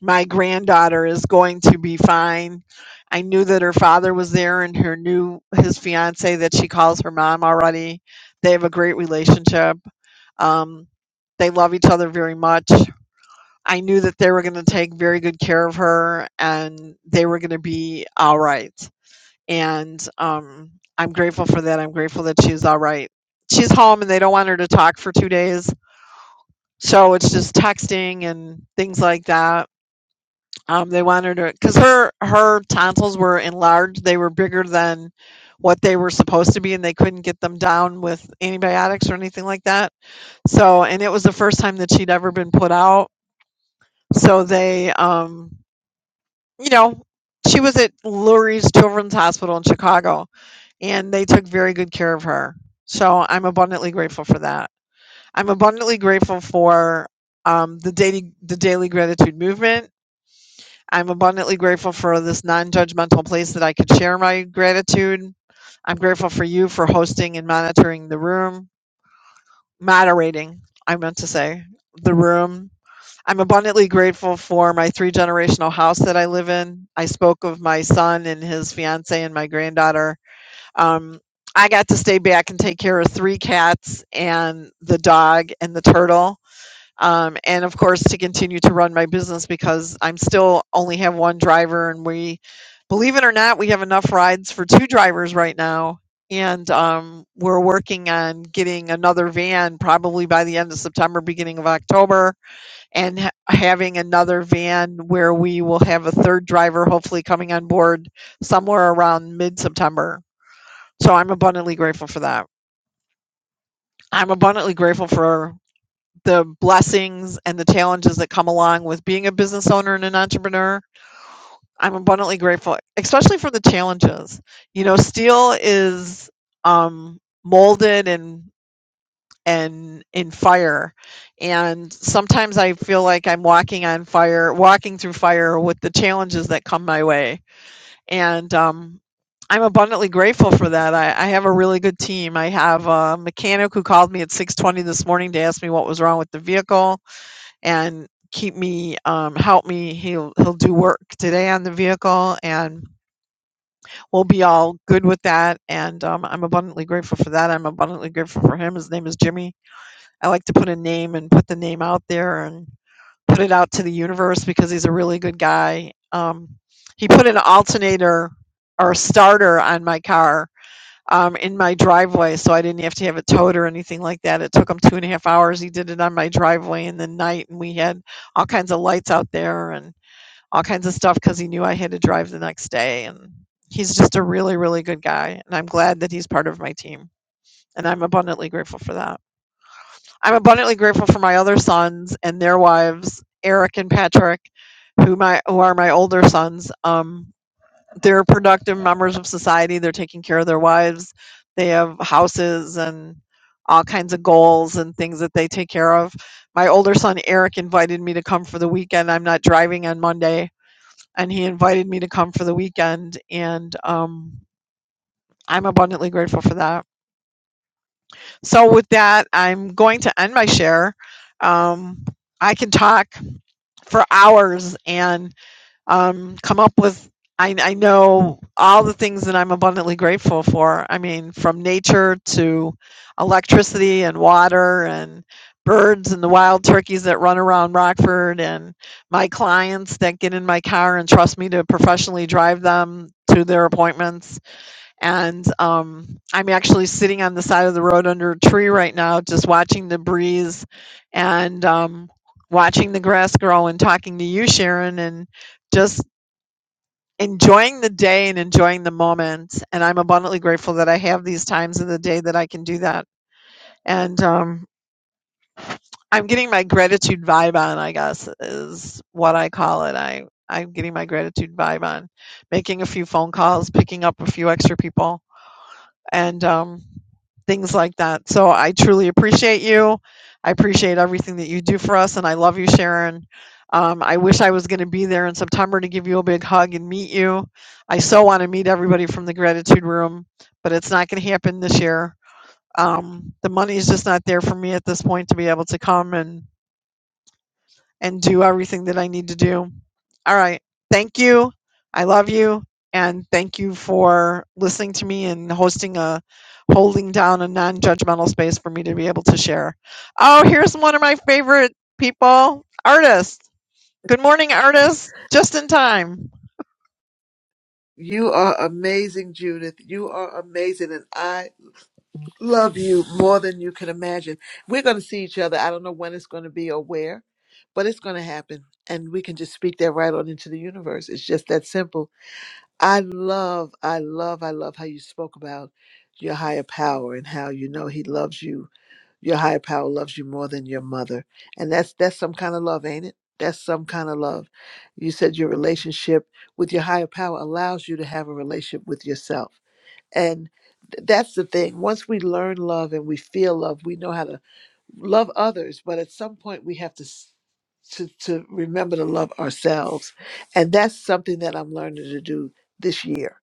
my granddaughter is going to be fine. I knew that her father was there and her new his fiance that she calls her mom already. They have a great relationship. Um, they love each other very much. I knew that they were going to take very good care of her and they were going to be all right and um, I'm grateful for that. I'm grateful that she's all right. She's home, and they don't want her to talk for two days, so it's just texting and things like that. Um, they want her to because her her tonsils were enlarged; they were bigger than what they were supposed to be, and they couldn't get them down with antibiotics or anything like that. So, and it was the first time that she'd ever been put out. So they, um, you know, she was at Lurie's Children's Hospital in Chicago, and they took very good care of her. So I'm abundantly grateful for that. I'm abundantly grateful for um, the daily the daily gratitude movement. I'm abundantly grateful for this non-judgmental place that I could share my gratitude. I'm grateful for you for hosting and monitoring the room, moderating. I meant to say the room. I'm abundantly grateful for my three generational house that I live in. I spoke of my son and his fiance and my granddaughter um, I got to stay back and take care of three cats and the dog and the turtle. Um, and of course, to continue to run my business because I'm still only have one driver. And we, believe it or not, we have enough rides for two drivers right now. And um, we're working on getting another van probably by the end of September, beginning of October, and ha- having another van where we will have a third driver hopefully coming on board somewhere around mid September so I'm abundantly grateful for that. I'm abundantly grateful for the blessings and the challenges that come along with being a business owner and an entrepreneur. I'm abundantly grateful, especially for the challenges. You know, steel is um, molded and and in fire, and sometimes I feel like I'm walking on fire, walking through fire with the challenges that come my way and um, I'm abundantly grateful for that. I, I have a really good team. I have a mechanic who called me at 6:20 this morning to ask me what was wrong with the vehicle and keep me, um, help me. He'll he'll do work today on the vehicle, and we'll be all good with that. And um, I'm abundantly grateful for that. I'm abundantly grateful for him. His name is Jimmy. I like to put a name and put the name out there and put it out to the universe because he's a really good guy. Um, he put an alternator or a starter on my car um, in my driveway, so I didn't have to have it towed or anything like that. It took him two and a half hours. He did it on my driveway in the night, and we had all kinds of lights out there and all kinds of stuff because he knew I had to drive the next day. And he's just a really, really good guy, and I'm glad that he's part of my team, and I'm abundantly grateful for that. I'm abundantly grateful for my other sons and their wives, Eric and Patrick, who my who are my older sons. Um, they're productive members of society. They're taking care of their wives. They have houses and all kinds of goals and things that they take care of. My older son Eric invited me to come for the weekend. I'm not driving on Monday, and he invited me to come for the weekend, and um, I'm abundantly grateful for that. So with that, I'm going to end my share. Um, I can talk for hours and um, come up with. I, I know all the things that I'm abundantly grateful for. I mean, from nature to electricity and water and birds and the wild turkeys that run around Rockford and my clients that get in my car and trust me to professionally drive them to their appointments and um, I'm actually sitting on the side of the road under a tree right now, just watching the breeze and um, watching the grass grow and talking to you, Sharon, and just enjoying the day and enjoying the moment. And I'm abundantly grateful that I have these times of the day that I can do that. And um, I'm getting my gratitude vibe on, I guess, is what I call it. I, I'm getting my gratitude vibe on, making a few phone calls, picking up a few extra people and um, things like that. So I truly appreciate you. I appreciate everything that you do for us, and I love you, Sharon. Um, I wish I was going to be there in September to give you a big hug and meet you. I so want to meet everybody from the gratitude room, but it's not going to happen this year. Um, the money is just not there for me at this point to be able to come and and do everything that I need to do. All right. Thank you. I love you. And thank you for listening to me and hosting a holding down a non judgmental space for me to be able to share. Oh, here's one of my favorite people, artists. Good morning, artists. Just in time. You are amazing, Judith. You are amazing, and I love you more than you can imagine. We're going to see each other. I don't know when it's going to be or where, but it's going to happen. And we can just speak that right on into the universe. It's just that simple. I love, I love, I love how you spoke about your higher power and how you know He loves you Your higher power loves you more than your mother. And that's that's some kind of love, ain't it? That's some kind of love. You said your relationship with your higher power allows you to have a relationship with yourself. And th- that's the thing. Once we learn love and we feel love, we know how to love others, but at some point we have to s- to, to remember to love ourselves. And that's something that I'm learning to do this year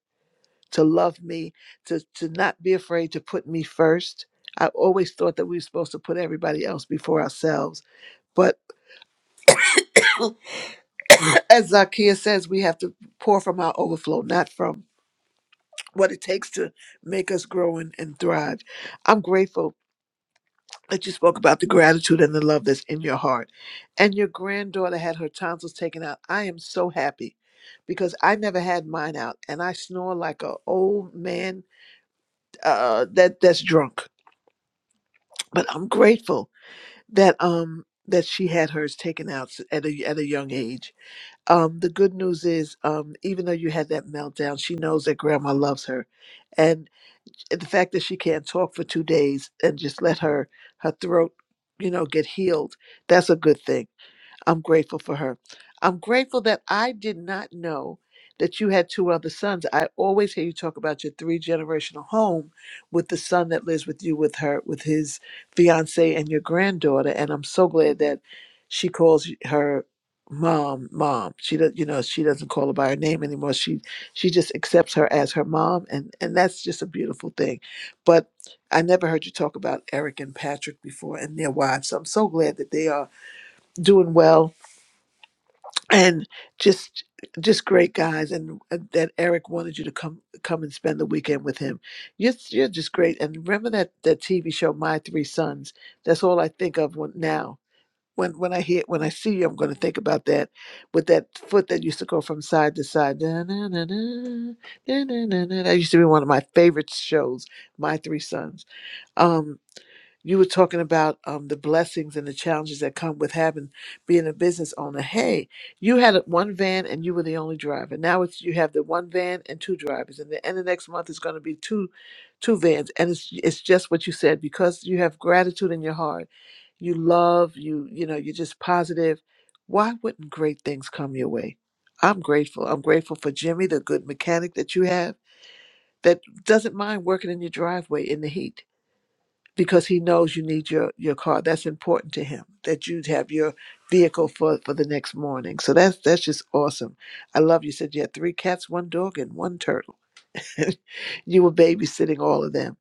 to love me, to, to not be afraid to put me first. I always thought that we were supposed to put everybody else before ourselves. But <clears throat> as Zacchaeus says, we have to pour from our overflow, not from what it takes to make us grow and, and thrive. I'm grateful that you spoke about the gratitude and the love that's in your heart. And your granddaughter had her tonsils taken out. I am so happy because I never had mine out and I snore like an old man uh, that that's drunk. But I'm grateful that um that she had hers taken out s- at a at a young age. Um, the good news is, um, even though you had that meltdown, she knows that grandma loves her, and the fact that she can't talk for two days and just let her her throat, you know, get healed, that's a good thing I'm grateful for her. I'm grateful that I did not know that you had two other sons. I always hear you talk about your three generational home with the son that lives with you with her with his fiance and your granddaughter and I'm so glad that she calls y- her mom mom. She does you know she doesn't call her by her name anymore. She she just accepts her as her mom and and that's just a beautiful thing. But I never heard you talk about Eric and Patrick before and their wives. So I'm so glad that they are doing well and just just great guys and uh, that Eric wanted you to come come and spend the weekend with him. You're you're just great. And remember that that TV show My Three Sons. That's all I think of when, now. When when I hear when I see you, I'm going to think about that with that foot that used to go from side to side. Da, na, na, na, da, na, na, na. That used to be one of my favorite shows. My Three Sons. Um, you were talking about um, the blessings and the challenges that come with having being a business owner. Hey, you had one van and you were the only driver. Now it's you have the one van and two drivers, and the end of next month is going to be two, two vans. And it's it's just what you said because you have gratitude in your heart, you love you you know you're just positive. Why wouldn't great things come your way? I'm grateful. I'm grateful for Jimmy, the good mechanic that you have that doesn't mind working in your driveway in the heat because he knows you need your your car. That's important to him that you have your vehicle for for the next morning. So that's that's just awesome. I love you. Said you had three cats, one dog, and one turtle. <laughs> you were babysitting all of them.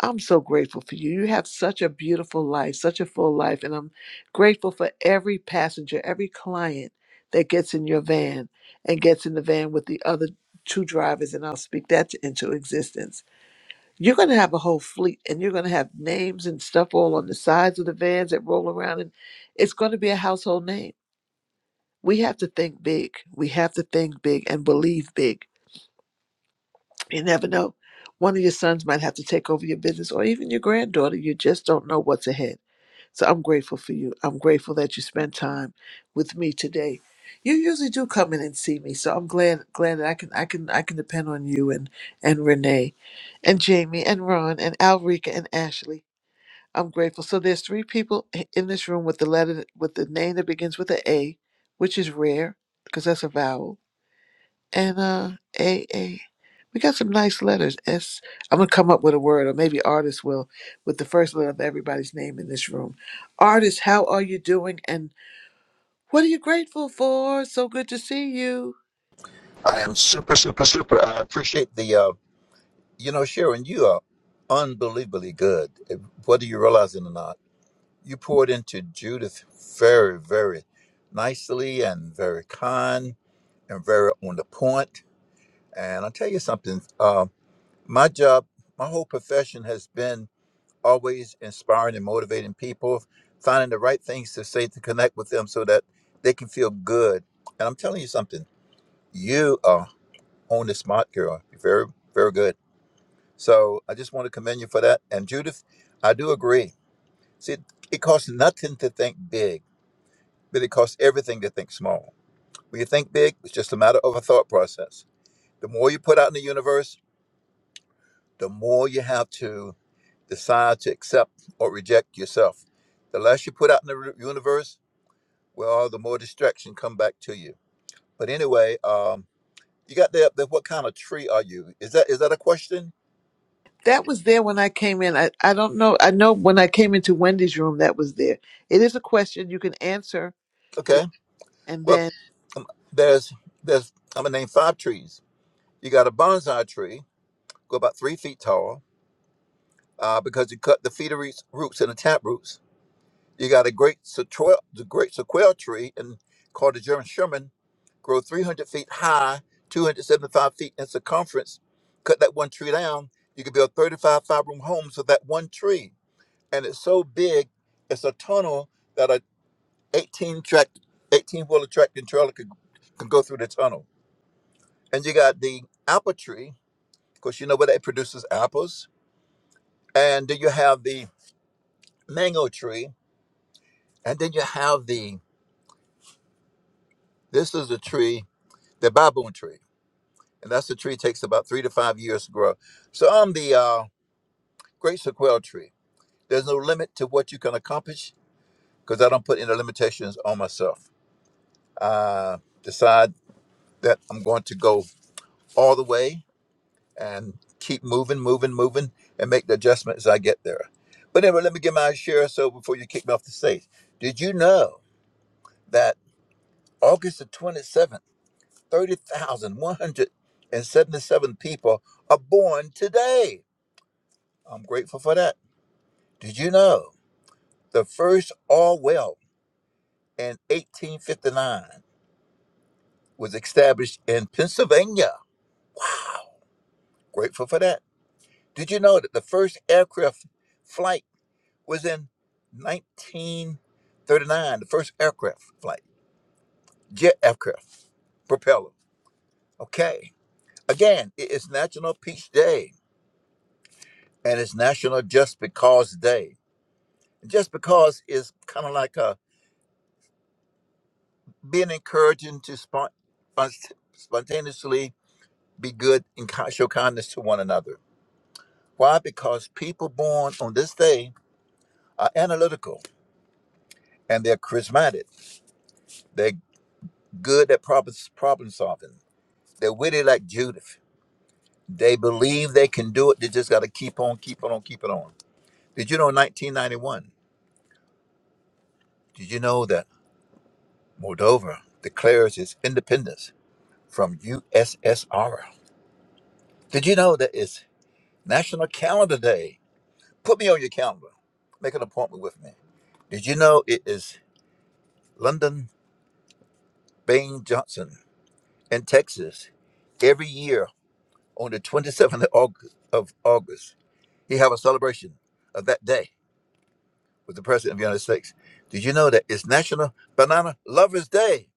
I'm so grateful for you. You have such a beautiful life, such a full life, and I'm grateful for every passenger, every client that gets in your van and gets in the van with the other two drivers, and I'll speak that into existence. You're going to have a whole fleet and you're going to have names and stuff all on the sides of the vans that roll around, and it's going to be a household name. We have to think big. We have to think big and believe big. You never know. One of your sons might have to take over your business or even your granddaughter. You just don't know what's ahead. So I'm grateful for you. I'm grateful that you spent time with me today. You usually do come in and see me, so I'm glad glad that I can I can I can depend on you and and Renee and Jamie and Ron and Alrika and Ashley I'm grateful. So there's three people i- in this room with the letter that- with the name that begins with a A, which is rare because that's a vowel. And uh A A. We got some nice letters. S I'm gonna come up with a word, or maybe artists will, with the first letter of everybody's name in this room. Artists, how are you doing? And what are you grateful for? So good to see you. I am super, super, super. I appreciate the, uh, you know, Sharon, you are unbelievably good, whether you realize it or not. You poured into Judith very, very nicely and very kind and very on the point. And I'll tell you something uh, my job, my whole profession has been always inspiring and motivating people, finding the right things to say to connect with them so that they can feel good. And I'm telling you something, you are on the smart girl. You're very, very good. So I just want to commend you for that. And Judith, I do agree. See, it costs nothing to think big, but it costs everything to think small. When you think big, it's just a matter of a thought process. The more you put out in the universe, the more you have to decide to accept or reject yourself. The less you put out in the re- universe, well, the more distraction come back to you. But anyway, um, you got there. the what kind of tree are you? Is that is that a question? That was there when I came in. I, I don't know. I know when I came into Wendy's room that was there. It is a question you can answer the, Okay. and Well, then um, there's there's I'm gonna name five trees You got a bonsai tree, go about three feet tall, uh, because you cut the feeder roots roots and the tap roots. You got a great sequoia, the great sequoia tree, and called the German Sherman, grow 300 feet high, 275 feet in circumference. Cut that one tree down, you could build 35 five-room homes with that one tree. And it's so big, it's a tunnel that a 18 track, 18 wheeler tractor trailer could, could go through the tunnel. And you got the apple tree, because you know where that produces apples and then you have the mango tree, and then you have the this is a tree, the baboon tree, and that's the tree takes about three to five years to grow. So I'm the uh, great sequoia tree. There's no limit to what you can accomplish because I don't put any limitations on myself. I decide that I'm going to go all the way and keep moving, moving, moving, and make the adjustments as I get there. But anyway, let me give my share. So before you kick me off the stage, did you know that August the 27th? 30,177 people are born today. I'm grateful for that. Did you know the first Orwell in 1859 was established in Pennsylvania? Grateful for that. Did you know that the first aircraft flight was in 1939? The first aircraft flight, jet aircraft, propeller. Okay. Again, it is National Peach Day and it's National Just Because Day. just because it's kind of like a being encouraging to spon- spon- spontaneously be good and ki- show kindness to one another. Why? Because people born on this day are analytical and they're charismatic. They're good at problem, problem solving. They're witty like Judith. They believe they can do it. They just got to keep on, keep on, keep it on. Did you know in 1991? Did you know that Moldova declares its independence from USSR? Did you know that it's National Calendar Day. Put me on your calendar. Make an appointment with me. Did you know it is London Bain Johnson in Texas every year on the 27th of August, of August? He have a celebration of that day with the President of the United States. Did you know that it's National Banana Lovers Day?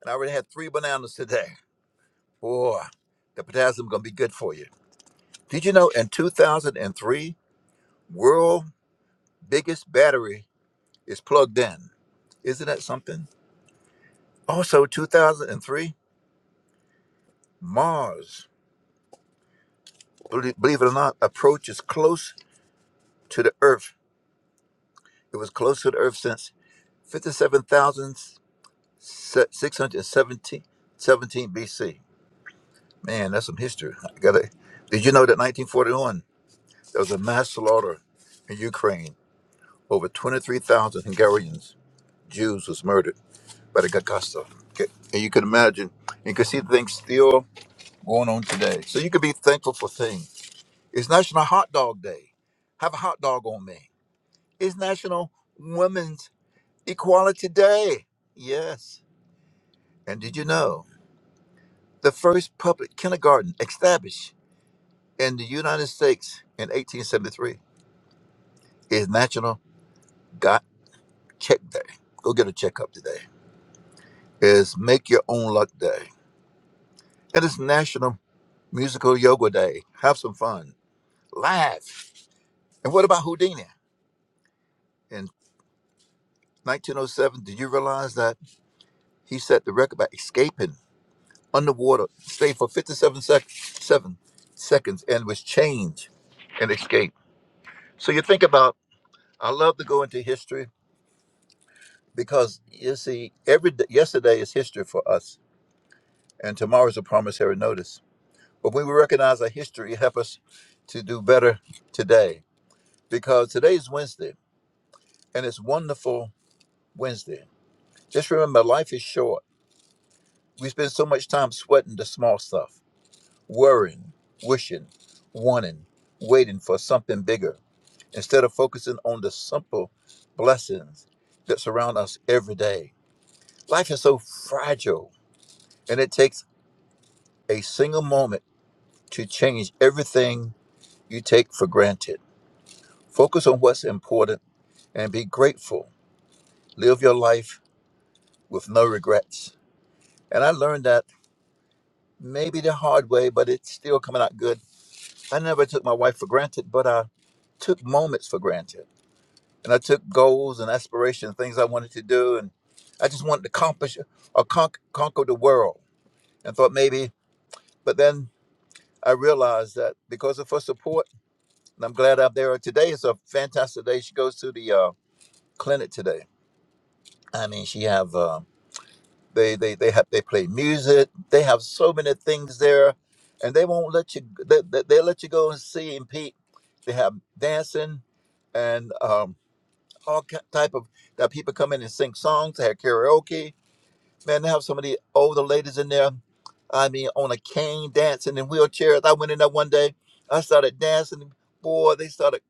And I already had three bananas today. Boy, the potassium gonna be good for you. Did you know in 2003, world biggest battery is plugged in? Isn't that something? Also, 2003, Mars, belie- believe it or not, approaches close to the Earth. It was close to the Earth since 57,617 BC. Man, that's some history. I gotta, did you know that 1941, there was a mass slaughter in Ukraine? Over 23,000 Hungarians, Jews, was murdered by the Gestapo. Okay. And you can imagine, you can see things still going on today. So you can be thankful for things It's National Hot Dog Day. Have a hot dog on me. It's National Women's Equality Day. Yes. And did you know the first public kindergarten established in the United States in 1873 is National Got Check Day. Go get a checkup today. Is Make Your Own Luck Day. And it's National Musical Yoga Day. Have some fun. Laugh. And what about Houdini? In 1907, did you realize that he set the record by escaping? underwater, stayed for 57 sec- seven seconds, and was changed and escaped. So you think about, I love to go into history because you see, every d- yesterday is history for us, and tomorrow is a promissory notice. But when we recognize our history, it helps us to do better today because today is Wednesday, and it's wonderful Wednesday. Just remember, life is short. We spend so much time sweating the small stuff, worrying, wishing, wanting, waiting for something bigger instead of focusing on the simple blessings that surround us every day. Life is so fragile, and it takes a single moment to change everything you take for granted. Focus on what's important and be grateful. Live your life with no regrets. And I learned that maybe the hard way, but it's still coming out good. I never took my wife for granted, but I took moments for granted. and I took goals and aspirations, things I wanted to do, and I just wanted to accomplish or con- conquer the world. And thought maybe, but then I realized that because of her support, and I'm glad I'm there today. It's a fantastic day. She goes to the uh, clinic today. I mean, she have uh, they they they have they play music. They have so many things there, and they won't let you. They they, they let you go and see and Pete. They have dancing, and um, all ki- type of that people come in and sing songs. They have karaoke. Man, they have some of the older ladies in there. I mean, on a cane dancing in wheelchairs. I went in there one day. I started dancing. Boy, they started.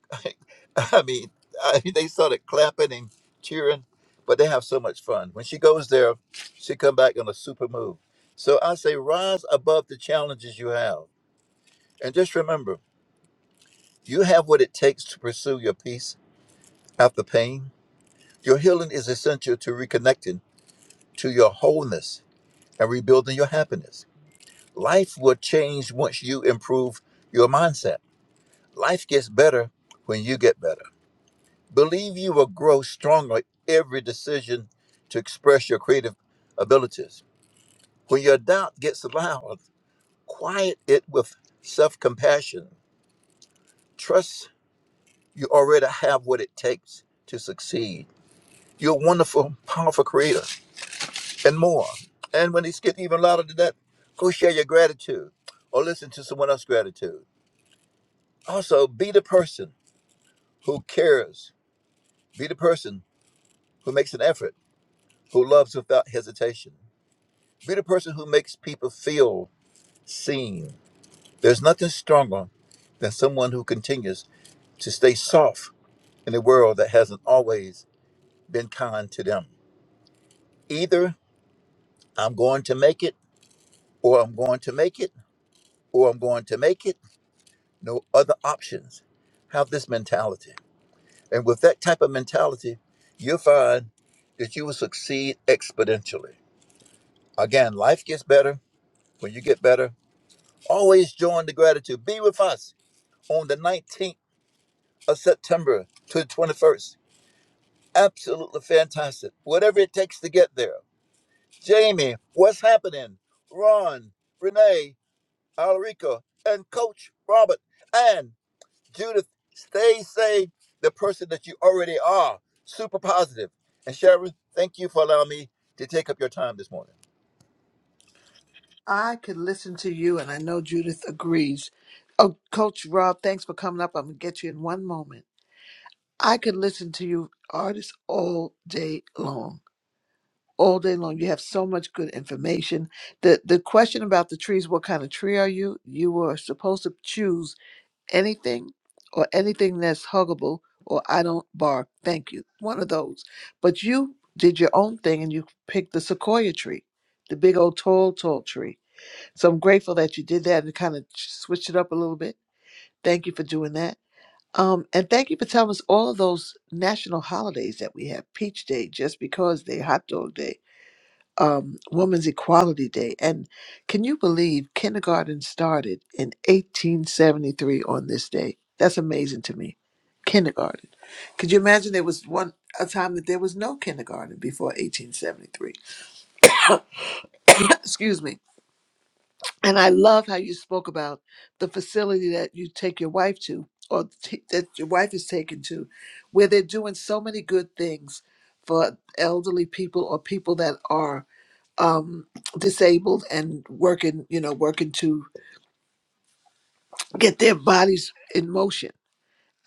<laughs> I mean, I, they started clapping and cheering. But they have so much fun. When she goes there, she come back on a super move. So I say, rise above the challenges you have, and just remember, you have what it takes to pursue your peace after pain. Your healing is essential to reconnecting to your wholeness and rebuilding your happiness. Life will change once you improve your mindset. Life gets better when you get better. Believe you will grow stronger every decision to express your creative abilities. When your doubt gets loud, quiet it with self compassion. Trust you already have what it takes to succeed. You're a wonderful, powerful creator. and more. And when it gets even louder than that, go share your gratitude or listen to someone else's gratitude. Also, be the person who cares. Be the person who makes an effort, who loves without hesitation. Be the person who makes people feel seen. There's nothing stronger than someone who continues to stay soft in a world that hasn't always been kind to them. Either I'm going to make it, or I'm going to make it, or I'm going to make it no other options. Have this mentality. And with that type of mentality, you'll find that you will succeed exponentially. Again, life gets better when you get better. Always join the gratitude. Be with us on the 19th of September to the 21st. Absolutely fantastic. Whatever it takes to get there. Jamie, what's happening? Ron, Renee, Alarico, and Coach Robert. and. Judith, stay, say the person that you already are, super positive. And Sharon, thank you for allowing me to take up your time this morning. I could listen to you, and I know Judith agrees. Oh, Coach Rob, thanks for coming up. I'm going to get you in one moment. I could listen to you artists all day long. All day long. You have so much good information. The the question about the trees, what kind of tree are you? You were supposed to choose anything or anything that's huggable or I don't bark. Thank you. One of those. But you did your own thing and you picked the sequoia tree, the big old tall, tall tree so I'm grateful that you did that and kind of switched it up a little bit. Thank you for doing that. Um, and thank you for telling us all of those national holidays that we have Peach Day, Just Because Day, Hot Dog Day, um, Women's Equality Day. And can you believe kindergarten started in 1873 on this day? That's amazing to me. Kindergarten. Could you imagine there was one a time that there was no kindergarten before 1873? <coughs> Excuse me And I love how you spoke about the facility that you take your wife to, or t- that your wife is taken to, where they're doing so many good things for elderly people or people that are um, disabled and working, you know, working to get their bodies in motion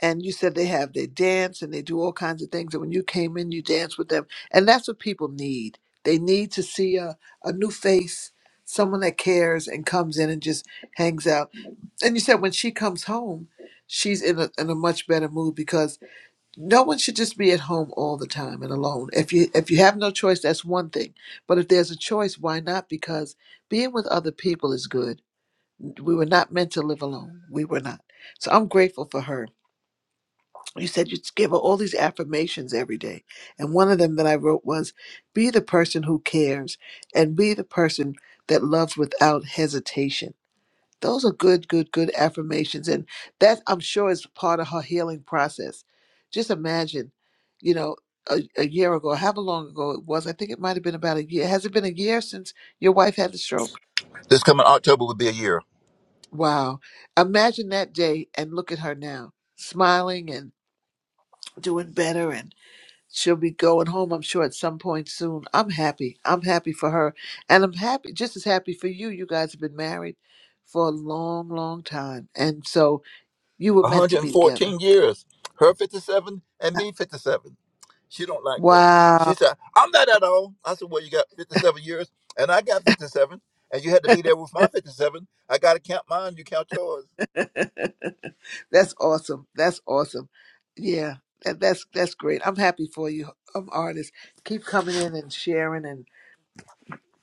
and you said they have they dance and they do all kinds of things and when you came in you danced with them and that's what people need they need to see a, a new face someone that cares and comes in and just hangs out and you said when she comes home she's in a, in a much better mood because no one should just be at home all the time and alone if you if you have no choice that's one thing but if there's a choice why not because being with other people is good we were not meant to live alone we were not so i'm grateful for her you said you gave her all these affirmations every day. And one of them that I wrote was be the person who cares and be the person that loves without hesitation. Those are good, good, good affirmations. And that I'm sure is part of her healing process. Just imagine, you know, a, a year ago, however long ago it was, I think it might have been about a year. Has it been a year since your wife had the stroke? This coming October will be a year. Wow. Imagine that day and look at her now, smiling and doing better and she'll be going home i'm sure at some point soon i'm happy i'm happy for her and i'm happy just as happy for you you guys have been married for a long long time and so you were meant to be together 114 years. Her 57 and me 57. She don't like that. She wow said, I'm not at all. I said, well, you got 57 years and I got 57 and you had to be there with my 57. I got to count mine. You count yours. <laughs> that's awesome that's awesome yeah that, that's that's great i'm happy for you i'm artist keep coming in and sharing and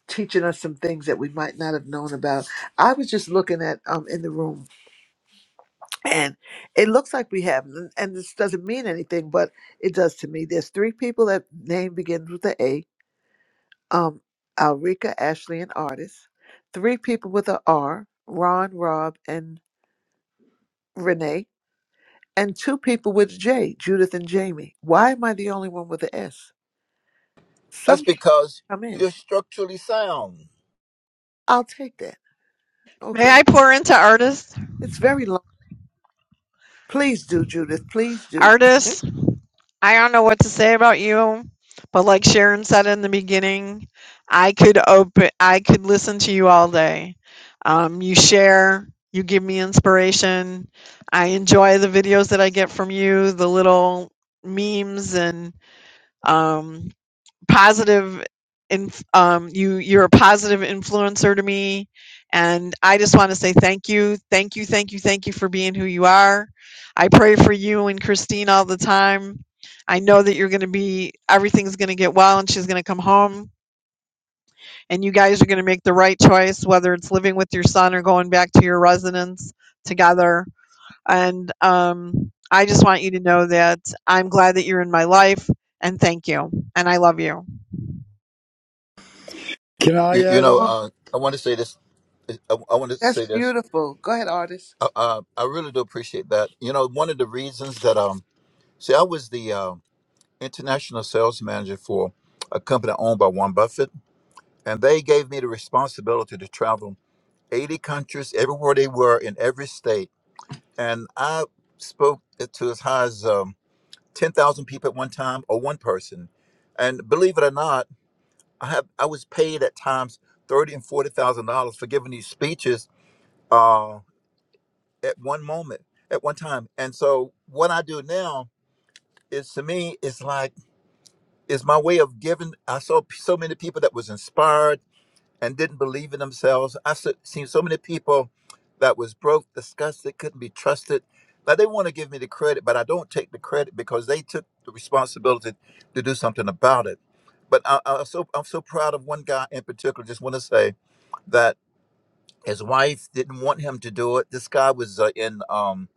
teaching us some things that we might not have known about i was just looking at um in the room and it looks like we have and and this doesn't mean anything but it does to me there's three people that name begins with a a um alrika ashley and artis three people with a r ron rob and renee and two people with j judith and jamie why am i the only one with a s That's Somebody because come in you're structurally sound. i'll take that May okay I pour into artists, it's very long please do judith please do artists. I don't know what to say about you, but like Sharon said in the beginning, I could open, I could listen to you all day. Um, you share, you give me inspiration. I enjoy the videos that I get from you, the little memes and um, positive and um, you you're a positive influencer to me and i just want to say thank you thank you thank you thank you for being who you are i pray for you and christine all the time i know that you're going to be everything's going to get well and she's going to come home and you guys are going to make the right choice whether it's living with your son or going back to your residence together and um, i just want you to know that i'm glad that you're in my life and thank you and i love you Can I You, you add <laughs> know, oh, on? uh, I want to say this. I, I want to that's say this. beautiful go ahead artist Uh, uh, I really do appreciate that. You know, one of the reasons that um, see, I was the um international sales manager for a company owned by Warren Buffett, and they gave me the responsibility to travel 80 countries, everywhere they were in every state, and I spoke to as high as um, 10,000 people at one time, or one person, and believe it or not, I have I was paid at times thirty and forty thousand dollars for giving these speeches. uh, at one moment, at one time. And so what I do now is to me, it's like it's my way of giving. I saw p- so many people that was inspired and didn't believe in themselves. I s- seen so many people that was broke, disgusted, couldn't be trusted. Now they want to give me the credit, but I don't take the credit because they took the responsibility to do something about it. But I, i so I'm so proud of one guy in particular. Just want to say that. His wife didn't want him to do it. This guy was uh, in um,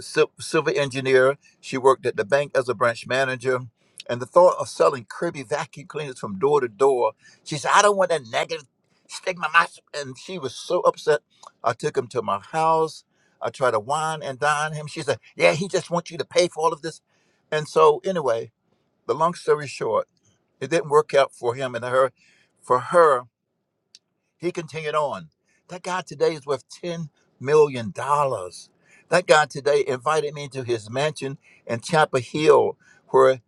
sil- civil engineer. She worked at the bank as a branch manager. And the thought of selling Kirby vacuum cleaners from door to door, she said, I don't want that negative stigma. my s-" And she was so upset. I took him to my house. I tried to wine and dine him. She said, Yeah, he just wants you to pay for all of this. And so, anyway, the long story short, it didn't work out for him and her. For her, he continued on. That guy today is worth $10 million. dollars. That guy today invited me to his mansion in Chapel Hill where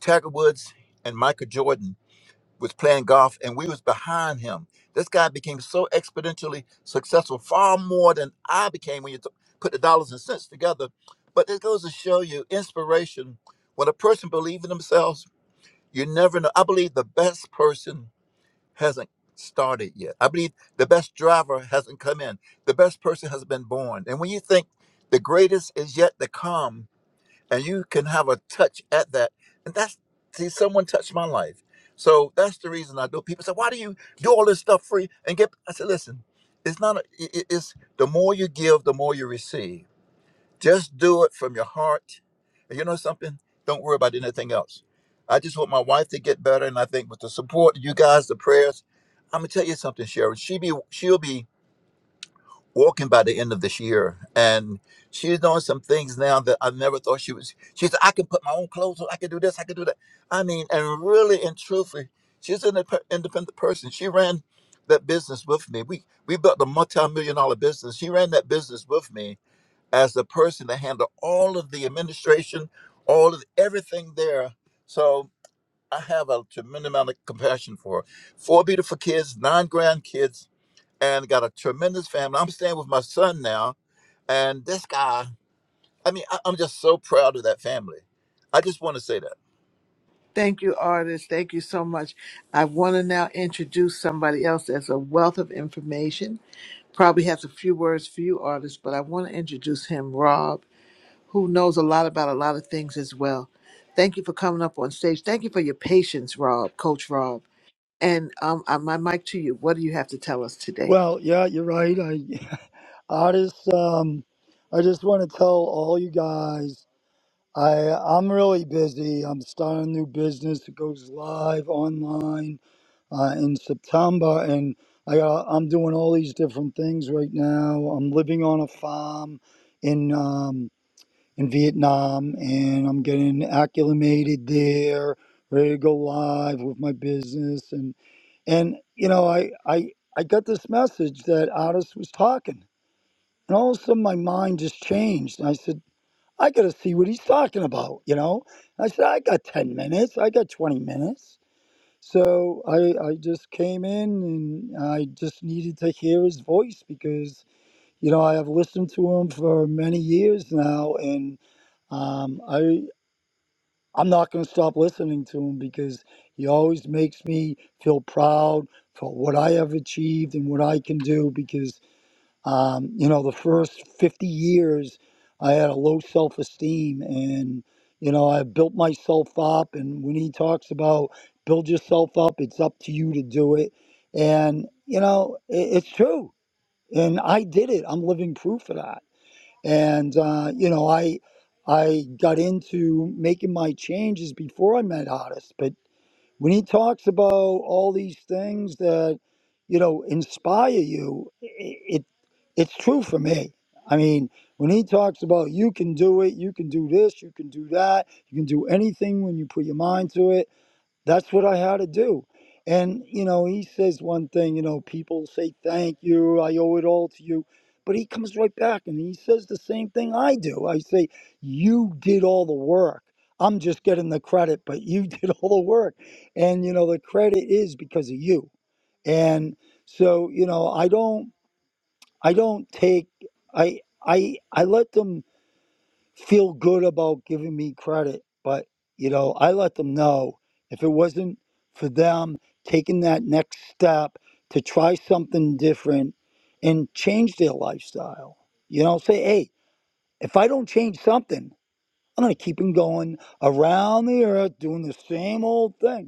Tiger Woods and Michael Jordan was playing golf and we was behind him. This guy became so exponentially successful, far more than I became when you t- put the dollars and cents together. But it goes to show you inspiration. When a person believes in themselves, you never know. I believe the best person hasn't started yet. I believe the best driver hasn't come in. The best person has been born. And when you think the greatest is yet to come, and you can have a touch at that, and that's see, someone touched my life. So that's the reason I do. People say, "Why do you do all this stuff free and get?" I said, "Listen, it's not. A, i- i- it's the more you give, the more you receive." Just do it from your heart. And you know something? Don't worry about anything else. I just want my wife to get better, and I think with the support, you guys, the prayers, I'm gonna tell you something, Sharon. She be she'll be walking by the end of this year, and she's doing some things now that I never thought she was. She said, "I can put my own clothes on. I can do this. I can do that." I mean, and really and truthfully, she's an indep- independent person. She ran that business with me. We we built a multi-million dollar business. She ran that business with me, as the person to handle all of the administration, all of everything there. So I have a tremendous amount of compassion for her. four beautiful kids, nine grandkids, and got a tremendous family. I'm staying with my son now, and this guy. I mean, I, I'm just so proud of that family. I just want to say that. Thank you, artist. Thank you so much. I want to now introduce somebody else as a wealth of information. Probably has a few words for you, artist, but I want to introduce him, Rob, who knows a lot about a lot of things as well. Thank you for coming up on stage. Thank you for your patience, Rob, Coach Rob. And um, I- my mic to you. What do you have to tell us today? Well, yeah, you're right. I, I just, um, I just want to tell all you guys, I, I'm really busy. I'm starting a new business. that goes live online uh, in September, and I, got, I'm doing all these different things right now. I'm living on a farm in, um, in Vietnam, and I'm getting acclimated there, ready to go live with my business, and. And you know, I I I got this message that Otis was talking, and all of a sudden my mind just changed. And I said, I got to see what he's talking about. You know, I said, I got ten minutes, I got twenty minutes. So I I just came in and I just needed to hear his voice because you know I have listened to him for many years now, and um, I I'm not going to stop listening to him because he always makes me feel proud for what I have achieved and what I can do. Because, um, you know, the first 50 years, I had a low self esteem and, you know, I built myself up. And when he talks about build yourself up, it's up to you to do it. And, you know, it, it's true. And I did it. I'm living proof of that and uh, you know i i got into making my changes before i met otis but when he talks about all these things that you know inspire you i it it's true for me i mean when he talks about you can do it you can do this you can do that you can do anything when you put your mind to it that's what I had to do. And, you know, he says one thing, you know, people say, thank you, I owe it all to you. But he comes right back and he says the same thing I do. I say, you did all the work. I'm just getting the credit, but you <laughs> did all the work. And, you know, the credit is because of you. And so, you know, I don't, I don't take, I, I, I let them feel good about giving me credit, but you know, I let them know if it wasn't for them taking that next step to try something different and change their lifestyle. You know, say, hey, if I don't change something, I'm gonna keep 'em going around the earth doing the same old thing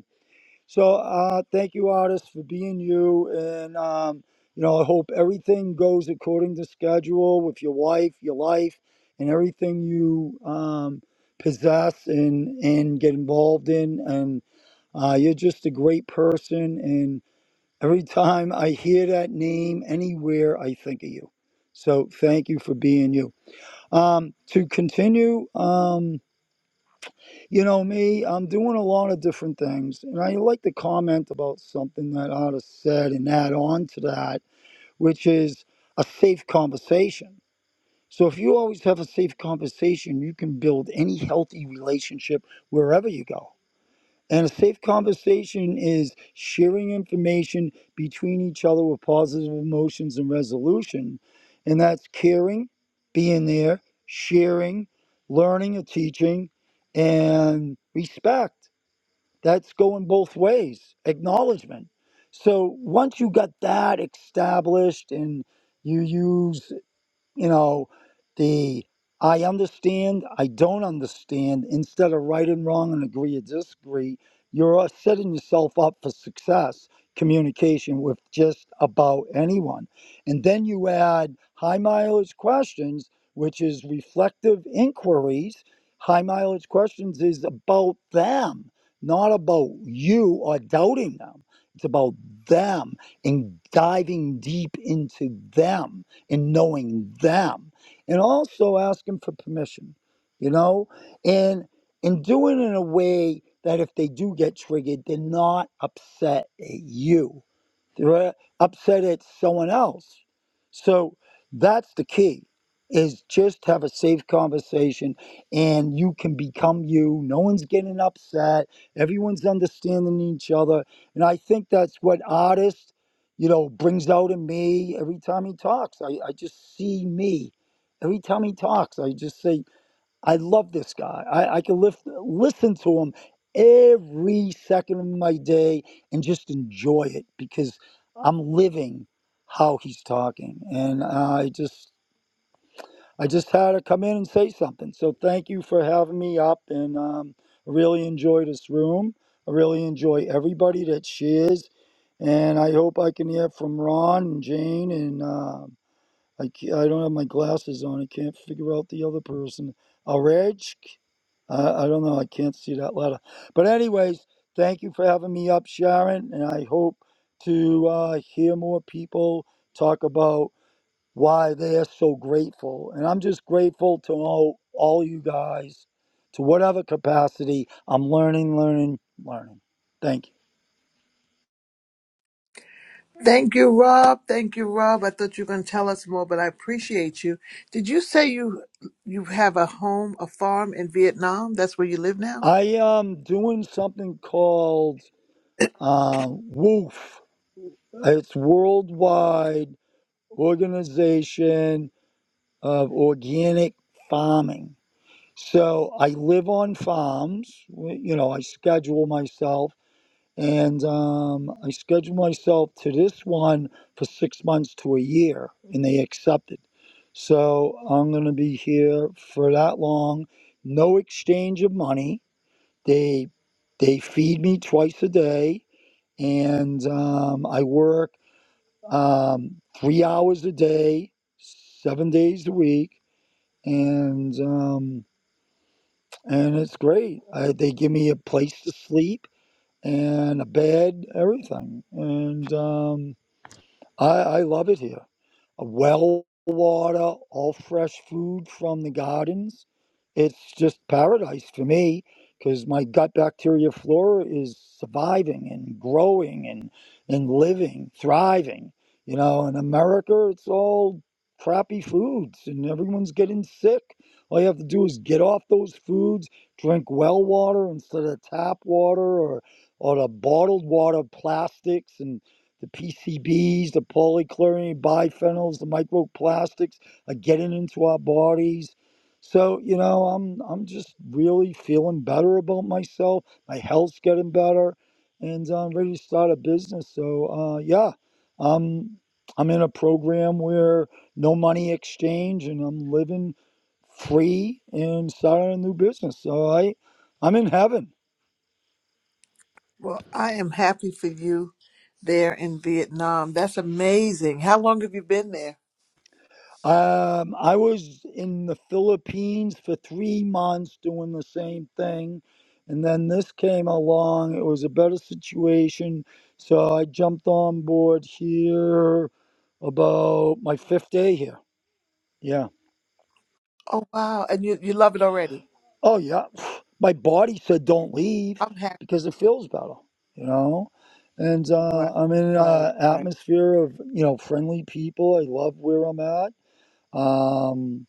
so uh, thank you, artists, for being you. And, um, you know, I hope everything goes according to schedule with your wife, your life, and everything you um, possess and, and get involved in. And uh, you're just a great person. And every time I hear that name anywhere, I think of you. So thank you for being you. Um, to continue, um. You know me, I'm doing a lot of different things. And I like to comment about something that Otis said and add on to that, which is a safe conversation. So if you always have a safe conversation, you can build any healthy relationship wherever you go. And a safe conversation is sharing information between each other with positive emotions and resolution. And that's caring, being there, sharing, learning or teaching, and respect. That's going both ways, acknowledgement. So once you got that established and you use you know, the I understand, I don't understand, instead of right and wrong and agree or disagree, you're uh, setting yourself up for success communication with just about anyone. And then you add high mileage questions, which is reflective inquiries. High mileage questions is about them, not about you or doubting them. It's about them and diving deep into them and knowing them and also asking for permission you know and and doing it in a way that if they do get triggered they're not upset at you they're upset at someone else. So that's the key is just have a safe conversation and you can become you. No one's getting upset. Everyone's understanding each other. And I think that's what artist, you know, brings out in me every time he talks. I, I just see me. Every time he talks, I just say, I love this guy. I, I can lift, listen to him every second of my day and just enjoy it because I'm living how he's talking. And I just, I just had to come in and say something. So thank you for having me up, and um, I really enjoy this room. I really enjoy everybody that shares, and I hope I can hear from Ron and Jane. And uh, I, ca- I don't have my glasses on. I can't figure out the other person. Uh, Reg? I, I don't know. I can't see that letter. But anyways, thank you for having me up, Sharon. And I hope to uh, hear more people talk about why they're so grateful. And I'm just grateful to all, all you guys, to whatever capacity. I'm learning, learning, learning. Thank you. Thank you, Rob. Thank you, Rob. I thought you were going to tell us more, but I appreciate you. Did you say you you have a home, a farm in Vietnam? That's where you live now. I am doing something called um, WOOF. It's Worldwide Organization of Organic Farming So I live on farms. You know, I schedule myself, and um, I schedule myself to this one for six months to a year, and they accepted. So I'm going to be here for that long. No exchange of money. They they feed me twice a day, and um, I work um, three hours a day, seven days a week, and. Um, and it's great. I, they give me a place to sleep and a bed, everything, and um, I, I love it here a well water, all fresh food from the gardens. It's just paradise for me because my gut bacteria flora is surviving and growing and, and living, thriving. You know, in America, it's all crappy foods and everyone's getting sick. All you have to do is get off those foods, drink well water instead of tap water or, or the bottled water plastics and the PCBs, the polychlorinated biphenyls, the microplastics are getting into our bodies. So, you know, I'm I'm just really feeling better about myself. My health's getting better and uh, I'm ready to start a business. So, uh, yeah. Um I'm in a program where no money exchange and I'm living free and starting a new business. So I I'm in heaven. Well, I am happy for you there in Vietnam. That's amazing. How long have you been there? Um, I was in the Philippines for three months doing the same thing, and then this came along. It was a better situation, so I jumped on board here about my fifth day here. Yeah. Oh, wow. And you, you love it already. Oh, yeah. <sighs> My body said don't leave I'm happy. because for you. it feels better, you know? And Right, uh, I'm in right, an right. atmosphere of, you know, friendly people. I love where I'm at. Um,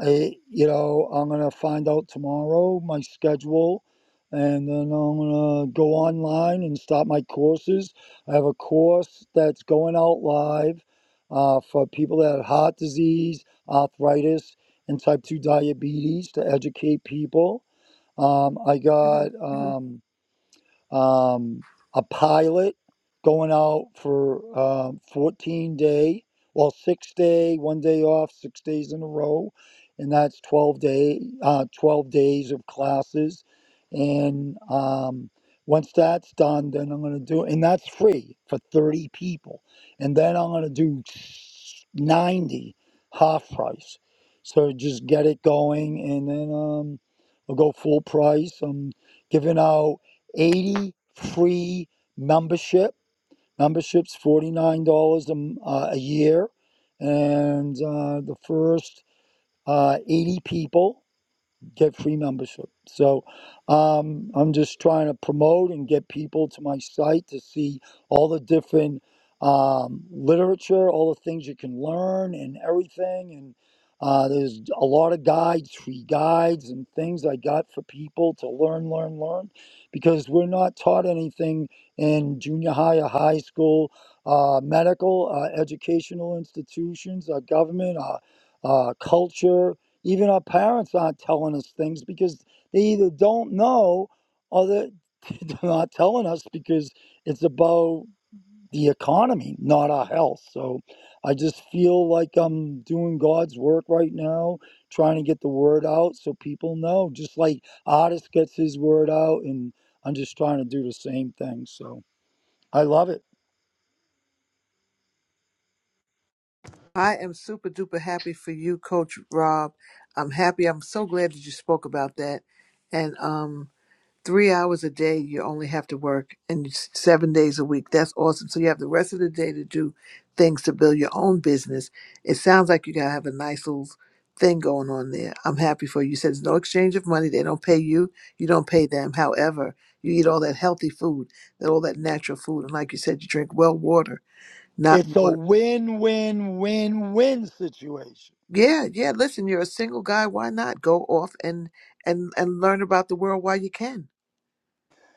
I, you know, I'm gonna find out tomorrow my schedule, and then I'm gonna go online and start my courses. I have a course that's going out live uh, for people that have heart disease, arthritis, and type two diabetes to educate people. Um, I got. Mhm, mhm. Um, um, a pilot going out for um, 14 day, well, six day, one day off, six days in a row, and that's 12 day, uh, 12 days of classes. And um, once that's done, then I'm going to do, and that's free for 30 people, and then I'm going to do 90 half price. So just get it going, and then um, I'll go full price. I'm giving out. 80 free membership. Membership's $49 a, m- uh, a year. And uh, the first uh, 80 people get free membership. So um, I'm just trying to promote and get people to my site to see all the different um, literature, all the things you can learn, and everything. And uh, there's a lot of guides, free guides, and things I got for people to learn, learn, learn, because we're not taught anything in junior high or high school, uh, medical, uh, educational institutions, our government, our uh, culture even our parents aren't telling us things because they either don't know or they're <laughs> they're not telling us because it's about the economy, not our health. So I just feel like I'm doing God's work right now, trying to get the word out so people know, just like artist gets his word out. And I'm just trying to do the same thing. So I love it. I am super duper happy for you, Coach Rob. I'm happy. I'm so glad that you spoke about that. And um, three hours a day you only have to work and it's seven days a week that's awesome so you have the rest of the day to do things to build your own business it sounds like you gotta have a nice little thing going on there i'm happy for you You said there's no exchange of money they don't pay you you don't pay them however you eat all that healthy food that all that natural food and like you said you drink well water not It's a water win, win, win, win situation. yeah yeah listen you're a single guy why not go off and and and learn about the world while you can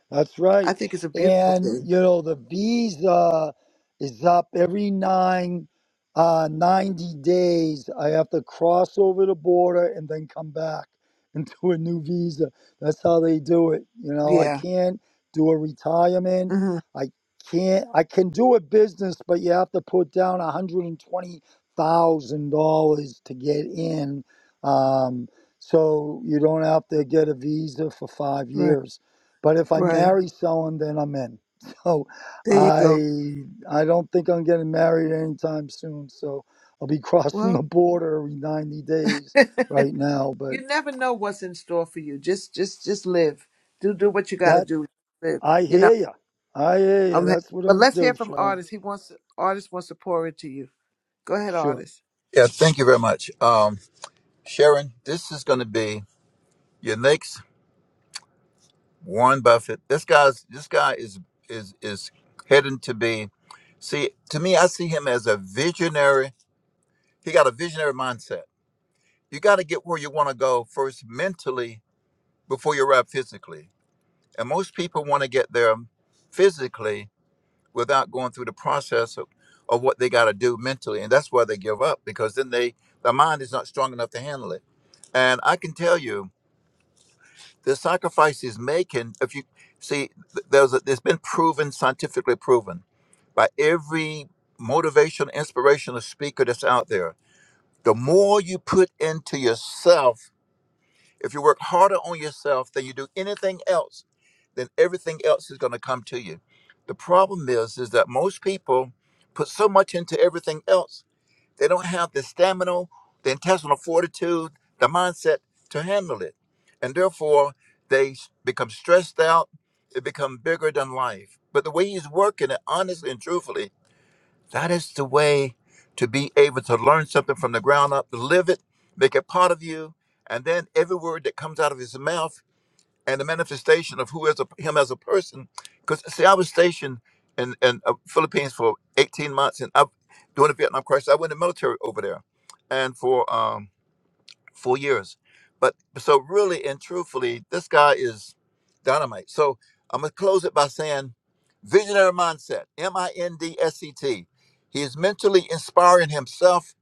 That's i right. think it's a beautiful And thing you know the visa is up every nine uh, 90 days. I have to cross over the border and then come back and <laughs> do a new visa. That's how they do it. You know, I yeah can't do a retirement. Mm-hmm. I can't. I can do a business, but you have to put down one hundred and twenty thousand dollars to get in. Um, so you don't have to get a visa for five Right, years. But if I right. marry someone, then I'm in. <laughs> So There you go. I I don't think I'm getting married anytime soon. So I'll be <laughs> crossing Well, the border every 90 <laughs> days you right now. But never know what's in store for you. Just, just, just live. Do, do what you got to that do. Live. I You know. hear you. I hear you. I'm. Ha- That's what I'm but gonna let's do, hear from Sharon. artists. He wants artist wants to pour into you. Go ahead, Sure. artist. Yeah, thank you very much, um, Sharon. This is going to be your next Warren Buffett. This guy's this guy is is is heading to be. See, to me, I see him as a visionary He got a visionary mindset. You got to get where you want to go first mentally before you arrive physically. And most people want to get there physically without going through the process of, of what they got to do mentally. And that's why they give up because then they their mind is not strong enough to handle it. And I can tell you the sacrifice he's making, if you see, th- there's a, it's been proven, scientifically proven by every motivational, inspirational speaker that's out there. The more you put into yourself, If you work harder on yourself than you do anything else, then everything else is going to come to you. The problem is, is that most people put so much into everything else, they don't have the stamina, the intestinal fortitude, the mindset to handle it, and therefore they s- become stressed out. It become bigger than life. But the way he's working it honestly and truthfully that is the way to be able to learn something from the ground up, live it, make it part of you, and then every word that comes out of his mouth and the manifestation of who is a, him as a person. Because see, I was stationed in in uh, Philippines for 18 months and I, during the Vietnam crisis, I went in the military over there, and for um, four years. But so really and truthfully, this guy is dynamite. So I'm gonna close it by saying visionary mindset, M-I-N-D-S-E-T. He is mentally inspiring himself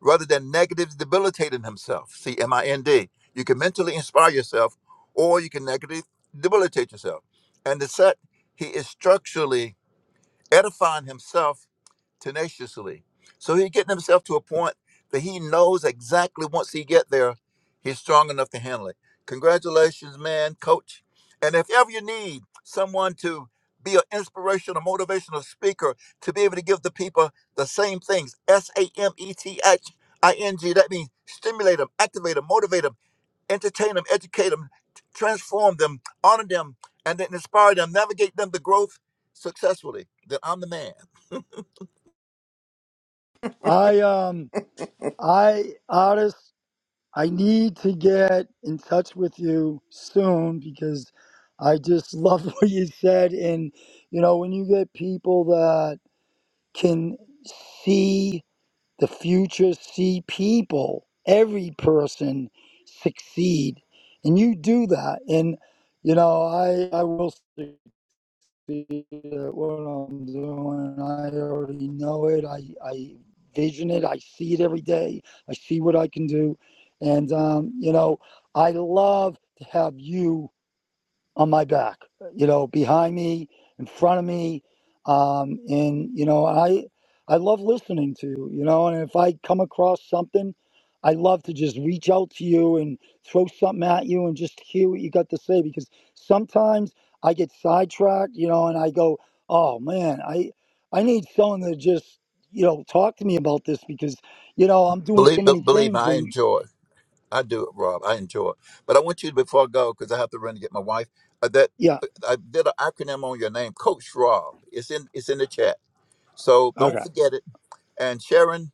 rather than negative debilitating himself. See M-I-N-D. You can mentally inspire yourself or you can negatively debilitate yourself. And the set, he is structurally edifying himself tenaciously. So he's getting himself to a point that he knows exactly once he get there, he's strong enough to handle it. Congratulations, man, coach. And if ever you need someone to be an inspirational, motivational speaker to be able to give the people the same things, S A M E T H I N G, that means stimulate them, activate them, motivate them, entertain them, educate them, transform them, honor them, and then inspire them, navigate them to growth successfully, then I'm the man. <laughs> I um I artist I need to get in touch with you soon because I just love <laughs> what you said. And you know when you get people that can see the future see people, every person succeed. And you do that. And, you know, I, I will succeed at what I'm doing. I already know it. I, I vision it. I see it every day. I see what I can do. And, um, you know, I love to have you on my back, you know, behind me, in front of me. Um, and, you know, I, I love listening to you, you know, and if I come across something, I love to just reach out to you and throw something at you and just hear what you got to say because sometimes I get sidetracked, you know, and I go, oh man, I, I need someone to just, you know, talk to me about this because, you know, I'm doing so Believe, be- many believe me, things I and enjoy. I do it, Rob. I enjoy. it. But I want you to, before I go, because I have to run to get my wife. Uh, that yeah. uh, I did an acronym on your name, Coach Rob. It's in it's in the chat. So don't Okay. forget it. And Sharon,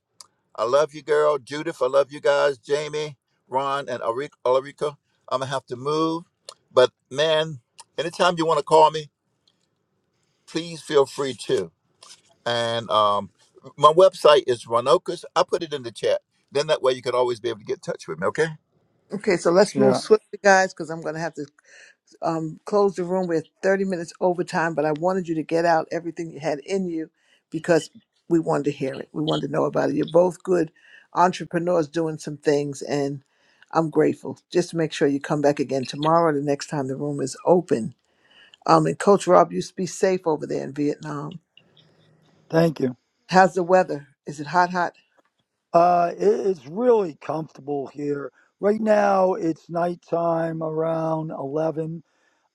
I love you, girl. Judith, I love you guys. Jamie, Ron, and Ari- Ulrika. I'm gonna have to move. But man, anytime you want to call me, please feel free to. And um, my website is Ronokus. I put it in the chat. Then that way you can always be able to get in touch with me. Okay. Okay, so let's move Yeah. swiftly, guys, because I'm going to have to um, closed the room with 30 minutes overtime, but I wanted you to get out everything you had in you because we wanted to hear it. We wanted to know about it. You're both good entrepreneurs doing some things, and I'm grateful. Just make sure you come back again tomorrow, the next time the room is open. Um, and Coach Rob, you be safe over there in Vietnam. Thank you. How's the weather? Is it hot, hot? Uh, it, it's really comfortable here. Right now, it's nighttime around 11,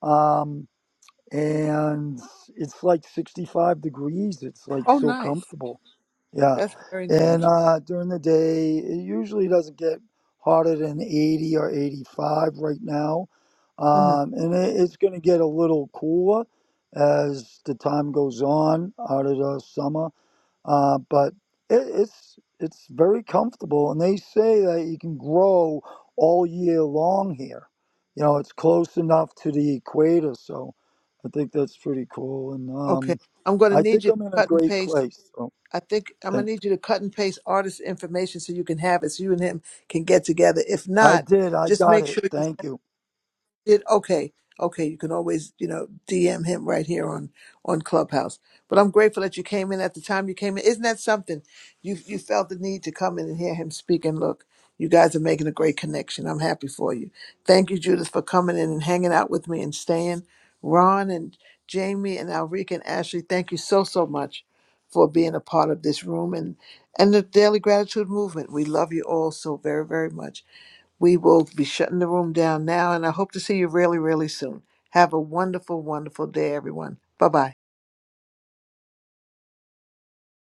um, and it's like 65 degrees. It's like Oh, so nice. comfortable. Yeah. That's very And nice. uh, during the day, it usually doesn't get hotter than 80 or 85 right now. hmm Um, and it, it's going to get a little cooler as the time goes on out of the summer uh, but it, it's it's very comfortable, and they say that you can grow all year long here. You know, it's close enough to the equator, so I think that's pretty cool. And Okay. um, I'm going to I need think you to I'm in a cut and great paste. place. So I think I'm gonna thank. need you to cut and paste artist information so you can have it, so you and him can get together. If I not, did. I just got make it. sure. you Thank you. did okay okay you can always you know dm him right here on on clubhouse but i'm grateful that you came in at the time you came in isn't that something you you felt the need to come in and hear him speak and look you guys are making a great connection i'm happy for you thank you judith for coming in and hanging out with me and staying ron and jamie and alrika and ashley thank you so so much for being a part of this room and and the daily gratitude movement we love you all so very very much we will be shutting the room down now, and I hope to see you really, really soon. Have a wonderful, wonderful day, everyone. Bye bye.